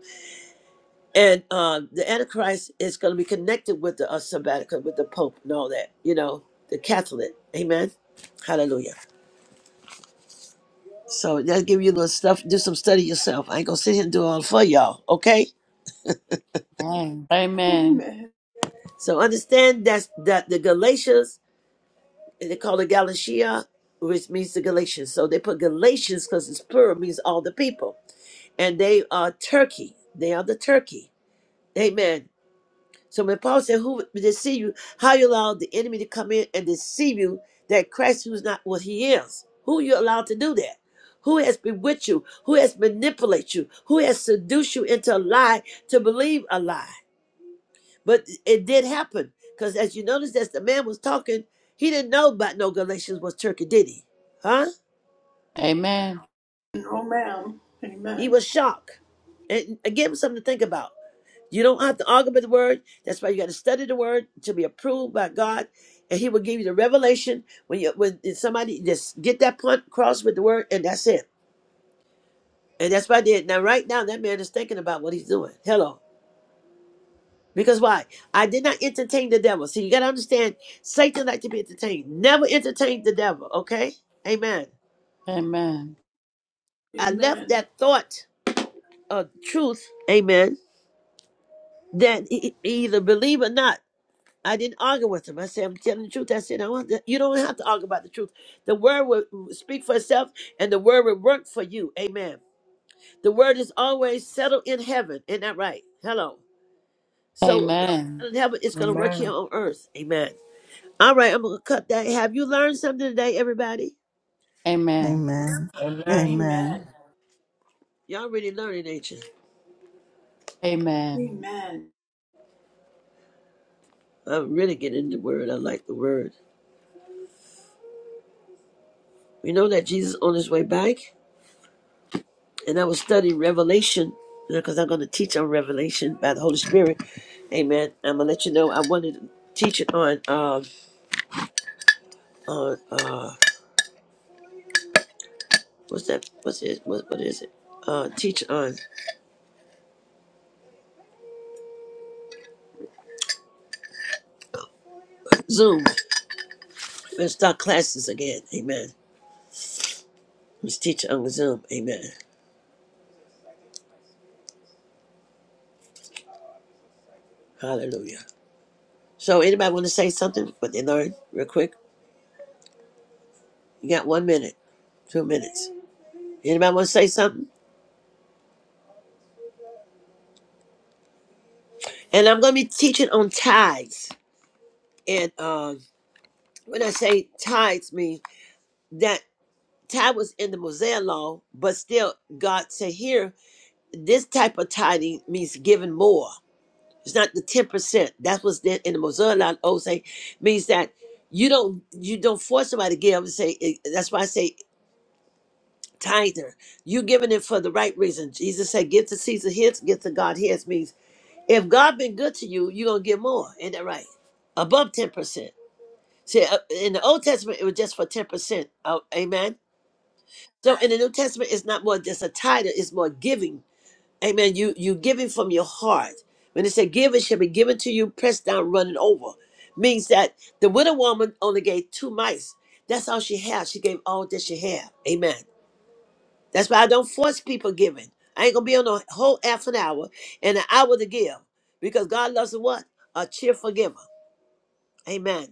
Speaker 4: And uh, the Antichrist is going to be connected with the uh, sabbatical, with the pope and all that. You know, the Catholic. Amen. Hallelujah. So that'll give you a little stuff. Do some study yourself. I ain't gonna sit here and do all for y'all. Okay.
Speaker 3: Amen. Amen.
Speaker 1: Amen.
Speaker 4: So understand that's that the Galatians and they call it Galatia, which means the Galatians. So they put Galatians because it's plural means all the people, and they are Turkey. They are the Turkey. Amen. So when Paul said, "Who would deceive you?" How you allow the enemy to come in and deceive you that Christ, who's not what he is, who you allowed to do that? Who has bewitched you? Who has manipulated you? Who has seduced you into a lie to believe a lie? But it did happen because, as you notice, as the man was talking, he didn't know about no Galatians was Turkey, did he? Huh?
Speaker 3: Amen.
Speaker 1: Oh, ma'am.
Speaker 4: He
Speaker 1: Amen.
Speaker 4: was shocked, and it gave him something to think about. You don't have to argue with the word. That's why you got to study the word to be approved by God, and He will give you the revelation when you when somebody just get that point across with the word, and that's it. And that's what I did. Now, right now, that man is thinking about what he's doing. Hello, because why? I did not entertain the devil. See, you got to understand, Satan like to be entertained. Never entertain the devil. Okay, Amen.
Speaker 3: Amen. Amen.
Speaker 4: I left
Speaker 1: Amen.
Speaker 4: that thought of truth, Amen. That e- e- either believe or not. I didn't argue with him. I said, I'm telling the truth. I said, I want to, you don't have to argue about the truth. The word will speak for itself and the word will work for you. Amen. The word is always settled in heaven. Isn't that right? Hello. So
Speaker 3: Amen.
Speaker 4: in heaven, it's going to work here
Speaker 9: Amen.
Speaker 4: on earth. Amen. All right, I'm going to cut that. Have you learned something today, everybody?
Speaker 2: Amen.
Speaker 9: Amen.
Speaker 1: Amen.
Speaker 2: Amen.
Speaker 4: Y'all really learning, ain't you?
Speaker 3: Amen.
Speaker 1: Amen.
Speaker 4: I'm really getting the word. I like the word. We know that Jesus on his way back. and I was studying Revelation because I'm going to teach on Revelation by the Holy Spirit. Amen. I'm gonna let you know I wanted to teach it on uh on uh what's that what's it what, what is it uh teach on Zoom. Let's start classes again. Amen. Let's teach on Zoom. Amen. Hallelujah. So anybody want to say something? What they learned real quick? You got one minute, two minutes. Anybody want to say something? And I'm gonna be teaching on tithes and um. When I say tithes, mean that Tithe was in the Mosaic law, but still God said here, this type of tithing means giving more. It's not the ten percent. That's what's then in the Mosaic law. Old say means that you don't you don't force somebody to give. And say eh, that's why I say tither. You giving it for the right reason. Jesus said, "Give to Caesar his, give to God his." Means if God been good to you, you are gonna give more. Ain't that right? Above ten percent. See, uh, in the Old Testament, it was just for ten percent. Oh, amen. So in the New Testament, it's not more just a title, it's more giving. Amen. You you giving from your heart. When it said give, it shall be given to you, pressed down, running over. Means that the widow woman only gave two mites. That's all she had. She gave all that she had. Amen. That's why I don't force people giving. I ain't gonna be on a whole half an hour and an hour to give. Because God loves a what? A cheerful giver. Amen.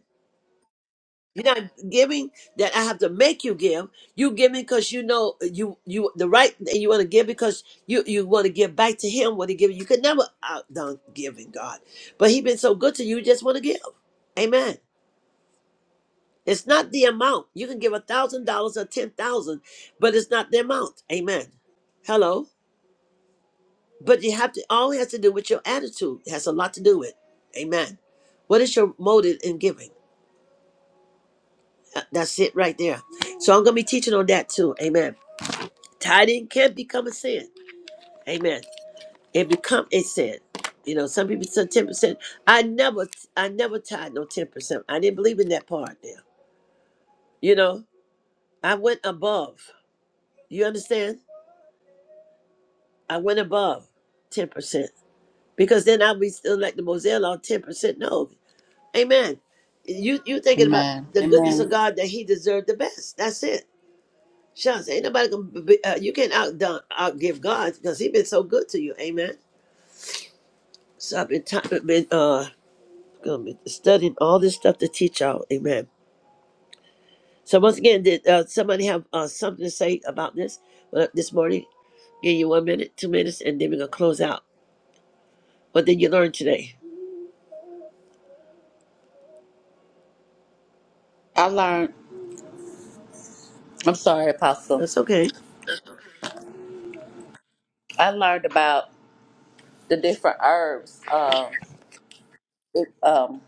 Speaker 4: You're not giving that I have to make you give. You giving because you know you you the right and you want to give because you you want to give back to him what he gave you. You could never outdone giving God, but he been so good to you. You just want to give. Amen. It's not the amount. You can give a thousand dollars or ten thousand, but it's not the amount. Amen. Hello. But you have to all has to do with your attitude. It has a lot to do with. Amen. What is your motive in giving? Uh, That's it right there. So I'm gonna be teaching on that too. Amen. Tithing can become a sin. Amen. It become a sin. You know, some people said ten percent. I never, I never tied no ten percent. I didn't believe in that part. Now, you know, I went above. You understand? I went above ten percent because then I'll be still like the Moselle on ten percent. No, Amen. You you thinking about
Speaker 3: Amen.
Speaker 4: the goodness of
Speaker 3: Amen.
Speaker 4: God that He deserved the best. That's it. Shucks, ain't nobody gonna be, uh, you can't out outgive God because He been so good to you. Amen. So I've been, t- been uh um, studying all this stuff to teach y'all. Amen. So once again, did uh, somebody have uh, something to say about this uh, this morning? Give you one minute, two minutes, and then we're gonna close out. What did you learn today?
Speaker 3: I learned. I'm sorry, Apostle.
Speaker 4: That's okay.
Speaker 3: I learned about the different herbs. Uh, it, um,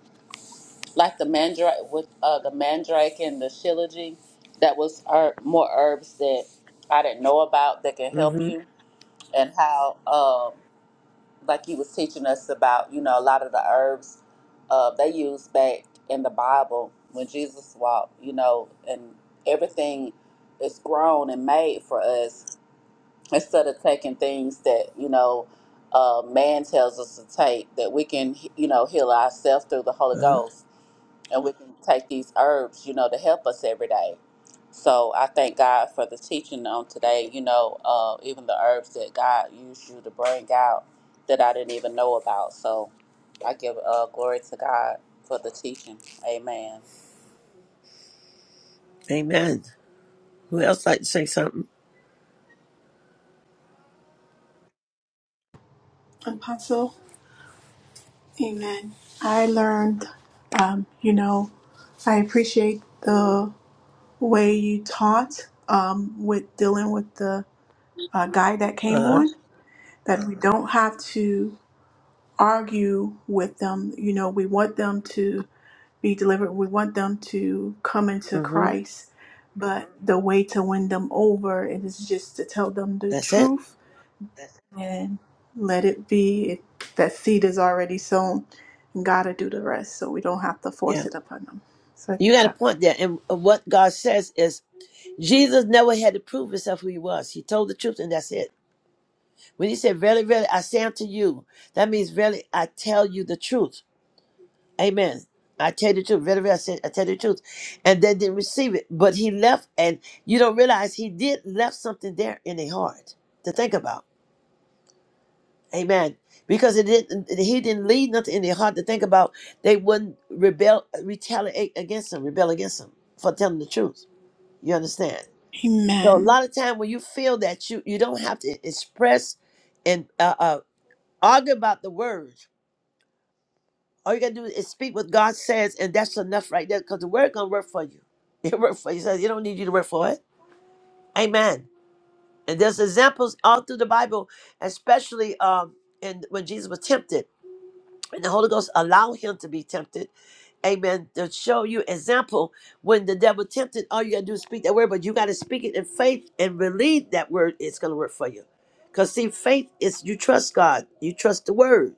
Speaker 3: like the mandrake with uh, the mandrake and the shilajit. That was herb, more herbs that I didn't know about that can help
Speaker 4: Mm-hmm.
Speaker 3: you, and how. um. like you was teaching us about, you know, a lot of the herbs uh, they used back in the Bible when Jesus walked, you know, and everything is grown and made for us instead of taking things that, you know, uh, man tells us to take that we can, you know, heal ourselves through the Holy
Speaker 4: Uh,
Speaker 3: Ghost and we can take these herbs, you know, to help us every day. So I thank God for the teaching on today, you know, uh, even the herbs that God used you to bring out that I didn't even know about. So I give uh, glory to God for the teaching. Amen.
Speaker 4: amen. Who else like to say something?
Speaker 1: Apostle, amen. I learned, um, you know, I appreciate the way you taught um, with dealing with the uh, guy that came
Speaker 4: Uh.
Speaker 1: on, that we don't have to argue with them. You know, we want them to be delivered. We want them to come into
Speaker 4: Mm-hmm.
Speaker 1: Christ, but the way to win them over is just to tell them the
Speaker 4: That's it.
Speaker 1: truth and let it be. If that seed is already sown, and God will do the rest, so we don't have to force
Speaker 4: Yeah.
Speaker 1: it upon them. So I
Speaker 4: You
Speaker 1: thank
Speaker 4: got a
Speaker 1: God for
Speaker 4: point
Speaker 1: that.
Speaker 4: there. And what God says is, Jesus never had to prove himself who he was. He told the truth, and that's it. When he said, "Verily, verily, I say unto you," that means, "Verily, I tell you the truth." Amen. I tell you the truth. Very, very, I, said, I tell you the truth. And they didn't receive it. But he left, and you don't realize he did left something there in their heart to think about. Amen. Because it didn't he didn't leave nothing in their heart to think about. They wouldn't rebel retaliate against him, rebel against him for telling the truth. You understand? So a
Speaker 1: Amen.
Speaker 4: lot of time when you feel that you you don't have to express and uh, uh, argue about the word All you gotta do is speak what God says, and that's enough right there, because the word gonna work for you. It work for you. He says you don't need you to work for it. Amen. And there's examples all through the Bible, especially um in when Jesus was tempted, and the Holy Ghost allowed him to be tempted. Amen. To show you example, when the devil tempted, all you gotta do is speak that word, but you gotta speak it in faith and believe that word is gonna work for you. Cause see, faith is you trust God, you trust the word.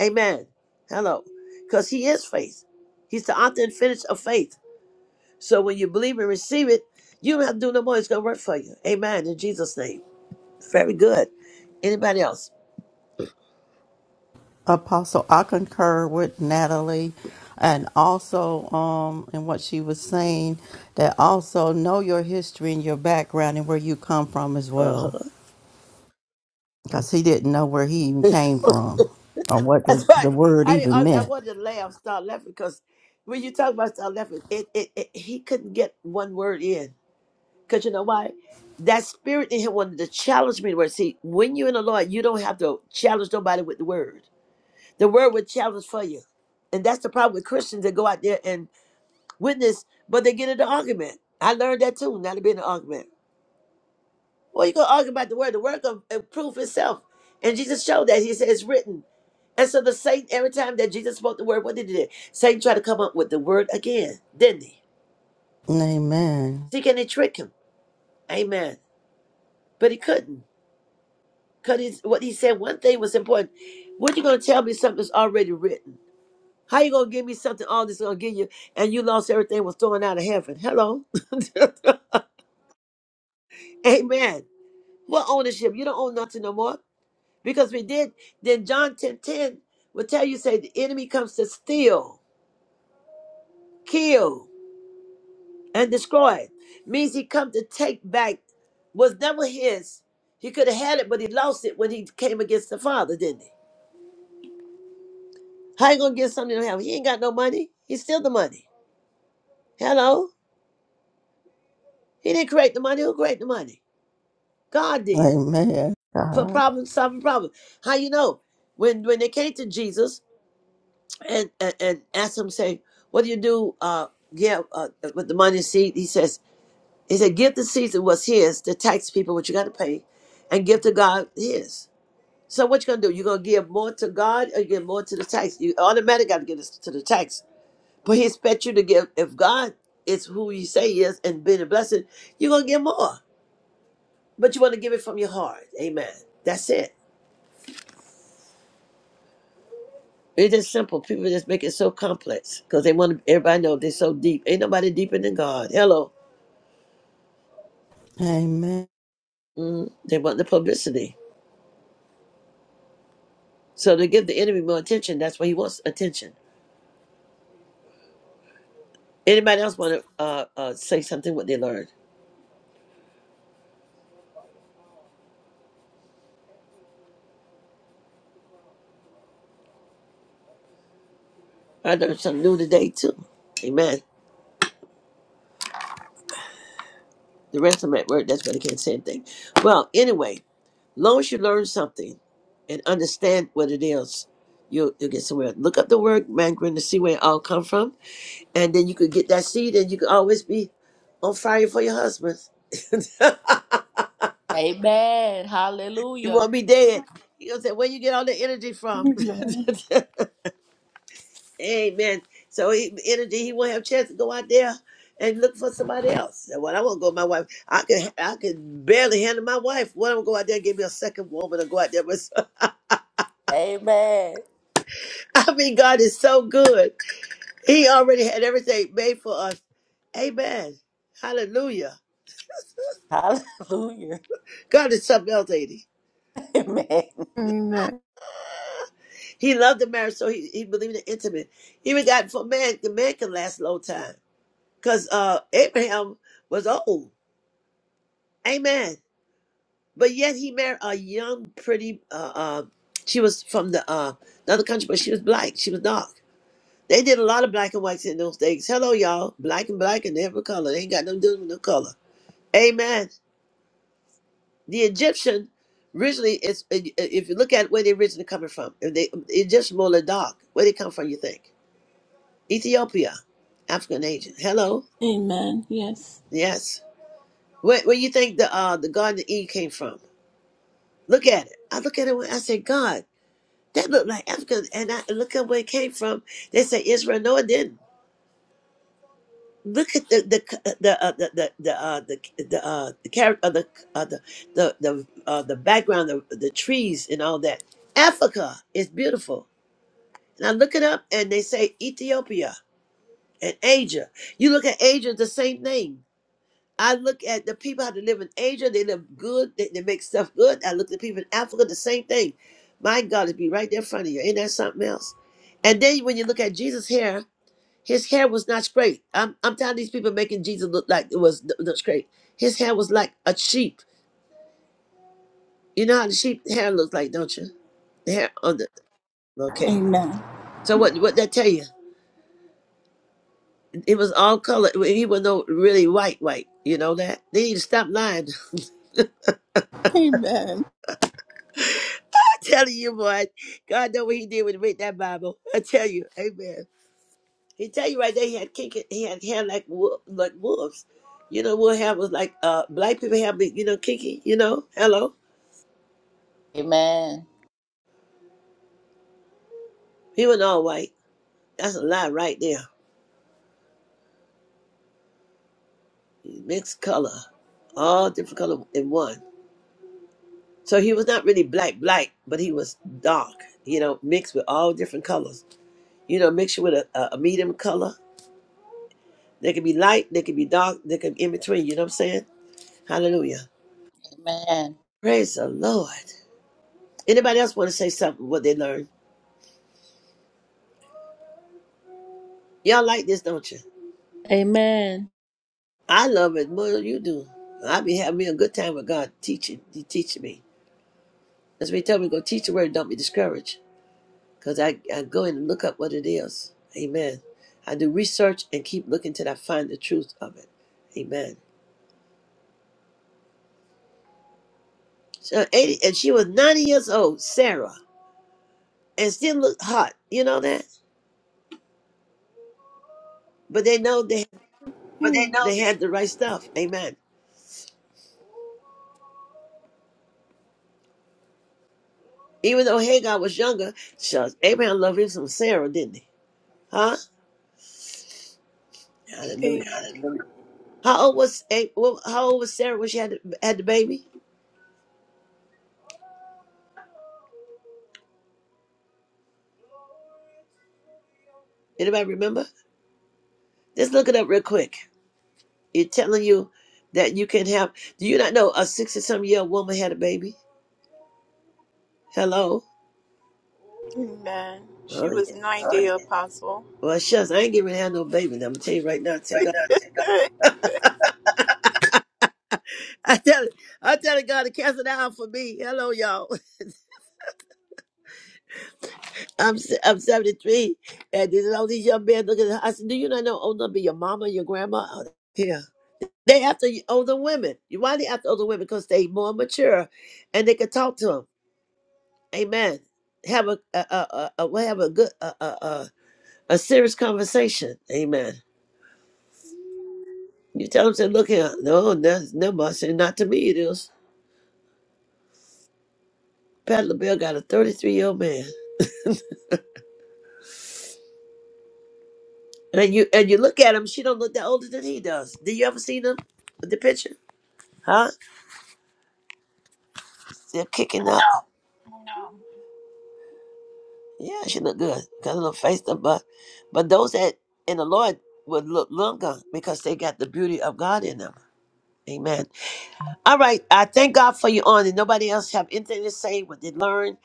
Speaker 4: Amen. Hello. Cause he is faith. He's the author and finish of faith. So when you believe and receive it, you don't have to do no more. It's gonna work for you. Amen. In Jesus' name. Very good. Anybody else?
Speaker 2: Apostle, I concur with Natalie and also um in what she was saying that also know your history and your background and where you come from as
Speaker 4: Uh-huh.
Speaker 2: well. Because he didn't know where he even came from or what the,
Speaker 4: That's right.
Speaker 2: the word
Speaker 4: I, didn't-
Speaker 2: even
Speaker 4: I I
Speaker 2: meant.
Speaker 4: wanted to laugh, start laughing because when you talk about start laughing, it, it, it he couldn't get one word in because you know why? That spirit in him wanted to challenge me. to Word, see, when you're in the Lord, you don't have to challenge nobody with the word. The word will challenge for you, and that's the problem with Christians that go out there and witness, but they get into argument. I learned that too, not to be in an argument. Well, you can argue about the word. The word can uh, prove itself. And Jesus showed that. He said it's written. And so the Satan, every time that Jesus spoke the word, what did he do? Satan tried to come up with the word again, didn't he?
Speaker 2: Amen.
Speaker 4: See, can he trick him? Amen. But he couldn't. Because what he said, one thing was important. What you going to tell me something that's already written? How you going to give me something all this going to give you and you lost everything was thrown out of heaven? Hello. Amen. What ownership? You don't own nothing no more. Because we did, then John 10 10 will tell you, say, the enemy comes to steal, kill, and destroy. Means he come to take back was never his. He could have had it, but he lost it when he came against the father, didn't he? How you gonna get something to him? He ain't got no money. He steal the money. Hello? He didn't create the money. Who created the money? God did.
Speaker 2: Amen.
Speaker 4: For
Speaker 2: God.
Speaker 4: problem solving problem. How you know? When when they came to Jesus, and and, and asked him, say, "What do you do? Uh, yeah, uh, with the money seed." He says, "He said, give the seed that was his, the tax people, what you got to pay, and give to God his." So what you gonna do? You gonna give more to God, or you give more to the tax? You automatically got to give this to the tax, but He expect you to give. If God is who you say He is and being a blessing, you are gonna give more, but you want to give it from your heart. Amen. That's it. It's just simple. People just make it so complex because they want everybody to know they're so deep. Ain't nobody deeper than God. Hello.
Speaker 2: Amen.
Speaker 4: Mm, they want the publicity. So to give the enemy more attention, that's why he wants attention. Anybody else want to uh, uh, say something what they learned? I learned something new today too. Amen. The rest of them at work, that's why they can't say anything. Well, anyway, long as you learn something and understand what it is, you'll, you'll get somewhere. Look up the word mandarin to see where it all come from. And then you could get that seed and you could always be on fire for your husband.
Speaker 3: Amen.
Speaker 4: you
Speaker 3: Hallelujah.
Speaker 4: won't be dead. You're going to say, where you get all the energy from?
Speaker 1: Amen.
Speaker 4: Amen. So he, in a day, he won't have a chance to go out there and look for somebody else. And when I want to go, my wife, I can I can barely handle my wife. When I'm go out there and give me a second woman to go out there with?
Speaker 3: Amen.
Speaker 4: I mean, God is so good. He already had everything made for us. Amen. Hallelujah.
Speaker 3: Hallelujah.
Speaker 4: God is something else, ain't he?
Speaker 3: Amen.
Speaker 1: Amen.
Speaker 4: He loved the marriage, so he, he believed in intimate. Even God for man, the man can last a long time. Because uh, Abraham was old. Amen. But yet he married a young, pretty. Uh, uh, she was from the uh, another country, but she was black. She was dark. They did a lot of black and whites in those days. Hello, y'all. Black and black and every color. They ain't got nothing to do with no color. Amen. The Egyptian originally is. If you look at where they originally coming from, if they the Egyptian more than dark. Where they come from? You think Ethiopia, African Asian. Hello.
Speaker 1: Amen. Yes.
Speaker 4: Yes. Where, where you think the uh the Garden of Eden came from? Look at it. I look at it when I say God. That looked like Africa, and I look at where it came from. They say Israel. No, it didn't. Look at the the the uh, the the the uh, the the, uh, the character uh, the, uh, the the the uh, the background of the trees and all that. Africa is beautiful, and I look it up, and they say Ethiopia and Asia. You look at Asia, the same thing. I look at the people how they live in Asia, they live good, they, they make stuff good. I look at the people in Africa, the same thing. My God, it be right there in front of you. Ain't that something else? And then when you look at Jesus' hair, his hair was not straight. I'm, I'm telling these people making Jesus look like it was not straight. His hair was like a sheep. You know how the sheep hair looks like, don't you? The hair on the okay.
Speaker 1: Amen.
Speaker 4: So what what that tell you? It was all color. He was no really white white. You know that? They need to stop lying.
Speaker 1: Amen.
Speaker 4: telling you, boy, God know what he did when he made that Bible. I tell you, amen. He tell you right there, he had kick he had hair like wolf, like wolves. You know, wolf hair was like uh black people have, the, you know, kinky, you know, hello.
Speaker 3: Amen.
Speaker 4: He was all white. That's a lie right there. He mixed color, all different color in one. So he was not really black, black, but he was dark, you know, mixed with all different colors. You know, mixed with a, a a medium color. They could be light, they could be dark, they could be in between, you know what I'm saying? Hallelujah.
Speaker 3: Amen.
Speaker 4: Praise the Lord. Anybody else want to say something what they learned? Y'all like this, don't you?
Speaker 3: Amen.
Speaker 4: I love it more than you do. I be having me a good time with God teaching. He teaching me. That's what he tell me, go teach the word, don't be discouraged. Because I, I go in and look up what it is. Amen. I do research and keep looking till I find the truth of it. Amen. So 80, and she was 90 years old, Sarah, and still looked hot. You know that? But they know they, they had the right stuff. Amen. Even though Hagar was younger, shucks, Abraham loved him some Sarah, didn't he? Huh? Hallelujah.
Speaker 1: Amen.
Speaker 4: How old was A- well, how old was Sarah when she had the, had the baby? Anybody remember? Let's look it up real quick. It's telling you that you can have. Do you not know a sixty-some year old woman had a baby? Hello.
Speaker 1: Amen. She
Speaker 4: Oh
Speaker 1: was
Speaker 4: yeah.
Speaker 1: 90, Apostle.
Speaker 4: Well, shucks, I ain't getting ready to have no baby. I'm gonna tell you right now. I tell God, I tell it, I tell God to cancel it out for me. Hello, y'all. I'm se- I'm 73, and there's all these young men looking at I said, Do you not know older be your mama, your grandma? Yeah. They after y- older women. You- Why they after older women? Because they more mature, and they can talk to them. Amen. Have a a a, a, a well, have a good a, a a a serious conversation. Amen. You tell them, say, look here, no, no, no, boss, and not to me it is. Pat LaBelle got a 33 year old man, and you and you look at him. She don't look that older than he does. Did you ever see them, the picture? Huh? They're kicking out. Yeah, she looked good. Got a little face up, but but those that in the Lord would look longer because they got the beauty of God in them. Amen. All right. I thank God for you on and nobody else have anything to say what they learned.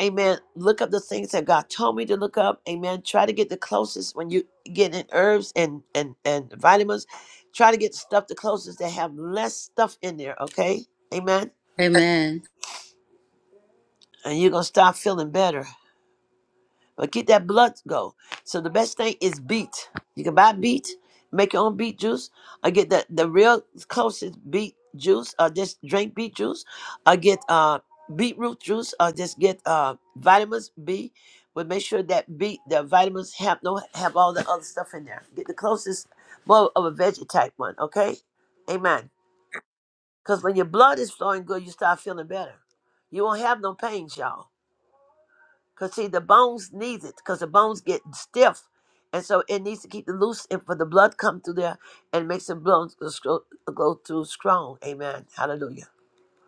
Speaker 4: Amen. Look up the things that God told me to look up. Amen. Try to get the closest when you get in herbs and and and vitamins. Try to get stuff the closest that have less stuff in there. Okay. Amen.
Speaker 3: Amen.
Speaker 4: And you're gonna start feeling better. But get that blood go. So the best thing is beet. You can buy beet, make your own beet juice. I get the the real closest beet juice, or just drink beet juice. I get uh beetroot juice, or just get uh vitamins B. But make sure that beet the vitamins have no have all the other stuff in there. Get the closest more of a veggie type one, okay? Amen. Because when your blood is flowing good, you start feeling better. You won't have no pains, y'all. Because see, the bones needs it because the bones get stiff. And so it needs to keep it loose and for the blood come through there and makes the bones go scro- go through strong. Amen. Hallelujah.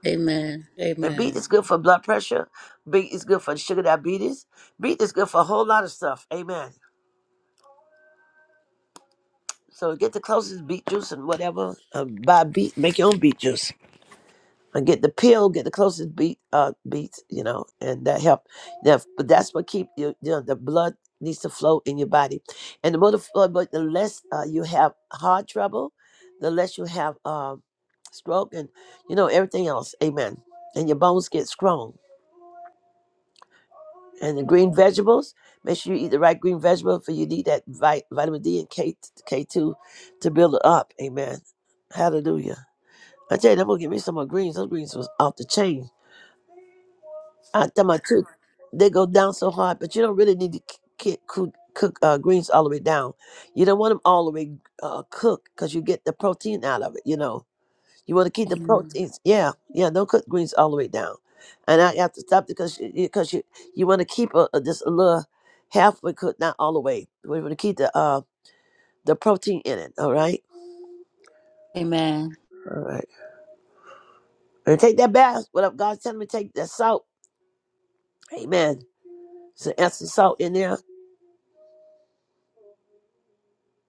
Speaker 3: Amen.
Speaker 4: And beet is
Speaker 3: Amen.
Speaker 4: good for blood pressure. Beet is good for sugar diabetes. Beet is good for a whole lot of stuff. Amen. So get the closest beet juice and whatever. Uh, buy beet. Make your own beet juice. and get the pill, get the closest beat, uh, beats, you know, and that help. That, but that's what keep you, you know, the blood needs to flow in your body, and the more the blood, but the less uh, you have heart trouble, the less you have um stroke, and you know everything else. Amen. And your bones get strong. And the green vegetables, make sure you eat the right green vegetable, for you need that vi- vitamin D and K K two to build it up. Amen. Hallelujah. I tell you, I'm gonna give me some more greens. Those greens was off the chain I tell my truth, they go down so hard, but you don't really need to cook, cook, cook uh, greens all the way down. You don't want them all the way uh, cooked because you get the protein out of it. You know, you want to keep the
Speaker 3: Amen.
Speaker 4: proteins. Yeah, yeah. Don't cook greens all the way down. And I have to stop because you, because you you want to keep a, a, just a little halfway cooked, not all the way. We want to keep the uh the protein in it. All right,
Speaker 3: Amen.
Speaker 4: all right. And take that bath. What up? God's telling me to take that salt. Amen. So add some salt in there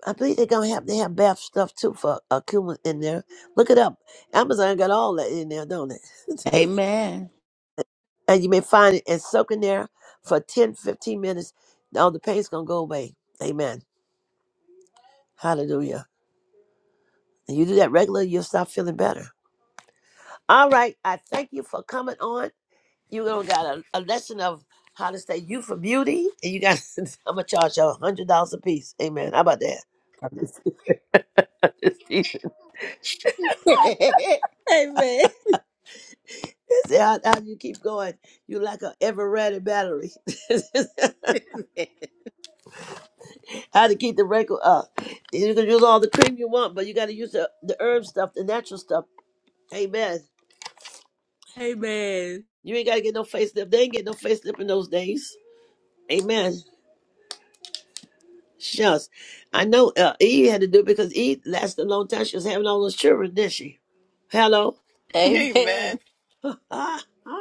Speaker 4: I believe they're gonna have they have bath stuff too for a cumin in there. Look it up. Amazon got all that in there, don't it?
Speaker 3: Amen.
Speaker 4: and you may find it and soak in there for 10 15 minutes. All the pain's gonna go away. Amen. Hallelujah. And you do that regularly, you'll start feeling better. All right. I thank you for coming on. You gonna got a, a lesson of how to stay you for beauty, and you got I'm gonna charge you a hundred dollars a piece. Amen. How about that?
Speaker 3: Amen.
Speaker 4: They Say, How, how do you keep going? You like an ever ready battery. how to keep the wrinkle up? You can use all the cream you want, but you got to use the, the herb stuff, the natural stuff. Amen.
Speaker 3: Amen.
Speaker 4: You ain't got to get no facelift. They ain't get no facelift in those days. Amen. Shucks. I know uh, Eve had to do it because Eve lasted a long time. She was having all those children, didn't she? Hello.
Speaker 3: Amen.
Speaker 1: Amen.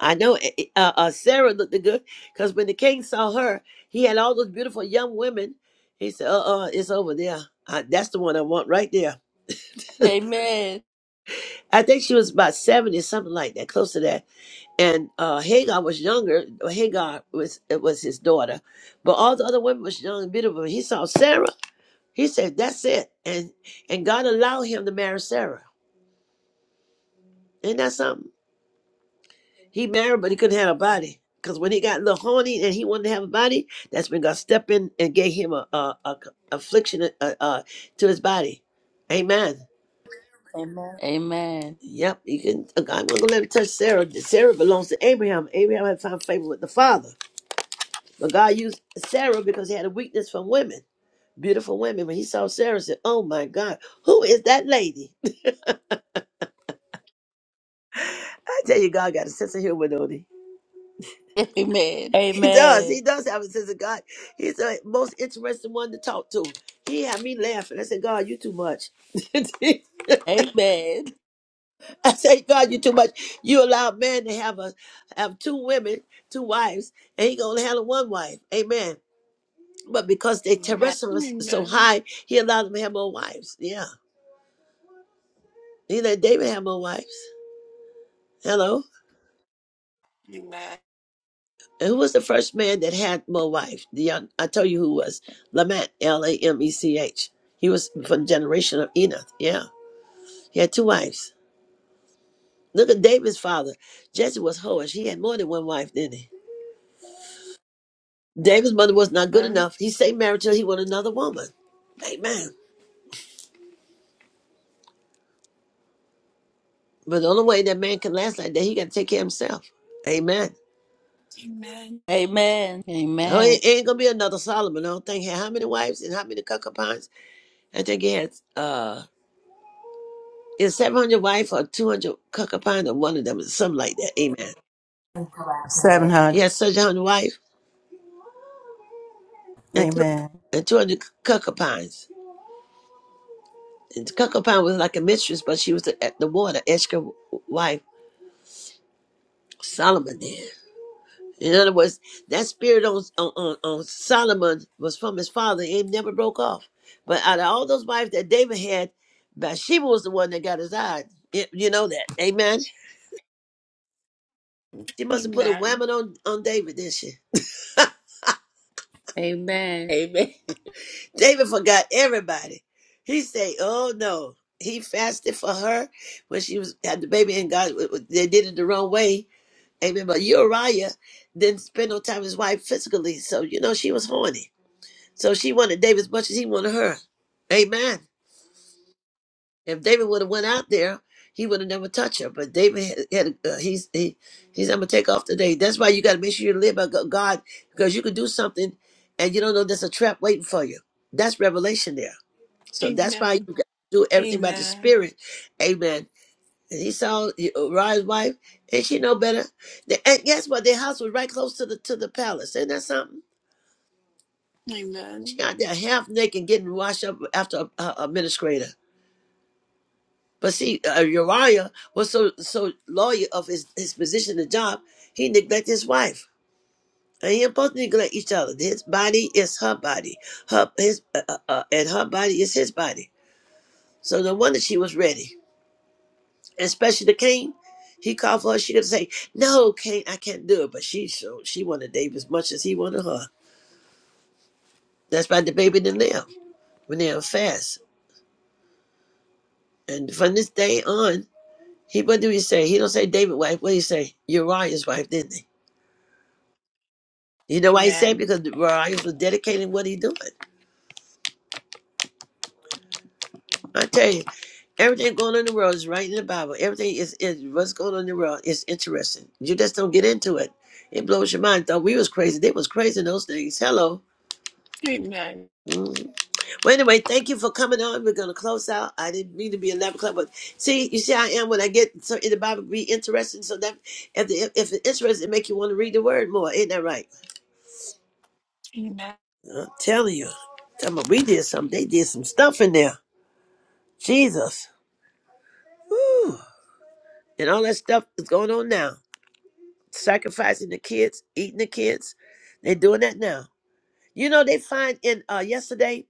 Speaker 4: I know eh, eh, uh, uh, Sarah looked the good because when the king saw her, he had all those beautiful young women. He said, "Uh, uh it's over there. Uh that's the one I want right there."
Speaker 3: Amen.
Speaker 4: I think she was about seventy, something like that, close to that. And uh, Hagar was younger. Hagar was it was his daughter, but all the other women was young and beautiful. he saw Sarah, he said, "That's it." And and God allowed him to marry Sarah. Isn't that something? He married, but he couldn't have a body. Because when he got a little horny and he wanted to have a body, that's when God stepped in and gave him a, a, a c- affliction uh, uh, to his body. Amen.
Speaker 3: Amen. Amen.
Speaker 4: Yep, you can. I'm not gonna let him touch Sarah. Sarah belongs to Abraham. Abraham had found favor with the father, but God used Sarah because he had a weakness from women, beautiful women. When he saw Sarah, he said, "Oh my God, who is that lady?" I tell you, God got a sense of humor, don't he?
Speaker 3: Amen.
Speaker 4: He does. He does have a sense of God. He's the most interesting one to talk to. He had me laughing. I said, God, you too much. I
Speaker 3: Amen. Amen.
Speaker 4: said, God, you too much. You allow man to have a have two women, two wives, and he gonna handle one wife. Amen. But because they
Speaker 1: Amen.
Speaker 4: terrestrial is so
Speaker 1: Amen.
Speaker 4: high, he allowed them to have more wives. Yeah. He let David have more wives. Hello.
Speaker 1: Amen.
Speaker 4: And who was the first man that had more wives? The young I told you who was. Lamech, L A M E C H. He was from the generation of Enoch. Yeah. He had two wives. Look at David's father. Jesse was whorish. He had more than one wife, didn't he? David's mother was not good
Speaker 1: Amen.
Speaker 4: enough. He stayed married till he wanted another woman. Amen. But the only way that man can last like that, he got to take care of himself. Amen.
Speaker 3: Amen.
Speaker 4: Oh,
Speaker 3: Amen.
Speaker 4: it ain't gonna be another Solomon. I don't think he had how many wives and how many concubines. I think he had uh, is seven hundred wife or two hundred concubines or one of them, something like that. Amen.
Speaker 2: Seven
Speaker 4: He
Speaker 2: hundred.
Speaker 4: had such a hundred wife and two
Speaker 2: Amen.
Speaker 4: and two hundred concubines. And Concubine was like a mistress, but she was the, the water, Eshka's wife, Solomon did. In other words, that spirit on, on, on on Solomon was from his father. It never broke off. But out of all those wives that David had, Bathsheba was the one that got his eye. Y- You know that. Amen. She must have put a
Speaker 1: Amen.
Speaker 4: woman on, on David, didn't she?
Speaker 3: Amen. Amen.
Speaker 4: David forgot everybody. He say, oh no. He fasted for her when she was had the baby and God they did it the wrong way Amen. But Uriah didn't spend no time with his wife physically, so you know she was horny. So she wanted David as much as he wanted her. Amen. If David would have went out there, he would have never touched her. But David had, had uh, he's he, he's I'm gonna take off today. That's why you got to make sure you live by Go- God because you could do something and you don't know there's a trap waiting for you. That's revelation there. So that's why you
Speaker 1: Amen.
Speaker 4: got to do everything
Speaker 1: Amen.
Speaker 4: by the Spirit. Amen Esau, Uriah's wife, and she know better. The- And guess what? Their house was right close to the to the palace. Isn't that something? She
Speaker 1: Amen.
Speaker 4: out there half naked, getting washed up after a, a administrator. But see, uh, Uriah was so so loyal of his his position and job, he neglected his wife. And he both neglect each other. His body is her body, her his uh, uh, uh, and her body is his body. So no wonder she was ready. especially the king. He called for her. She didn't say, "No, Kane, I can't do it." But she so she wanted David as much as he wanted her. That's why the baby didn't live when they were fast. And from this day on, he what do he say? He don't say David wife. What do he say? Uriah's wife, didn't he? You know why he said? it?
Speaker 1: Amen.
Speaker 4: Because Uriah was dedicating what he doing. I tell you, everything going on in the world is right in the Bible. Everything is, is what's going on in the world is interesting. You just don't get into it. It blows your mind. Thought we was crazy. They was crazy in those things. Hello.
Speaker 1: Amen.
Speaker 4: Mm-hmm. Well, anyway, thank you for coming on. We're gonna close out. I didn't mean to be a lap club, but see, you see, I am when I get so in the Bible, be interesting. So that if the, if it's interesting, it make you want to read the word more. Ain't that right?
Speaker 1: Amen.
Speaker 4: I'm telling you. Come on, we did some. They did some stuff in there. Jesus, Woo. and all that stuff is going on now. Sacrificing the kids, eating the kids. They're doing that now. You know, they find in uh yesterday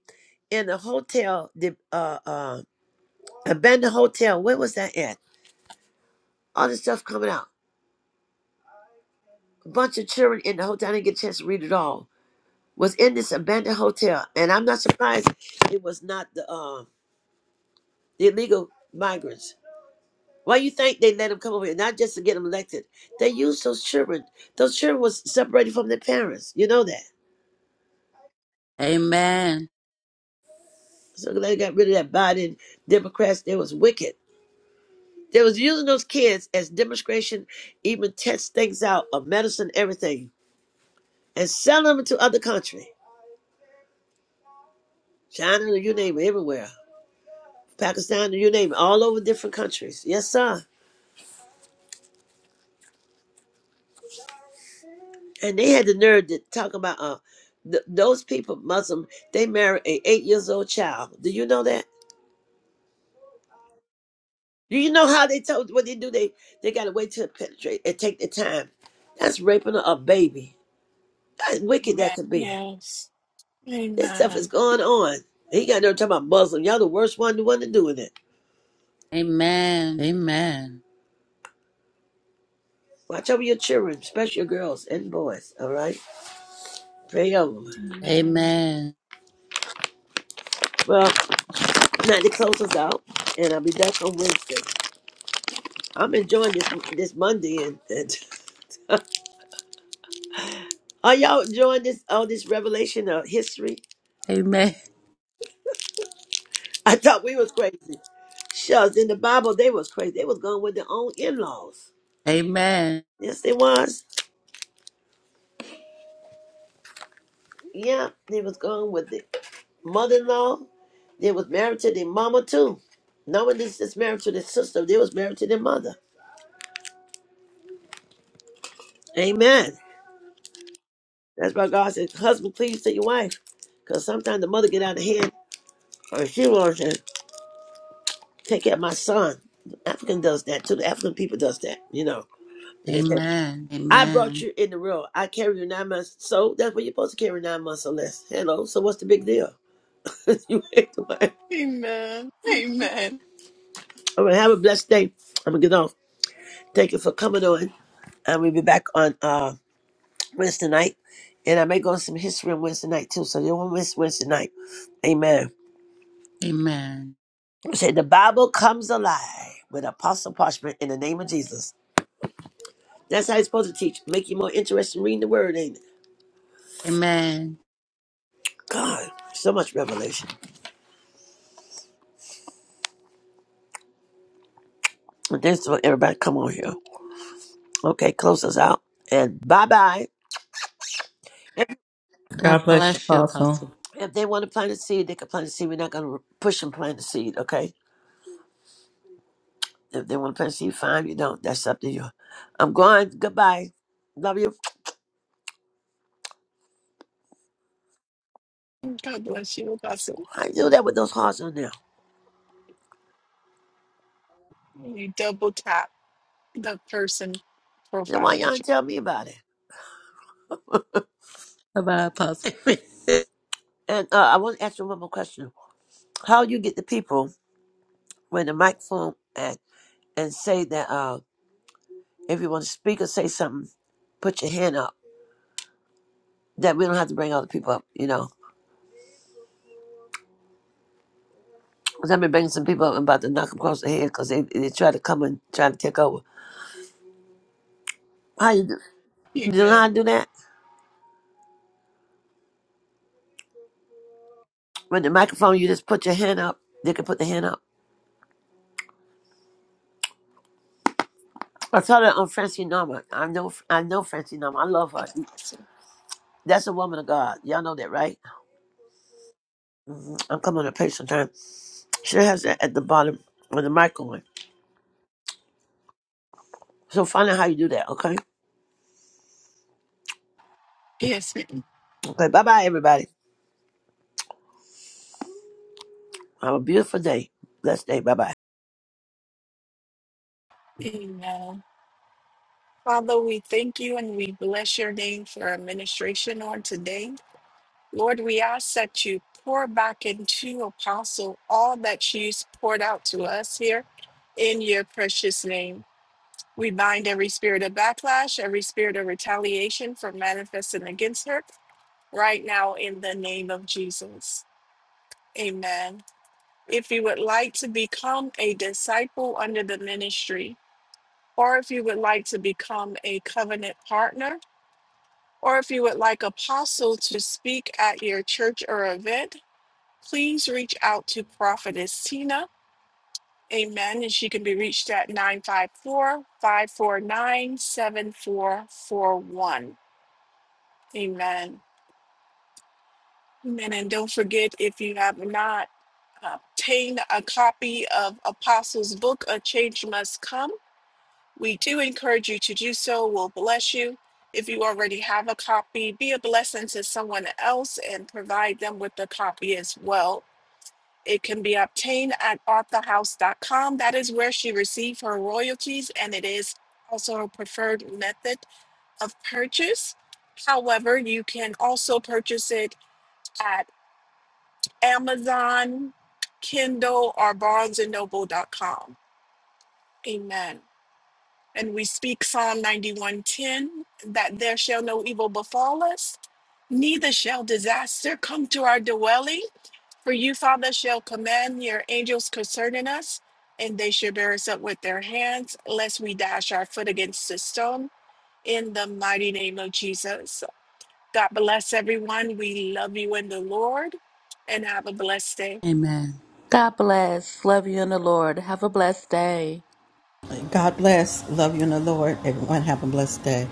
Speaker 4: in a hotel, the uh uh abandoned hotel. Where was that at? All this stuff coming out. A bunch of children in the hotel. I didn't get a chance to read it all. Was in this abandoned hotel, and I'm not surprised it was not the uh, the illegal migrants. Why you think they let them come over here? Not just to get them elected. They used those children. Those children was separated from their parents. You know that.
Speaker 3: Amen.
Speaker 4: So they got rid of that Biden Democrats. They was wicked. They was using those kids as demonstration, even test things out of medicine, everything, and selling them to other country, China, you name it, everywhere. Pakistan, you name it, all over different countries. Yes, sir. And they had the nerve to talk about uh, th- those people, Muslim, they marry a eight years old child. Do you know that? Do you know how they told what they do? They they gotta wait till it penetrate and take their time. That's raping a a baby. That's
Speaker 1: Amen.
Speaker 4: wicked that could be.
Speaker 1: Yes.
Speaker 4: This stuff is
Speaker 1: Amen.
Speaker 4: going on. He got no talking about Muslim. Y'all the worst one, the one to doing it.
Speaker 3: Amen. Amen.
Speaker 4: Watch over your children, especially your girls and boys. All right, pray over them.
Speaker 3: Amen.
Speaker 1: Amen.
Speaker 3: Amen.
Speaker 4: Well, now to close us out, and I'll be back on Wednesday. I'm enjoying this this Monday and, and are y'all enjoying this all this revelation of history?
Speaker 3: Amen. Amen.
Speaker 4: I thought we was crazy. Shucks, in the Bible they was crazy. They was going with their own in laws.
Speaker 3: Amen.
Speaker 4: Yes, they was. Yeah, they was going with the mother in law. They was married to their mama too. No one is just married to their sister. They was married to their mother. Amen. That's why God said, husband, please to your wife. Because sometimes the mother get out of hand or she wants to. take care of my son. The African does that too. The African people does that, you know. And they say, I brought
Speaker 3: Amen.
Speaker 4: you in the world. I carry you nine months. So that's what you're supposed to carry nine months or less. Hello. So what's the big deal? you ain't the one.
Speaker 1: Amen. Amen.
Speaker 4: All right. Have a blessed day. I'm gonna get off. Thank you for coming on. And we'll be back on uh Wednesday night. And I may go on some history on Wednesday night too. So you won't miss Wednesday night. Amen. Say the Bible comes alive with apostle parchment in the name of Jesus. That's how it's supposed to teach. Make you more interested in reading the word, ain't it?
Speaker 3: Amen.
Speaker 4: God, so much revelation. And thanks for everybody come on here. Okay, close us out. And bye bye. If,
Speaker 2: God
Speaker 3: God
Speaker 2: bless you,
Speaker 3: bless you,
Speaker 2: Apostle.
Speaker 3: Apostle.
Speaker 4: if they want to plant a seed, they can plant a seed. We're not going to push them plant a seed, okay? If they want to plant a seed, fine. You don't. That's up to you. I'm going. Goodbye. Love you. I do that with those hearts on there.
Speaker 1: And prof-
Speaker 4: Then why y'all tell me about it?
Speaker 3: Bye bye, Apostle.
Speaker 4: And uh, I want to ask you one more question. How you get the people when the microphone and, and say that uh, if you want to speak or say something, put your hand up. That we don't have to bring other people up, you know 'Cause been banging some people up and about to knock them across the head because they, they try to come and try to take over. How you do? You know how
Speaker 1: Amen.
Speaker 4: to do that? With the microphone, you just put your hand up. They can put the hand up. I saw that on Francie Norman. I know I know Francie Norman. I love her.
Speaker 1: Apostle.
Speaker 4: That's a woman of God. Y'all know that, right? I'm coming to pay some time. She has that at the bottom with the microphone. So find out how you do that, okay?
Speaker 1: Yes.
Speaker 4: Okay, bye bye, everybody. Have a beautiful day. Blessed day. Bye bye.
Speaker 1: Amen. Father, we thank you and we bless your name for our administration on today. Lord, we ask that you pour back into Apostle all that she's poured out to us here in your precious name. We bind every spirit of backlash, every spirit of retaliation for manifesting against her right now in the name of Jesus. Amen. If you would like to become a disciple under the ministry, or if you would like to become a covenant partner, or if you would like apostle to speak at your church or event, please reach out to Prophetess Tina. Amen. And she can be reached at 954 549 7441, Amen. Amen. And don't forget, if you have not obtained a copy of Apostles' book, A Change Must Come, we do encourage you to do so. We'll bless you. If you already have a copy, be a blessing to someone else and provide them with a copy as well It can be obtained at arthahouse.com. That is where she received her royalties, and it is also her preferred method of purchase. However, you can also purchase it at Amazon, Kindle, or barnesandnoble.com. Amen. And we speak Psalm 91:10 that there shall no evil befall us, neither shall disaster come to our dwelling. For you, Father, shall command your angels concerning us, and they shall bear us up with their hands, lest we dash our foot against the stone. In the mighty name of Jesus. God bless everyone. We love you in the Lord, and have a blessed day.
Speaker 3: Amen. God bless. Love you in the Lord. Have a blessed day.
Speaker 2: God bless. Love you in the Lord. Everyone have a blessed day.